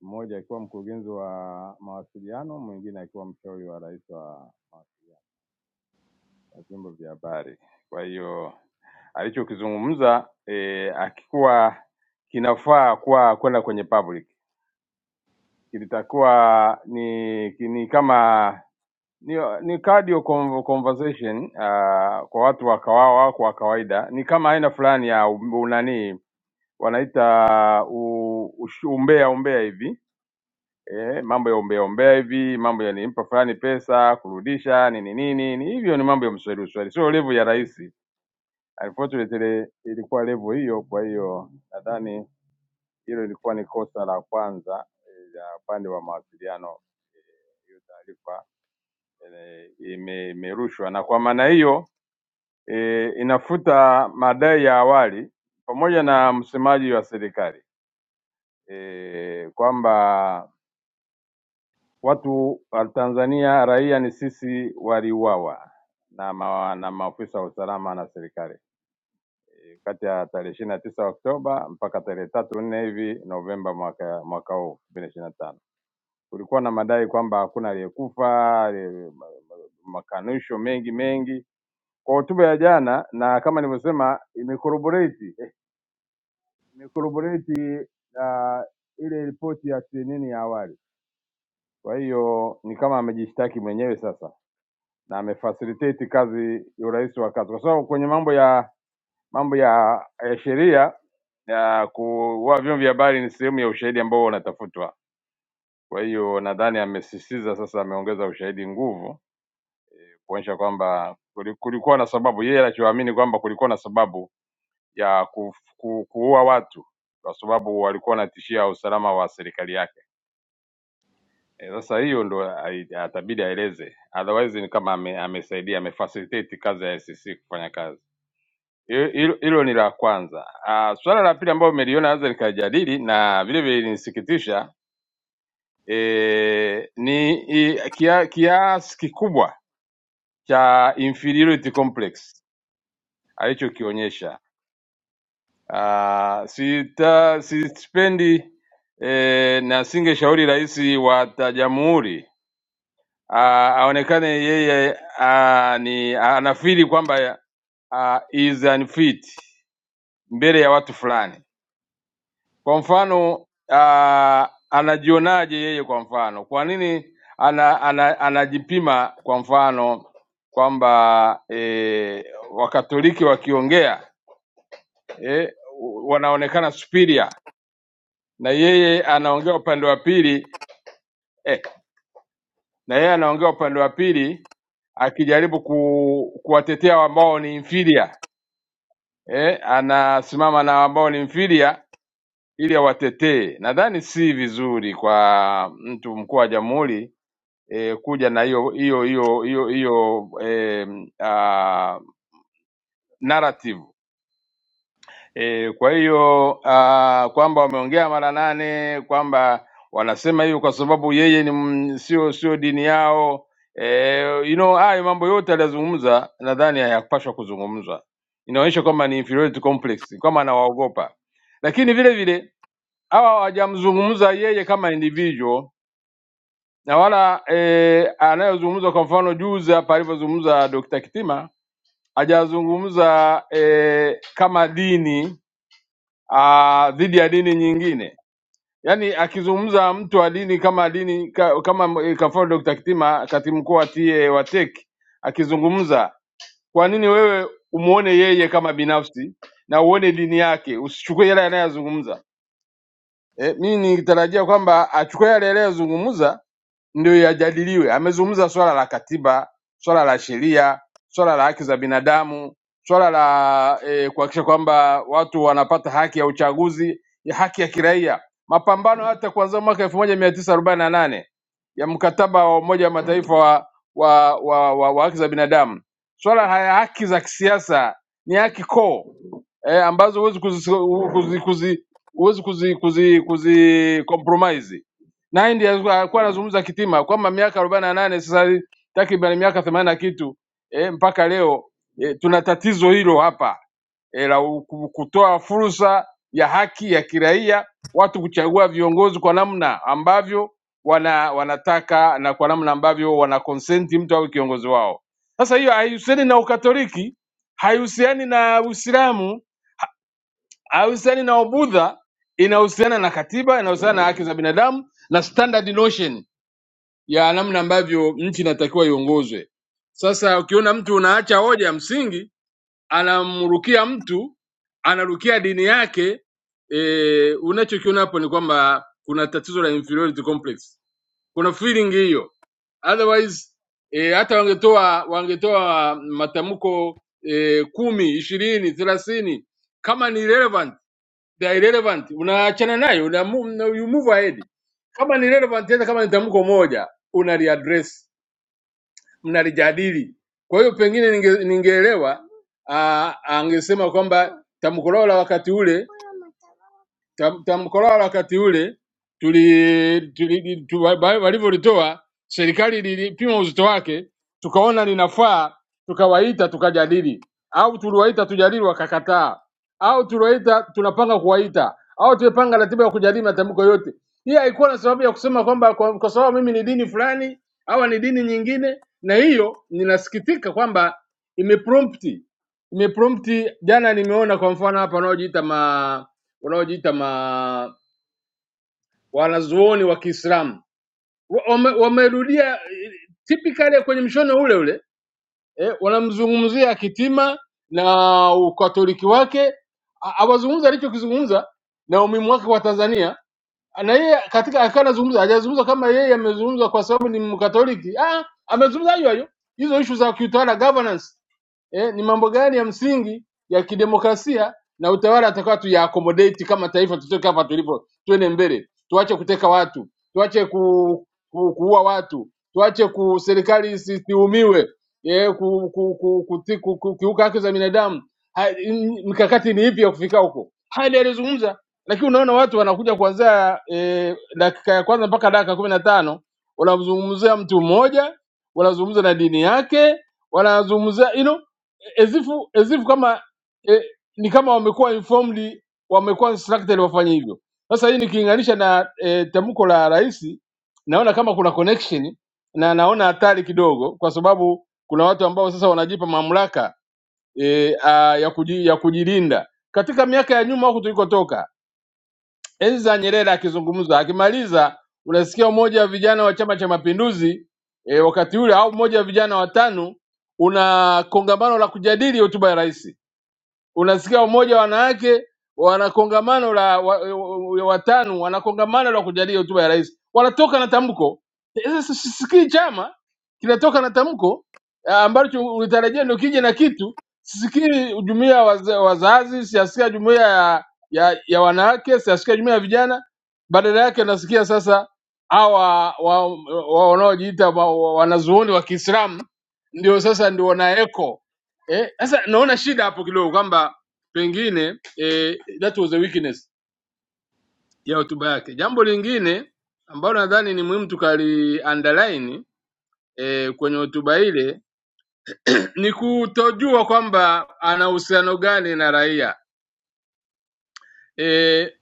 M: mmoja akiwa mkurugenzi wa mawasiliano, mwingine akiwa mshauri wa rais wa mawasiliano na vyombo vya habari. Kwa hiyo alichokizungumza eh, akikuwa kinafaa kuwa kwenda kwenye public, kilitakuwa ni ni kama ni, ni cardio con- conversation uh, kwa watu wa kawawa wako wa kawaida, ni kama aina fulani ya u- unani wanaita u- ush- umbea umbea hivi eh, mambo ya ombea ombea hivi, mambo ya nimpa fulani pesa kurudisha nini nini, ni hivyo ni mambo ya mswahili uswahili, sio level ya rais. Unfortunately ilikuwa level hiyo, kwa hiyo nadhani hilo ilikuwa ni kosa la kwanza eh, la upande wa mawasiliano. eh, Hiyo taarifa eh, ime- imerushwa na kwa maana hiyo e, inafuta madai ya awali pamoja na msemaji wa serikali e, kwamba Watu wa Tanzania raia ni sisi waliuawa na, ma, na maafisa wa usalama na serikali Eh, kati ya tarehe ishirini na tisa Oktoba mpaka tarehe tatu nne hivi Novemba mwaka mwaka huu elfu mbili na ishirini na tano kulikuwa na madai kwamba hakuna aliyekufa, ali- ma- ma- makanusho mengi mengi. Kwa hotuba ya jana na kama nilivyosema, imecorroborate eh, imecorroborate ah, ile ripoti ya CNN ya awali. Kwa hiyo ni kama amejishtaki mwenyewe sasa na amefacilitate kazi ya urahisi wa kazi, kwa sababu kwenye mambo ya mambo ya, ya sheria ya kuwa vyombo vya habari ni sehemu ya ushahidi ambao unatafutwa. Kwa hiyo nadhani amesisitiza sasa, ameongeza ushahidi nguvu kuonyesha kwamba kuli- kulikuwa na sababu, yeye anachoamini kwamba kulikuwa na sababu ya ku, ku, kuua watu kwa sababu walikuwa wanatishia usalama wa serikali yake. Eh, Sasa hiyo ndo ai- atabidi aeleze, otherwise ni kama ame, amesaidia ame amefacilitate kazi ya SCC kufanya kazi. Hilo hilo- hilo ni la kwanza. Ah, Suala la pili ambalo umeliona naweza nikajadili na vile vile linisikitisha e, ni i, kia, kiasi kikubwa cha inferiority complex alichokionyesha. Ah, Sita sispendi e, na singeshauri rais wa ta- jamhuri ah, aonekane yeye ah, ni anafiri kwamba ah, is unfit mbele ya watu fulani Kwa mfano ah, anajionaje yeye kwa mfano? Kwa nini ana, ana, anajipima kwa mfano kwamba eh, Wakatoliki wakiongea eh, wanaonekana superior na yeye anaongea upande wa pili eh, na yeye anaongea upande wa pili akijaribu ku, kuwatetea ambao ni inferior eh, anasimama na ambao ni mfidia ili awatetee. Nadhani si vizuri kwa mtu mkuu wa jamhuri eh, kuja na hiyo hiyo hiyo hiyo hiyo eh, ah, narrative E, kwa hiyo ah, kwamba wameongea mara nane kwamba wanasema hivyo kwa sababu yeye ni m- sio sio dini yao e, you know hayo mambo yote aliyozungumza nadhani hayakupaswa kuzungumzwa. Inaonyesha kwamba ni inferiority complex, kwamba anawaogopa. Lakini vile vile hawa hawajamzungumza yeye kama individual na wala e, anayozungumza kwa mfano juzi hapa alivyozungumza Dr. Kitima hajazungumza e, kama dini ah, dhidi ya dini nyingine. Yaani akizungumza mtu wa dini kama dini ka, kama eh, kwa mfano Dr. Kitima, katibu mkuu wa TA wa TEC akizungumza, kwa nini wewe umuone yeye kama binafsi na uone dini yake, usichukue yale anayozungumza? Eh, mimi nitarajia kwamba achukue yale anayozungumza ndio yajadiliwe. Amezungumza swala la katiba, swala la sheria, swala la haki za binadamu, swala la eh, kuhakikisha kwamba watu wanapata haki ya uchaguzi, ya haki ya kiraia, mapambano hata kuanzia mwaka elfu moja mia tisa arobaini na nane ya mkataba wa Umoja wa Mataifa wa, wa, wa, wa, wa haki za binadamu. Swala haya haki za kisiasa ni haki koo eh, ambazo huwezi kuzi, kuzi, kuzi, huwezi kuzi, kuzi, kuzi compromise na India alikuwa anazungumza Kitima kwamba miaka arobaini na nane sasa hivi takriban miaka themanini na kitu eh, mpaka leo eh, tuna tatizo hilo hapa eh, la ku- kutoa fursa ya haki ya kiraia watu kuchagua viongozi kwa namna ambavyo wana wanataka na kwa namna ambavyo wana consent mtu awe kiongozi wao. Sasa hiyo haihusiani na Ukatoliki, haihusiani na Uislamu, haihusiani na Ubudha, inahusiana na katiba, inahusiana na haki za binadamu na standard notion ya namna ambavyo nchi inatakiwa iongozwe. Sasa ukiona mtu unaacha hoja ya msingi, anamrukia mtu, anarukia dini yake e, unachokiona hapo ni kwamba kuna tatizo la inferiority complex, kuna feeling hiyo. Otherwise e, hata wangetoa wangetoa matamko e, kumi ishirini thelathini kama ni relevant they are irrelevant unaachana nayo una mu- you move ahead kama ni relevant hata kama ni tamko moja unaliaddress mnalijadili kwa hiyo pengine ninge- ningeelewa ah, angesema kwamba tamko lao la wakati ule Tam- Tamko lao la wakati ule tuli, tuli, tu- wa- wa- walivyolitoa serikali lilipima uzito wake, tukaona linafaa, tukawaita tukajadili, au tuliwaita tujadili wakakataa, au tuliwaita tunapanga kuwaita, au tumepanga ratiba ya kujadili matamko yote. Hii haikuwa na sababu ya kusema kwamba kwa, kwa sababu mimi ni dini fulani au ni dini nyingine, na hiyo ninasikitika kwamba imeprompti imeprompti. Jana nimeona kwa mfano hapa wanaojiita ma wanaojiita ma wanazuoni wa Kiislamu wamerudia wame wamerudia, eh, typically kwenye mshono ule ule eh, wanamzungumzia Kitima na ukatoliki wake, Ha- hawazungumzi alichokizungumza na umuhimu wake kwa Tanzania, na yeye katika akiwa anazungumza hajazungumza kama yeye amezungumza kwa sababu ni Mkatoliki. Ah, amezungumza hayo hayo hizo ishu za kiutawala governance eh, ni mambo gani ya msingi ya kidemokrasia na utawala atakuwa tuya accommodate kama taifa, tutoke hapa tulipo, tuende mbele, tuache kuteka watu, tuache ku, ku, kuua watu, tuache ku serikali isiumiwe eh, ku, ku, ku, ku, ku, ku, kiuka haki za binadamu. Ha- m- Mikakati ni ipi ya kufika huko? Haya ndiyo alizungumza, lakini unaona watu wanakuja kuanzia eh, dakika ya kwanza mpaka dakika kumi na tano wanamzungumzia mtu mmoja, wanazungumza na dini yake, wanazungumzia you know, ezifu ezifu kama eh, ni kama wamekuwa informally wamekuwa instructed wafanye hivyo. Sasa hii nikilinganisha na eh, tamko la rais, naona kama kuna connection na naona hatari kidogo, kwa sababu kuna watu ambao sasa wanajipa mamlaka eh, ah, ya, kuji, ya kujilinda. Katika miaka ya nyuma huku tulikotoka, enzi za Nyerere akizungumza, akimaliza unasikia mmoja wa vijana wa Chama cha Mapinduzi eh, wakati ule au mmoja wa vijana watano una kongamano la kujadili hotuba ya rais unasikia umoja wa wanawake wana kongamano la wa, wa, watano wana kongamano la kujadili hotuba ya rais, wanatoka na tamko. Sasa sisikii chama kinatoka na tamko ah, ambacho ulitarajia ndio kije na kitu. Sisikii jumuiya ya waza- wazazi, siasikia jumuiya ya, ya, ya wanawake, siasikia jumuiya ya vijana. Badala yake nasikia sasa hawa wa- wa- wanaojiita wa, wa, wanazuoni wa Kiislamu ndio sasa ndio wanaeko Eh, sasa naona shida hapo kidogo kwamba pengine eh, that was a weakness ya hotuba yake. Jambo lingine ambalo nadhani ni muhimu tukali underline eh, kwenye hotuba ile ni kutojua kwamba ana uhusiano gani na raia. Eh,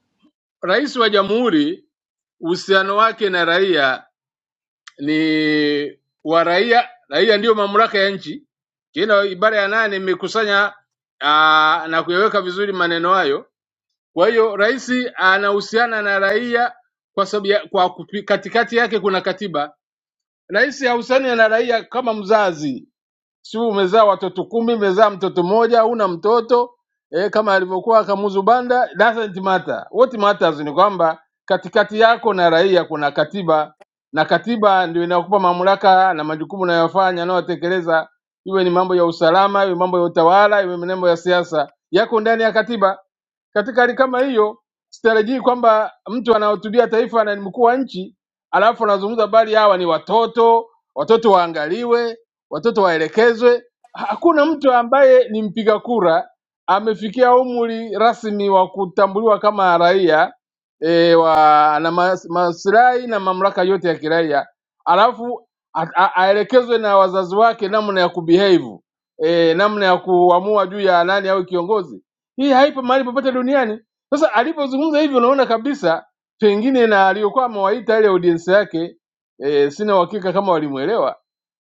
M: rais wa jamhuri uhusiano wake na raia ni wa raia, raia ndiyo mamlaka ya nchi. Kila ibara ya nane imekusanya ah, na kuyaweka vizuri maneno hayo Kwa hiyo rais anahusiana na raia kwa sababu ya, kwa kupi- katikati yake kuna katiba. Rais hahusiani na raia kama mzazi sio umezaa watoto kumi, umezaa mtoto mmoja, una mtoto eh, kama alivyokuwa Kamuzu Banda, doesn't matter. What matters ni kwamba katikati yako na raia kuna katiba, na katiba ndio inayokupa mamlaka na majukumu unayofanya unayotekeleza, iwe ni mambo ya usalama, iwe mambo ya utawala, iwe mambo ya siasa, yako ndani ya katiba. Katika hali kama hiyo, sitarajii kwamba mtu anahutubia taifa na ni mkuu wa nchi alafu anazungumza habari hawa ni watoto, watoto waangaliwe, watoto waelekezwe. Hakuna mtu ambaye ni mpiga kura amefikia umri rasmi wa kutambuliwa kama raia e, wa na mas- maslahi na mamlaka yote ya kiraia, alafu a- a- aelekezwe na wazazi wake namna ya kubehave e, namna ya kuamua juu ya nani au kiongozi. Hii haipo mahali popote duniani. Sasa alipozungumza hivyo, unaona kabisa pengine na aliyokuwa amewaita ile audience yake e, sina uhakika kama walimuelewa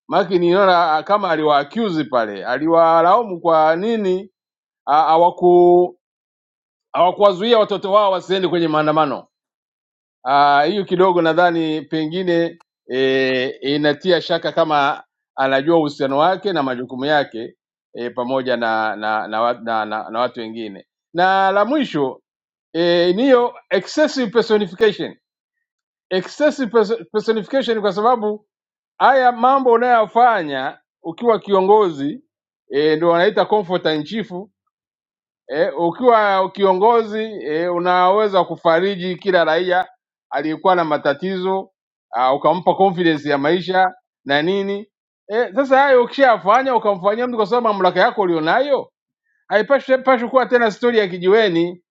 M: Maki niliona ah, kama aliwa accuse pale, aliwalaumu kwa nini ah, hawaku hawakuwazuia watoto wao wasiende kwenye maandamano. Ah, Hiyo kidogo nadhani pengine e, inatia shaka kama anajua uhusiano wake na majukumu yake e, pamoja na na na, wa- na, na na watu wengine. Na la mwisho e, niyo excessive personification. Excessive perso- personification kwa sababu haya mambo unayoyafanya ukiwa kiongozi e, ndio wanaita comfort in chief e, ukiwa kiongozi e, unaweza kufariji kila raia aliyekuwa na matatizo uh, ukampa confidence ya maisha na nini e, sasa hayo ukishayafanya ukamfanyia mtu kwa sababu mamlaka yako ulionayo haipashi pashi kuwa tena stori ya kijiweni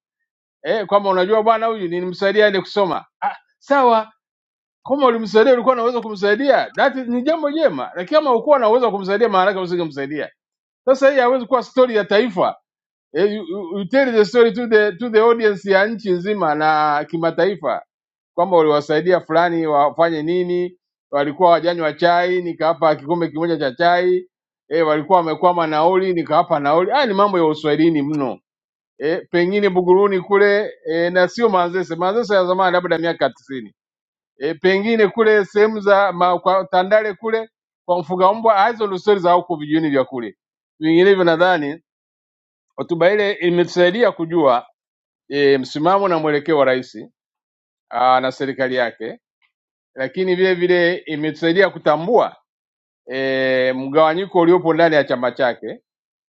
M: e, kwamba unajua bwana huyu nilimsaidia aende kusoma ah, sawa kama ulimsaidia ulikuwa na uwezo wa kumsaidia, that is- ni jambo jema, lakini kama ukuwa na uwezo wa kumsaidia, maana yake usingemsaidia. Sasa hii hawezi kuwa story ya taifa. Eh, you, you you tell the story to the to the audience ya nchi nzima na kimataifa kwamba uliwasaidia fulani wafanye nini, walikuwa wajanywa chai, nikawapa kikombe kimoja cha chai eh, walikuwa wamekwama nauli, nikawapa nauli. Haya ni mambo ya uswahilini mno eh, pengine Buguruni kule eh, na sio Manzese. Manzese ya zamani labda miaka 90 e, pengine kule sehemu za ma- kwa Tandale kule kwa mfuga mbwa, hizo ndo stori za huko vijijini vya kule. Vinginevyo nadhani hotuba ile imetusaidia kujua e, msimamo na mwelekeo wa rais aa, na serikali yake, lakini vile vile imetusaidia kutambua e, mgawanyiko uliopo ndani ya chama chake.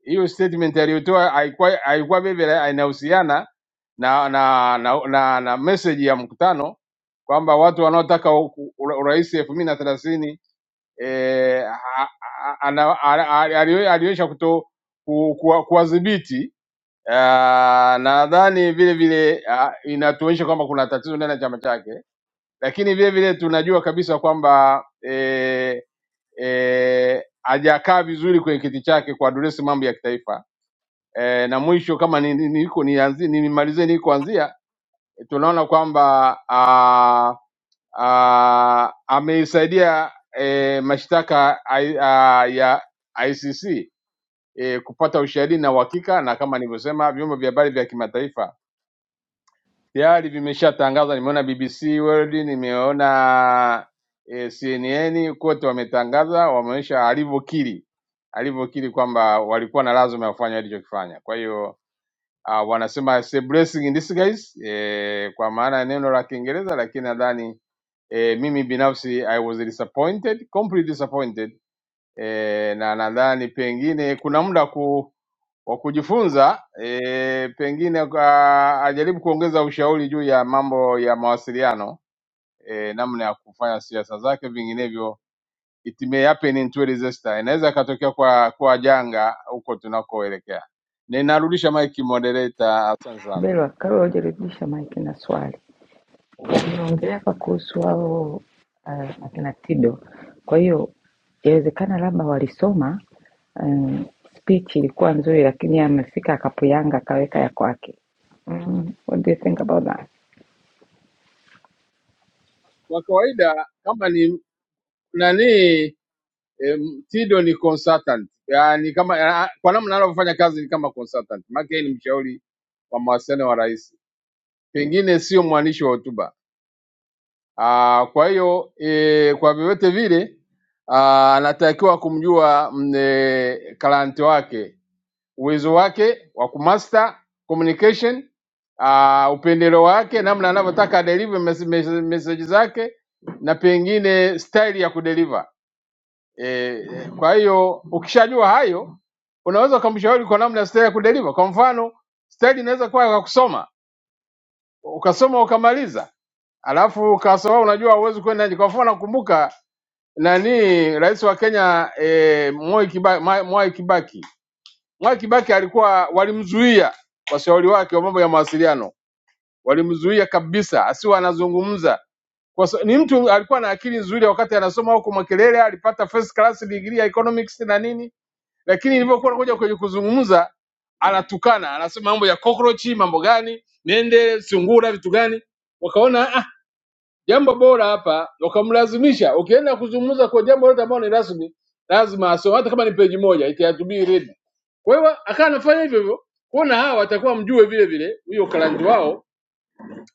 M: Hiyo statement aliyotoa haikuwa haikuwa vile vile inahusiana na na na, na, na message ya mkutano kwamba watu wanaotaka u- u- urais elfu mbili na thelathini eh, ha- ha- ana- ana- ali- ali- aliweza kuto ku- kuwa- kuwadhibiti Ah, nadhani vile vile ah, inatuonyesha kwamba kuna tatizo ndani ya chama chake, lakini vile vile tunajua kabisa kwamba eh, eh, hajakaa vizuri kwenye kiti chake kuadresi mambo ya kitaifa eh, na mwisho kama ni- ni- niko nianzie nimalizie nilikoanzia, tunaona kwamba ah, ah, ameisaidia eh, mashtaka I- ah, ya ICC eh, kupata ushahidi na uhakika, na kama nilivyosema, vyombo vya habari vya kimataifa tayari vimeshatangaza. Nimeona BBC World, nimeona eh, CNN, kote wametangaza, wameonyesha alivyokiri alivyokiri kwamba walikuwa na lazima ya kufanya alichokifanya. Kwa hiyo uh, wanasema it's a blessing in disguise eh, kwa maana ya neno la Kiingereza, lakini nadhani eh, mimi binafsi I was disappointed, completely disappointed eh, na nadhani pengine kuna muda ku, wa kujifunza eh, pengine kwa, ajaribu kuongeza ushauri juu ya mambo ya mawasiliano eh, namna ya kufanya siasa zake, vinginevyo it may happen in 20 disaster, inaweza ikatokea kwa, kwa janga huko tunakoelekea. Ninarudisha mic moderator, asante sana.
G: Belwa, kabla hujarudisha maiki na swali, unaongelea hapa kuhusu hao uh, akina Tido. Kwa hiyo yawezekana labda walisoma um, speech ilikuwa nzuri, lakini yeye amefika akapuyanga akaweka ya kwake. Mm, what do you think about that?
M: Kwa kawaida kama ni nani em, Tido ni consultant yani, kama ya- kwa namna anavyofanya kazi ni kama consultant, maana yeye ni mshauri wa mawasiliano wa rais, pengine sio mwandishi wa hotuba. Ah, Kwa hiyo e, kwa vyovyote vile ah, anatakiwa kumjua mm, eh, client wake uwezo wake wa kumaster communication uh, upendeleo wake, namna anavyotaka adeliver mes- mes- message zake na pengine style ya kudeliver. E, e, kwa hiyo ukishajua hayo unaweza ukamshauri kwa namna style ya kudeliver. Kwa mfano style inaweza kuwa ya kusoma, ukasoma ukamaliza, alafu ukasoma, unajua huwezi kwenda nje. Kwa mfano nakumbuka nani rais wa Kenya e, Mwai Kibaki, Mwai Kibaki Mwai Kibaki alikuwa walimzuia washauri wake wa mambo ya mawasiliano, walimzuia kabisa asiwe anazungumza kwa sa- ni mtu alikuwa na akili nzuri wakati anasoma huko Makerere, alipata first class degree ya economics na nini, lakini ilivyokuwa anakuja kwenye kuzungumza anatukana, anasema mambo ya cockroach, mambo gani, nende sungura, vitu gani, wakaona ah, jambo bora hapa, ukamlazimisha. Ukienda kuzungumza kwa jambo lote ambalo ni rasmi, lazima asome, hata kama ni peji moja, it has to be read. Kwa hiyo akawa anafanya hivyo hivyo, kuona hawa watakuwa mjue vile vile huyo ukalanji wao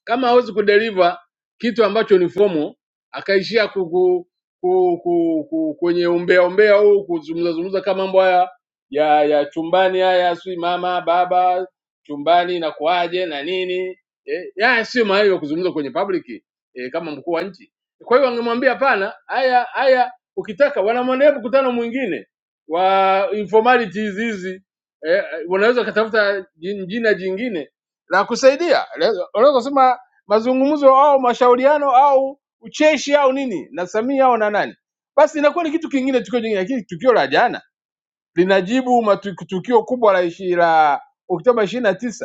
M: kama hawezi kudeliver kitu ambacho ni fomo akaishia ku, ku, ku, ku, ku, kwenye umbea umbea huu kuzungumza zungumza kama mambo haya ya ya chumbani haya si mama baba chumbani inakuaje na nini eh, ya sio mahali ya kuzungumza kwenye public eh, kama mkuu wa nchi. Kwa hiyo angemwambia hapana, haya haya, ukitaka wanamwendea mkutano mwingine wa informalities hizi eh, wanaweza katafuta jin- jina jingine na kusaidia. Le- Unaweza kusema mazungumzo au mashauriano au ucheshi au nini na Samia au na nani, basi inakuwa ni kitu kingine, tukio jingine. Lakini tukio la jana linajibu matu- tukio kubwa la ishi la Oktoba ishirini na tisa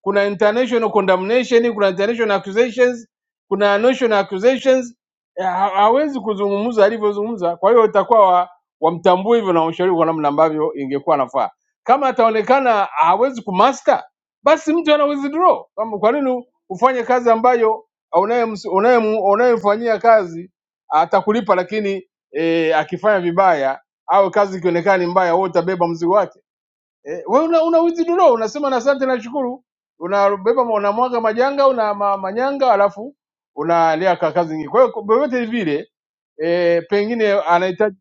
M: kuna international condemnation, kuna international accusations, kuna national accusations. Eh, Ha- Hawezi kuzungumza alivyozungumza, kwa hiyo itakuwa wa- wamtambue hivyo na ushauri kwa namna ambavyo ingekuwa nafaa. Kama ataonekana hawezi kumaster, basi mtu ana withdraw. Kama kwa nini ufanye kazi ambayo unayems- unayem- unayemfanyia kazi atakulipa, lakini e, akifanya vibaya au kazi ikionekana ni mbaya, wewe utabeba mzigo wake. Eh, wewe una, una withdraw unasema na asante na shukuru, unabeba unamwaga majanga una ma, manyanga alafu unaendelea ka kazi nyingine. Kwa hiyo kwa vyovyote vile eh, pengine anahitaji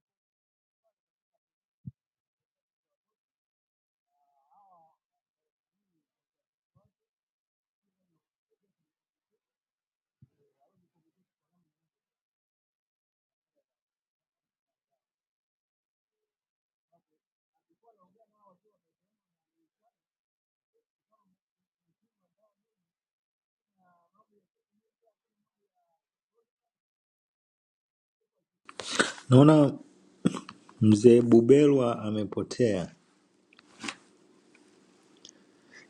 L: Naona mzee Bubelwa amepotea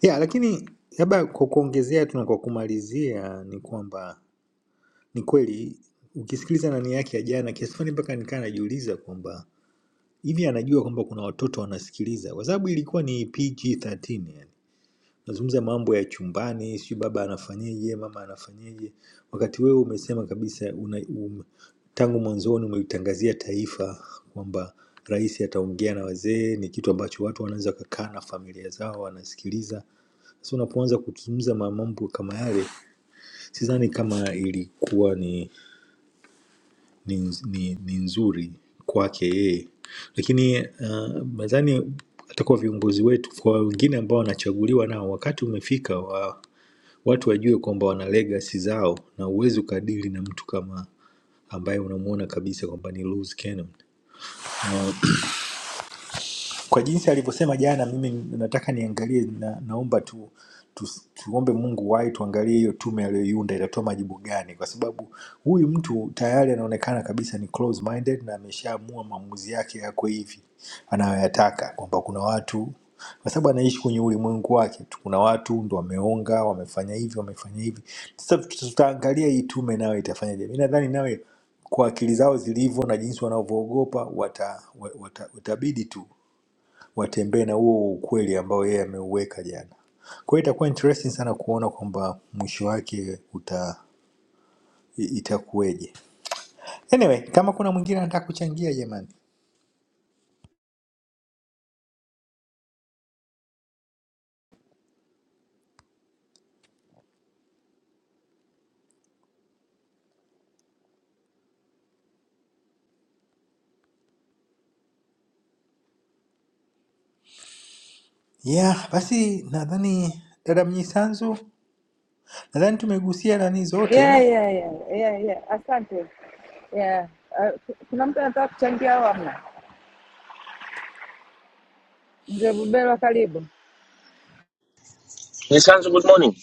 L: ya, lakini labda kwa kuongezea tu na kwa kumalizia ni kwamba ni kweli ukisikiliza nani yake ya jana, kiasi fulani mpaka nikaa najiuliza kwamba hivi anajua kwamba kuna watoto wanasikiliza, kwa sababu ilikuwa ni PG-13 Nazungumza mambo ya chumbani, sijui baba anafanyeje, mama anafanyeje. Wakati wewe umesema kabisa una, um, tangu mwanzoni umelitangazia taifa kwamba rais ataongea na wazee, ni kitu ambacho watu wanaweza wakakaa na familia zao wanasikiliza. Sasa unapoanza kuzungumza ma- mambo kama yale, sidhani kama ilikuwa ni, ni, ni, ni nzuri kwake yeye, lakini uh, nadhani hata kwa viongozi wetu, kwa wengine ambao wanachaguliwa nao, wakati umefika wa watu wajue kwamba wana legacy zao na huwezi ukadili na mtu kama ambaye unamuona kabisa kwamba ni loose cannon. Na kwa jinsi alivyosema jana, mimi nataka niangalie na, naomba tu, tu tuombe Mungu wahi tuangalie hiyo tume aliyoiunda itatoa majibu gani, kwa sababu huyu mtu tayari anaonekana kabisa ni close minded na ameshaamua maamuzi yake yako hivi anayoyataka, kwamba kuna watu kwa sababu anaishi kwenye ulimwengu wake tu, kuna watu ndo wameonga, wamefanya hivi, wamefanya hivi. Sasa tuta- tutaangalia hii tume nayo itafanyaje. Mi nadhani nawe kwa akili zao zilivyo na jinsi wanavyoogopa wata, wata, watabidi tu watembee na huo ukweli ambao yeye ameuweka jana. Kwa hiyo itakuwa interesting sana kuona kwamba mwisho wake uta i- itakuweje. Anyway, kama kuna mwingine anataka kuchangia jamani. Yeah, basi nadhani dada Mnyisanzu, nadhani tumegusia nani zote,
G: yeah, yeah, yeah, yeah, yeah. Asante yeah. Uh, ku- kuna mtu anataka kuchangia au hamna? Mzee Bubelwa, karibu.
R: Miss Hanzo, good morning.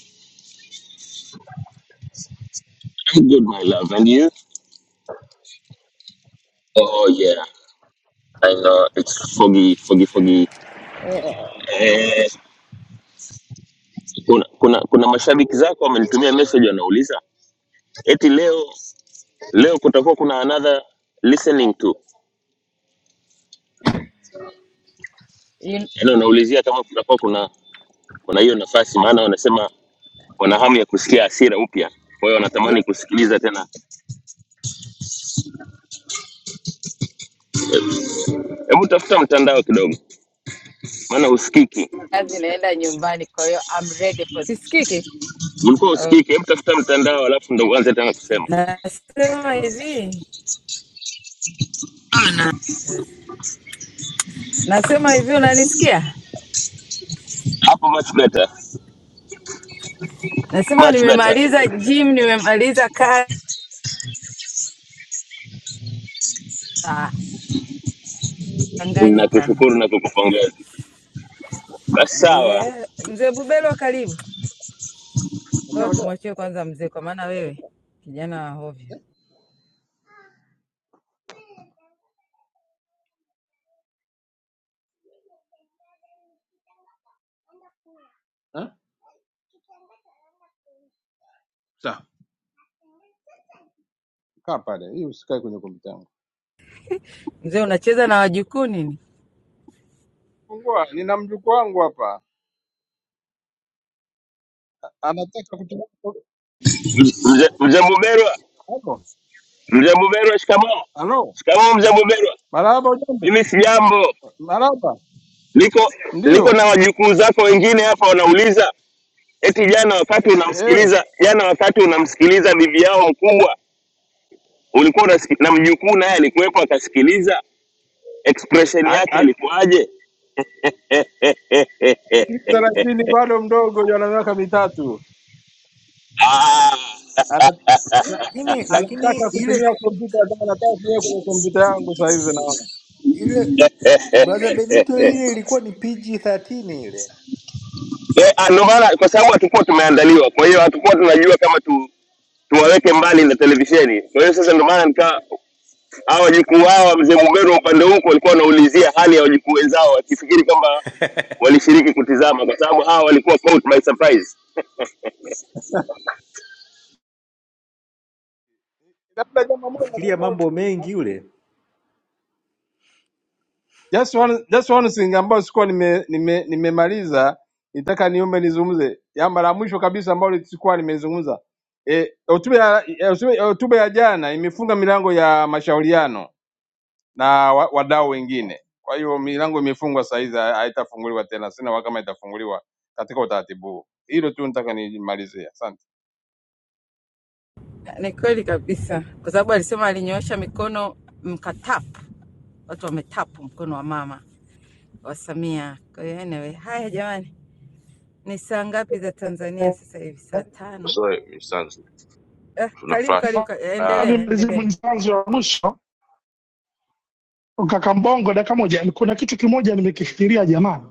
R: I'm good, my love. And you? Oh, yeah. I know. It's foggy, foggy, foggy. Eh, kuna, kuna, kuna mashabiki zako wamenitumia message wanauliza eti leo leo kutakuwa kuna another listening to,
G: You-
R: yaani wanaulizia kama kutakuwa kuna kuna hiyo nafasi, maana wanasema wana hamu ya kusikia hasira upya, kwa hiyo wanatamani
G: yeah,
R: kusikiliza tena. Hebu tafuta mtandao kidogo, maana husikiki.
G: zinaenda nyumbani, kwa hiyo I'm ready for sisikiki.
R: Ulikuwa
G: Uh,
R: husikiki, hebu tafuta mtandao alafu ndo uanze tena kusema
G: Nasema hivi, nasema hivi, unanisikia?
R: hapo, much better.
G: Nasema
R: much better.
G: nimemaliza gym, nimemaliza kazi Tanganyika.
R: Nakushukuru na kukupongeza. Basi sawa,
G: Yeah. Mzee Bubelo, karibu. Leo tumwachie kwanza mzee, kwa maana wewe kijana wa hovyo.
M: eh? Sawa. Kaa pale. Hii usikae kwenye kompyuta yangu.
G: Mzee, unacheza na wajukuu nini?
M: Fungua, nina mjukuu wangu hapa. Anataka kutoka
R: mzee mzee Muberwa,
M: hapo.
R: mzee Muberwa, shikamoo.
M: Halo.
R: Shikamoo mzee Muberwa.
M: Marhaba jambo.
R: Mimi si jambo,
M: Marhaba.
R: niko niko
M: Ndio.
R: na wajukuu zako wengine hapa wanauliza eti jana wakati
M: Eh,
R: unamsikiliza jana wakati unamsikiliza bibi yao mkubwa ulikuwa unasiki- na mjukuu naye alikuwepo akasikiliza
M: eh,
R: expression
M: a-
R: yake
M: a-
R: ilikuwaje? Eh, eh, eh, eh, eh. Eh,
M: thelathini bado mdogo, ana miaka mitatu. Ana- ana-
L: lakini lakini
M: anataka
L: ile
M: kutumia kompyuta kama anataka kutumia kwenye kompyuta yangu saa hizi naona.
L: ile brother Benito ile ilikuwa ni PG-13 ile,
R: Eh, ah, Ndo maana kwa sababu hatukuwa tumeandaliwa, kwa hiyo hatukuwa tunajua kama tu tuwaweke mbali na televisheni. Kwa hiyo sasa, ndio maana nika hawa wajukuu hawa, mzee Mugero upande huko walikuwa wanaulizia hali ya wajukuu wenzao, wakifikiri kwamba walishiriki kutizama, kwa sababu hawa walikuwa caught by surprise.
M: Labda jambo moja
L: nafikiria
M: kama
L: mambo mengi yule.
M: just one just one thing ambayo sikuwa nime nime nimemaliza nitaka niombe nizungumze. Jambo la mwisho kabisa ambalo sikuwa nimezungumza. Eh, hotuba ya eh, hotuba eh, hotuba ya jana imefunga milango ya mashauriano na wa- wadau wengine. Kwa hiyo milango imefungwa saa hizi ha- haitafunguliwa tena. Sina hakika kama itafunguliwa katika utaratibu huu. Hilo tu nataka nimalizie. Asante.
G: Ni kweli kabisa, kwa sababu alisema alinyoosha mikono mkatapu, watu wametapu mkono wa mama wa Samia. Kwa hiyo anyway, haya jamani, ni saa ngapi za Tanzania sasa hivi? Saa tano
A: sorry Miss Sanzu,
G: Eh,
A: tuna
G: karibu
A: flash
G: karibu, ka-
A: uh,
G: endelea
Q: Nimalizie
G: endelea.
Q: mwanzo wa mwisho, kaka Mbongo, dakika moja. Kuna kitu kimoja nimekifikiria jamani,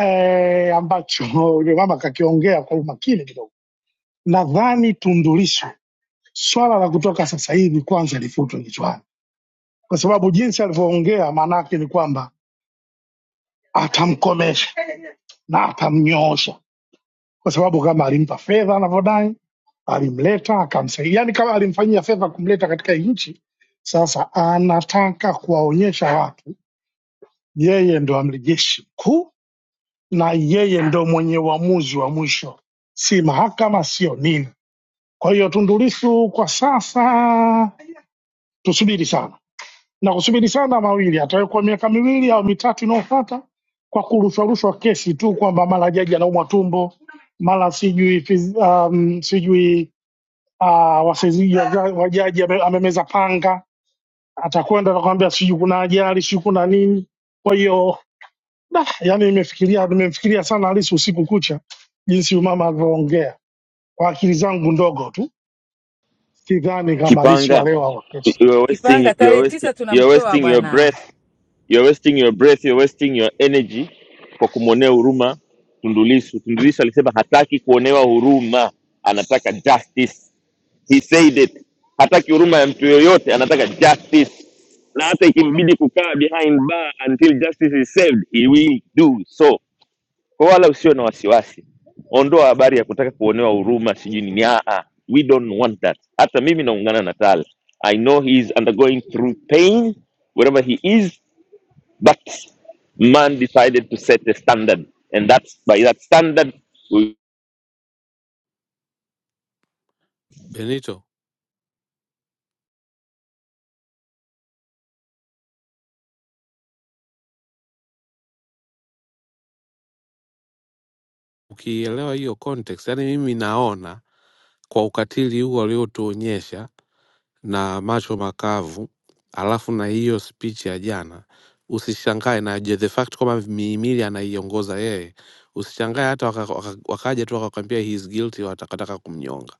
Q: eh, ambacho yule mama kakiongea kwa umakini kidogo. Nadhani Tundu Lissu swala la kutoka sasa hivi kwanza lifutwe kichwani kwa sababu jinsi alivyoongea maanake ni kwamba atamkomesha na atamnyoosha, kwa sababu kama alimpa fedha anavyodai, alimleta akamsaidia, yani kama alimfanyia fedha kumleta katika hii nchi. Sasa anataka kuwaonyesha watu yeye ndo amri jeshi mkuu na yeye ndo mwenye uamuzi wa mwisho, si mahakama, sio nini. Kwa hiyo Tundu Lissu kwa sasa tusubiri sana na kusubiri sana mawili atawekwa miaka miwili au mitatu inayofuata kwa kurushwarushwa kesi tu kwamba mara jaji anaumwa tumbo mara sijui fiz- um, sijui uh, wasaidizi wa ja, wa jaji ame- amemeza panga atakwenda atakwambia sijui kuna ajali sijui kuna nini kwa hiyo da, yani nimefikiria nimemfikiria sana halisi usiku kucha jinsi huyu mama alivyoongea kwa akili zangu ndogo tu sidhani kama halisi wa
R: Kipanga,
Q: leo au wa kesho
R: you are wasting,
G: Kipanga
R: you are
G: tarehe
R: wasting,
G: tisa
R: you are
G: tunamtoa
R: wasting your
G: bwana
R: breath, you are wasting your breath, you are wasting your energy kwa kumwonea huruma Tundulisu. Tundulisu alisema hataki kuonewa huruma, anataka justice. he said it hataki huruma ya mtu yoyote anataka justice na hata ikimbidi kukaa behind bar until justice is served he will do so kwa wala usio na wasiwasi ondoa habari ya kutaka kuonewa huruma sijui nini ah, ah. we don't want that hata mimi naungana na tal i know he is undergoing through pain wherever he is but man decided to set a standard and that's by that standard we,
P: benito ukielewa hiyo context yani mimi naona kwa ukatili huu waliotuonyesha na macho makavu alafu na hiyo speech ya jana usishangae na je- the fact kwamba mihimili anaiongoza yeye usishangae hata wakaja waka, waka wakaja tu wakakwambia he is guilty watakataka kumnyonga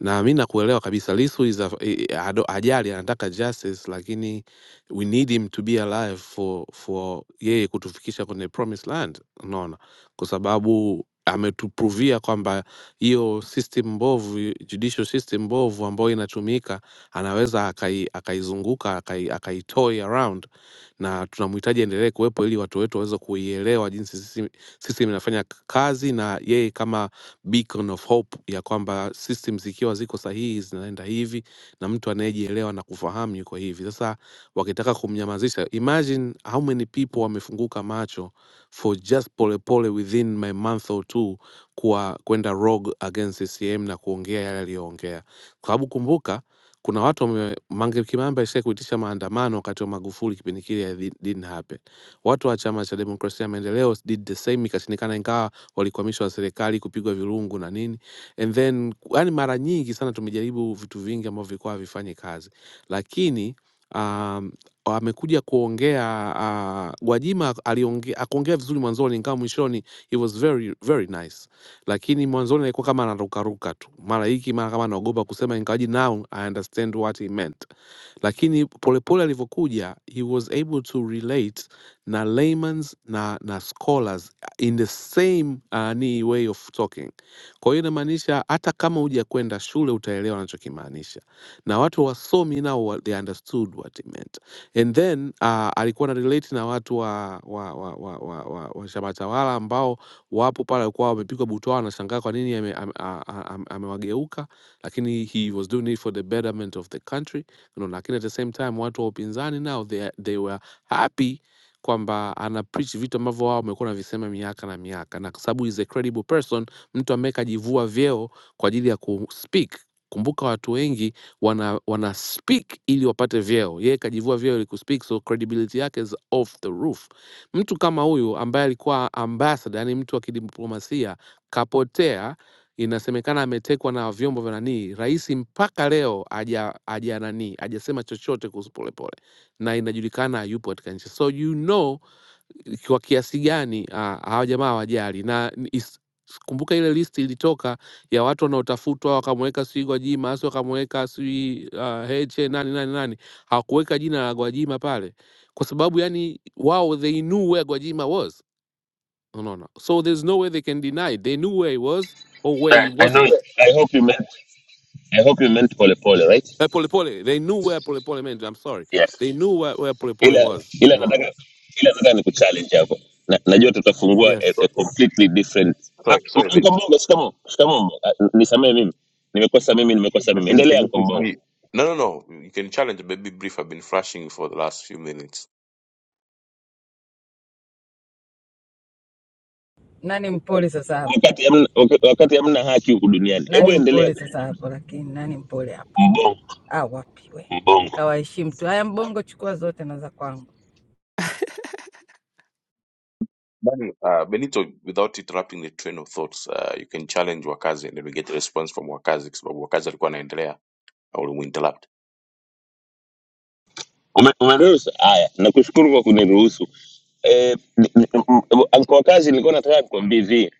P: na mi nakuelewa kabisa Lissu is a, i- i- hado- hajali anataka justice lakini we need him to be alive for for yeye kutufikisha kwenye promised land unaona kwa sababu ametuprovia kwamba hiyo system mbovu judicial system mbovu ambayo inatumika anaweza akai- akaizunguka akai, akaitoi around na tunamhitaji endelee kuwepo ili watu wetu waweze kuielewa jinsi system system inafanya kazi na yeye kama beacon of hope ya kwamba system zikiwa ziko sahihi zinaenda hivi na mtu anayejielewa na kufahamu yuko hivi sasa wakitaka kumnyamazisha imagine how many people wamefunguka macho for just polepole within my month or two kuwa kwenda rogue against ccm na kuongea yale aliyoongea kwa sababu kumbuka kuna watu wame, Mange Kimambe alishawahi kuitisha maandamano wakati wa Magufuli kipindi kile ya didn't happen. Watu wa chama cha demokrasia na maendeleo did the same, ikashindikana, ingawa walikwamishwa na serikali kupigwa virungu na nini and then yani mara nyingi sana tumejaribu vitu vingi ambavyo vilikuwa havifanyi kazi lakini um, amekuja kuongea uh, Gwajima aliongea akuongea vizuri mwanzoni, ingawa mwishoni it was very very nice, lakini mwanzoni alikuwa kama anarukaruka tu, mara hiki mara kama anaogopa kusema, ingawaji now I understand what he meant, lakini polepole alivyokuja he was able to relate na layman's na, na scholars in the same uh, ni way of talking. Kwa hiyo inamaanisha hata kama huja kwenda shule utaelewa anachokimaanisha, na watu wasomi nao wa- they understood what it meant. And then uh, alikuwa na relate na watu wa wa wa wa, wa, wa, wa chama tawala ambao wapo pale, walikuwa wamepigwa butwaa, wanashangaa kwa nini ame- ame- a- a- am- amewageuka, lakini he was doing it for the betterment of the country you know, lakini at the same time watu wa upinzani nao they, they were happy kwamba ana preach vitu ambavyo wao wamekuwa wanavisema miaka na miaka, na kwa sababu is a credible person, mtu ambaye kajivua vyeo kwa ajili ya kuspeak. Kumbuka watu wengi wana, wana speak ili wapate vyeo, yeye kajivua vyeo ili kuspeak, so credibility yake is off the roof. Mtu kama huyu ambaye alikuwa ambassador, yani mtu wa kidiplomasia kapotea, inasemekana ametekwa na vyombo vya nanii, rais mpaka leo haja haja nanii hajasema chochote kuhusu Polepole na inajulikana hayupo katika nchi so you know kwa kiasi gani ah, hawa jamaa hawajali na is- kumbuka ile list ilitoka ya watu wanaotafutwa wakamweka sijui gwajima asi wakamweka sijui uh, heche nani nani nani hawakuweka jina la gwajima pale kwa sababu yani wao they knew where gwajima was No, no. no. so there's no way they can deny it. they knew where he was or where he
R: I, I know
P: wasn't
R: I hope you meant I hope you meant pole pole
P: uh,
R: right
P: polepole they knew where polepole meant i'm sorry they knew where, where polepole
R: ila
P: was
R: ila
P: No, no.
R: nataka ila nataka ni kuchallenge hapo na, najua tutafungua a,
P: yes
R: a
A: sorry,
R: completely different ah,
A: sorry, sorry
R: anko
A: Benito
R: mbongo shikamo shikamo Mbongo. ah, nisamee mimi nimekosa mimi nimekosa mimi
A: lakini
R: endelea
A: can you
R: anko
A: please
R: mbongo
A: be no no no you can challenge baby brief I've been flashing for the last few minutes
G: nani mpole sasa hapo,
R: wakati hamna wak- wakati hamna haki huku duniani hebu
G: nani
R: endelea
G: mpole sasa hapo, lakini nani mpole hapo?
R: mbongo
G: Ah, wapi we,
R: mbongo
G: kawaheshimu tu. Haya, Mbongo chukua zote na za kwangu.
A: Then, uh, Benito without interrupting the train of thoughts uh, you can challenge Wakazi and then we get a response from Wakazi kwa sababu Wakazi alikuwa anaendelea na ulimuinterrupt
R: Ume- umeruhusu haya nakushukuru kwa kuniruhusu eh, ni- ni- m- m- anko wakazi nilikuwa nataka kukwambia hivi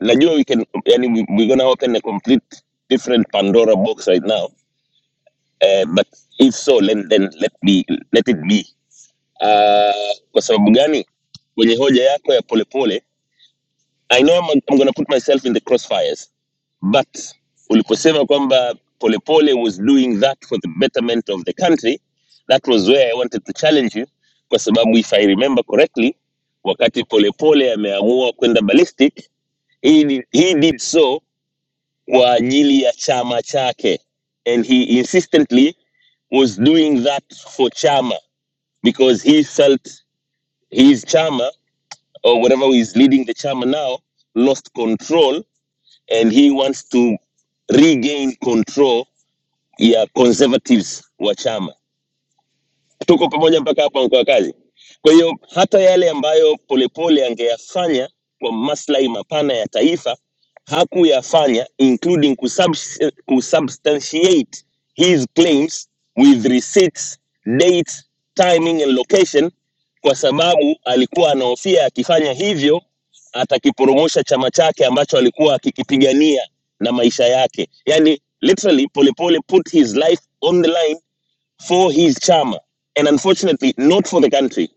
R: najua we can yani we, we're gonna open a complete different pandora box right now eh, but if so then, then let, be, let it be uh, kwa sababu gani kwenye hoja yako ya polepole i know I'm, I'm gonna put myself in the crossfires but uliposema kwamba polepole was doing that for the betterment of the country that was where i wanted to challenge you kwa sababu if i remember correctly wakati polepole ameamua kwenda ballistic he did, he did so kwa ajili ya chama chake and he insistently was doing that for chama because he felt his chama or whatever is leading the chama now lost control and he wants to regain control ya conservatives wa chama tuko pamoja mpaka hapo mkoa kazi. Kwa hiyo hata yale ambayo Polepole angeyafanya kwa maslahi mapana ya taifa hakuyafanya, including kusubs- kusubstantiate his claims with receipts, dates, timing and location, kwa sababu alikuwa anahofia akifanya hivyo atakiporomosha chama chake ambacho alikuwa akikipigania na maisha yake. Yani literally Polepole put his life on the line for his charmer and unfortunately not for the country.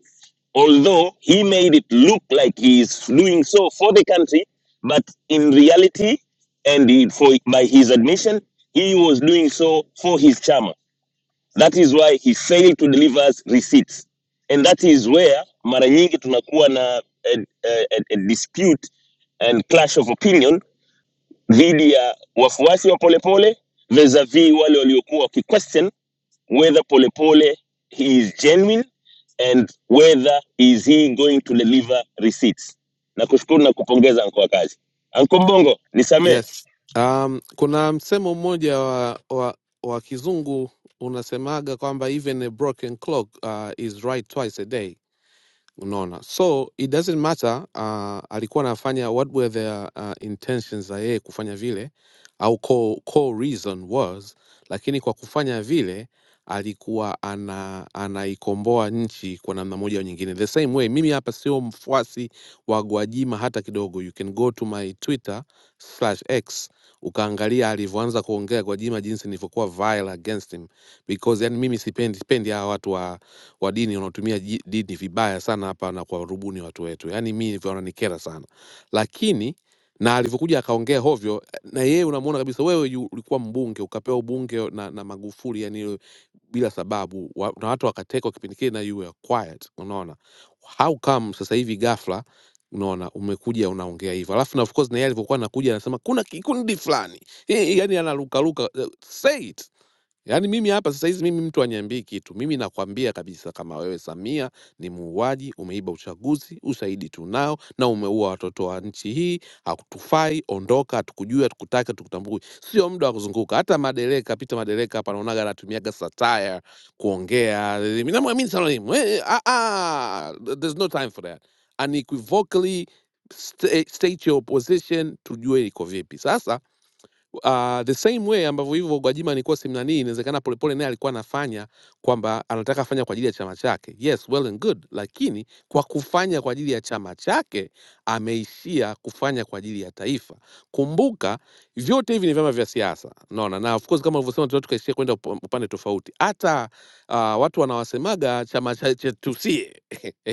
R: Although he made it look like he is doing so for the country, but in reality, and he- for by his admission, he was doing so for his charmer. That is why he failed to deliver us receipts, and that is where mara nyingi tunakuwa na a, a, a a dispute and clash of opinion dhidi ya wafuasi wa Polepole vis-a-vis wale waliokuwa wakiquestion whether Polepole he is genuine and whether is he going to deliver receipts. Nakushukuru na kupongeza anko wa kazi. Anko Mbongo, nisamee.
P: Yes. Um, kuna msemo mmoja wa, wa, wa kizungu unasemaga kwamba even a broken clock uh, is right twice a day unaona so it doesn't matter uh, alikuwa anafanya what were their uh, intentions za yeye kufanya vile au core, core reason was lakini kwa kufanya vile alikuwa ana anaikomboa nchi kwa namna moja au nyingine the same way mimi hapa sio mfuasi wa gwajima hata kidogo you can go to my twitter slash x ukaangalia alivyoanza kuongea gwajima jinsi nilivyokuwa vile against him because yani mimi sipendi sipendi hawa watu wa, wa dini wanaotumia ji- dini vibaya sana hapa na kuwarubuni watu wetu yani mi hivyo wananikera sana lakini na alivyokuja akaongea hovyo na yeye unamuona kabisa wewe yu- ulikuwa mbunge ukapewa ubunge na, na magufuli yani bila sababu wa, na watu wakatekwa kipindi kile na you were quiet unaona how come sasa hivi ghafla unaona umekuja unaongea hivyo alafu na of course na yeye alivyokuwa anakuja anasema kuna kikundi fulani Eh, eh, yani analukaluka eh, say it Yaani mimi hapa sasa hizi mimi mtu aniambii kitu. Mimi nakwambia kabisa kama wewe Samia ni muuaji, umeiba uchaguzi, ushahidi tunao na umeua watoto wa nchi hii, hakutufai, ondoka, hatukujui, hatukutaki, hatukutambui. Sio muda wa kuzunguka. Hata madereka, Peter madereka hapa naonaga anatumiaga satire kuongea. Mimi namwamini sana mimi. Eh, eh, ah, ah, there's no time for that. Unequivocally sta- state your position tujue iko vipi. Sasa Uh, the same way ambavyo hivyo Gwajima alikuwa simnanii, inawezekana Polepole naye alikuwa anafanya kwamba anataka afanya kwa ajili ya chama chake. Yes, well and good, lakini kwa kufanya kwa ajili ya chama chake ameishia kufanya kwa ajili ya taifa. Kumbuka vyote hivi ni vyama vya siasa, unaona, na of course kama ulivyosema, tunaweza tukaishia kwenda upa- upande tofauti. Hata uh, watu wanawasemaga chama cha cha- tusie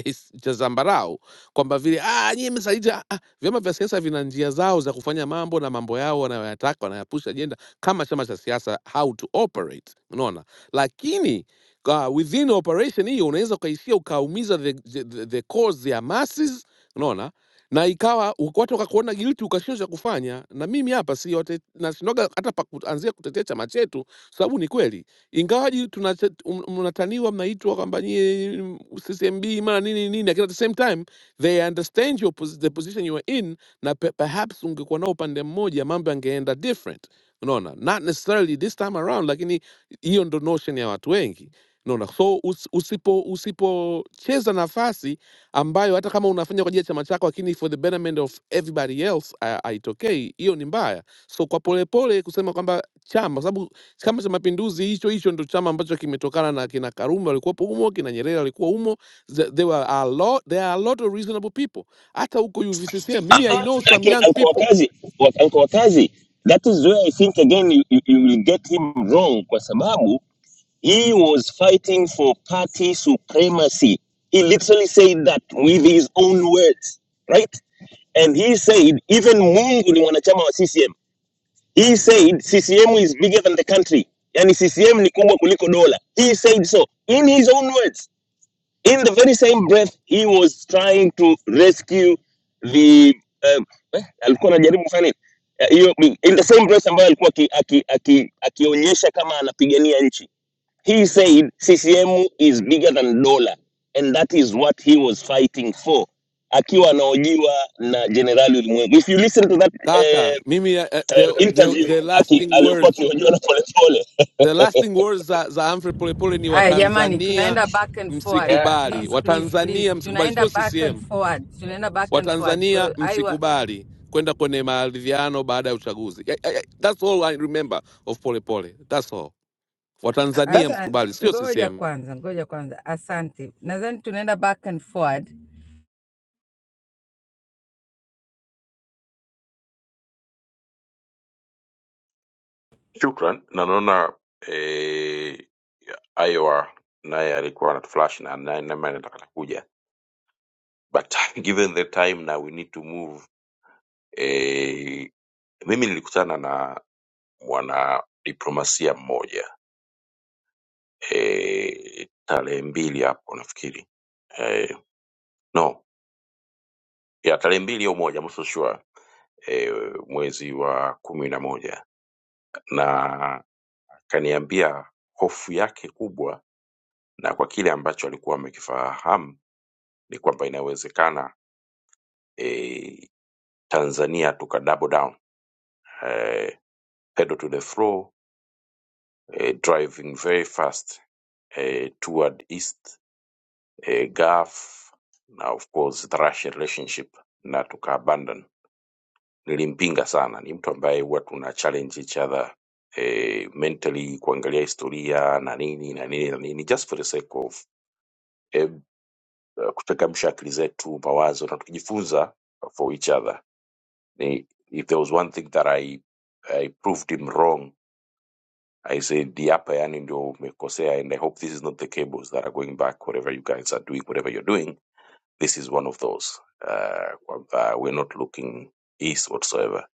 P: cha zambarau kwamba vile ah, nyie mmesaliti Vyama vya siasa vina njia zao za kufanya mambo na mambo yao wanayoyataka, wanayapush ajenda kama chama cha siasa, how to operate, unaona. Lakini uh, within operation hiyo unaweza ukaishia ukaumiza the, the, the the cause ya masses, unaona na ikawa uk- watu wakakuona guilty ukashindwa cha kufanya. Na mimi hapa si wate- nashindwaga hata pa kuanzia kutetea chama chetu, sababu ni kweli ingawaji tunate- um- mnataniwa mnaitwa kwamba nyie mm, CCMB mara nini nini, lakini at the same time they understand your pos the position you are in na pe perhaps ungekuwa nao upande mmoja mambo yangeenda different unaona not necessarily this time around lakini hiyo ndo notion ya watu wengi unaona so us, usipo usipocheza nafasi ambayo hata kama unafanya kwa ajili ya chama chako lakini for the betterment of everybody else ha- haitokei hiyo ni mbaya so kwa polepole kusema kwamba chama kwa sababu chama cha mapinduzi hicho hicho ndo chama ambacho kimetokana na kina karume walikuwepo humo kina nyerere walikuwa humo Th- There were a lot. There are a lot of reasonable people. Hata huko UVCCM,
R: Ah,
P: mimi I
R: ah,
P: know some
R: Lakini
P: young
R: anko wa
P: people.
R: kazi, wa- anko wa kazi, that is where I think again you, you, you will get him wrong kwa sababu He was fighting for party supremacy. He literally said that with his own words, right? And he said, even Mungu ni mwanachama wa CCM. He said, CCM is bigger than the country. Yani CCM ni kubwa kuliko dola. He said so in his own words. In the very same breath, he was trying to rescue the um, eh, alikuwa anajaribu kufanya nini? Eh, hiyo in the same breath ambayo alikuwa aki- aki- aki- akionyesha kama anapigania nchi He said CCM is bigger than dola and that is what he was fighting for. Akiwa anahojiwa na Jenerali Ulimwengu. If you listen to that eh,
P: Kaka, mimi uh,
R: eh,
P: the, the,
R: interview
P: the
R: aki
P: lasting
R: aliyokuwa
P: words,
R: akihojiwa na Polepole
P: the lasting words za, za Humphrey Polepole ni
G: Haya jamani,
P: Watanzania
G: tunaenda back and forward,
P: msikubali,
G: please please
P: Watanzania
G: please,
P: msikubali,
G: tunaenda
P: sio
G: back and
P: CCM.
G: forward, tunaenda back and forward. Kwa
P: Watanzania
G: hiyo aiwa,
P: msikubali kwenda kwenye maridhiano baada ya uchaguzi. I, I, I, that's all I remember of Polepole. That's all. Watanzania
L: Labda
G: asante.
P: msikubali, sio
G: Ngoja
P: CCM.
G: kwanza, ngoja kwanza, asante. Nadhani tunaenda back and forward.
A: shukran na naona eh, Iowa naye alikuwa anatuflash na naye naye ndo atakuja but given the time now we need to move Mimi nilikutana na mwanadiplomasia mmoja eh, tarehe mbili hapo nafikiri eh, no ya tarehe mbili au moja I'm not so sure eh, mwezi wa kumi na moja na akaniambia hofu yake kubwa na kwa kile ambacho alikuwa amekifahamu ni kwamba inawezekana eh, Tanzania tuka double down eh, pedal to the floor eh, driving very fast eh, toward east a gulf na of course the Russia relationship na tuka abandon. Nilimpinga sana, ni mtu ambaye huwa tuna challenge each other eh, mentally kuangalia historia na nini na nini na nini just for the sake of eh, kuchangamsha akili zetu, mawazo na tukijifunza for each other. Ni, if there was one thing that I, I proved him wrong I said hapa yani ndio umekosea and I hope this is not the cables that are going back whatever you guys are doing whatever you're doing This is one of those uh, kwamba we're not looking east whatsoever.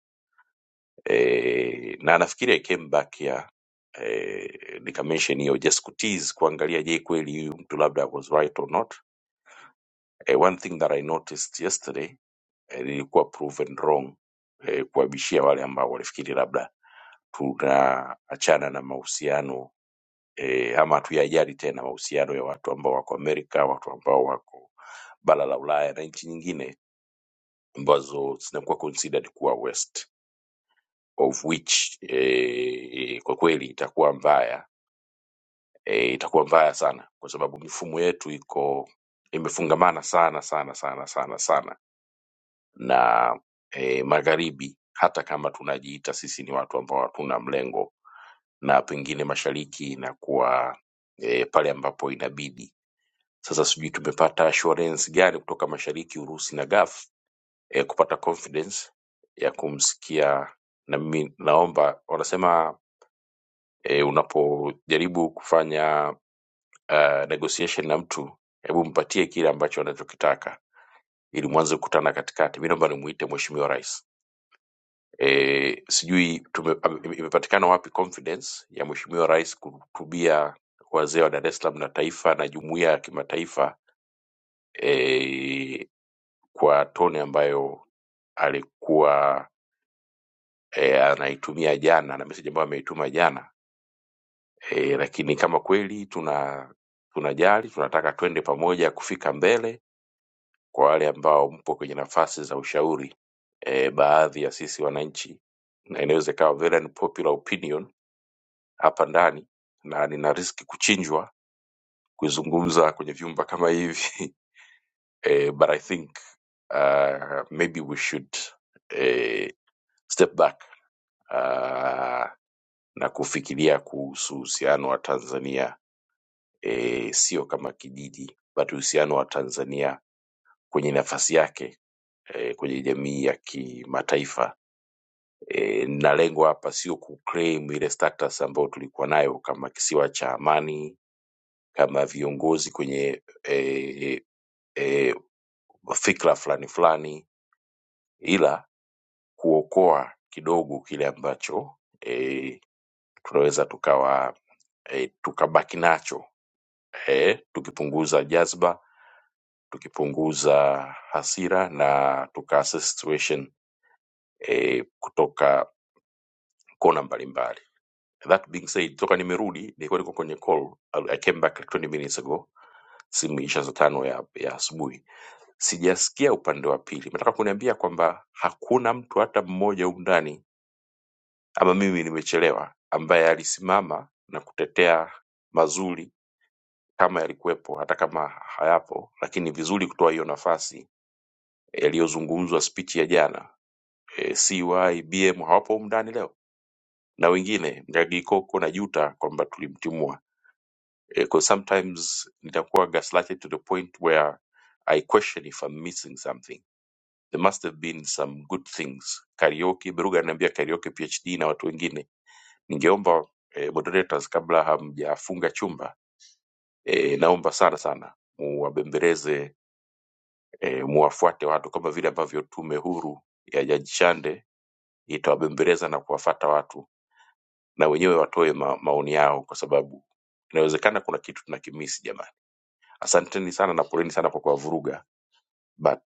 A: E, na nafikiri I came back here e, nikamention hiyo just kutease kuangalia je kweli huyu mtu labda was right or not. E, one thing that I noticed yesterday e, nilikuwa proven wrong e, kuabishia wale ambao walifikiri labda tunaachana na mahusiano e, ama hatuyajali tena mahusiano ya watu ambao wako Amerika, watu ambao wako bara la Ulaya na nchi nyingine ambazo zinakuwa considered kuwa waste of which eh, kwa kweli itakuwa mbaya eh, itakuwa mbaya sana kwa sababu mifumo yetu iko imefungamana sana sana sana sana sana na eh, magharibi hata kama tunajiita sisi ni watu ambao hatuna mlengo na pengine mashariki inakuwa eh, pale ambapo inabidi sasa sijui tumepata assurance gani kutoka mashariki urusi na gaf eh, kupata confidence ya kumsikia na mimi naomba wanasema eh, unapojaribu kufanya uh, negotiation na mtu hebu mpatie kile ambacho anachokitaka ili mwanze kukutana katikati mi naomba nimuite mheshimiwa rais eh, sijui tume, ame- ime- imepatikana wapi confidence ya mheshimiwa rais kuhutubia wazee wa dar es salaam na taifa na jumuiya ya kimataifa eh, kwa tone ambayo alikuwa e, anaitumia jana na message ambayo ameituma jana e, lakini kama kweli tuna tunajali tunataka twende pamoja kufika mbele kwa wale ambao mpo kwenye nafasi za ushauri e, baadhi ya sisi wananchi na inaweza ikawa very unpopular opinion hapa ndani na nina riski kuchinjwa kuzungumza kwenye vyumba kama hivi e, but I think uh, maybe we should uh, step back uh, na kufikiria kuhusu uhusiano wa Tanzania e, sio kama kijiji but uhusiano wa Tanzania kwenye nafasi yake e, kwenye jamii ya kimataifa e, na lengo hapa sio kuclaim ile status ambayo tulikuwa nayo kama kisiwa cha amani, kama viongozi kwenye e, e, fikra fulani fulani, ila kuokoa kidogo kile ambacho e, tunaweza tukawa e, tukabaki nacho eh, tukipunguza jazba, tukipunguza hasira na tukaassess situation eh, kutoka kona mbalimbali. That being said, toka nimerudi nilikuwa niko kwenye call, I I came back like 20 minutes ago, simu isha saa tano ya, ya asubuhi. Sijasikia upande wa pili. Nataka kuniambia kwamba hakuna mtu hata mmoja humu ndani, ama mimi nimechelewa, ambaye alisimama na kutetea mazuri kama yalikuwepo, hata kama hayapo, lakini ni vizuri kutoa hiyo nafasi yaliyozungumzwa spichi ya jana e, CY BM hawapo humu ndani leo na wengine Ngagikoko na Juta kwamba tulimtimua e, cause sometimes nitakuwa gaslighted to the point where I question if I'm missing something there must have been some good things karaoke Beruga ananiambia karaoke PhD na watu wengine ningeomba e, moderators kabla hamjafunga chumba e, naomba sana sana muwabembeleze e, muwafuate watu kama vile ambavyo tume huru ya Jaji Chande itawabembeleza na kuwafata watu na wenyewe watoe ma, maoni yao kwa sababu inawezekana kuna kitu tunakimisi jamani asanteni sana na poleni sana kwa kuwavuruga but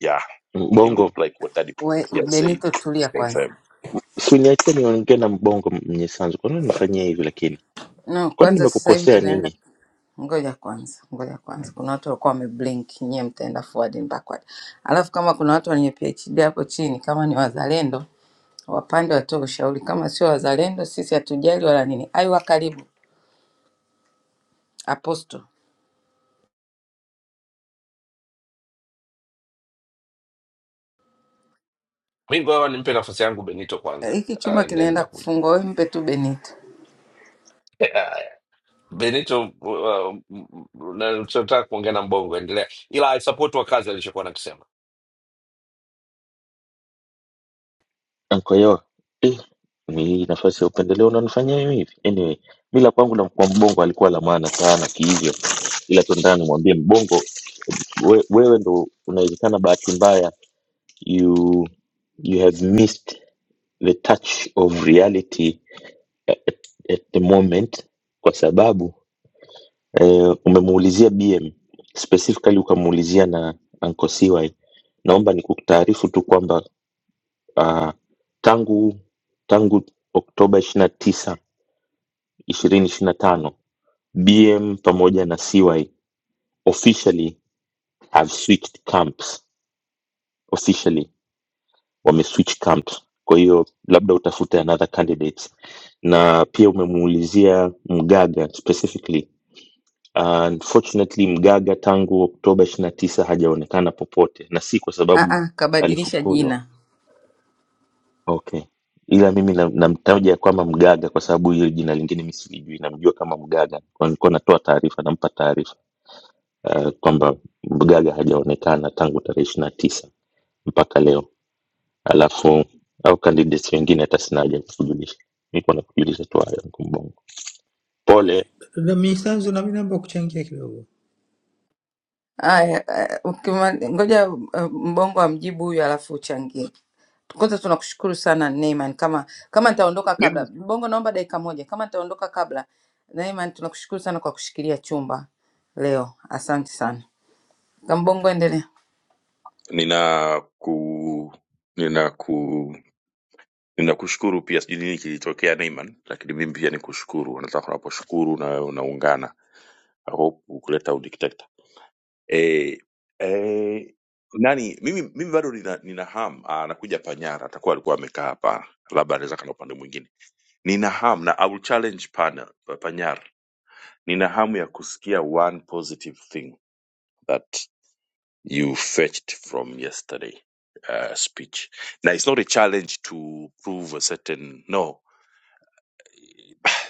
A: yeah it
R: Mbongo,
A: looked like what daddy
G: We,
A: Pierre said
G: Benito tulia
A: is
G: kwanza.
A: confirmed.
R: si uliniachia niongee na mbongo mwenye sanzu. Kwa nini unifanyia hivi lakini?
G: No,
R: Kwani
G: kwanza sasa hivi
R: nimekukosea
G: tunaenda
R: nini?
G: ngoja kwanza, ngoja kwanza. Kuna watu walikuwa wameblink, nyie mtaenda forward and backward. Alafu kama kuna watu wenye PhD hapo chini, kama ni wazalendo wapande, watoe ushauri. Kama sio wazalendo, sisi hatujali wala nini. Aiwa, karibu Apostle.
S: Mi ngoja Benito kwanza
G: Eh, Hiki
S: uh,
G: chumba
S: and then
G: kinaenda
S: nitakuja.
G: kufungwa, wewe mpe tu Benito.
S: Benito, uh, m- m- na- tunataka kuongea na Mbongo, endelea, ila I support wakazi alichokuwa nakisema.
R: Ankoyo. Eh, ni hii nafasi ya upendeleo unanifanyia hiyo hivi. Anyway, mila kwangu na kwa mbongo alikuwa la maana sana kihivyo. Ila tu nataka nimwambie mbongo we, wewe ndo unawezekana bahati mbaya you you have missed the touch of reality at, at the moment kwa sababu eh, umemuulizia bm specifically ukamuulizia na Uncle CY. naomba nikutaarifu tu kwamba uh, tangu tangu oktoba ishiri na tisa ishirini ishiri na tano bm pamoja na CY officially have switched camps officially wameswitch camps kwa hiyo labda utafute another candidates na pia umemuulizia mgaga specifically Uh, unfortunately mgaga tangu oktoba 29 tisa hajaonekana popote na si kwa
G: Ah,
R: sababu
G: ah, kabadilisha
R: alifukuzwa
G: jina.
R: okay ila mimi namtaja na namtaja kama mgaga kwa sababu hiyo jina lingine mi silijui namjua kama mgaga Kwa nilikuwa natoa taarifa nampa taarifa uh, kwamba mgaga hajaonekana tangu tarehe 29 tisa mpaka leo alafu au candidates wengine hata sina haja ya kukujulisha niko nakujulisha tu hayo kumbongo pole
L: dada Mnyisanzu, na mimi naomba kuchangia kidogo.
G: Aya, eh, ukima- ngoja eh, mbongo amjibu huyu, alafu uchangie. Kwanza tunakushukuru sana Neyman, kama kama nitaondoka kabla
A: mimi
G: Mbongo, naomba dakika moja. Kama nitaondoka kabla Neyman, tunakushukuru sana kwa kushikilia chumba leo, asante sana. Kambongo, endelea.
A: nina ku nina ku ninakushukuru pia sijui nini kilitokea Neyman lakini mimi pia nikushukuru nataka unaposhukuru na unaungana I hope kuleta udikteta eh, eh, nani mimi mimi bado nina, nina ham ah, nakuja panyara atakuwa alikuwa amekaa hapa labda anaweza kana upande mwingine nina ham na I will challenge pana, panyara nina hamu ya kusikia one positive thing that you fetched from yesterday uh, speech na it's not a challenge to prove a certain no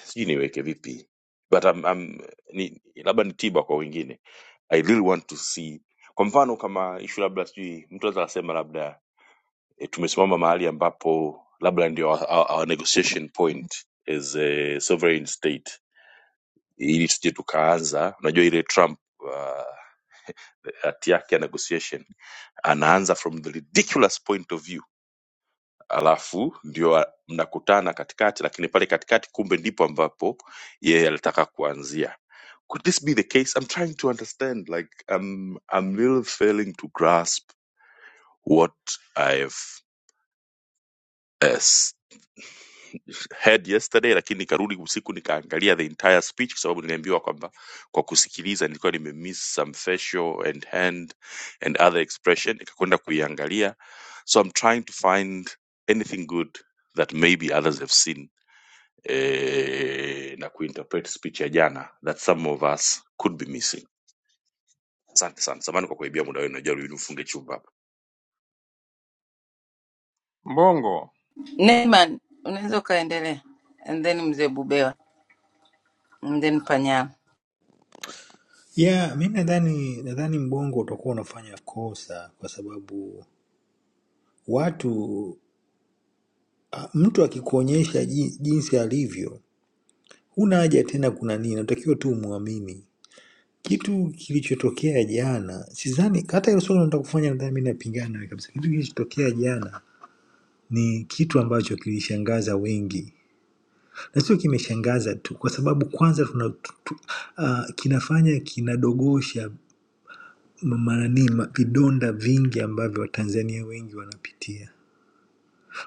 A: sijui niweke vipi but I'm, I'm, ni, labda ni tiba kwa wengine i really want to see kwa mfano kama ishu labda sijui mtu anaweza akasema labda e, tumesimama mahali ambapo labda ndio our, our, our negotiation point as a sovereign state ili tusije tukaanza unajua ile trump uh, hati yake ya negotiation anaanza from the ridiculous point of view alafu ndio a- mnakutana katikati, lakini pale katikati kumbe ndipo ambapo yeye alitaka kuanzia. Could this be the case? I'm trying to understand like I'm, I'm really failing to grasp what I've uh, s- heard yesterday, lakini nikarudi usiku nikaangalia the entire speech kwa sababu niliambiwa kwamba kwa kusikiliza nilikuwa nimemiss some facial and hand and other expression, nikakwenda kuiangalia, so I'm trying to find anything good that maybe others have seen eh, na kuinterpret speech ya jana that some of us could be missing. Asante sana, samani kwa kuibia muda wenu, najaribu nifunge chumba hapa.
M: Mbongo.
G: Neyman, unaweza ukaendelea, and then mzee Bubera, and then Panyala.
L: Yeah, mi nadhani nadhani Mbongo utakuwa unafanya kosa kwa sababu watu a- mtu akikuonyesha ji- jinsi alivyo, huna haja tena kuna nini, unatakiwa tu umwamini. Kitu kilichotokea jana, sidhani hata hilo swali nataka kufanya, nadhani mi napingana nawe kabisa. Kitu kilichotokea jana ni kitu ambacho kilishangaza wengi, na sio kimeshangaza tu, kwa sababu kwanza tuna tu, tu, uh, kinafanya kinadogosha mara ni ma- vidonda vingi ambavyo Watanzania wengi wanapitia.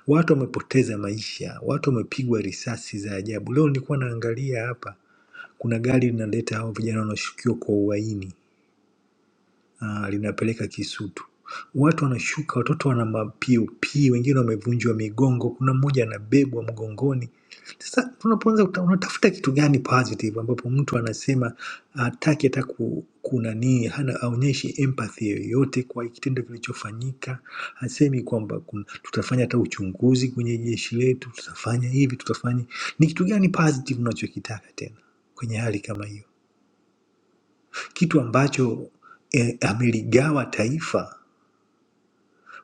L: Watu wamepoteza maisha, watu wamepigwa risasi za ajabu. Leo nilikuwa naangalia hapa, kuna gari linaleta hao vijana wanaoshukiwa kwa uhaini ah, linapeleka Kisutu. Watu wanashuka, watoto wana mapiopio, wengine wamevunjwa migongo, kuna mmoja anabebwa mgongoni. Sasa tunapoanza uta- unatafuta kitu gani positive ambapo mtu anasema hataki hata ku- kunanii, hana aonyeshi empathy yoyote kwa kitendo kilichofanyika, hasemi kwamba kun- tutafanya hata uchunguzi kwenye jeshi letu, tutafanya hivi, tutafanya ni kitu gani positive unachokitaka tena kwenye hali kama hiyo? kitu ambacho eh, ameligawa taifa.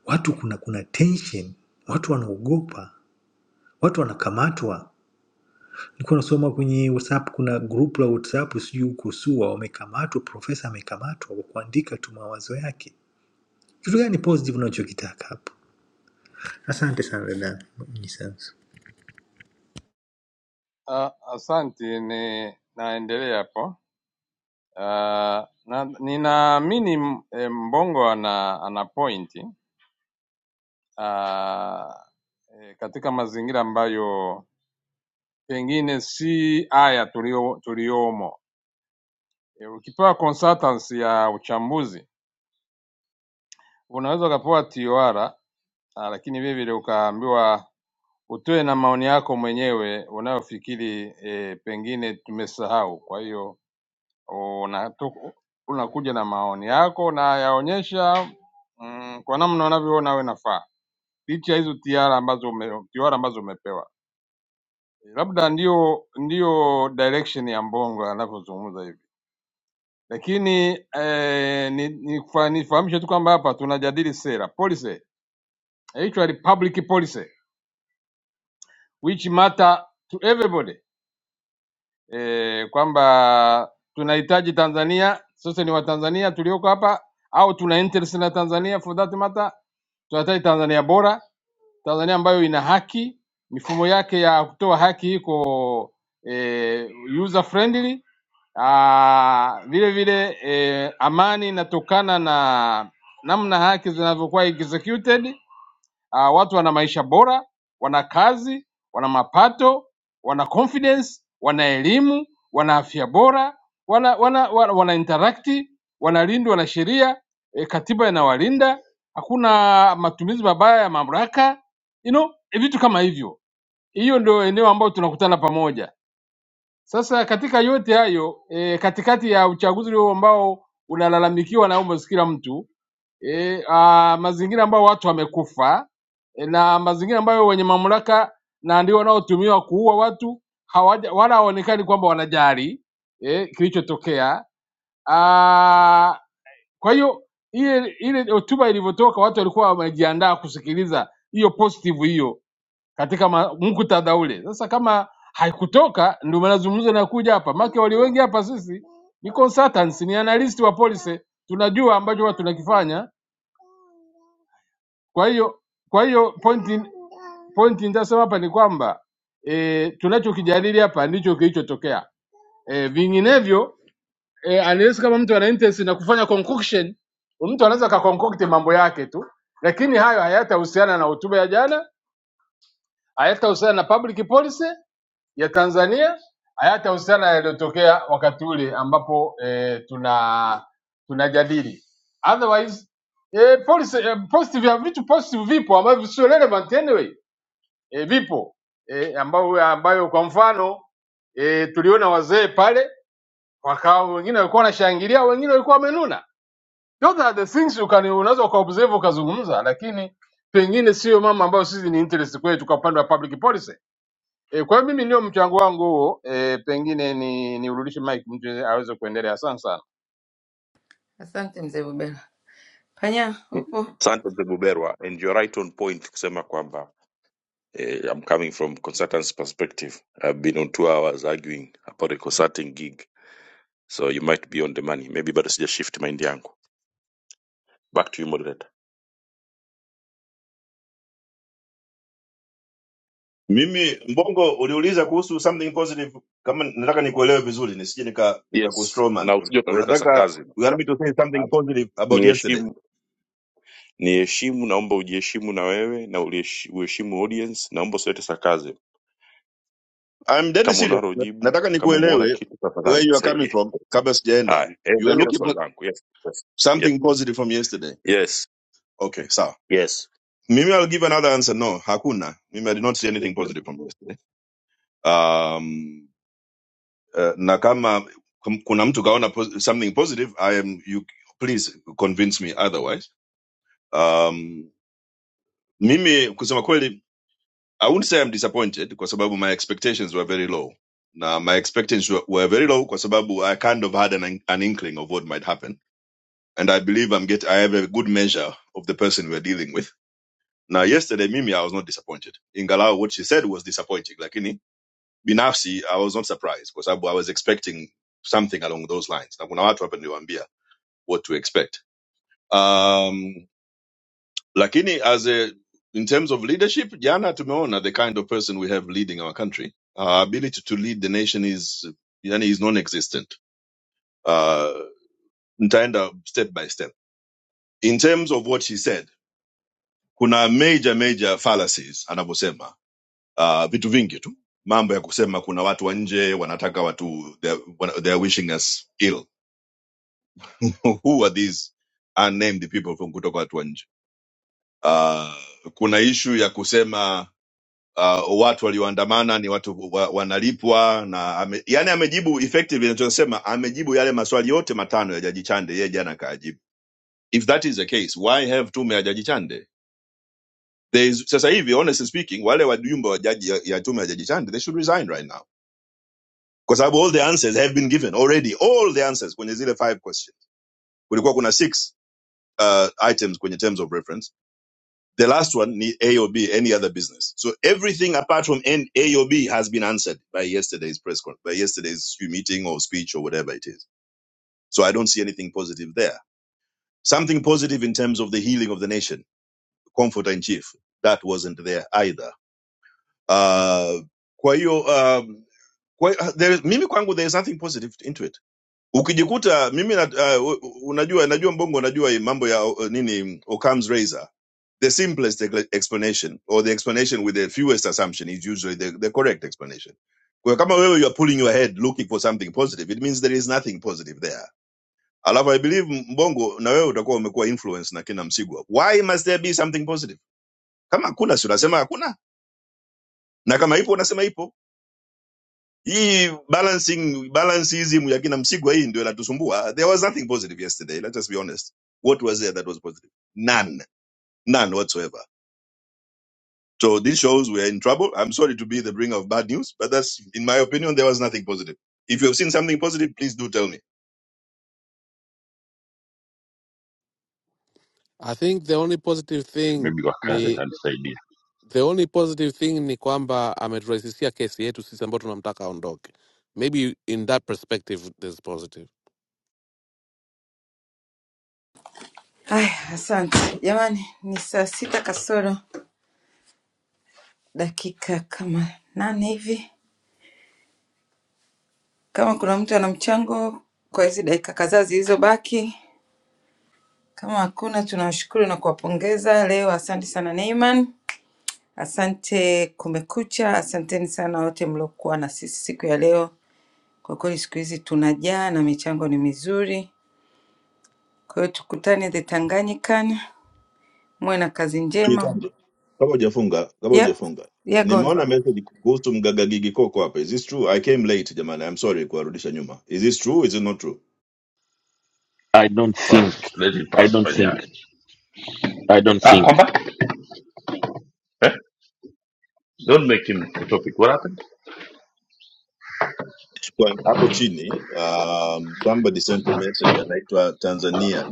L: Watu kuna kuna tension, watu wanaogopa, watu wanakamatwa. Nilikuwa nasoma kwenye WhatsApp, kuna group la WhatsApp sijui huko SUA wamekamatwa, profesa amekamatwa kwa kuandika tu mawazo yake. Kitu gani positive unachokitaka hapo? Asante sana dada. Ni sana.
M: Ah, Asante ni naendelea hapo. Ah, na, ninaamini m- eh, Mbongo ana, ana pointi Ah, eh, katika mazingira ambayo pengine si haya tulio, tuliomo. Eh, Ukipewa consultancy ya uchambuzi unaweza ukapewa TOR ah, lakini vile vile ukaambiwa utoe na maoni yako mwenyewe unayofikiri eh, pengine tumesahau. Kwa hiyo unatu- unakuja na maoni yako na yaonyesha mm, kwa namna unavyoona wewe nafaa licha ya hizo tiara ambazo ume, tiara ambazo umepewa labda ndio ndio direction ya Mbongo anavyozungumza hivi, lakini eh, ni- nifa- nifahamishe tu kwamba hapa tunajadili sera policy, hicho ni public policy which matter to everybody. e, kwamba tunahitaji Tanzania sasa ni Watanzania tulioko hapa au tuna interest na Tanzania for that matter. Tunahitaji Tanzania bora, Tanzania ambayo ina haki, mifumo yake ya kutoa haki iko e, user friendly. Ah, vile vile e, amani inatokana na namna haki zinavyokuwa executed Ah, watu wana maisha bora, wana kazi, wana mapato, wana confidence, wana elimu, wana afya bora, wana wana wana, wana interact, wanalindwa na sheria e, katiba inawalinda, hakuna matumizi mabaya ya mamlaka, you know, vitu kama hivyo. Hiyo ndio eneo ambayo tunakutana pamoja. Sasa katika yote hayo e, katikati ya uchaguzi huo ambao unalalamikiwa na almost kila mtu e, a, mazingira ambayo watu wamekufa e, na mazingira ambayo wenye mamlaka na ndio wanaotumiwa kuua watu hawaja, wala hawaonekani kwamba wanajali e, kilichotokea. Ah, Kwa hiyo ile ile hotuba ilivyotoka, watu walikuwa wamejiandaa kusikiliza hiyo positive hiyo katika ma- muktadha ule. Sasa kama haikutoka, ndio mazungumzo yanakuja hapa, maana walio wengi hapa sisi ni consultants, ni analyst wa policy, tunajua ambacho huwa tunakifanya. Kwa hiyo kwa hiyo pointi pointi nitasema hapa ni kwamba e, tunachokijadili hapa ndicho kilichotokea. E, vinginevyo e, unless kama mtu ana interest na kufanya concoction, mtu anaweza akaconcocte mambo yake tu, lakini hayo hayatahusiana na hotuba ya jana, hayatahusiana na public policy ya Tanzania hayatahusiana na yaliyotokea wakati ule ambapo eh, tuna tunajadili otherwise eh, policy, eh, positive ya vitu positive vipo ambavyo sio relevant anyway eh, vipo eh, ambayo, ambayo kwa mfano eh, tuliona wazee pale wakawa wengine walikuwa wanashangilia wengine walikuwa wamenuna those are the things you can unaweza ukaobserve ukazungumza lakini pengine sio mama ambayo sisi ni interest kwetu kwa upande wa public policy E, kwa hiyo mimi ndio mchango wangu huo e, pengine ni niurudishe mic mtu aweze kuendelea. Asante sana.
G: Asante mzee Bubera. Panyala, upo?
A: Asante mzee Buberwa, and you're right on point kusema kwamba eh, I'm coming from consultant's perspective. I've been on two hours arguing about a consulting gig, so you might be on the money. Maybe bado sija shift mind yangu. Back to you moderator.
T: Mimi Mbongo, uliuliza kuhusu something positive, kama nataka nikuelewe vizuri, nisije nika nika
A: Yes,
T: kustrowman.
A: na
T: Un-
A: usije ukaleta
T: Unataka
A: sarcasm.
T: you want me to say something
A: Ah,
T: positive about yesterday?
A: Niheshimu, niheshimu, naomba ujiheshimu na wewe na uliheshi- uheshimu audience. Naomba usilete sarcasm
T: I'm deadly
A: Kama
T: serious.
A: unalo
T: Na-
A: jibu,
T: Nataka
A: kama umeona
T: nikuelewe
A: kitu, tafadhali
T: where you are coming
A: nisaidie.
T: from kabla sijaenda.
A: Haya,
T: You are
A: endelea na
T: looking
A: swali
T: for
A: langu. Yes, yes, yes,
T: something positive from yesterday.
A: yes.
T: Okay, sawa.
A: yes.
T: Mimi I'll give another answer. No, hakuna. Mimi I did not see anything positive from yesterday. Um, uh, na kama kum- kuna mtu kaona pos- something positive, I am you please convince me otherwise. Um, mimi kusema kweli i wouldn't say i'm disappointed kwa sababu my expectations were very low na my expectations were, were very low kwa sababu i kind of had an, an inkling of what might happen and i believe i'm get i have a good measure of the person we're dealing with now yesterday mimi i was not disappointed ingalau what she said was disappointing lakini binafsi i was not surprised kwa sababu i was expecting something along those lines na kuna watu hapa niliwaambia what to expect Um, lakini as a, in terms of leadership jana tumeona the kind of person we have leading our country our ability to lead the nation is yani is non-existent uh, nitaenda step by step in terms of what she said kuna major major fallacies anavyosema uh, vitu vingi tu mambo ya kusema kuna watu wa nje wanataka watu they are wana- they are wishing us ill who are these unnamed people from kutoka watu wa nje uh, kuna ishu ya kusema uh, watu walioandamana ni watu wa, wanalipwa na ame, yani amejibu effectively inachosema amejibu yale maswali yote matano ya Jaji Chande yeye jana kaajibu. If that is the case why have tume ya Jaji Chande? There is, sasa hivi honestly speaking wale wajumbe wa jaji ya, ya tume ya Jaji Chande they should resign right now kwa sababu all the answers have been given already, all the answers kwenye zile five questions. Kulikuwa kuna six uh, items kwenye terms of reference The last one, A or B, any other business. So everything apart from N, A or B has been answered by yesterday's press conference, by yesterday's meeting or speech or whatever it is. So I don't see anything positive there. Something positive in terms of the healing of the nation, comforter in chief, that wasn't there either. Uh, kwa hiyo, um, kwa, there, is- mimi kwangu there is nothing positive into it. Ukijikuta mimi na, uh, unajua najua mbongo unajua hii mambo ya uh, nini Occam's razor The simplest ex- explanation or the explanation with the fewest assumption is usually the, the correct explanation. Kwa kama wewe you are pulling your head looking for something positive, it means there is nothing positive there. Alafu I believe Mbongo na wewe utakuwa umekuwa influence na kina Msigwa. Why must there be something positive? Kama hakuna si unasema hakuna na kama ipo unasema ipo. Hii balancing balanceism ya kina Msigwa hii ndio inatusumbua. There was nothing positive yesterday, let us be honest. What was there that was positive? None. None whatsoever. So this shows we're in trouble. I'm sorry to be the bringer of bad news, but that's, in my opinion, there was nothing positive. If you have seen something positive, please do tell me.
P: I think the only positive thing
A: maybe wakazi atanisaidia
P: the only positive thing ni kwamba ameturahisishia kesi yetu sisi ambao tunamtaka aondoke maybe in that perspective there's positive
G: Haya, asante jamani. Ni saa sita kasoro dakika kama nane hivi. Kama kuna mtu ana mchango kwa hizi dakika kadhaa zilizobaki Kama hakuna, tunawashukuru na kuwapongeza leo. Asante sana Neiman, asante Kumekucha, asanteni sana wote mliokuwa na sisi siku ya leo. Kwa kweli siku hizi tunajaa na michango ni mizuri, kwa hiyo tukutane the Tanganyikan. Muwe na kazi njema.
T: Kitambo, Kama hujafunga, kama
G: Yep.
T: hujafunga.
G: Yeah, go on.
T: Nimeona message kuhusu mgaga Gigi Koko hapa. Is this true? I came late jamani. I'm sorry kuwarudisha nyuma. Is this true? Is it not true?
R: i don't think
A: pass let it
R: i
A: pass
R: don't think
A: panyari
R: i don't
A: ah
R: think
A: kwamba eh? don't make him the topic what happened
T: Kwa hapo chini, um, somebody sent a message anaitwa Tanzania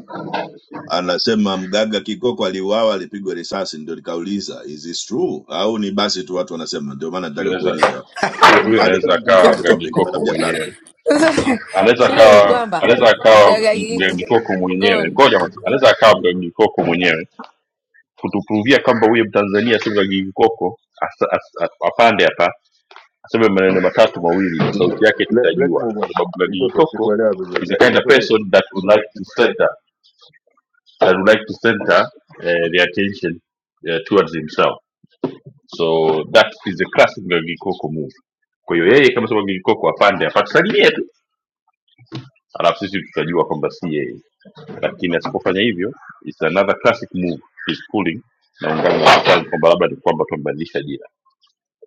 T: anasema mganga kikoko aliuawa alipigwa risasi ndio nikauliza is this true au ni basi tu watu wanasema ndio maana
A: huyo
T: nataka
A: anaweza
T: kuuliza i
A: huyo
T: I don't
A: anaweza
T: want to look in
A: akawa
T: the topic but
A: ngagikoko
T: i'm just
A: mwenyewe
T: asking
A: anaweza
G: shida ni
A: akawa
G: kwamba
A: anaweza akawa
G: mgagagi
A: mgagikoko mwenyewe
G: gon
A: ngoja kwanza anaweza akawa mgagikoko mwenyewe kutupruvia kwamba huyo mtanzania sio mgagikoko as- as- as- apande hapa aseme maneno matatu mawili na sauti yake
T: Let, let's
A: tutajua
T: move
A: kwa
T: on.
A: sababu
T: It's
A: Gigi
T: okay.
A: Koko
T: Sikuelewa vizuri.
A: is the kind of
T: It's okay.
A: person that would like to center that would like to center uh, the attention uh, towards himself so that is the classic Gigi Koko move kwa hiyo yeye kama sema Gigi Koko apande apatusalimie tu alafu sisi tutajua kwamba si yeye lakini asipofanya hivyo it's another classic move he's pulling na ungana na Mnyisanzu kwamba labda ni kwamba tumebadilisha jina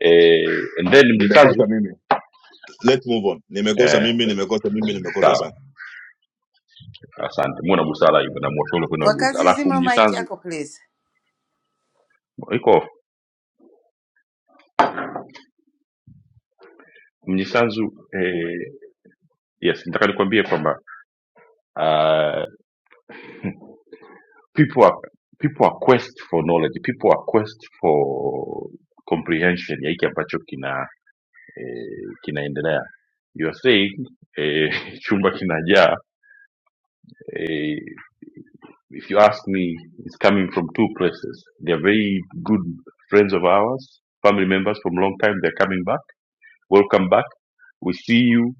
A: eh, and then mnisanzu
T: Nimekosa mimi. let's move on nimekosa
A: eh,
T: mimi nimekosa mimi nimekosa
A: sawa
T: sana
A: Asante, muwe na busara hivyo na mwashauri kwenda busara.
G: Wakazi
A: Alafu
G: zima mic
A: Mnyisanzu
G: yako please.
A: iko off. Mnyisanzu eh, yes, nataka nikwambie kwamba uh, people are people are quest for knowledge, people are quest for comprehension ya hiki ambacho kina eh, kinaendelea. You are saying eh, chumba kinajaa eh, if you ask me it's coming from two places. They are very good friends of ours, family members from long time, they're coming back. Welcome back. we see you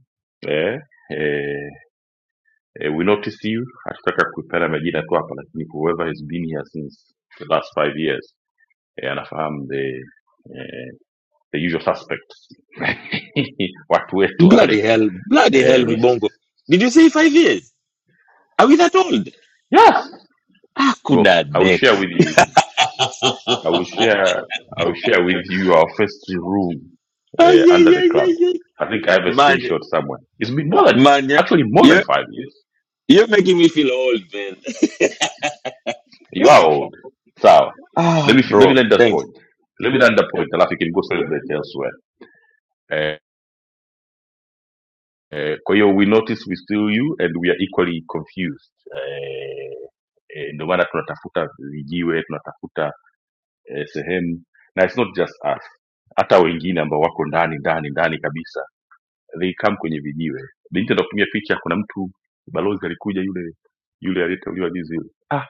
A: eh, eh, eh, we notice you hatutaka kupeana majina tu hapa lakini whoever has been here since the last five years eh, anafahamu the eh, the usual suspects watu wetu wale
R: bloody hell bloody
A: eh,
R: hell
A: we,
R: mbongo did you say five years are we that old
A: yes boss
R: akuna
A: i will share
R: neck
A: with you i will share i will share with you our first room eh, under the club
R: ayayayayay
A: i think i have a
R: man
A: screenshot somewhere it's been more than
R: man you're,
A: actually more than
R: you're
A: five years
R: you're making me feel old man
A: You are old. Sawa. Let
R: ah
A: me let me
R: bro
A: land that
R: thanks
A: point. Let me land that point alafu you can go celebrate elsewhere. Eh, eh, kwa hiyo we notice we still you and we are equally confused. Eh, eh, ndio maana tunatafuta vijiwe, tunatafuta eh, sehemu na it's not just us. Hata wengine ambao wako ndani ndani ndani kabisa. They come kwenye vijiwe. Binti anakutumia picha kuna mtu balozi alikuja yule yule aliyeteuliwa juzi. yule. Ah,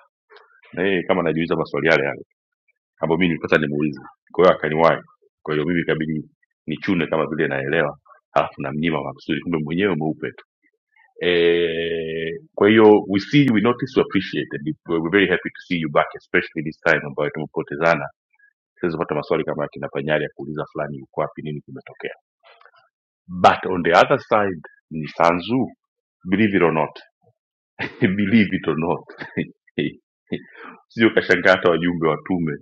A: na yeye kama anajiuliza maswali yale ambayo mimi nilipata nimuulize kwa hiyo akaniwahi kwa hiyo mimi ikabidi nichune kama vile naelewa alafu namnyima makusudi kumbe mwenyewe mweupe tu eh kwa hiyo we see you, we notice we appreciate and we're very happy to see you back especially this time ambayo tumepotezana siwezi kupata maswali kama ya kina panyari ya kuuliza fulani uko wapi nini kimetokea but on the other side ni sanzu believe it or not believe it or not sio kashangaa hata wajumbe wa tume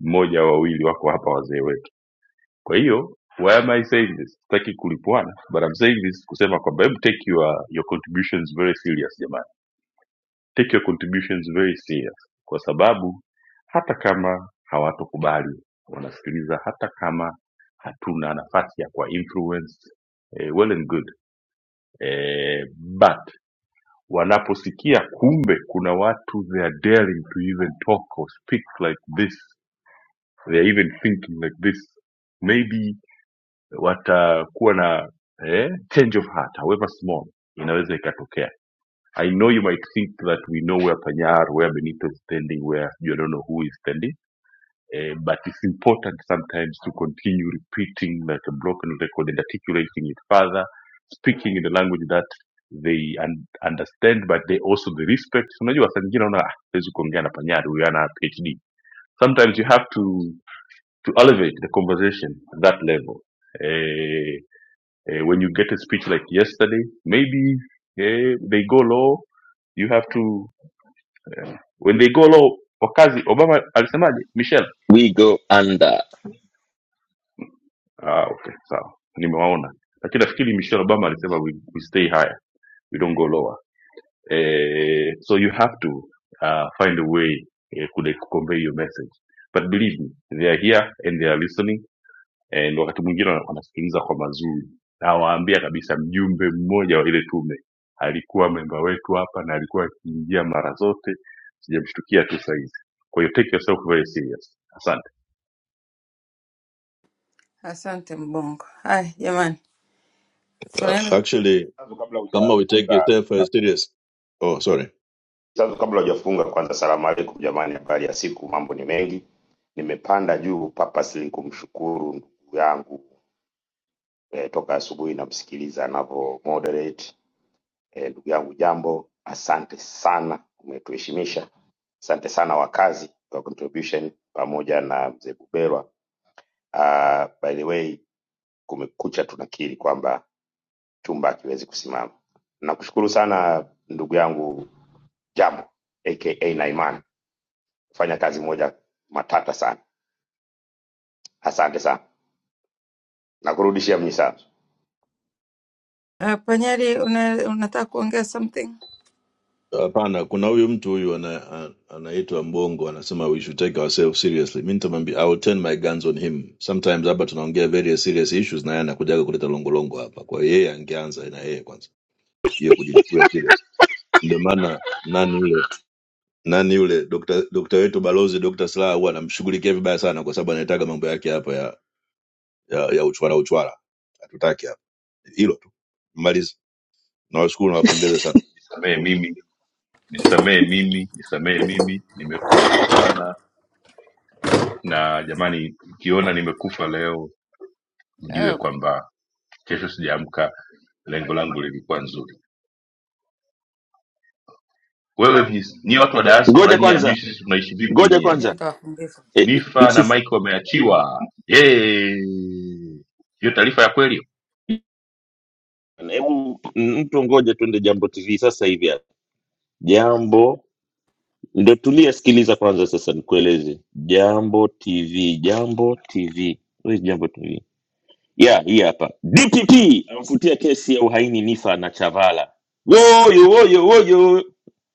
A: mmoja au wawili wako hapa wazee wetu Kwa hiyo why am I saying this? Sitaki kulipwana but I'm saying this kusema kwamba hebu take your your contributions very serious jamani. Take your contributions very serious kwa sababu hata kama hawatokubali wanasikiliza, hata kama hatuna nafasi ya kuwa influence eh, well and good eh, but wanaposikia kumbe kuna watu they are daring to even talk or speak like this they are even thinking like this maybe watakuwa na eh, change of heart however small inaweza ikatokea i know you might think that we know where panyar where benito is standing where you don't know who is standing eh, but it's important sometimes to continue repeating like a broken record and articulating it further speaking in the language that they un understand but they also the respect unajua saa nyingine unaona "Ah, huwezi kuongea na panyar huyu ana phd sometimes you have to to elevate the conversation to that level Uh, uh, when you get a speech like yesterday, maybe eh, they go low. You have to when they go low. Wakazi Obama alisemaje? Michelle.
R: we go under
A: Ah, okay, sawa, nimewaona. Lakini nafikiri Michelle Obama alisema we, we stay higher, we don't go lower. Eh, so you have to uh, find a way eh, ku convey your message. But believe me, they are here and they are listening eh, ndo wakati mwingine wana- wanasikiliza kwa mazuri nawaambia kabisa mjumbe mmoja wa ile tume alikuwa memba wetu hapa na alikuwa akiingia mara zote sijamshtukia tu saizi kwa hiyo take yourself very serious asante
G: Asante Mbongo. Hai jamani,
T: uh,
G: tunaenda.
T: actually
U: Sanzu, kabla
T: kama we take
U: hujafunga
T: yourself uh, serious oh sorry
U: Sanzu, kabla hujafunga kwanza, salamu alaikum jamani, habari ya siku, mambo ni mengi. Nimepanda juu purposely kumshukuru ndugu yangu eh, toka asubuhi namsikiliza anavyo moderate eh, ndugu yangu Jambo, asante sana, umetuheshimisha. Asante sana wakazi kwa contribution pamoja na mzee Buberwa. Uh, by the way, kumekucha tunakiri kwamba chumba hakiwezi kusimama. Nakushukuru sana ndugu yangu Jambo aka Naiman fanya kazi moja matata sana. Asante sana, nakurudishia Mnyisanzu.
G: Uh, Panyari, una, unataka kuongea something?
T: Hapana, kuna huyu mtu huyu ana, ana- anaitwa Mbongo anasema we should take ourselves seriously. Mimi nitamwambia I will turn my guns on him. Sometimes hapa tunaongea very serious issues na yeye anakujaga kuleta longolongo hapa. Kwa hiyo yeye angeanza na yeye kwanza. Yeye kujichukulia serious. Ndio maana nani yule nani yule Dr. Dr. wetu balozi Dr. Slaa huwa anamshughulikia vibaya sana kwa sababu anataka mambo yake hapa ya ya, ya uchwara uchwara. Hatutaki hapa. Hilo tu. Maliza. Nawashukuru nawapongeza sana.
A: nisamehe mimi nisamehe mimi nisamehe mimi nimekosa sana na jamani mkiona nimekufa leo mjue
G: Eh,
A: kwamba kesho sijaamka lengo langu lilikuwa nzuri wewe mjis- nyie watu wa
R: ngoja
A: diaspora nyie hamjui
R: kwanza
A: sisi tunaishi vipi
R: ngoja
A: nyie
G: unajua
R: kwanza
G: nitawafundisha.
R: Eh, eh,
A: Nifa na
R: msif-
A: Michael wameachiwa. Yay! Hiyo taarifa ya kweli.
R: hebu mtu ngoja tuende jambo tv sasa hivi Jambo, ndio tulia, sikiliza kwanza. Sasa nikueleze Jambo TV, Jambo TV, Where is Jambo TV? Yeah, hii hapa. DPP amfutia kesi ya uhaini Nifa na Chavala. Woyo woyo woyo,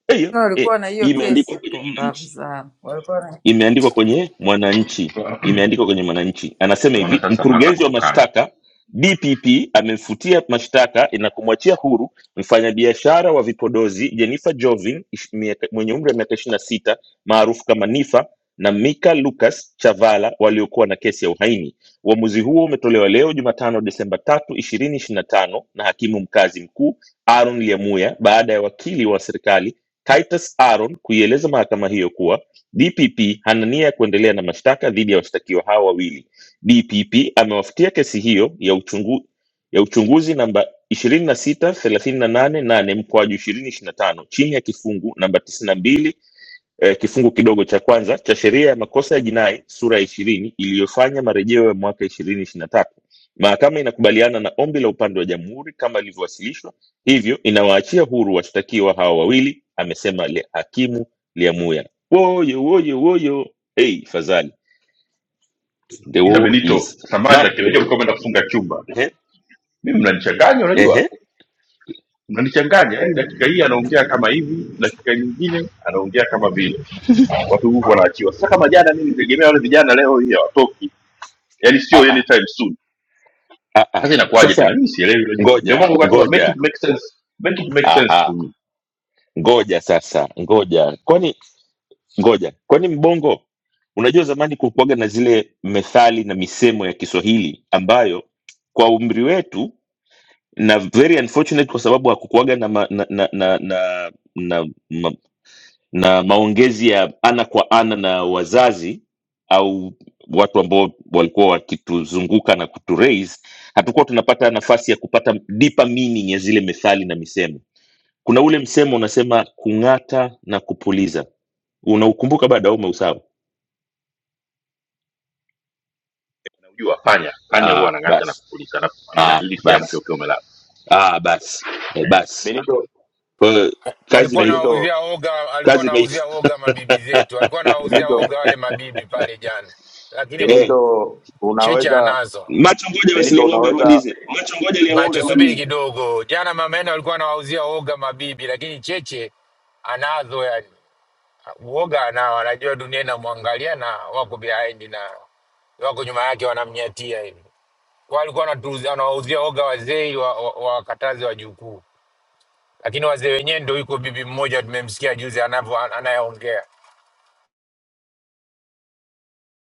R: eyo
G: Na
R: eh,
G: Walikuwa na
R: hii
G: hiyo
R: imeandikwa
G: kesi,
R: kwenye
G: pumbavu
R: Mwananchi
G: sana walikuwa na...
R: imeandikwa kwenye Mwananchi, imeandikwa kwenye Mwananchi. Anasema
A: Naona
R: hivi,
A: sasa mnaanza
R: mkurugenzi wa
A: kutukana.
R: mashtaka DPP amemfutia mashtaka na kumwachia huru mfanyabiashara wa vipodozi Jennifer Jovin ish- miaka- mwenye umri wa miaka 26 sita maarufu kama Nifa na Mika Lucas Chavala waliokuwa na kesi ya uhaini. Uamuzi huo umetolewa leo Jumatano Desemba tatu ishirini ishirini na tano na hakimu mkazi mkuu Aaron Lyamuya baada ya wakili wa serikali Titus Aaron kuieleza mahakama hiyo kuwa DPP hana nia ya kuendelea na mashtaka dhidi ya washtakiwa hao wawili. DPP amewafutia kesi hiyo ya, uchungu, ya uchunguzi namba 26 388 mkoaju 2025 chini ya kifungu namba 92 eh, kifungu kidogo cha kwanza cha sheria ya makosa ya jinai sura ya ishirini iliyofanya marejeo ya mwaka ishirini ishiri na tatu mahakama inakubaliana na ombi la upande wa jamhuri kama ilivyowasilishwa hivyo inawaachia huru washtakiwa hawa wawili amesema le hakimu liamuya woyo woyo woyo hey, fadhali the
A: Ila
R: war
A: Benito,
R: is
A: samani
R: nam
A: akirejea ulikuwa umeenda kufunga chumba.
R: ehe
A: Mimi mnanichanganya, unajua?
R: ehe
A: Mnanichanganya, yaani dakika hii anaongea kama hivi, dakika nyingine anaongea kama vile. Watu huku wanaachiwa. Sasa kama jana mimi nitegemea wale vijana leo hii hawatoki. Yaani sio
R: ah ah
A: anytime soon.
R: ah ah
A: Sasa inakuwaje
R: sasa
A: tena? Mimi sielewi, unajua. Ndio
R: ngoja
A: maana ukasema make
R: ngoja
A: it make sense. Make it make sense to
R: aha
A: me.
R: ngoja sasa ngoja kwani ngoja kwani mbongo unajua zamani kulikuwaga na zile methali na misemo ya kiswahili ambayo kwa umri wetu na very unfortunate kwa sababu hakukuwaga na, ma, na, na, na, na, na, ma, na maongezi ya ana kwa ana na wazazi au watu ambao walikuwa wakituzunguka na kuturaise hatukuwa tunapata nafasi ya kupata deeper meaning ya zile methali na misemo kuna ule msemo unasema kung'ata na kupuliza unaukumbuka bado au umeusahau
A: unajua panya panya huwa
R: Ah,
A: anang'ata na
R: basi.
A: kukulisha alafu
R: Ah,
A: anang'ata ili siamke
R: basi.
A: ukiwa umelala
R: Ah, basi. Eh,
A: eh.
R: basi.
U: Benito,
R: Kwa hiyo kazi
N: alikuwa
R: imeisha.
U: Benito,
N: anawauzia oga, alikuwa
R: Kazi imeisha.
N: anawauzia oga mabibi zetu, alikuwa anawauzia
U: Benito,
N: oga wale mabibi pale jana, lakini
R: eh,
N: m-
U: Benito,
N: cheche
U: unaweza
N: anazo
R: macho ngoja basi
U: Benito,
R: ile ng'ombe
U: unaweza
R: amalize. Macho ngoja ile ng'ombe
N: macho. Subiri
R: amalize.
N: kidogo, jana mama yenu alikuwa anawauzia oga mabibi, lakini cheche anazo, yani uoga anao, anajua dunia inamwangalia na wako behind na wako nyuma yake wanamnyatia hivi. Kwa alikuwa anatuuzia- anawauzia oga wazee wa- wa- wakatazi wajukuu, lakini wazee wenyewe ndio yuko bibi mmoja tumemsikia juzi anavyo anayeongea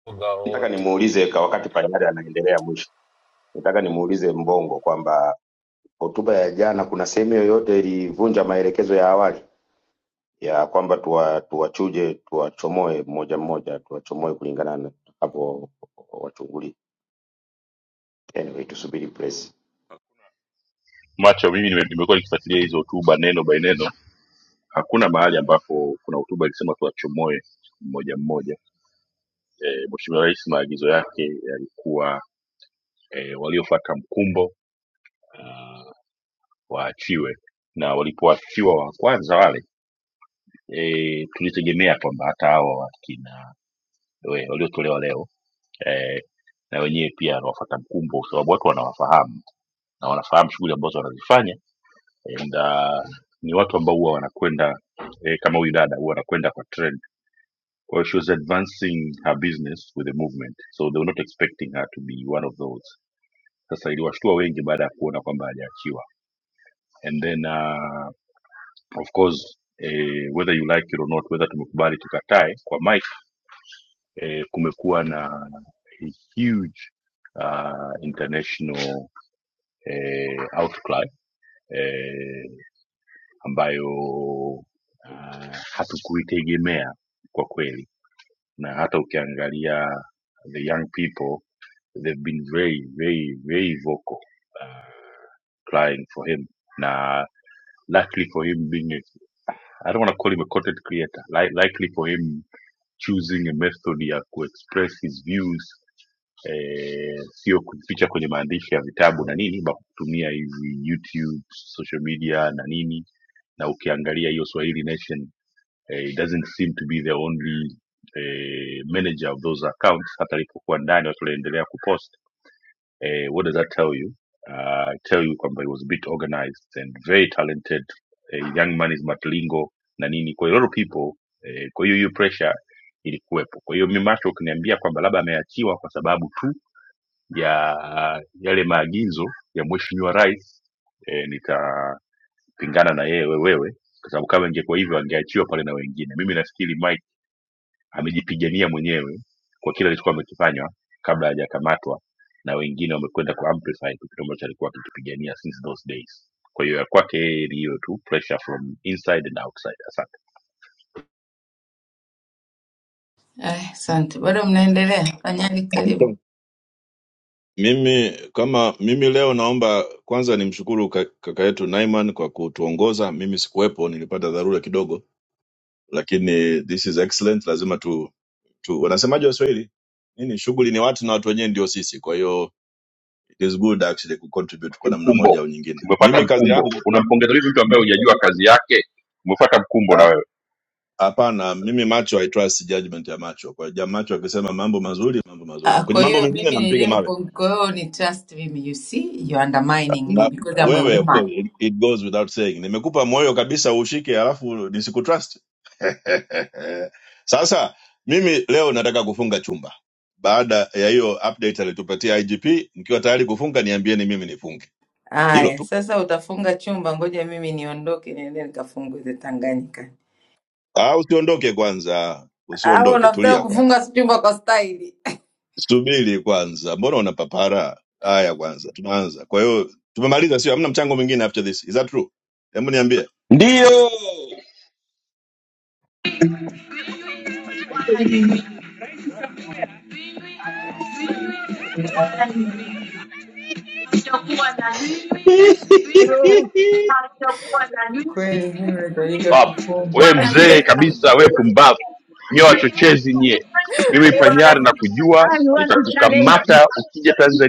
N: oga
U: nataka
N: wote
U: nimuulize kwa wakati Panyari anaendelea mwisho, nataka nimuulize Mbongo kwamba hotuba ya jana kuna sehemu yoyote ilivunja maelekezo ya awali ya kwamba tuwa- tuwachuje tuwachomoe mmoja mmoja tuwachomoe kulingana na hapo wachungulie. Anyway, tusubiri press.
A: macho mimi nime- nimekuwa nikifuatilia hizo hotuba neno by neno hakuna mahali ambapo kuna hotuba ilisema tuwachomoe mmoja mmoja eh, mheshimiwa rais maagizo yake yalikuwa eh, waliofata mkumbo uh, waachiwe na walipoachiwa wa kwanza wale eh, tulitegemea kwamba hata hawa wakina we- waliotolewa leo eh, na wenyewe pia wanawafuata mkumbo kwa sababu watu wanawafahamu na wanafahamu shughuli ambazo wanazifanya and uh, ni watu ambao huwa wanakwenda eh, kama huyu dada huwa wanakwenda kwa trend kwa hiyo she was advancing her business with the movement so they were not expecting her to be one of those sasa iliwashtua wengi baada ya kuona kwamba hajaachiwa and then uh, of course eh, whether you like it or not whether tumekubali tukatae kwa my eh, kumekuwa na a huge uh, international eh, outcry eh, ambayo uh, hatukuitegemea kwa kweli, na hata ukiangalia the young people they've been very very very vocal crying for him na likely for him being a, I don't want to call him a content creator, li likely for him choosing a method ya ku express his views eh, sio kujificha kwenye maandishi ya vitabu na nini ba kutumia hizi youtube social media na nini na ukiangalia hiyo swahili nation eh, it doesn't seem to be the only eh, manager of those accounts hata alipokuwa ndani watu waliendelea kupost eh, what does that tell you uh, I tell you kwamba he was a bit organized and very talented eh, young man is matlingo na nini kwa hiyo a lot of people eh, kwa hiyo hiyo pressure ilikuwepo kwa hiyo mi macho ukiniambia kwamba labda ameachiwa kwa sababu tu ya yale maagizo ya mheshimiwa rais e, nitapingana na yeye wewe kwa sababu kama ingekuwa hivyo angeachiwa pale na wengine mimi nafikiri Mike amejipigania mwenyewe kwa kile alichokuwa amekifanya kabla hajakamatwa na wengine wamekwenda ku amplify tu kitu ambacho alikuwa akikipigania since those days kwa hiyo ya kwake yeye ni hiyo tu pressure from inside and outside asante
G: Ai, Asante, bado mnaendelea, fanyeni karibu.
T: Mimi kama mimi leo naomba kwanza nimshukuru ka- kaka yetu Naiman kwa kutuongoza. Mimi sikuwepo, nilipata dharura kidogo, lakini this is excellent. Lazima tu, tu wanasemaje Waswahili, nini shughuli ni watu na watu wenyewe ndio sisi. Kwa hiyo it is good actually ku contribute kwa namna
A: mkumbo
T: moja au nyingine.
A: umepata
T: Mimi kazi
A: mkumbo
T: yangu
A: unampongeza vipi mtu ambaye hujajua kazi yake umepata mkumbo na wewe
T: hapana, mimi macho I trust judgment ya macho. Kwa hiyo ja macho akisema mambo mazuri, mambo mazuri.
G: Ah,
T: Kwenye
G: Kwa
T: mambo
G: hiyo
T: mengine
G: mimi
T: nampiga mawe.
G: nilimpo, kwa hiyo ni trust mimi, you see you undermining me
T: na
G: because I'm a
T: wewe of
G: woman.
T: course it, it goes without saying nimekupa moyo kabisa ushike alafu nisikutrust sasa mimi leo nataka kufunga chumba baada ya hiyo update alitupatia igp mkiwa tayari kufunga niambieni mimi nifunge hilo
G: Aya,
T: tu
G: sasa utafunga chumba, ngoja mimi niondoke niende nikafunguze Tanganyika.
T: ah usiondoke kwanza
G: Au
T: usiondoke
G: unataka
T: tulia kwanza
G: kufunga chumba kwa staili?
T: subiri kwanza mbona una papara haya kwanza tunaanza kwa hiyo tumemaliza sio hamna mchango mwingine after this is that true hebu niambie
R: Ndio.
T: Amen.
G: Kweli mimi nahitajika
A: pumbavu
G: kufungwa.
A: we mzee kabisa we pumbavu nyie wachochezi nyie mimi panyari na kujua
T: I want to challenge.
A: nitakukamata ukija Tanzania.